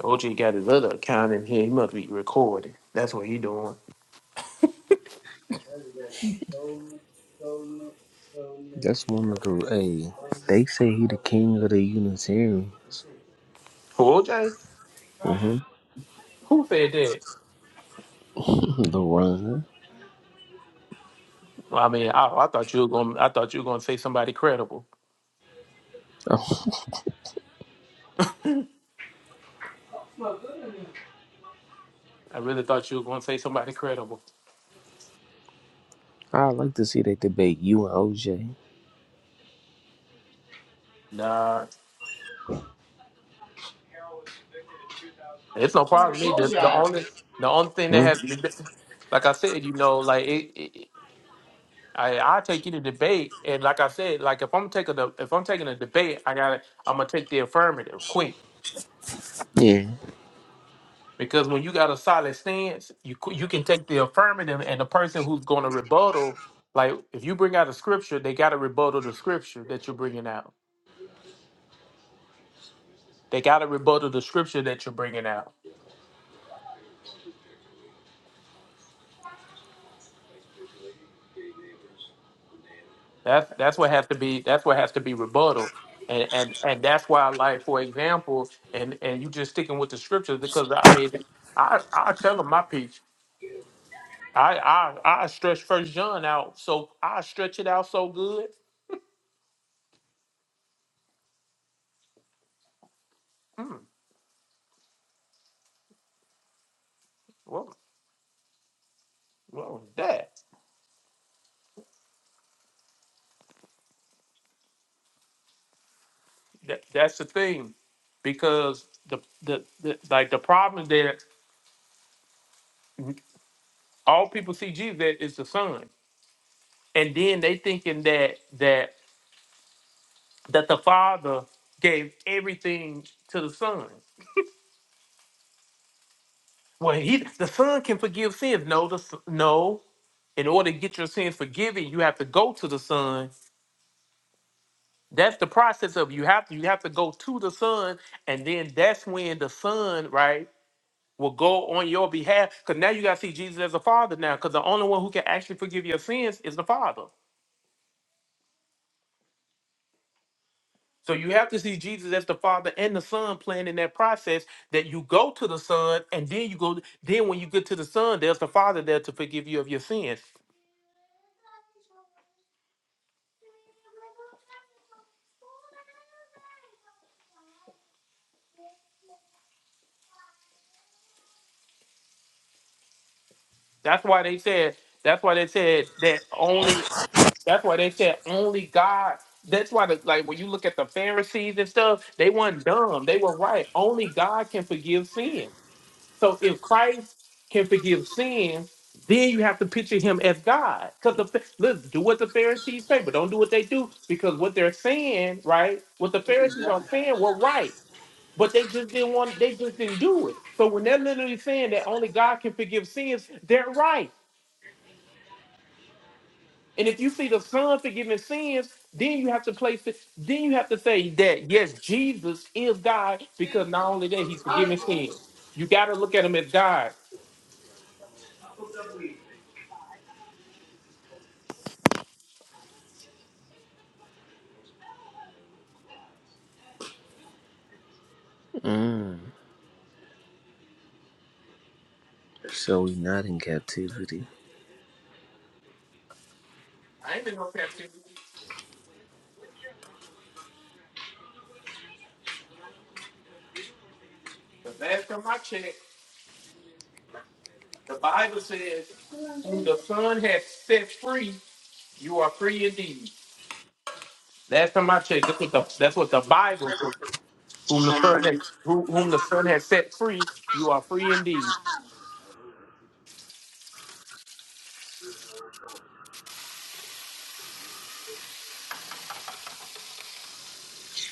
F: OJ got his other account in here. He must be recorded. That's what he doing.
L: up? That's one of the. Hey, they say he the king of the Unitarian.
F: Who OJ?
L: Mm-hmm.
F: Who said that?
L: The runner.
F: Well, I mean, I, I thought you were going. to I thought you were going to say somebody credible.
L: Oh,
F: I really thought you were going to say somebody credible.
L: I like to see they debate you and OJ.
F: Nah, it's no problem. with Me, the, the only the only thing that
L: Hmm?
F: has to be, like I said, you know, like it, it, I I take you to debate, and like I said, like if I'm taking a if I'm taking a debate, I got to I'm gonna take the affirmative quick.
L: Yeah.
F: Because when you got a solid stance, you c- you can take the affirmative, and the person who's going to rebuttal, like if you bring out a scripture, they got to rebuttal the scripture that you're bringing out. They got to rebuttal the scripture that you're bringing out. That's that's what has to be that's what has to be rebuttal, and and and that's why, like for example, and and you just sticking with the scripture because I mean, I I tell them my piece. I I I stretch First John out, so I stretch it out so good. Mm, well, well, that. that that's the thing because the, the the like the problem is that all people see Jesus at is the son, and then they thinking that that that the father gave everything to the son. Well, he the son can forgive sins. No, the s- no. In order to get your sins forgiven, you have to go to the son. That's the process of you have to you have to go to the son, and then that's when the son right will go on your behalf. Because now you got to see Jesus as a father now. Because the only one who can actually forgive your sins is the father. So you have to see Jesus as the father and the son playing in that process that you go to the son and then you go. Then when you get to the son, there's the father there to forgive you of your sins. That's why they said. That's why they said that only. That's why they said only God. That's why, the, like, when you look at the Pharisees and stuff, they weren't dumb. They were right. Only God can forgive sin. So if Christ can forgive sin, then you have to picture him as God. Because the Pha- listen, do what the Pharisees say, but don't do what they do. Because what they're saying, right? What the Pharisees are saying were right, but they just didn't want. They just didn't do it. So when they're literally saying that only God can forgive sins, they're right. And if you see the Son forgiving sins, then you have to place it. Then you have to say that yes, Jesus is God because not only that He's forgiving sins. You got to look at Him as God.
L: Mm. So we not in captivity.
F: I ain't been no past The last time I checked, the Bible says, whom the Son has set free, you are free indeed. Last time I checked, that's what the, that's what the Bible says. Whom the Son has who, whom the Son has set free, you are free indeed.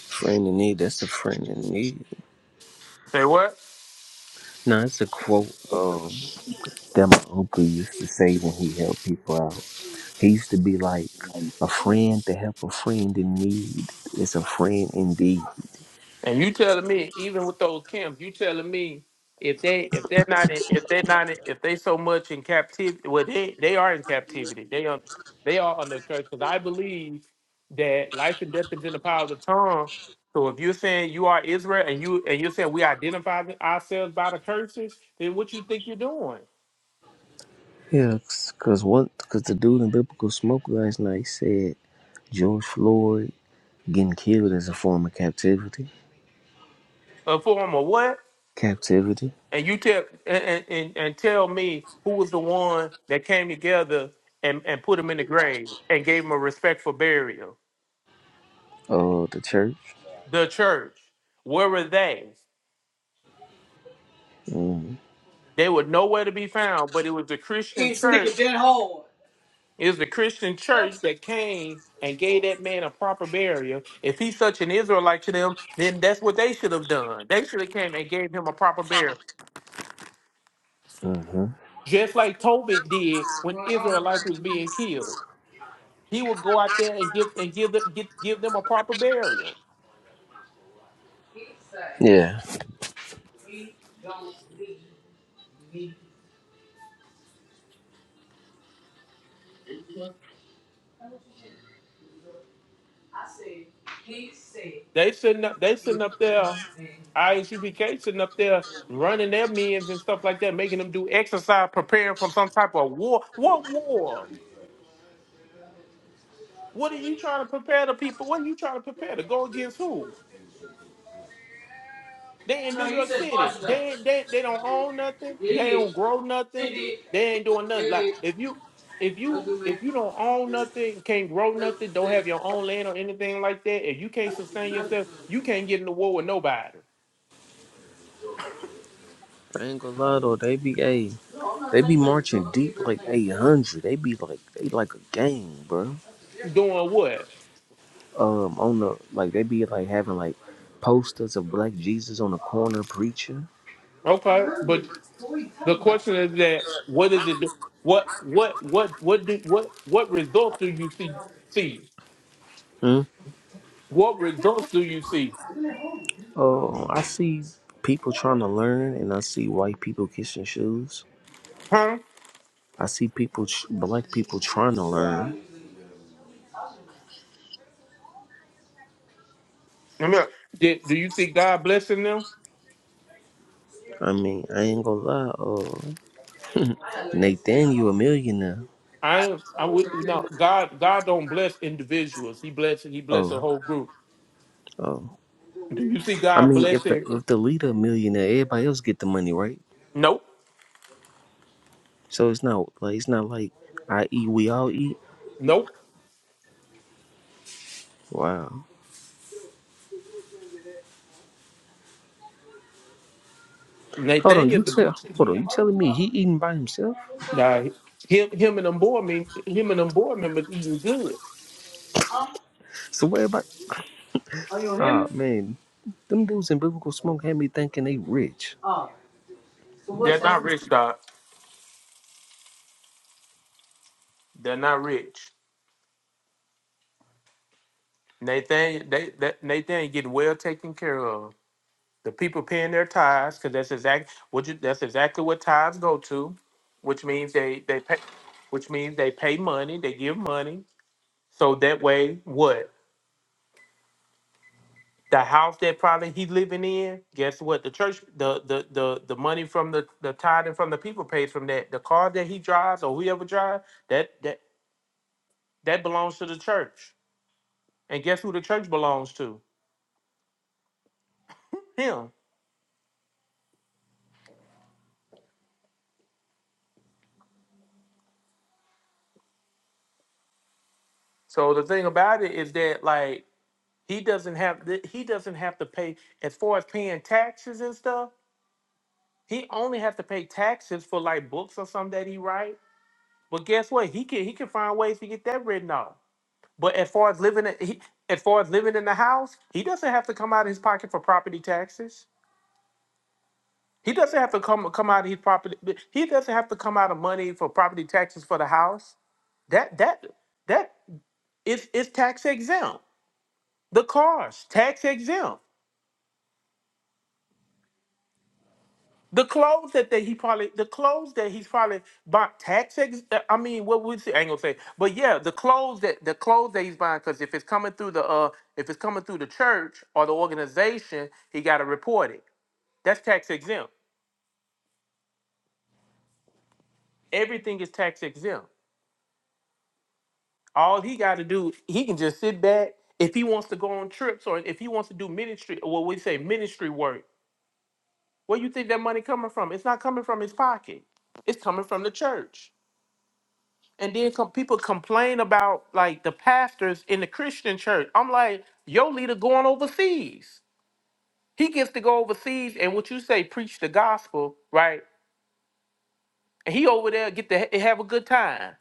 L: Friend in need. That's a friend in need.
F: Say what?
L: No, it's a quote. Um, that my uncle used to say when he helped people out. He used to be like, a friend to help a friend in need is a friend indeed.
F: And you telling me, even with those camps, you telling me if they if they're not in, if they're not in, if they so much in captivity, well they they are in captivity. They are they are under curse because I believe that life and death is in the power of the tongue. So if you're saying you are Israel and you and you're saying we identify ourselves by the curses, then what you think you're doing?
L: Yeah, cause what? Cause the dude in Biblical Smoke last night said George Floyd getting killed is a form of captivity.
F: A form of what?
L: Captivity
F: And you tell and and, and and tell me who was the one that came together and, and put him in the grave and gave him a respectful burial.
L: of the church.
F: the church. Where were they?
L: Mm,
F: They were nowhere to be found, but it was the Christian church. It was the Christian church that came and gave that man a proper burial. If he's such an Israelite to them, then that's what they should have done. They should have came and gave him a proper burial.
L: hmm
F: Just like Tobit did when Israelites was being killed. He would go out there and give and give them get, give them a proper burial.
L: Yeah.
F: They sitting up. They sitting up there. ISUPK sitting up there running their men's and stuff like that, making them do exercise, preparing for some type of war. What war? What are you trying to prepare the people? What are you trying to prepare to go against who? They in New York City. They they they don't own nothing. They don't grow nothing. They ain't doing nothing. Like if you if you if you don't own nothing, can't grow nothing, don't have your own land or anything like that, if you can't sustain yourself, you can't get in the war with nobody.
L: I ain't gonna lie though, they be a, they be marching deep like eight hundred. They be like they like a gang, bro.
F: Doing what?
L: um on the like they be like having like posters of black jesus on the corner preaching
F: Okay, but the question is that what is it? What what what what do what what results do you see? See
L: hmm?
F: what results do you see?
L: oh i see people trying to learn and i see white people kissing shoes
F: Huh?
L: i see people tr- black people trying to learn
F: Let me- Did, do you see God blessing them?
L: i mean i ain't gonna lie oh nathan you a millionaire
F: I I would no God God don't bless individuals. He bless he bless a
L: oh
F: whole group.
L: oh
F: Do you see
L: i
F: God
L: mean if the
F: blessing?
L: if the leader a millionaire everybody else get the money right
F: Nope.
L: so it's not like it's not like i eat we all eat
F: Nope.
L: wow hold on
F: Nathaniel,
L: you tell hold on you telling me he eating by himself
F: nah, him him and them board me him and them board members eating good.
L: So what about? Oh man, them dudes in biblical smoke had me thinking they rich.
F: They're not rich, God. They're not rich. Nathan, they, that, Nathan getting well taken care of. The people paying their tithes because that's exact what you, that's exactly what tithes go to, which means they they pay, which means they pay money, they give money, so that way what the house that probably he living in, guess what the church the the the the money from the the tithe and from the people pays from that the car that he drives or whoever drives that that that belongs to the church, and guess who the church belongs to him. So the thing about it is that like He doesn't have th- he doesn't have to pay as far as paying taxes and stuff. He only has to pay taxes for like books or something that he write. But guess what? He can he can find ways to get that written off. But as far as living in, he, as far as living in the house, he doesn't have to come out of his pocket for property taxes. He doesn't have to come come out of his property. He doesn't have to come out of money for property taxes for the house. That that that is is tax exempt. The cars tax exempt. The clothes that they, he probably the clothes that he's probably bought tax. Ex, uh, I mean, what we say, I ain't gonna say, but yeah, the clothes that the clothes that he's buying. Because if it's coming through the uh, if it's coming through the church or the organization, he got to report it. That's tax exempt. Everything is tax exempt. All he got to do, he can just sit back. If he wants to go on trips or if he wants to do ministry, or what we say ministry work, where you think that money coming from? It's not coming from his pocket. It's coming from the church. and then com- people complain about like the pastors in the Christian church. I'm like, your leader going overseas. He gets to go overseas and what you say, preach the gospel, right? And he over there get to ha- have a good time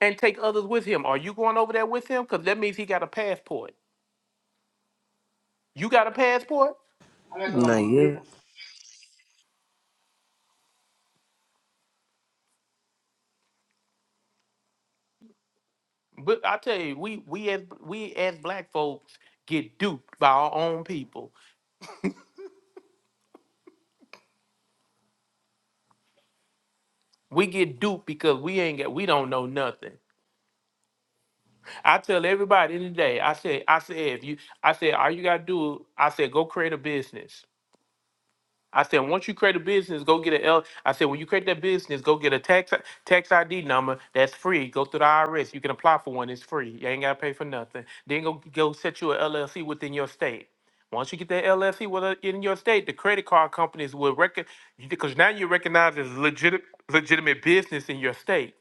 F: and take others with him. Are you going over there with him? Because that means he got a passport. You got a passport?
L: Nah, yeah.
F: But I tell you, we we as we as black folks get duped by our own people. We get duped because we ain't got we don't know nothing. I tell everybody in the day, I said, I said, if you, I said, all you gotta do, I said, go create a business. I said, once you create a business, go get an L. I said, when you create that business, go get a tax tax ID number that's free. Go through the IRS. You can apply for one. It's free. You ain't gotta pay for nothing. Then go go set you an LLC within your state. Once you get that LLC within your state, the credit card companies will record because now you recognize as legit legitimate business in your state.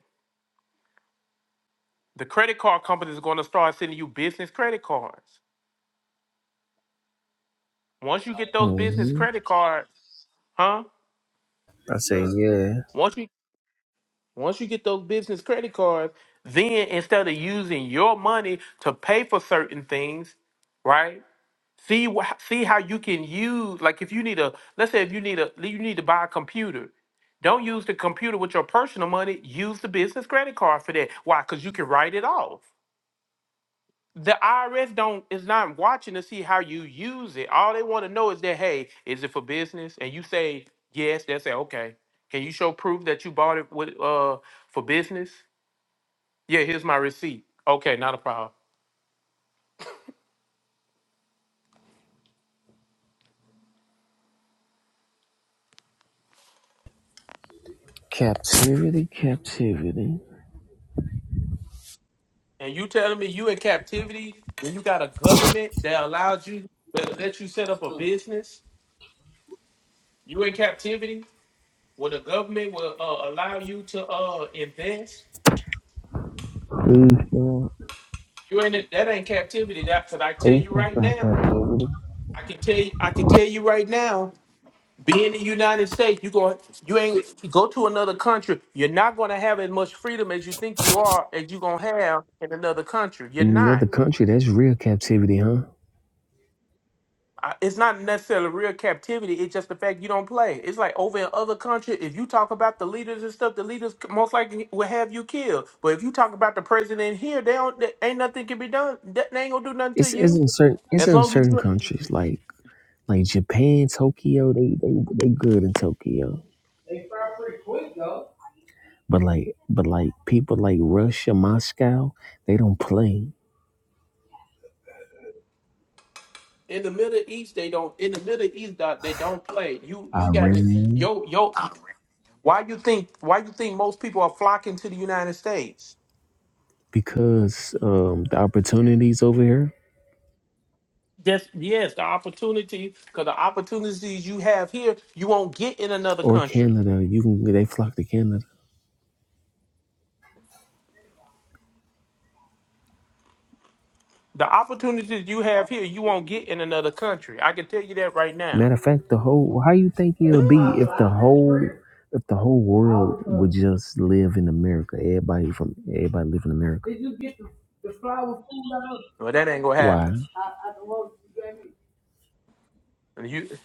F: The credit card companies are going to start sending you business credit cards. once you get those business
L: hmm
F: credit cards, huh?
L: I say yeah.
F: Once you once you get those business credit cards, then instead of using your money to pay for certain things, right? See wh- see how you can use like if you need a let's say if you need a you need to buy a computer. Don't use the computer with your personal money. Use the business credit card for that. Why? Because you can write it off. the IRS don't is not watching to see how you use it. All they want to know is that hey, is it for business? And you say yes, they say okay. Can you show proof that you bought it with uh for business? Yeah, here's my receipt. Okay, not a problem.
L: Captivity, captivity.
F: And you telling me you in captivity when you got a government that allows you that let you set up a business? You in captivity when the government will uh, allow you to uh invest?
L: Free from
F: You ain't that ain't captivity. That because I tell
L: free
F: you right now.
L: captivity.
F: I can tell you, I can tell you right now, being in the United States, you go you ain't go to another country, you're not gonna have as much freedom as you think you are as you gonna have in another country. You're
L: In
F: not.
L: another country, that's real captivity, huh?
F: I- It's not necessarily real captivity. It's just the fact you don't play. It's like over in other countries, if you talk about the leaders and stuff, the leaders c- most likely will have you killed. But if you talk about the president here, they don't. They, ain't nothing can be done. They they ain't gonna do nothing to
L: It's it's
F: you
L: in certain it's
F: as
L: in
F: long as
L: certain
F: you.
L: countries like like Japan, Tokyo. They they they good in Tokyo, but like but like people like Russia, Moscow, they don't play.
F: in the Middle East, they don't. In the Middle East, doc, they don't play. You you got to
L: Iran.
F: yo yo. Why you think why you think most people are flocking to the United States?
L: because um, the opportunities over here
F: That's yes, the opportunity because the opportunities you have here, you won't get in another
L: or
F: country.
L: Canada, you can they flock to Canada.
F: The opportunities you have here, you won't get in another country. I can tell you that right now.
L: Matter of fact, the whole how you think it'll be if the whole if the whole world would just live in America, everybody from everybody live in America.
F: Well, that ain't gonna
L: Why
F: happen. And you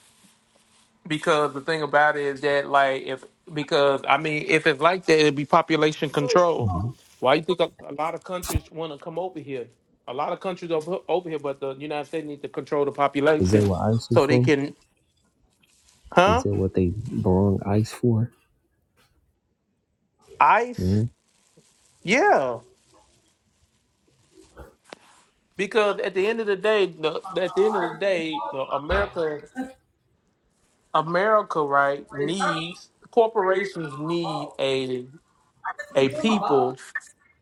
F: because the thing about it is that like if because I mean if it's like that it'd be population control. Why you think a, a lot of countries want to come over here? A lot of countries over, over here, but the United States need to control the
L: is
F: population
L: that what ICE is
F: so they
L: for?
F: can,
L: Is
F: huh?
L: that what they brung ICE for? Mm-hmm.
F: ICE, yeah. Because at the end of the day, the, at the end of the day, the America, America, right, needs corporations need a a people.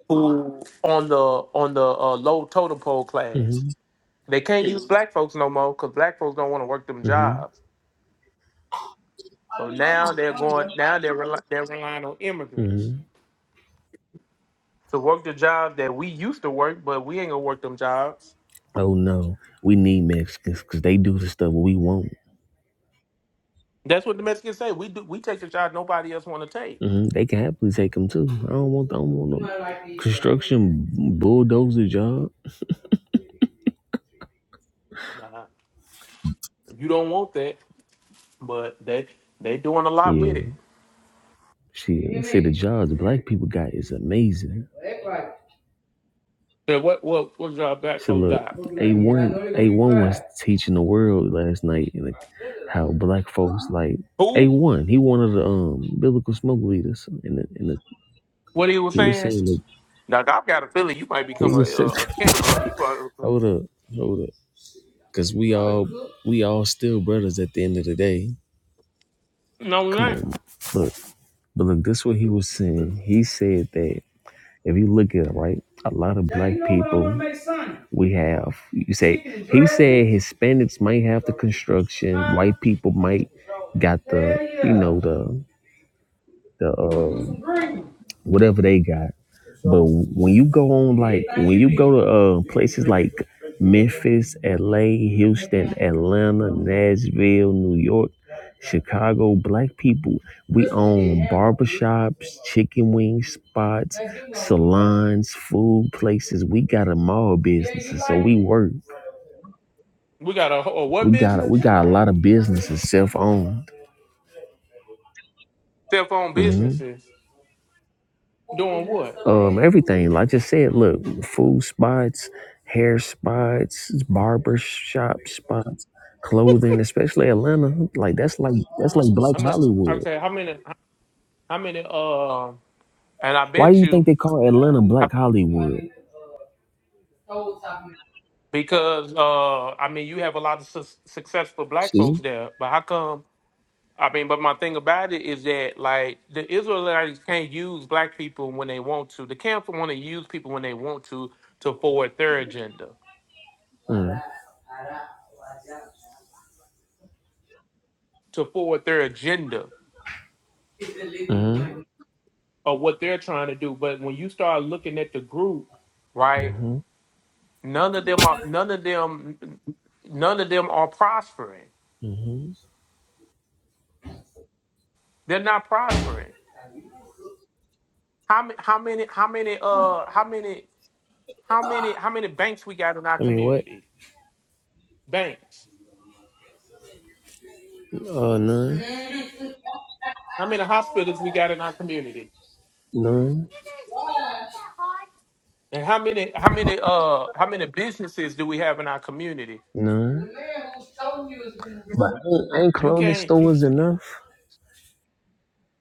F: who on the on the uh, low totem pole class.
L: Mm-hmm.
F: They can't use black folks no more because black folks don't want to work them
L: Mm-hmm.
F: jobs. So now they're going. Now they're rely, they're relying on immigrants
L: Mm-hmm.
F: to work the jobs that we used to work, but we ain't gonna work them jobs.
L: Oh no, we need Mexicans because they do the stuff we want.
F: That's what the Mexicans say. We do. We take the job nobody else want to take.
L: hmm They can happily take them too. I don't want. I don't want no construction bulldozer job.
F: Nah, you don't want that, but they they doing a lot with
L: Yeah,
F: it.
L: shit. See, the jobs black people got is amazing.
F: So what what what job black
L: So
F: folks
L: look,
F: got?
L: a one, a one was teaching the world last night like, how black folks like a
F: Who?
L: one. He one of the um biblical smoke leaders, and the, and the,
F: What he was
L: he was
F: saying?
L: saying that
F: Now I've got a feeling you might
L: he
F: become a
L: was
F: a,
L: saying,
F: a camp. Uh, you are.
L: hold up, hold up, because we all we all still brothers at the end of the day.
F: No, we
L: Come
F: ain't.
L: on, look. But look, this what he was saying. He said that if you look at it, right, a lot of black people we have. You say he said Hispanics might have the construction, white people might got the you know the the uh, whatever they got. But when you go on like when you go to uh, places like Memphis, LA, Houston, Atlanta, Nashville, New York, Chicago, black people, we own barbershops, chicken wing spots, salons, food places. We got a mall businesses, so we work.
F: We got a, whole what
L: We got we
F: business?
L: got a lot of businesses self owned.
F: Cell phone businesses doing what?
L: um, everything. Like I just said, look, food spots, hair spots, barber shop spots, clothing, especially Atlanta. Like that's like that's like Black
F: I mean,
L: Hollywood.
F: okay, how many? How many? Uh, and I
L: Why do
F: bet
L: you think
F: you
L: they call Atlanta
F: I-
L: Black Hollywood?
F: because uh, I mean, you have a lot of su- successful black folks
L: See?
F: there, but how come? I mean, but my thing about it is that like the Israelites can't use black people when they want to. The camps want to use people when they want to to forward their agenda,
L: uh
F: to forward their agenda
L: Mm-hmm.
F: of what they're trying to do. But when you start looking at the group, right?
L: Mm-hmm.
F: None of them are none of them none of them are prospering.
L: Mm-hmm.
F: They're not prospering. How many how many how many uh how many how many how many banks we got in our
L: I mean, what?
F: community? Banks.
L: Uh, none,
F: How many hospitals we got in our community?
L: none,
F: And how many how many uh how many businesses do we have in our community?
L: none. But ain't, ain't
F: You
L: clothing
F: can't you
L: stores
F: can't-
L: enough?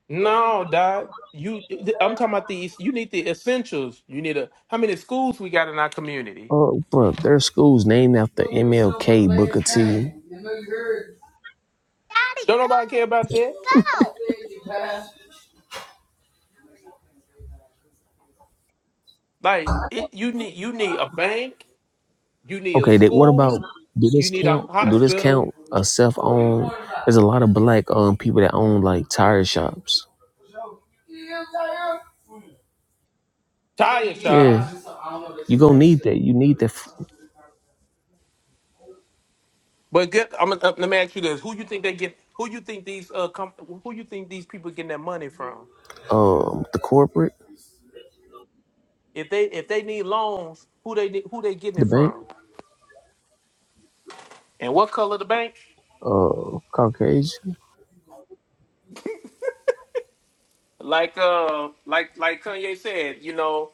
F: no dot you I'm talking about these you need the essentials. You need a how many schools we got in our community?
L: Oh, bro, there are schools named after MLK, Booker T.
F: Don't nobody care about that. Like it, you need you need a bank, you need a
L: Okay, they, what about
F: school,
L: do
F: you
L: this
F: need a
L: count? Do this
F: hospital,
L: count a self-owned? There's a lot of black um people that own like tire shops.
F: tire
L: Yeah,
F: shops.
L: you gonna need that. You need the f-
F: But get, I'm gonna let me ask you this: Who you think they get? Who you think these uh com- Who you think these people getting their money from?
L: um the corporate,
F: If they if they need loans, who they who they getting
L: the
F: it
L: bank,
F: from? And what color the bank?
L: uh, Caucasian.
F: Like uh like like Kanye said, you know,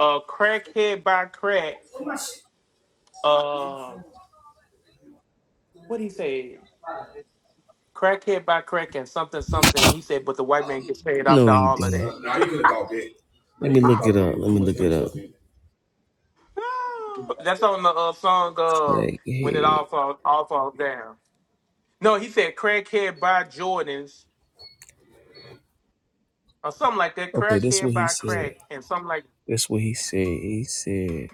F: uh crackhead by crack. Uh, what he said? Crackhead by crack and something something. He said, but the white man gets paid after
L: No, he
F: all of that.
L: didn't. Let me look it up. Let me look it up.
F: That's on the uh, song uh,
L: Like,
F: "When It All
L: hey,
F: Falls All Falls Down." No, he said "Crackhead by Jordans" or something like that.
L: Okay, this
F: "Crackhead
L: what he
F: by
L: said.
F: Crack" and something like
L: This what he said. He said,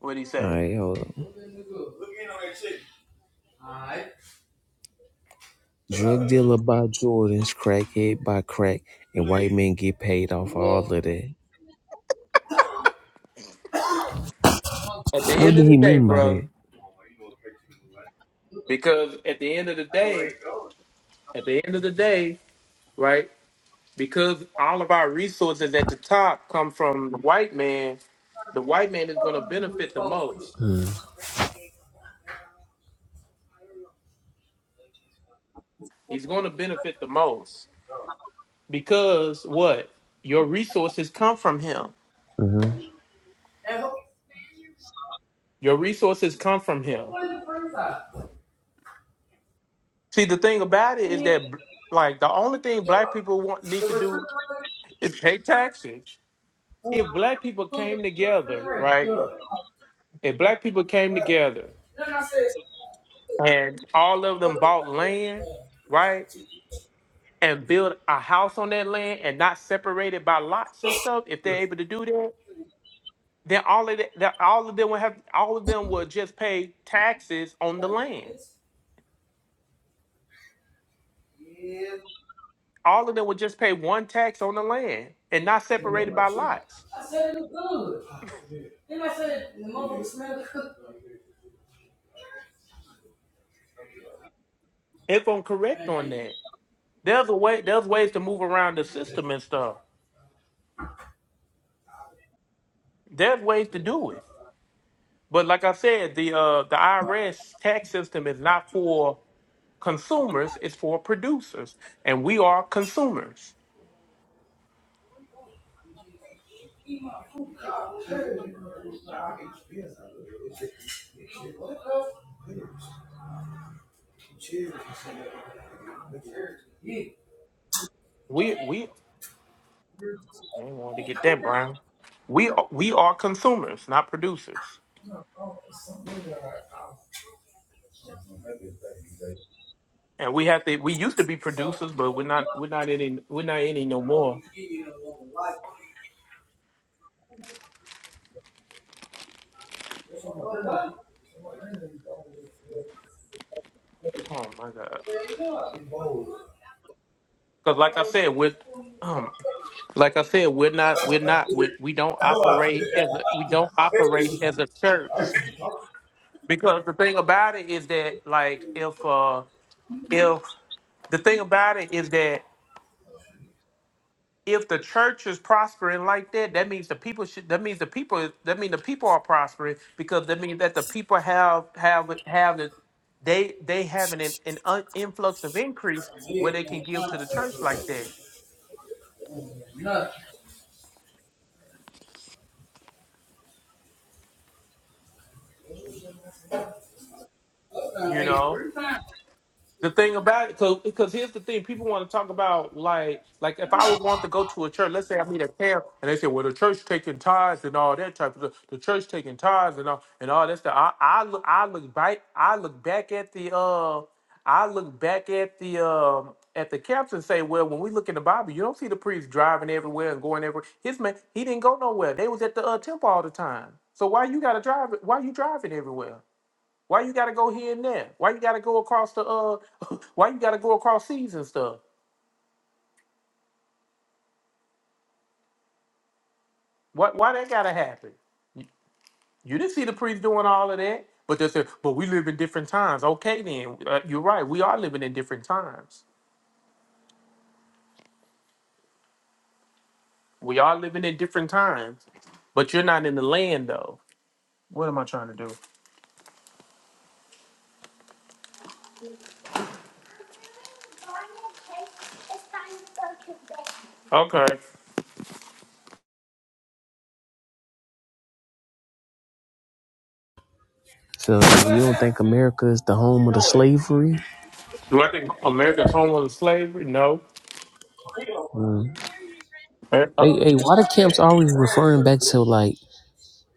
F: what he
L: "All
F: said.
L: right, hold on." Drug dealer by Jordans, crackhead by crack, and white men get paid off for all of that.
F: At the
L: What did
F: end of the
L: he
F: day,
L: mean by that?
F: bro, because at the end of the day, at the end of the day, right? Because all of our resources at the top come from the white man. The white man is going to benefit the most. He's going to benefit the most because what your resources come from him
L: Uh-huh.
F: Your resources come from him. See, the thing about it is that, like, the only thing black people want need to do is pay taxes. If black people came together, right? If black people came together and all of them bought land, right, and built a house on that land and not separated by lots and stuff, if they're able to do that, then all of that, that all of them would have, all of them would just pay taxes on the land. All of them would just pay one tax on the land and not separated by lots If I'm correct on that. There's a way. There's ways to move around the system and stuff. There's ways to do it. But like I said, the uh, the IRS tax system is not for consumers. It's for producers, and we are consumers. We we I didn't want to get that Brown. We are- we are consumers, not producers. And we have to. We used to be producers, but we're not. We're not any. We're not any no more. Oh my god. Because like I said, with Like I said, we're not, we're not, we, we don't operate as a, we don't operate as a church because the thing about it is that, like, if uh, if the thing about it is that if the church is prospering like that, that means the people should, that means the people, that means the people are prospering because that means that the people have have have the they they having an, an un- influx of increase where they can give to the church like that, you know. The thing about it, cause, because here's the thing, people want to talk about like, like if I would want to go to a church, let's say I meet a camp, and they say, well, the church taking tithes and all that type of stuff, the church taking tithes and all and all that stuff. I, I look, I look back, I look back at the, uh, I look back at the, um, at the camps and say, well, when we look in the Bible, you don't see the priest driving everywhere and going everywhere. His man, he didn't go nowhere. They was at the uh, temple all the time. So why you gotta drive? Why you driving everywhere? Why you gotta go here and there? Why you gotta go across the uh? Why you gotta go across seas and stuff? What? Why that gotta happen? You, you didn't see the priest doing all of that, but they said, "But we live in different times." Okay, then uh, you're right. We are living in different times. We are living in different times, but you're not in the land though. What am I trying to do? Okay.
L: So you don't think America is the home of the slavery?
F: Do I think America's home on slavery? No.
L: Uh,
F: Eh, uh,
L: hey, hey, why the camps always referring back to like,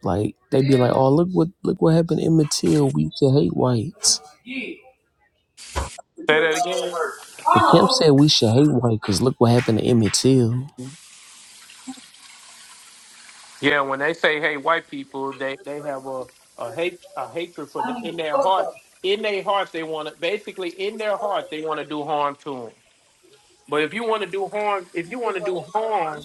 L: like they be like, oh look what look what happened to Emmett Till. We should hate whites.
F: Say that again.
L: The camp said we should hate white because look what happened to Emmett Till.
F: Yeah, when they say "Hey, white people," they they have a a hate a hatred for the in their heart. In their heart, they want to basically in their heart they want to do harm to them. But if you want to do harm, if you want to do harm,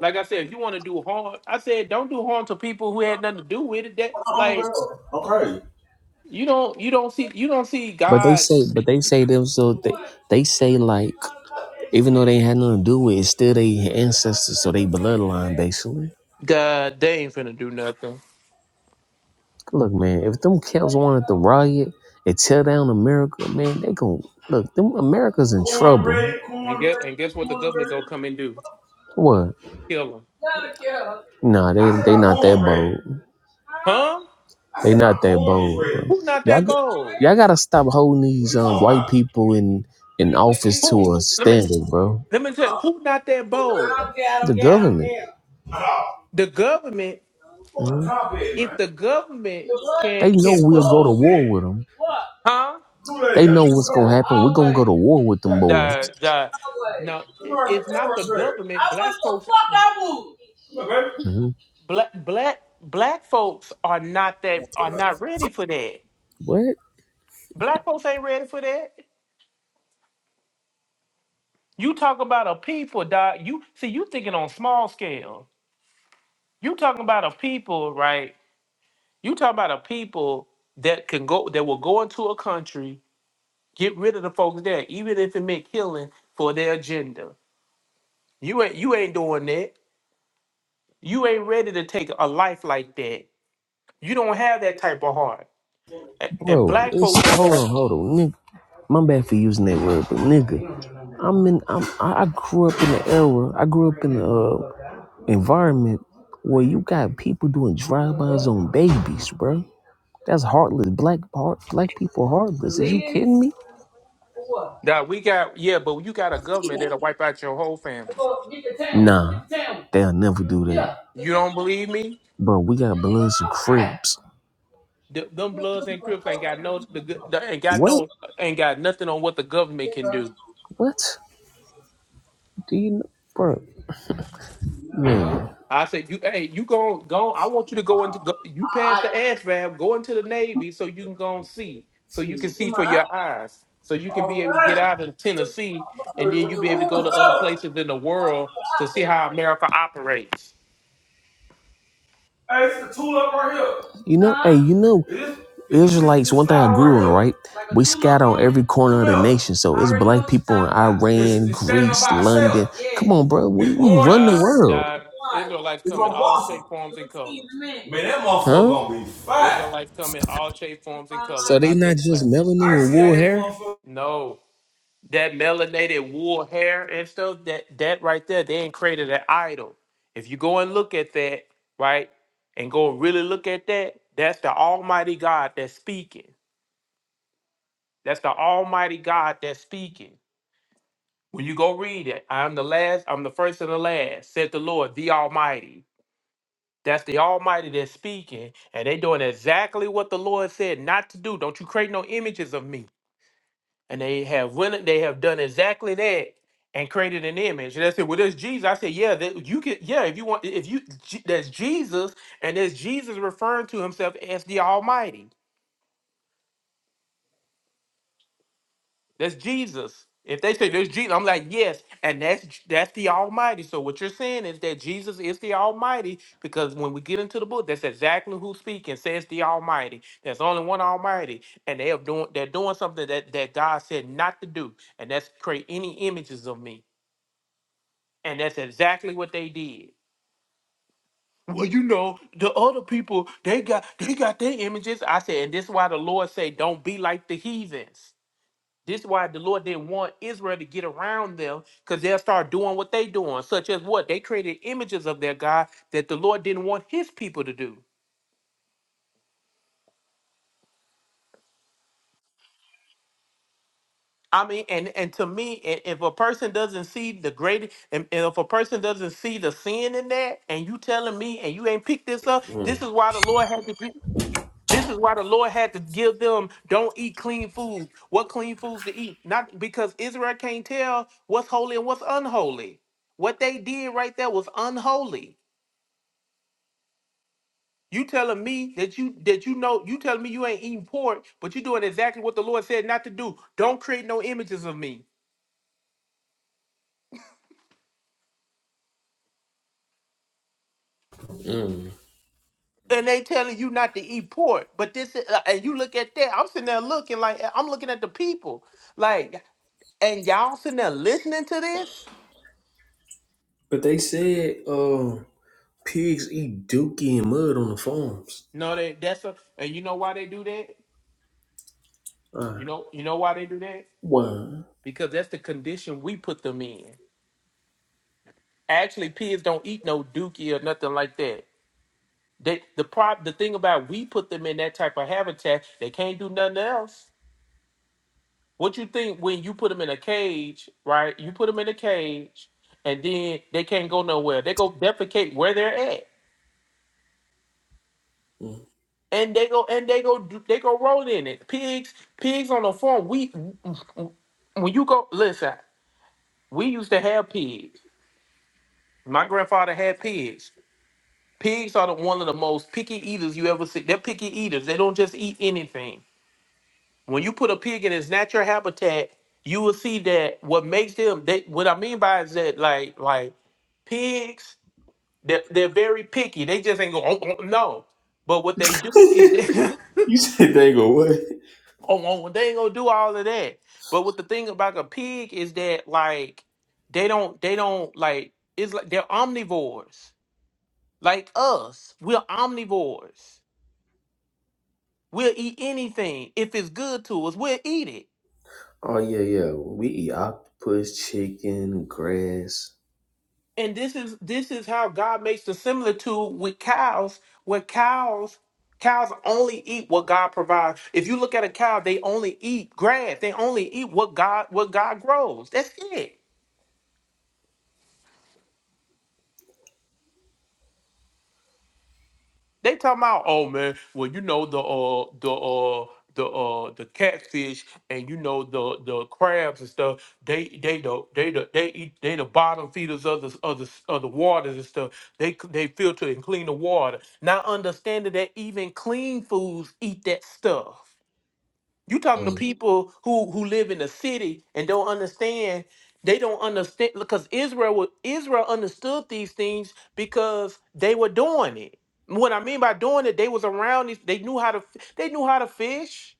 F: like I said, if you want to do harm, I said don't do harm to people who had nothing to do with it. That like you don't you don't see you don't see
L: But they
F: God.
L: say, but they say them so they they say like. Even though they had nothing to do with it, still they ancestors, so they bloodline basically.
F: God, they ain't finna do nothing.
L: Look, man, if them camps wanted to riot and tear down America, man, they gon' look. Them America's in trouble.
F: And get and guess what the government gonna come and do?
L: What?
F: Kill them,
L: Nah, they they not that bold.
F: huh?
L: They not that bold. Bro.
F: Who not
L: Y'all
F: that
L: g-
F: bold?
L: y'all gotta stop holding these um, white people in in office
F: Who?
L: to a
F: Let me.
L: standard, bro.
F: Let me tell you, who's not that bold?
L: The government,
F: The government, if
L: Mhm.
F: the government can
L: they know
F: can
L: we'll
F: put
L: go to war with them.
F: huh?
L: They know what's gonna happen. We're gonna go to war with them boys.
F: The the no, it- it's not the government. Black folks
L: hmm
F: black black black folks are not that are not ready for that.
L: What,
F: Black folks ain't ready for that. You talk about a people, dog. You see, you thinking on small scale. You talking about a people, right? You talking about a people that can go that will go into a country Get rid of the folks there, even if it meant killing for their agenda. You ain't you ain't doing that. You ain't ready to take a life like that. You don't have that type of heart. A- And
L: bro?
F: black
L: It's
F: folks don't
L: hold
F: have
L: on, hold on, nigga. My bad for using that word, but nigga, I'm in. I'm, I grew up in the era. I grew up in the uh, environment where you got people doing drive-bys on babies, bro. That's heartless. Black heart, black people are heartless. Are you kidding me?
F: that. We got yeah, but you got a government that'll wipe out your whole family.
L: Nah, they'll never do that,
F: You don't believe me?
L: bro. We got Bloods and Crips.
F: Th- them Bloods and Crips ain't got no the, good- the ain't got
L: What?
F: no ain't got nothing on what the government can do.
L: What? Do you know, bro? Man,
F: I said, you, hey, you go, go. I want you to go into, go, you pass the ASVAB, go into the Navy, so you can go and see, so you can see for your eyes, so you can be able to get out of Tennessee, and then you be able to go to other places in the world to see how America operates.
L: you know, hey, you know, Israelites. One thing I grew on, right? We scatter on every corner of the nation, so it's black people in Iran, Greece, London. Come on, bro, we, we run the
F: God,
L: world.
F: God, Israelites come in all shape, forms, and colors.
L: Man, that motherfucker huh? gonna be fire.
F: Israelites come in all shape, forms, and colors,
L: So they
F: not
L: not
F: just
L: just
F: black.
L: melanin and wool hair,
F: No, that melanated wool hair and stuff that that right there they ain't created an idol if you go and look at that right and go and really look at that that's the almighty god that's speaking that's the almighty god that's speaking when you go read it i'm the last i'm the first and the last said the lord the almighty that's the almighty that's speaking and they doing exactly what the lord said not to do don't you create no images of me and they have went, they have done exactly that and created an image. And I said, "Well, there's Jesus." I said, "Yeah, that you could. Yeah, if you want, if you Je- there's Jesus, and there's Jesus referring to himself as the Almighty. That's Jesus. If they say there's Jesus, I'm like, yes, and that's that's the Almighty. So what you're saying is that Jesus is the Almighty because when we get into the book, that's exactly who's speaking. Says the Almighty. There's only one Almighty, and they have doing they're doing something that that God said not to do, and that's create any images of me. And that's exactly what they did. Well, you know, the other people, they got they got their images. I said, and this is why the Lord say, don't be like the heathens. This is why the Lord didn't want Israel to get around them, because they'll start doing what they doing, such as what? They created images of their God that the Lord didn't want his people to do. I mean, and and to me, i- if a person doesn't see the great, and, and if a person doesn't see the sin in that, and you telling me, and you ain't picked this up, this is why the Lord had to. This is why the Lord had to give them don't eat clean food. What clean foods to eat? Not because Israel can't tell what's holy and what's unholy. What they did right there was unholy. You telling me that you that you know you telling me you ain't eating pork, but you are doing exactly what the Lord said not to do. Don't create no images of me. And they telling you not to eat pork, but this is, uh, and you look at that. I'm sitting there looking like I'm looking at the people like, and y'all sitting there listening to this.
L: but they said uh, pigs eat dookie and mud on the farms.
F: No, they that's a and you know why they do that?
L: Uh,
F: You know you know why they do that?
L: why?
F: Because that's the condition we put them in. Actually, pigs don't eat no dookie or nothing like that. They the prop the thing about we put them in that type of habitat, they can't do nothing else. What you think when you put them in a cage, right? You put them in a cage and then they can't go nowhere. They go defecate where they're at. And they go and they go do- they go roll in it. Pigs pigs on the farm, we when you go listen We used to have pigs. My grandfather had pigs. Pigs are the, one of the most picky eaters you ever see. They're picky eaters. They don't just eat anything. When you put a pig in its natural habitat, you will see that what makes them. They, what I mean by is that like like pigs, they're, they're very picky. They just ain't go oh, oh, no. But what they do is they, oh,
L: You said they go what?
F: oh, well, they ain't gonna do all of that. But what the thing about a pig is that like they don't they don't like it's like they're omnivores like us. We're omnivores. We'll eat anything if it's good to us. We'll eat it.
L: Oh yeah, yeah. We eat octopus, chicken, grass.
F: And this is this is how God makes the similitude with cows, where cows cows only eat what God provides. If you look at a cow, they only eat grass. They only eat what God what God grows. That's it. They talking about, oh man, well you know the uh the uh the uh the catfish and you know the the crabs and stuff. They they the they the they eat they the bottom feeders of the of the of the waters and stuff. They c- they filter and clean the water. Not understanding that even clean foods eat that stuff. You talking to
L: Mm.
F: people who who live in the city and don't understand. They don't understand because Israel wa- Israel understood these things because they were doing it. What I mean by doing it, they was around these. They knew how to. f- They knew how to fish.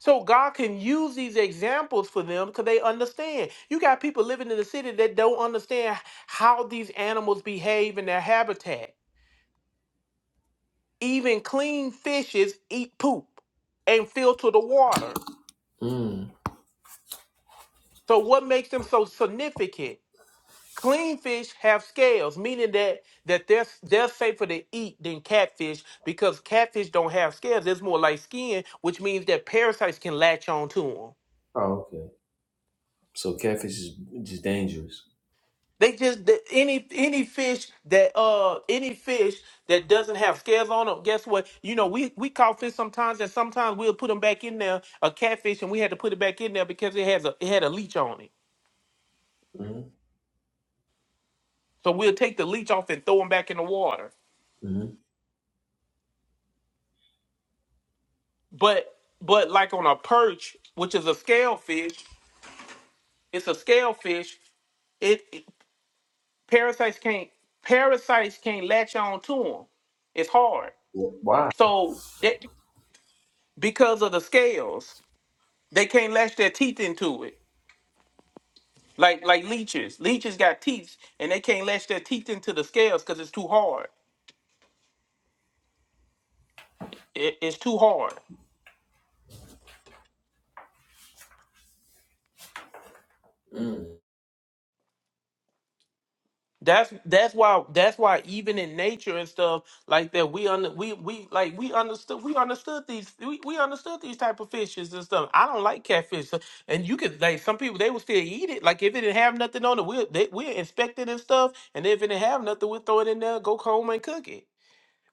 F: So God can use these examples for them because they understand. You got people living in the city that don't understand how these animals behave in their habitat. Even clean fishes eat poop and filter the water
L: Mm.
F: So what makes them so significant? Clean fish have scales, meaning that that they're they're safer to eat than catfish because catfish don't have scales. It's more like skin, which means that parasites can latch on to them.
L: Oh okay. So catfish is just dangerous.
F: They just the- any any fish that uh any fish that doesn't have scales on them. Guess what? You know we we caught fish sometimes, and sometimes we'll put them back in there a catfish, and we had to put it back in there because it has a it had a leech on it.
L: hmm
F: So we'll take the leech off and throw them back in the water.
L: hmm
F: But but like on a perch, which is a scale fish, it's a scale fish. It, it- parasites can't parasites can't latch on to them. It's hard.
L: Why?
F: So that because of the scales, they can't latch their teeth into it. Like like leeches, leeches got teeth and they can't latch their teeth into the scales because it's too hard. It, it's too hard. That's that's why that's why even in nature and stuff like that we under we we like we understood we understood these we, we understood these type of fishes and stuff. I don't like catfish, so- and you could like some people they would still eat it. Like if it didn't have nothing on it, we we inspect it and stuff, and if it didn't have nothing, we will throw it in there, go home and cook it.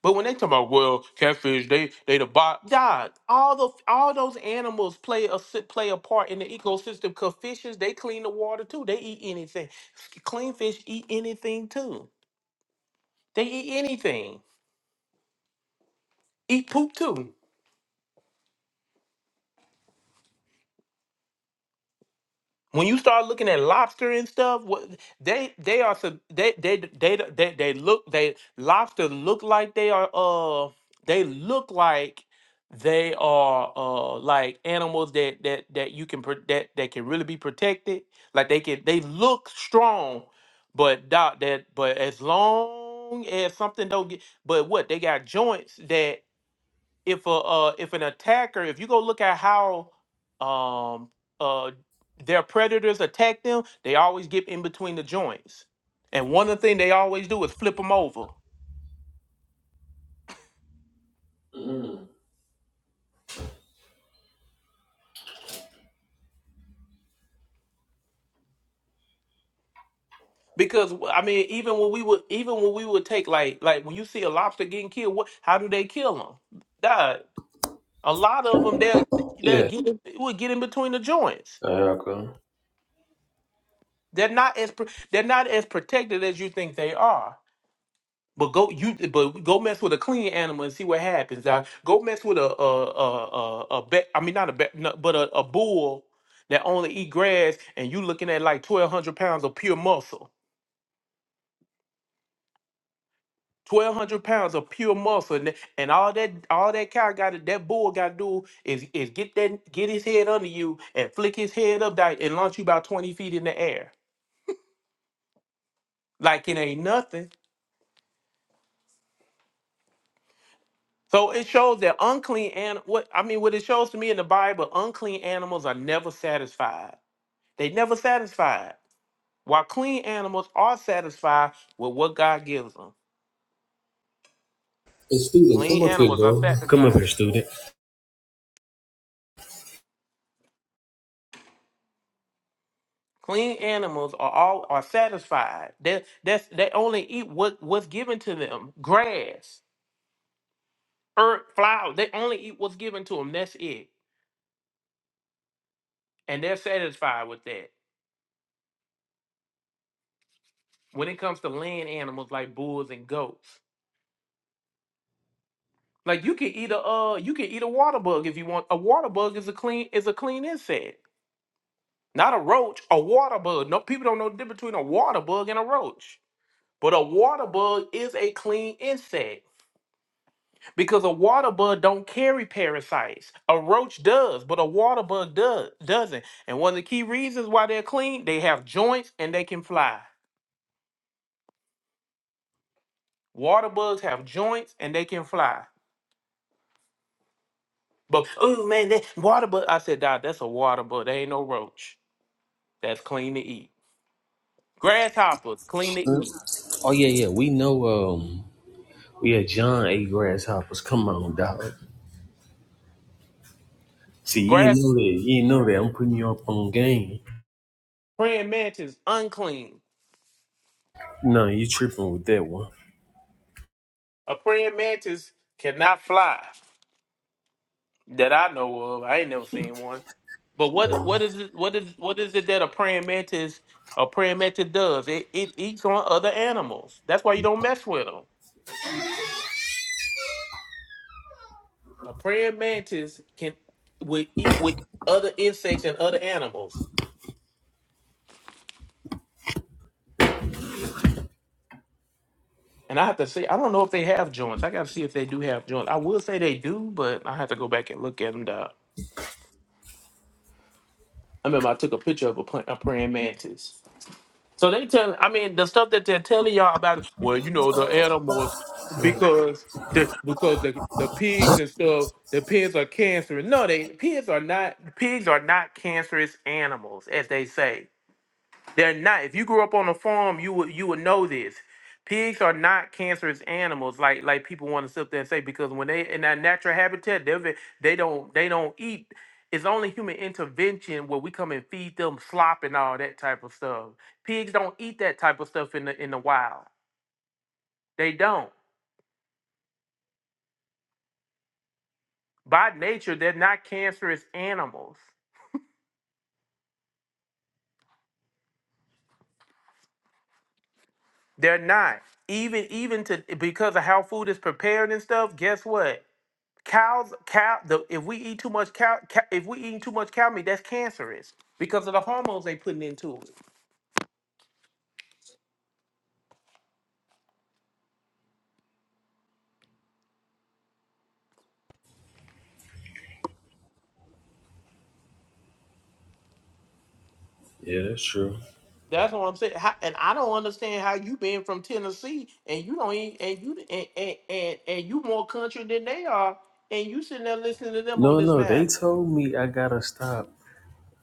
F: But when they talk about well, catfish, they they the bot. God, all those all those animals play a si- play a part in the ecosystem. Cause fishes, they clean the water too. They eat anything. Clean fish eat anything too. They eat anything. Eat poop too. when you start looking at lobster and stuff, what they they are sub- they they they they, they, they look they lobster look like they are uh they look like they are uh like animals that that that you can pro- that that can really be protected. Like they can they look strong, but that that but as long as something don't get but what they got joints that if a uh, if an attacker, if you go look at how um uh their predators attack them, they always get in between the joints. And one of the things they always do is flip them over. Because w- I mean, even when we would, even when we would take like, like when you see a lobster getting killed, what? How do they kill them? God, a lot of them they they
L: Yeah.
F: get in- will get in between the joints.
L: America.
F: They're not as pro- they're not as protected as you think they are. But go you but go mess with a clean animal and see what happens. Now, go mess with a a a a, a be, I mean not a be, no, but a, a bull that only eat grass and you looking at like twelve hundred pounds of pure muscle. Twelve hundred pounds of pure muscle and, and all that all that cow got to that bull gotta do is is get that get his head under you and flick his head up that and launch you about twenty feet in the air. Like it ain't nothing. So it shows that unclean and what I mean, what it shows to me in the Bible, unclean animals are never satisfied. They never satisfied. While clean animals are satisfied with what God gives them.
L: Hey, student, come
F: Clean
L: up here,
F: animals are
L: bro. Come up
F: satisfied.
L: here, student.
F: Clean animals are all are satisfied. They that's they only eat what what's given to them. Grass, earth, flowers. They only eat what's given to them. That's it, and they're satisfied with that. When it comes to land animals like bulls and goats. Like you can eat a uh you can eat a water bug if you want. A water bug is a clean is a clean insect. Not a roach, a water bug. No people don't know the difference between a water bug and a roach. But a water bug is a clean insect because a water bug don't carry parasites. A roach does, but a water bug does doesn't. And one of the key reasons why they're clean, they have joints and they can fly. Water bugs have joints and they can fly. But oh man, that water bug. I said, Dad, that's a water bug. They ain't no roach. That's clean to eat. Grasshoppers, clean to eat.
L: Oh yeah, yeah. We know. Um. We had John A. Grasshoppers. Come on, dog. See, you
F: Grass
L: didn't know that. You didn't know that. I'm putting you up on game.
F: praying mantis, unclean.
L: No, you tripping with that one.
F: A praying mantis cannot fly. That I know of. I ain't never seen one. But what what is it what is what is it that a praying mantis a praying mantis does? It it eats on other animals. That's why you don't mess with them. A praying mantis can would eat with other insects and other animals. And I have to say, I don't know if they have joints. I got to see if they do have joints. I will say they do, but I have to go back and look at them. I remember I took a picture of a, pla- a praying mantis. So they tell, I mean, the stuff that they're telling y'all about, well, you know, the animals, because the because the, the pigs and stuff, the pigs are cancerous. No, they pigs are not. Pigs are not cancerous animals, as they say. They're not. If you grew up on a farm, you would you would know this. Pigs are not cancerous animals, like like people want to sit there and say, because when they in their natural habitat, they they don't they don't eat. It's only human intervention where we come and feed them slop and all that type of stuff. Pigs don't eat that type of stuff in the in the wild. They don't. By nature, they're not cancerous animals. They're not. Even even to because of how food is prepared and stuff. Guess what? Cows, cow. The, if we eat too much cow, ca- if we eating too much cow meat, that's cancerous because of the hormones they putting into it.
L: Yeah, that's true.
F: That's what I'm saying. How, and I don't understand how you been from Tennessee and you don't eat and you and and and, and you more country than they are, and you sitting there listening to them on
L: No,
F: this
L: no. They
F: matter.
L: told me I gotta stop.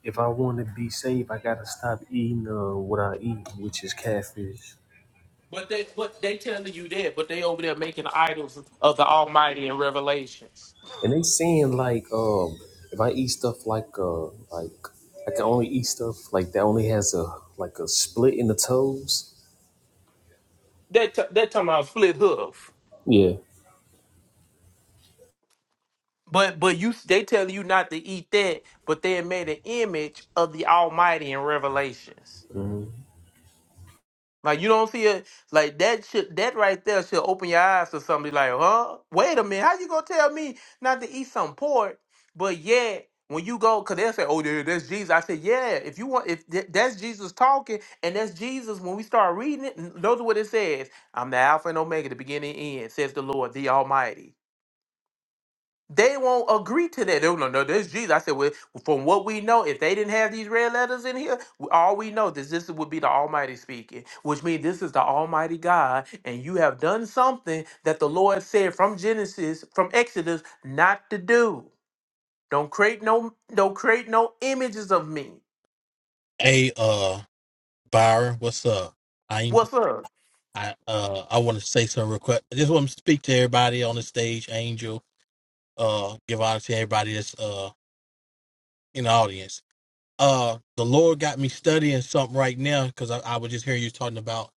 L: If I want to be safe, I gotta stop eating uh, what I eat, which is catfish.
F: But they but they telling you that, but they over there making idols of the Almighty in Revelations.
L: And they saying like, um, if I eat stuff like, uh, like I can only eat stuff like that only has a like a split in the toes.
F: They t- that talking about split hoof.
L: Yeah,
F: But but you they tell you not to eat that, but they made an image of the Almighty in Revelations. Like you don't see it like that should that right there should open your eyes to something like, huh? Wait a minute, how you gonna tell me not to eat some pork? But yet when you go, cause they'll say, Oh, there, that's Jesus. I said, Yeah, if you want if th- that's Jesus talking and that's Jesus, when we start reading it, n- those are what it says. I'm the Alpha and Omega, the beginning and end, says the Lord, the Almighty. They won't agree to that. They no, no, this Jesus. I said, well, from what we know, if they didn't have these red letters in here, w- all we know is this would be the Almighty speaking, which means this is the Almighty God, and you have done something that the Lord said from Genesis, from Exodus, not to do. Don't create no, don't create no images of me.
Q: Hey, uh, Byron, what's up? I
F: What's up?
Q: I uh I want to say some request. I just want to speak to everybody on the stage, Angel. Uh, give honor to everybody that's uh in the audience. Uh, the Lord got me studying something right now because I, I was just hearing you talking about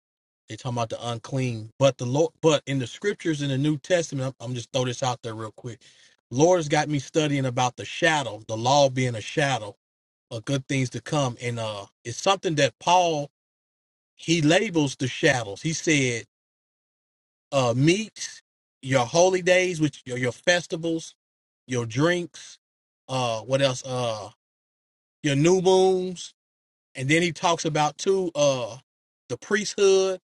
Q: they talking about the unclean, but the Lord, but in the scriptures in the New Testament, I'm, I'm just throw this out there real quick. Lord has got me studying about the shadow, the law being a shadow of good things to come, and uh, it's something that Paul he labels the shadows. He said, uh, meats, your holy days, which your, your festivals, your drinks, uh, what else? Uh, your new moons. And then he talks about too, uh, the priesthood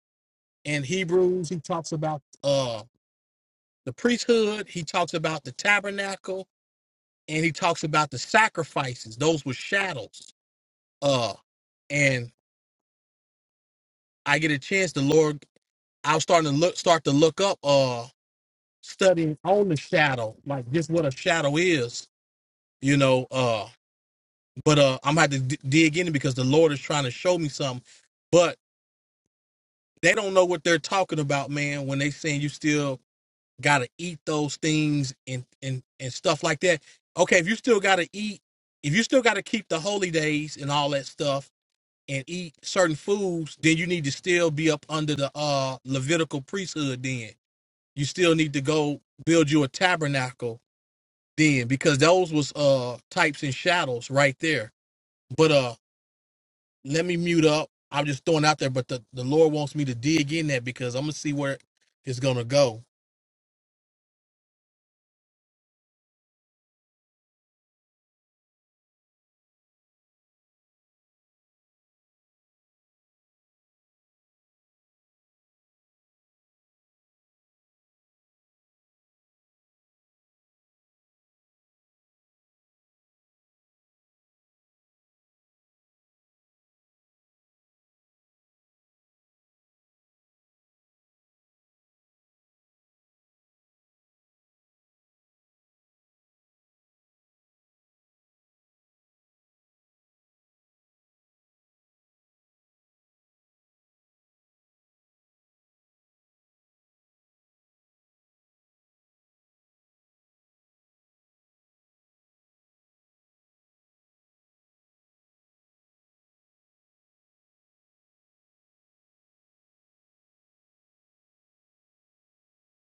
Q: in Hebrews. He talks about, uh, the priesthood. He talks about the tabernacle and he talks about the sacrifices. Those were shadows. Uh, and I get a chance, the Lord, I was starting to look, start to look up, Uh. studying on the shadow, like just what a shadow is, you know. Uh, but uh, I'm gonna have to d- dig in it because the Lord is trying to show me something. But they don't know what they're talking about, man. When they saying you still gotta eat those things and and and stuff like that. Okay, if you still gotta eat, if you still gotta keep the holy days and all that stuff and eat certain foods, then you need to still be up under the uh Levitical priesthood. Then you still need to go build you a tabernacle then because those was uh types and shadows right there. But uh let me mute up. I'm just throwing out there, but the, the Lord wants me to dig in that because I'm gonna see where it's gonna go.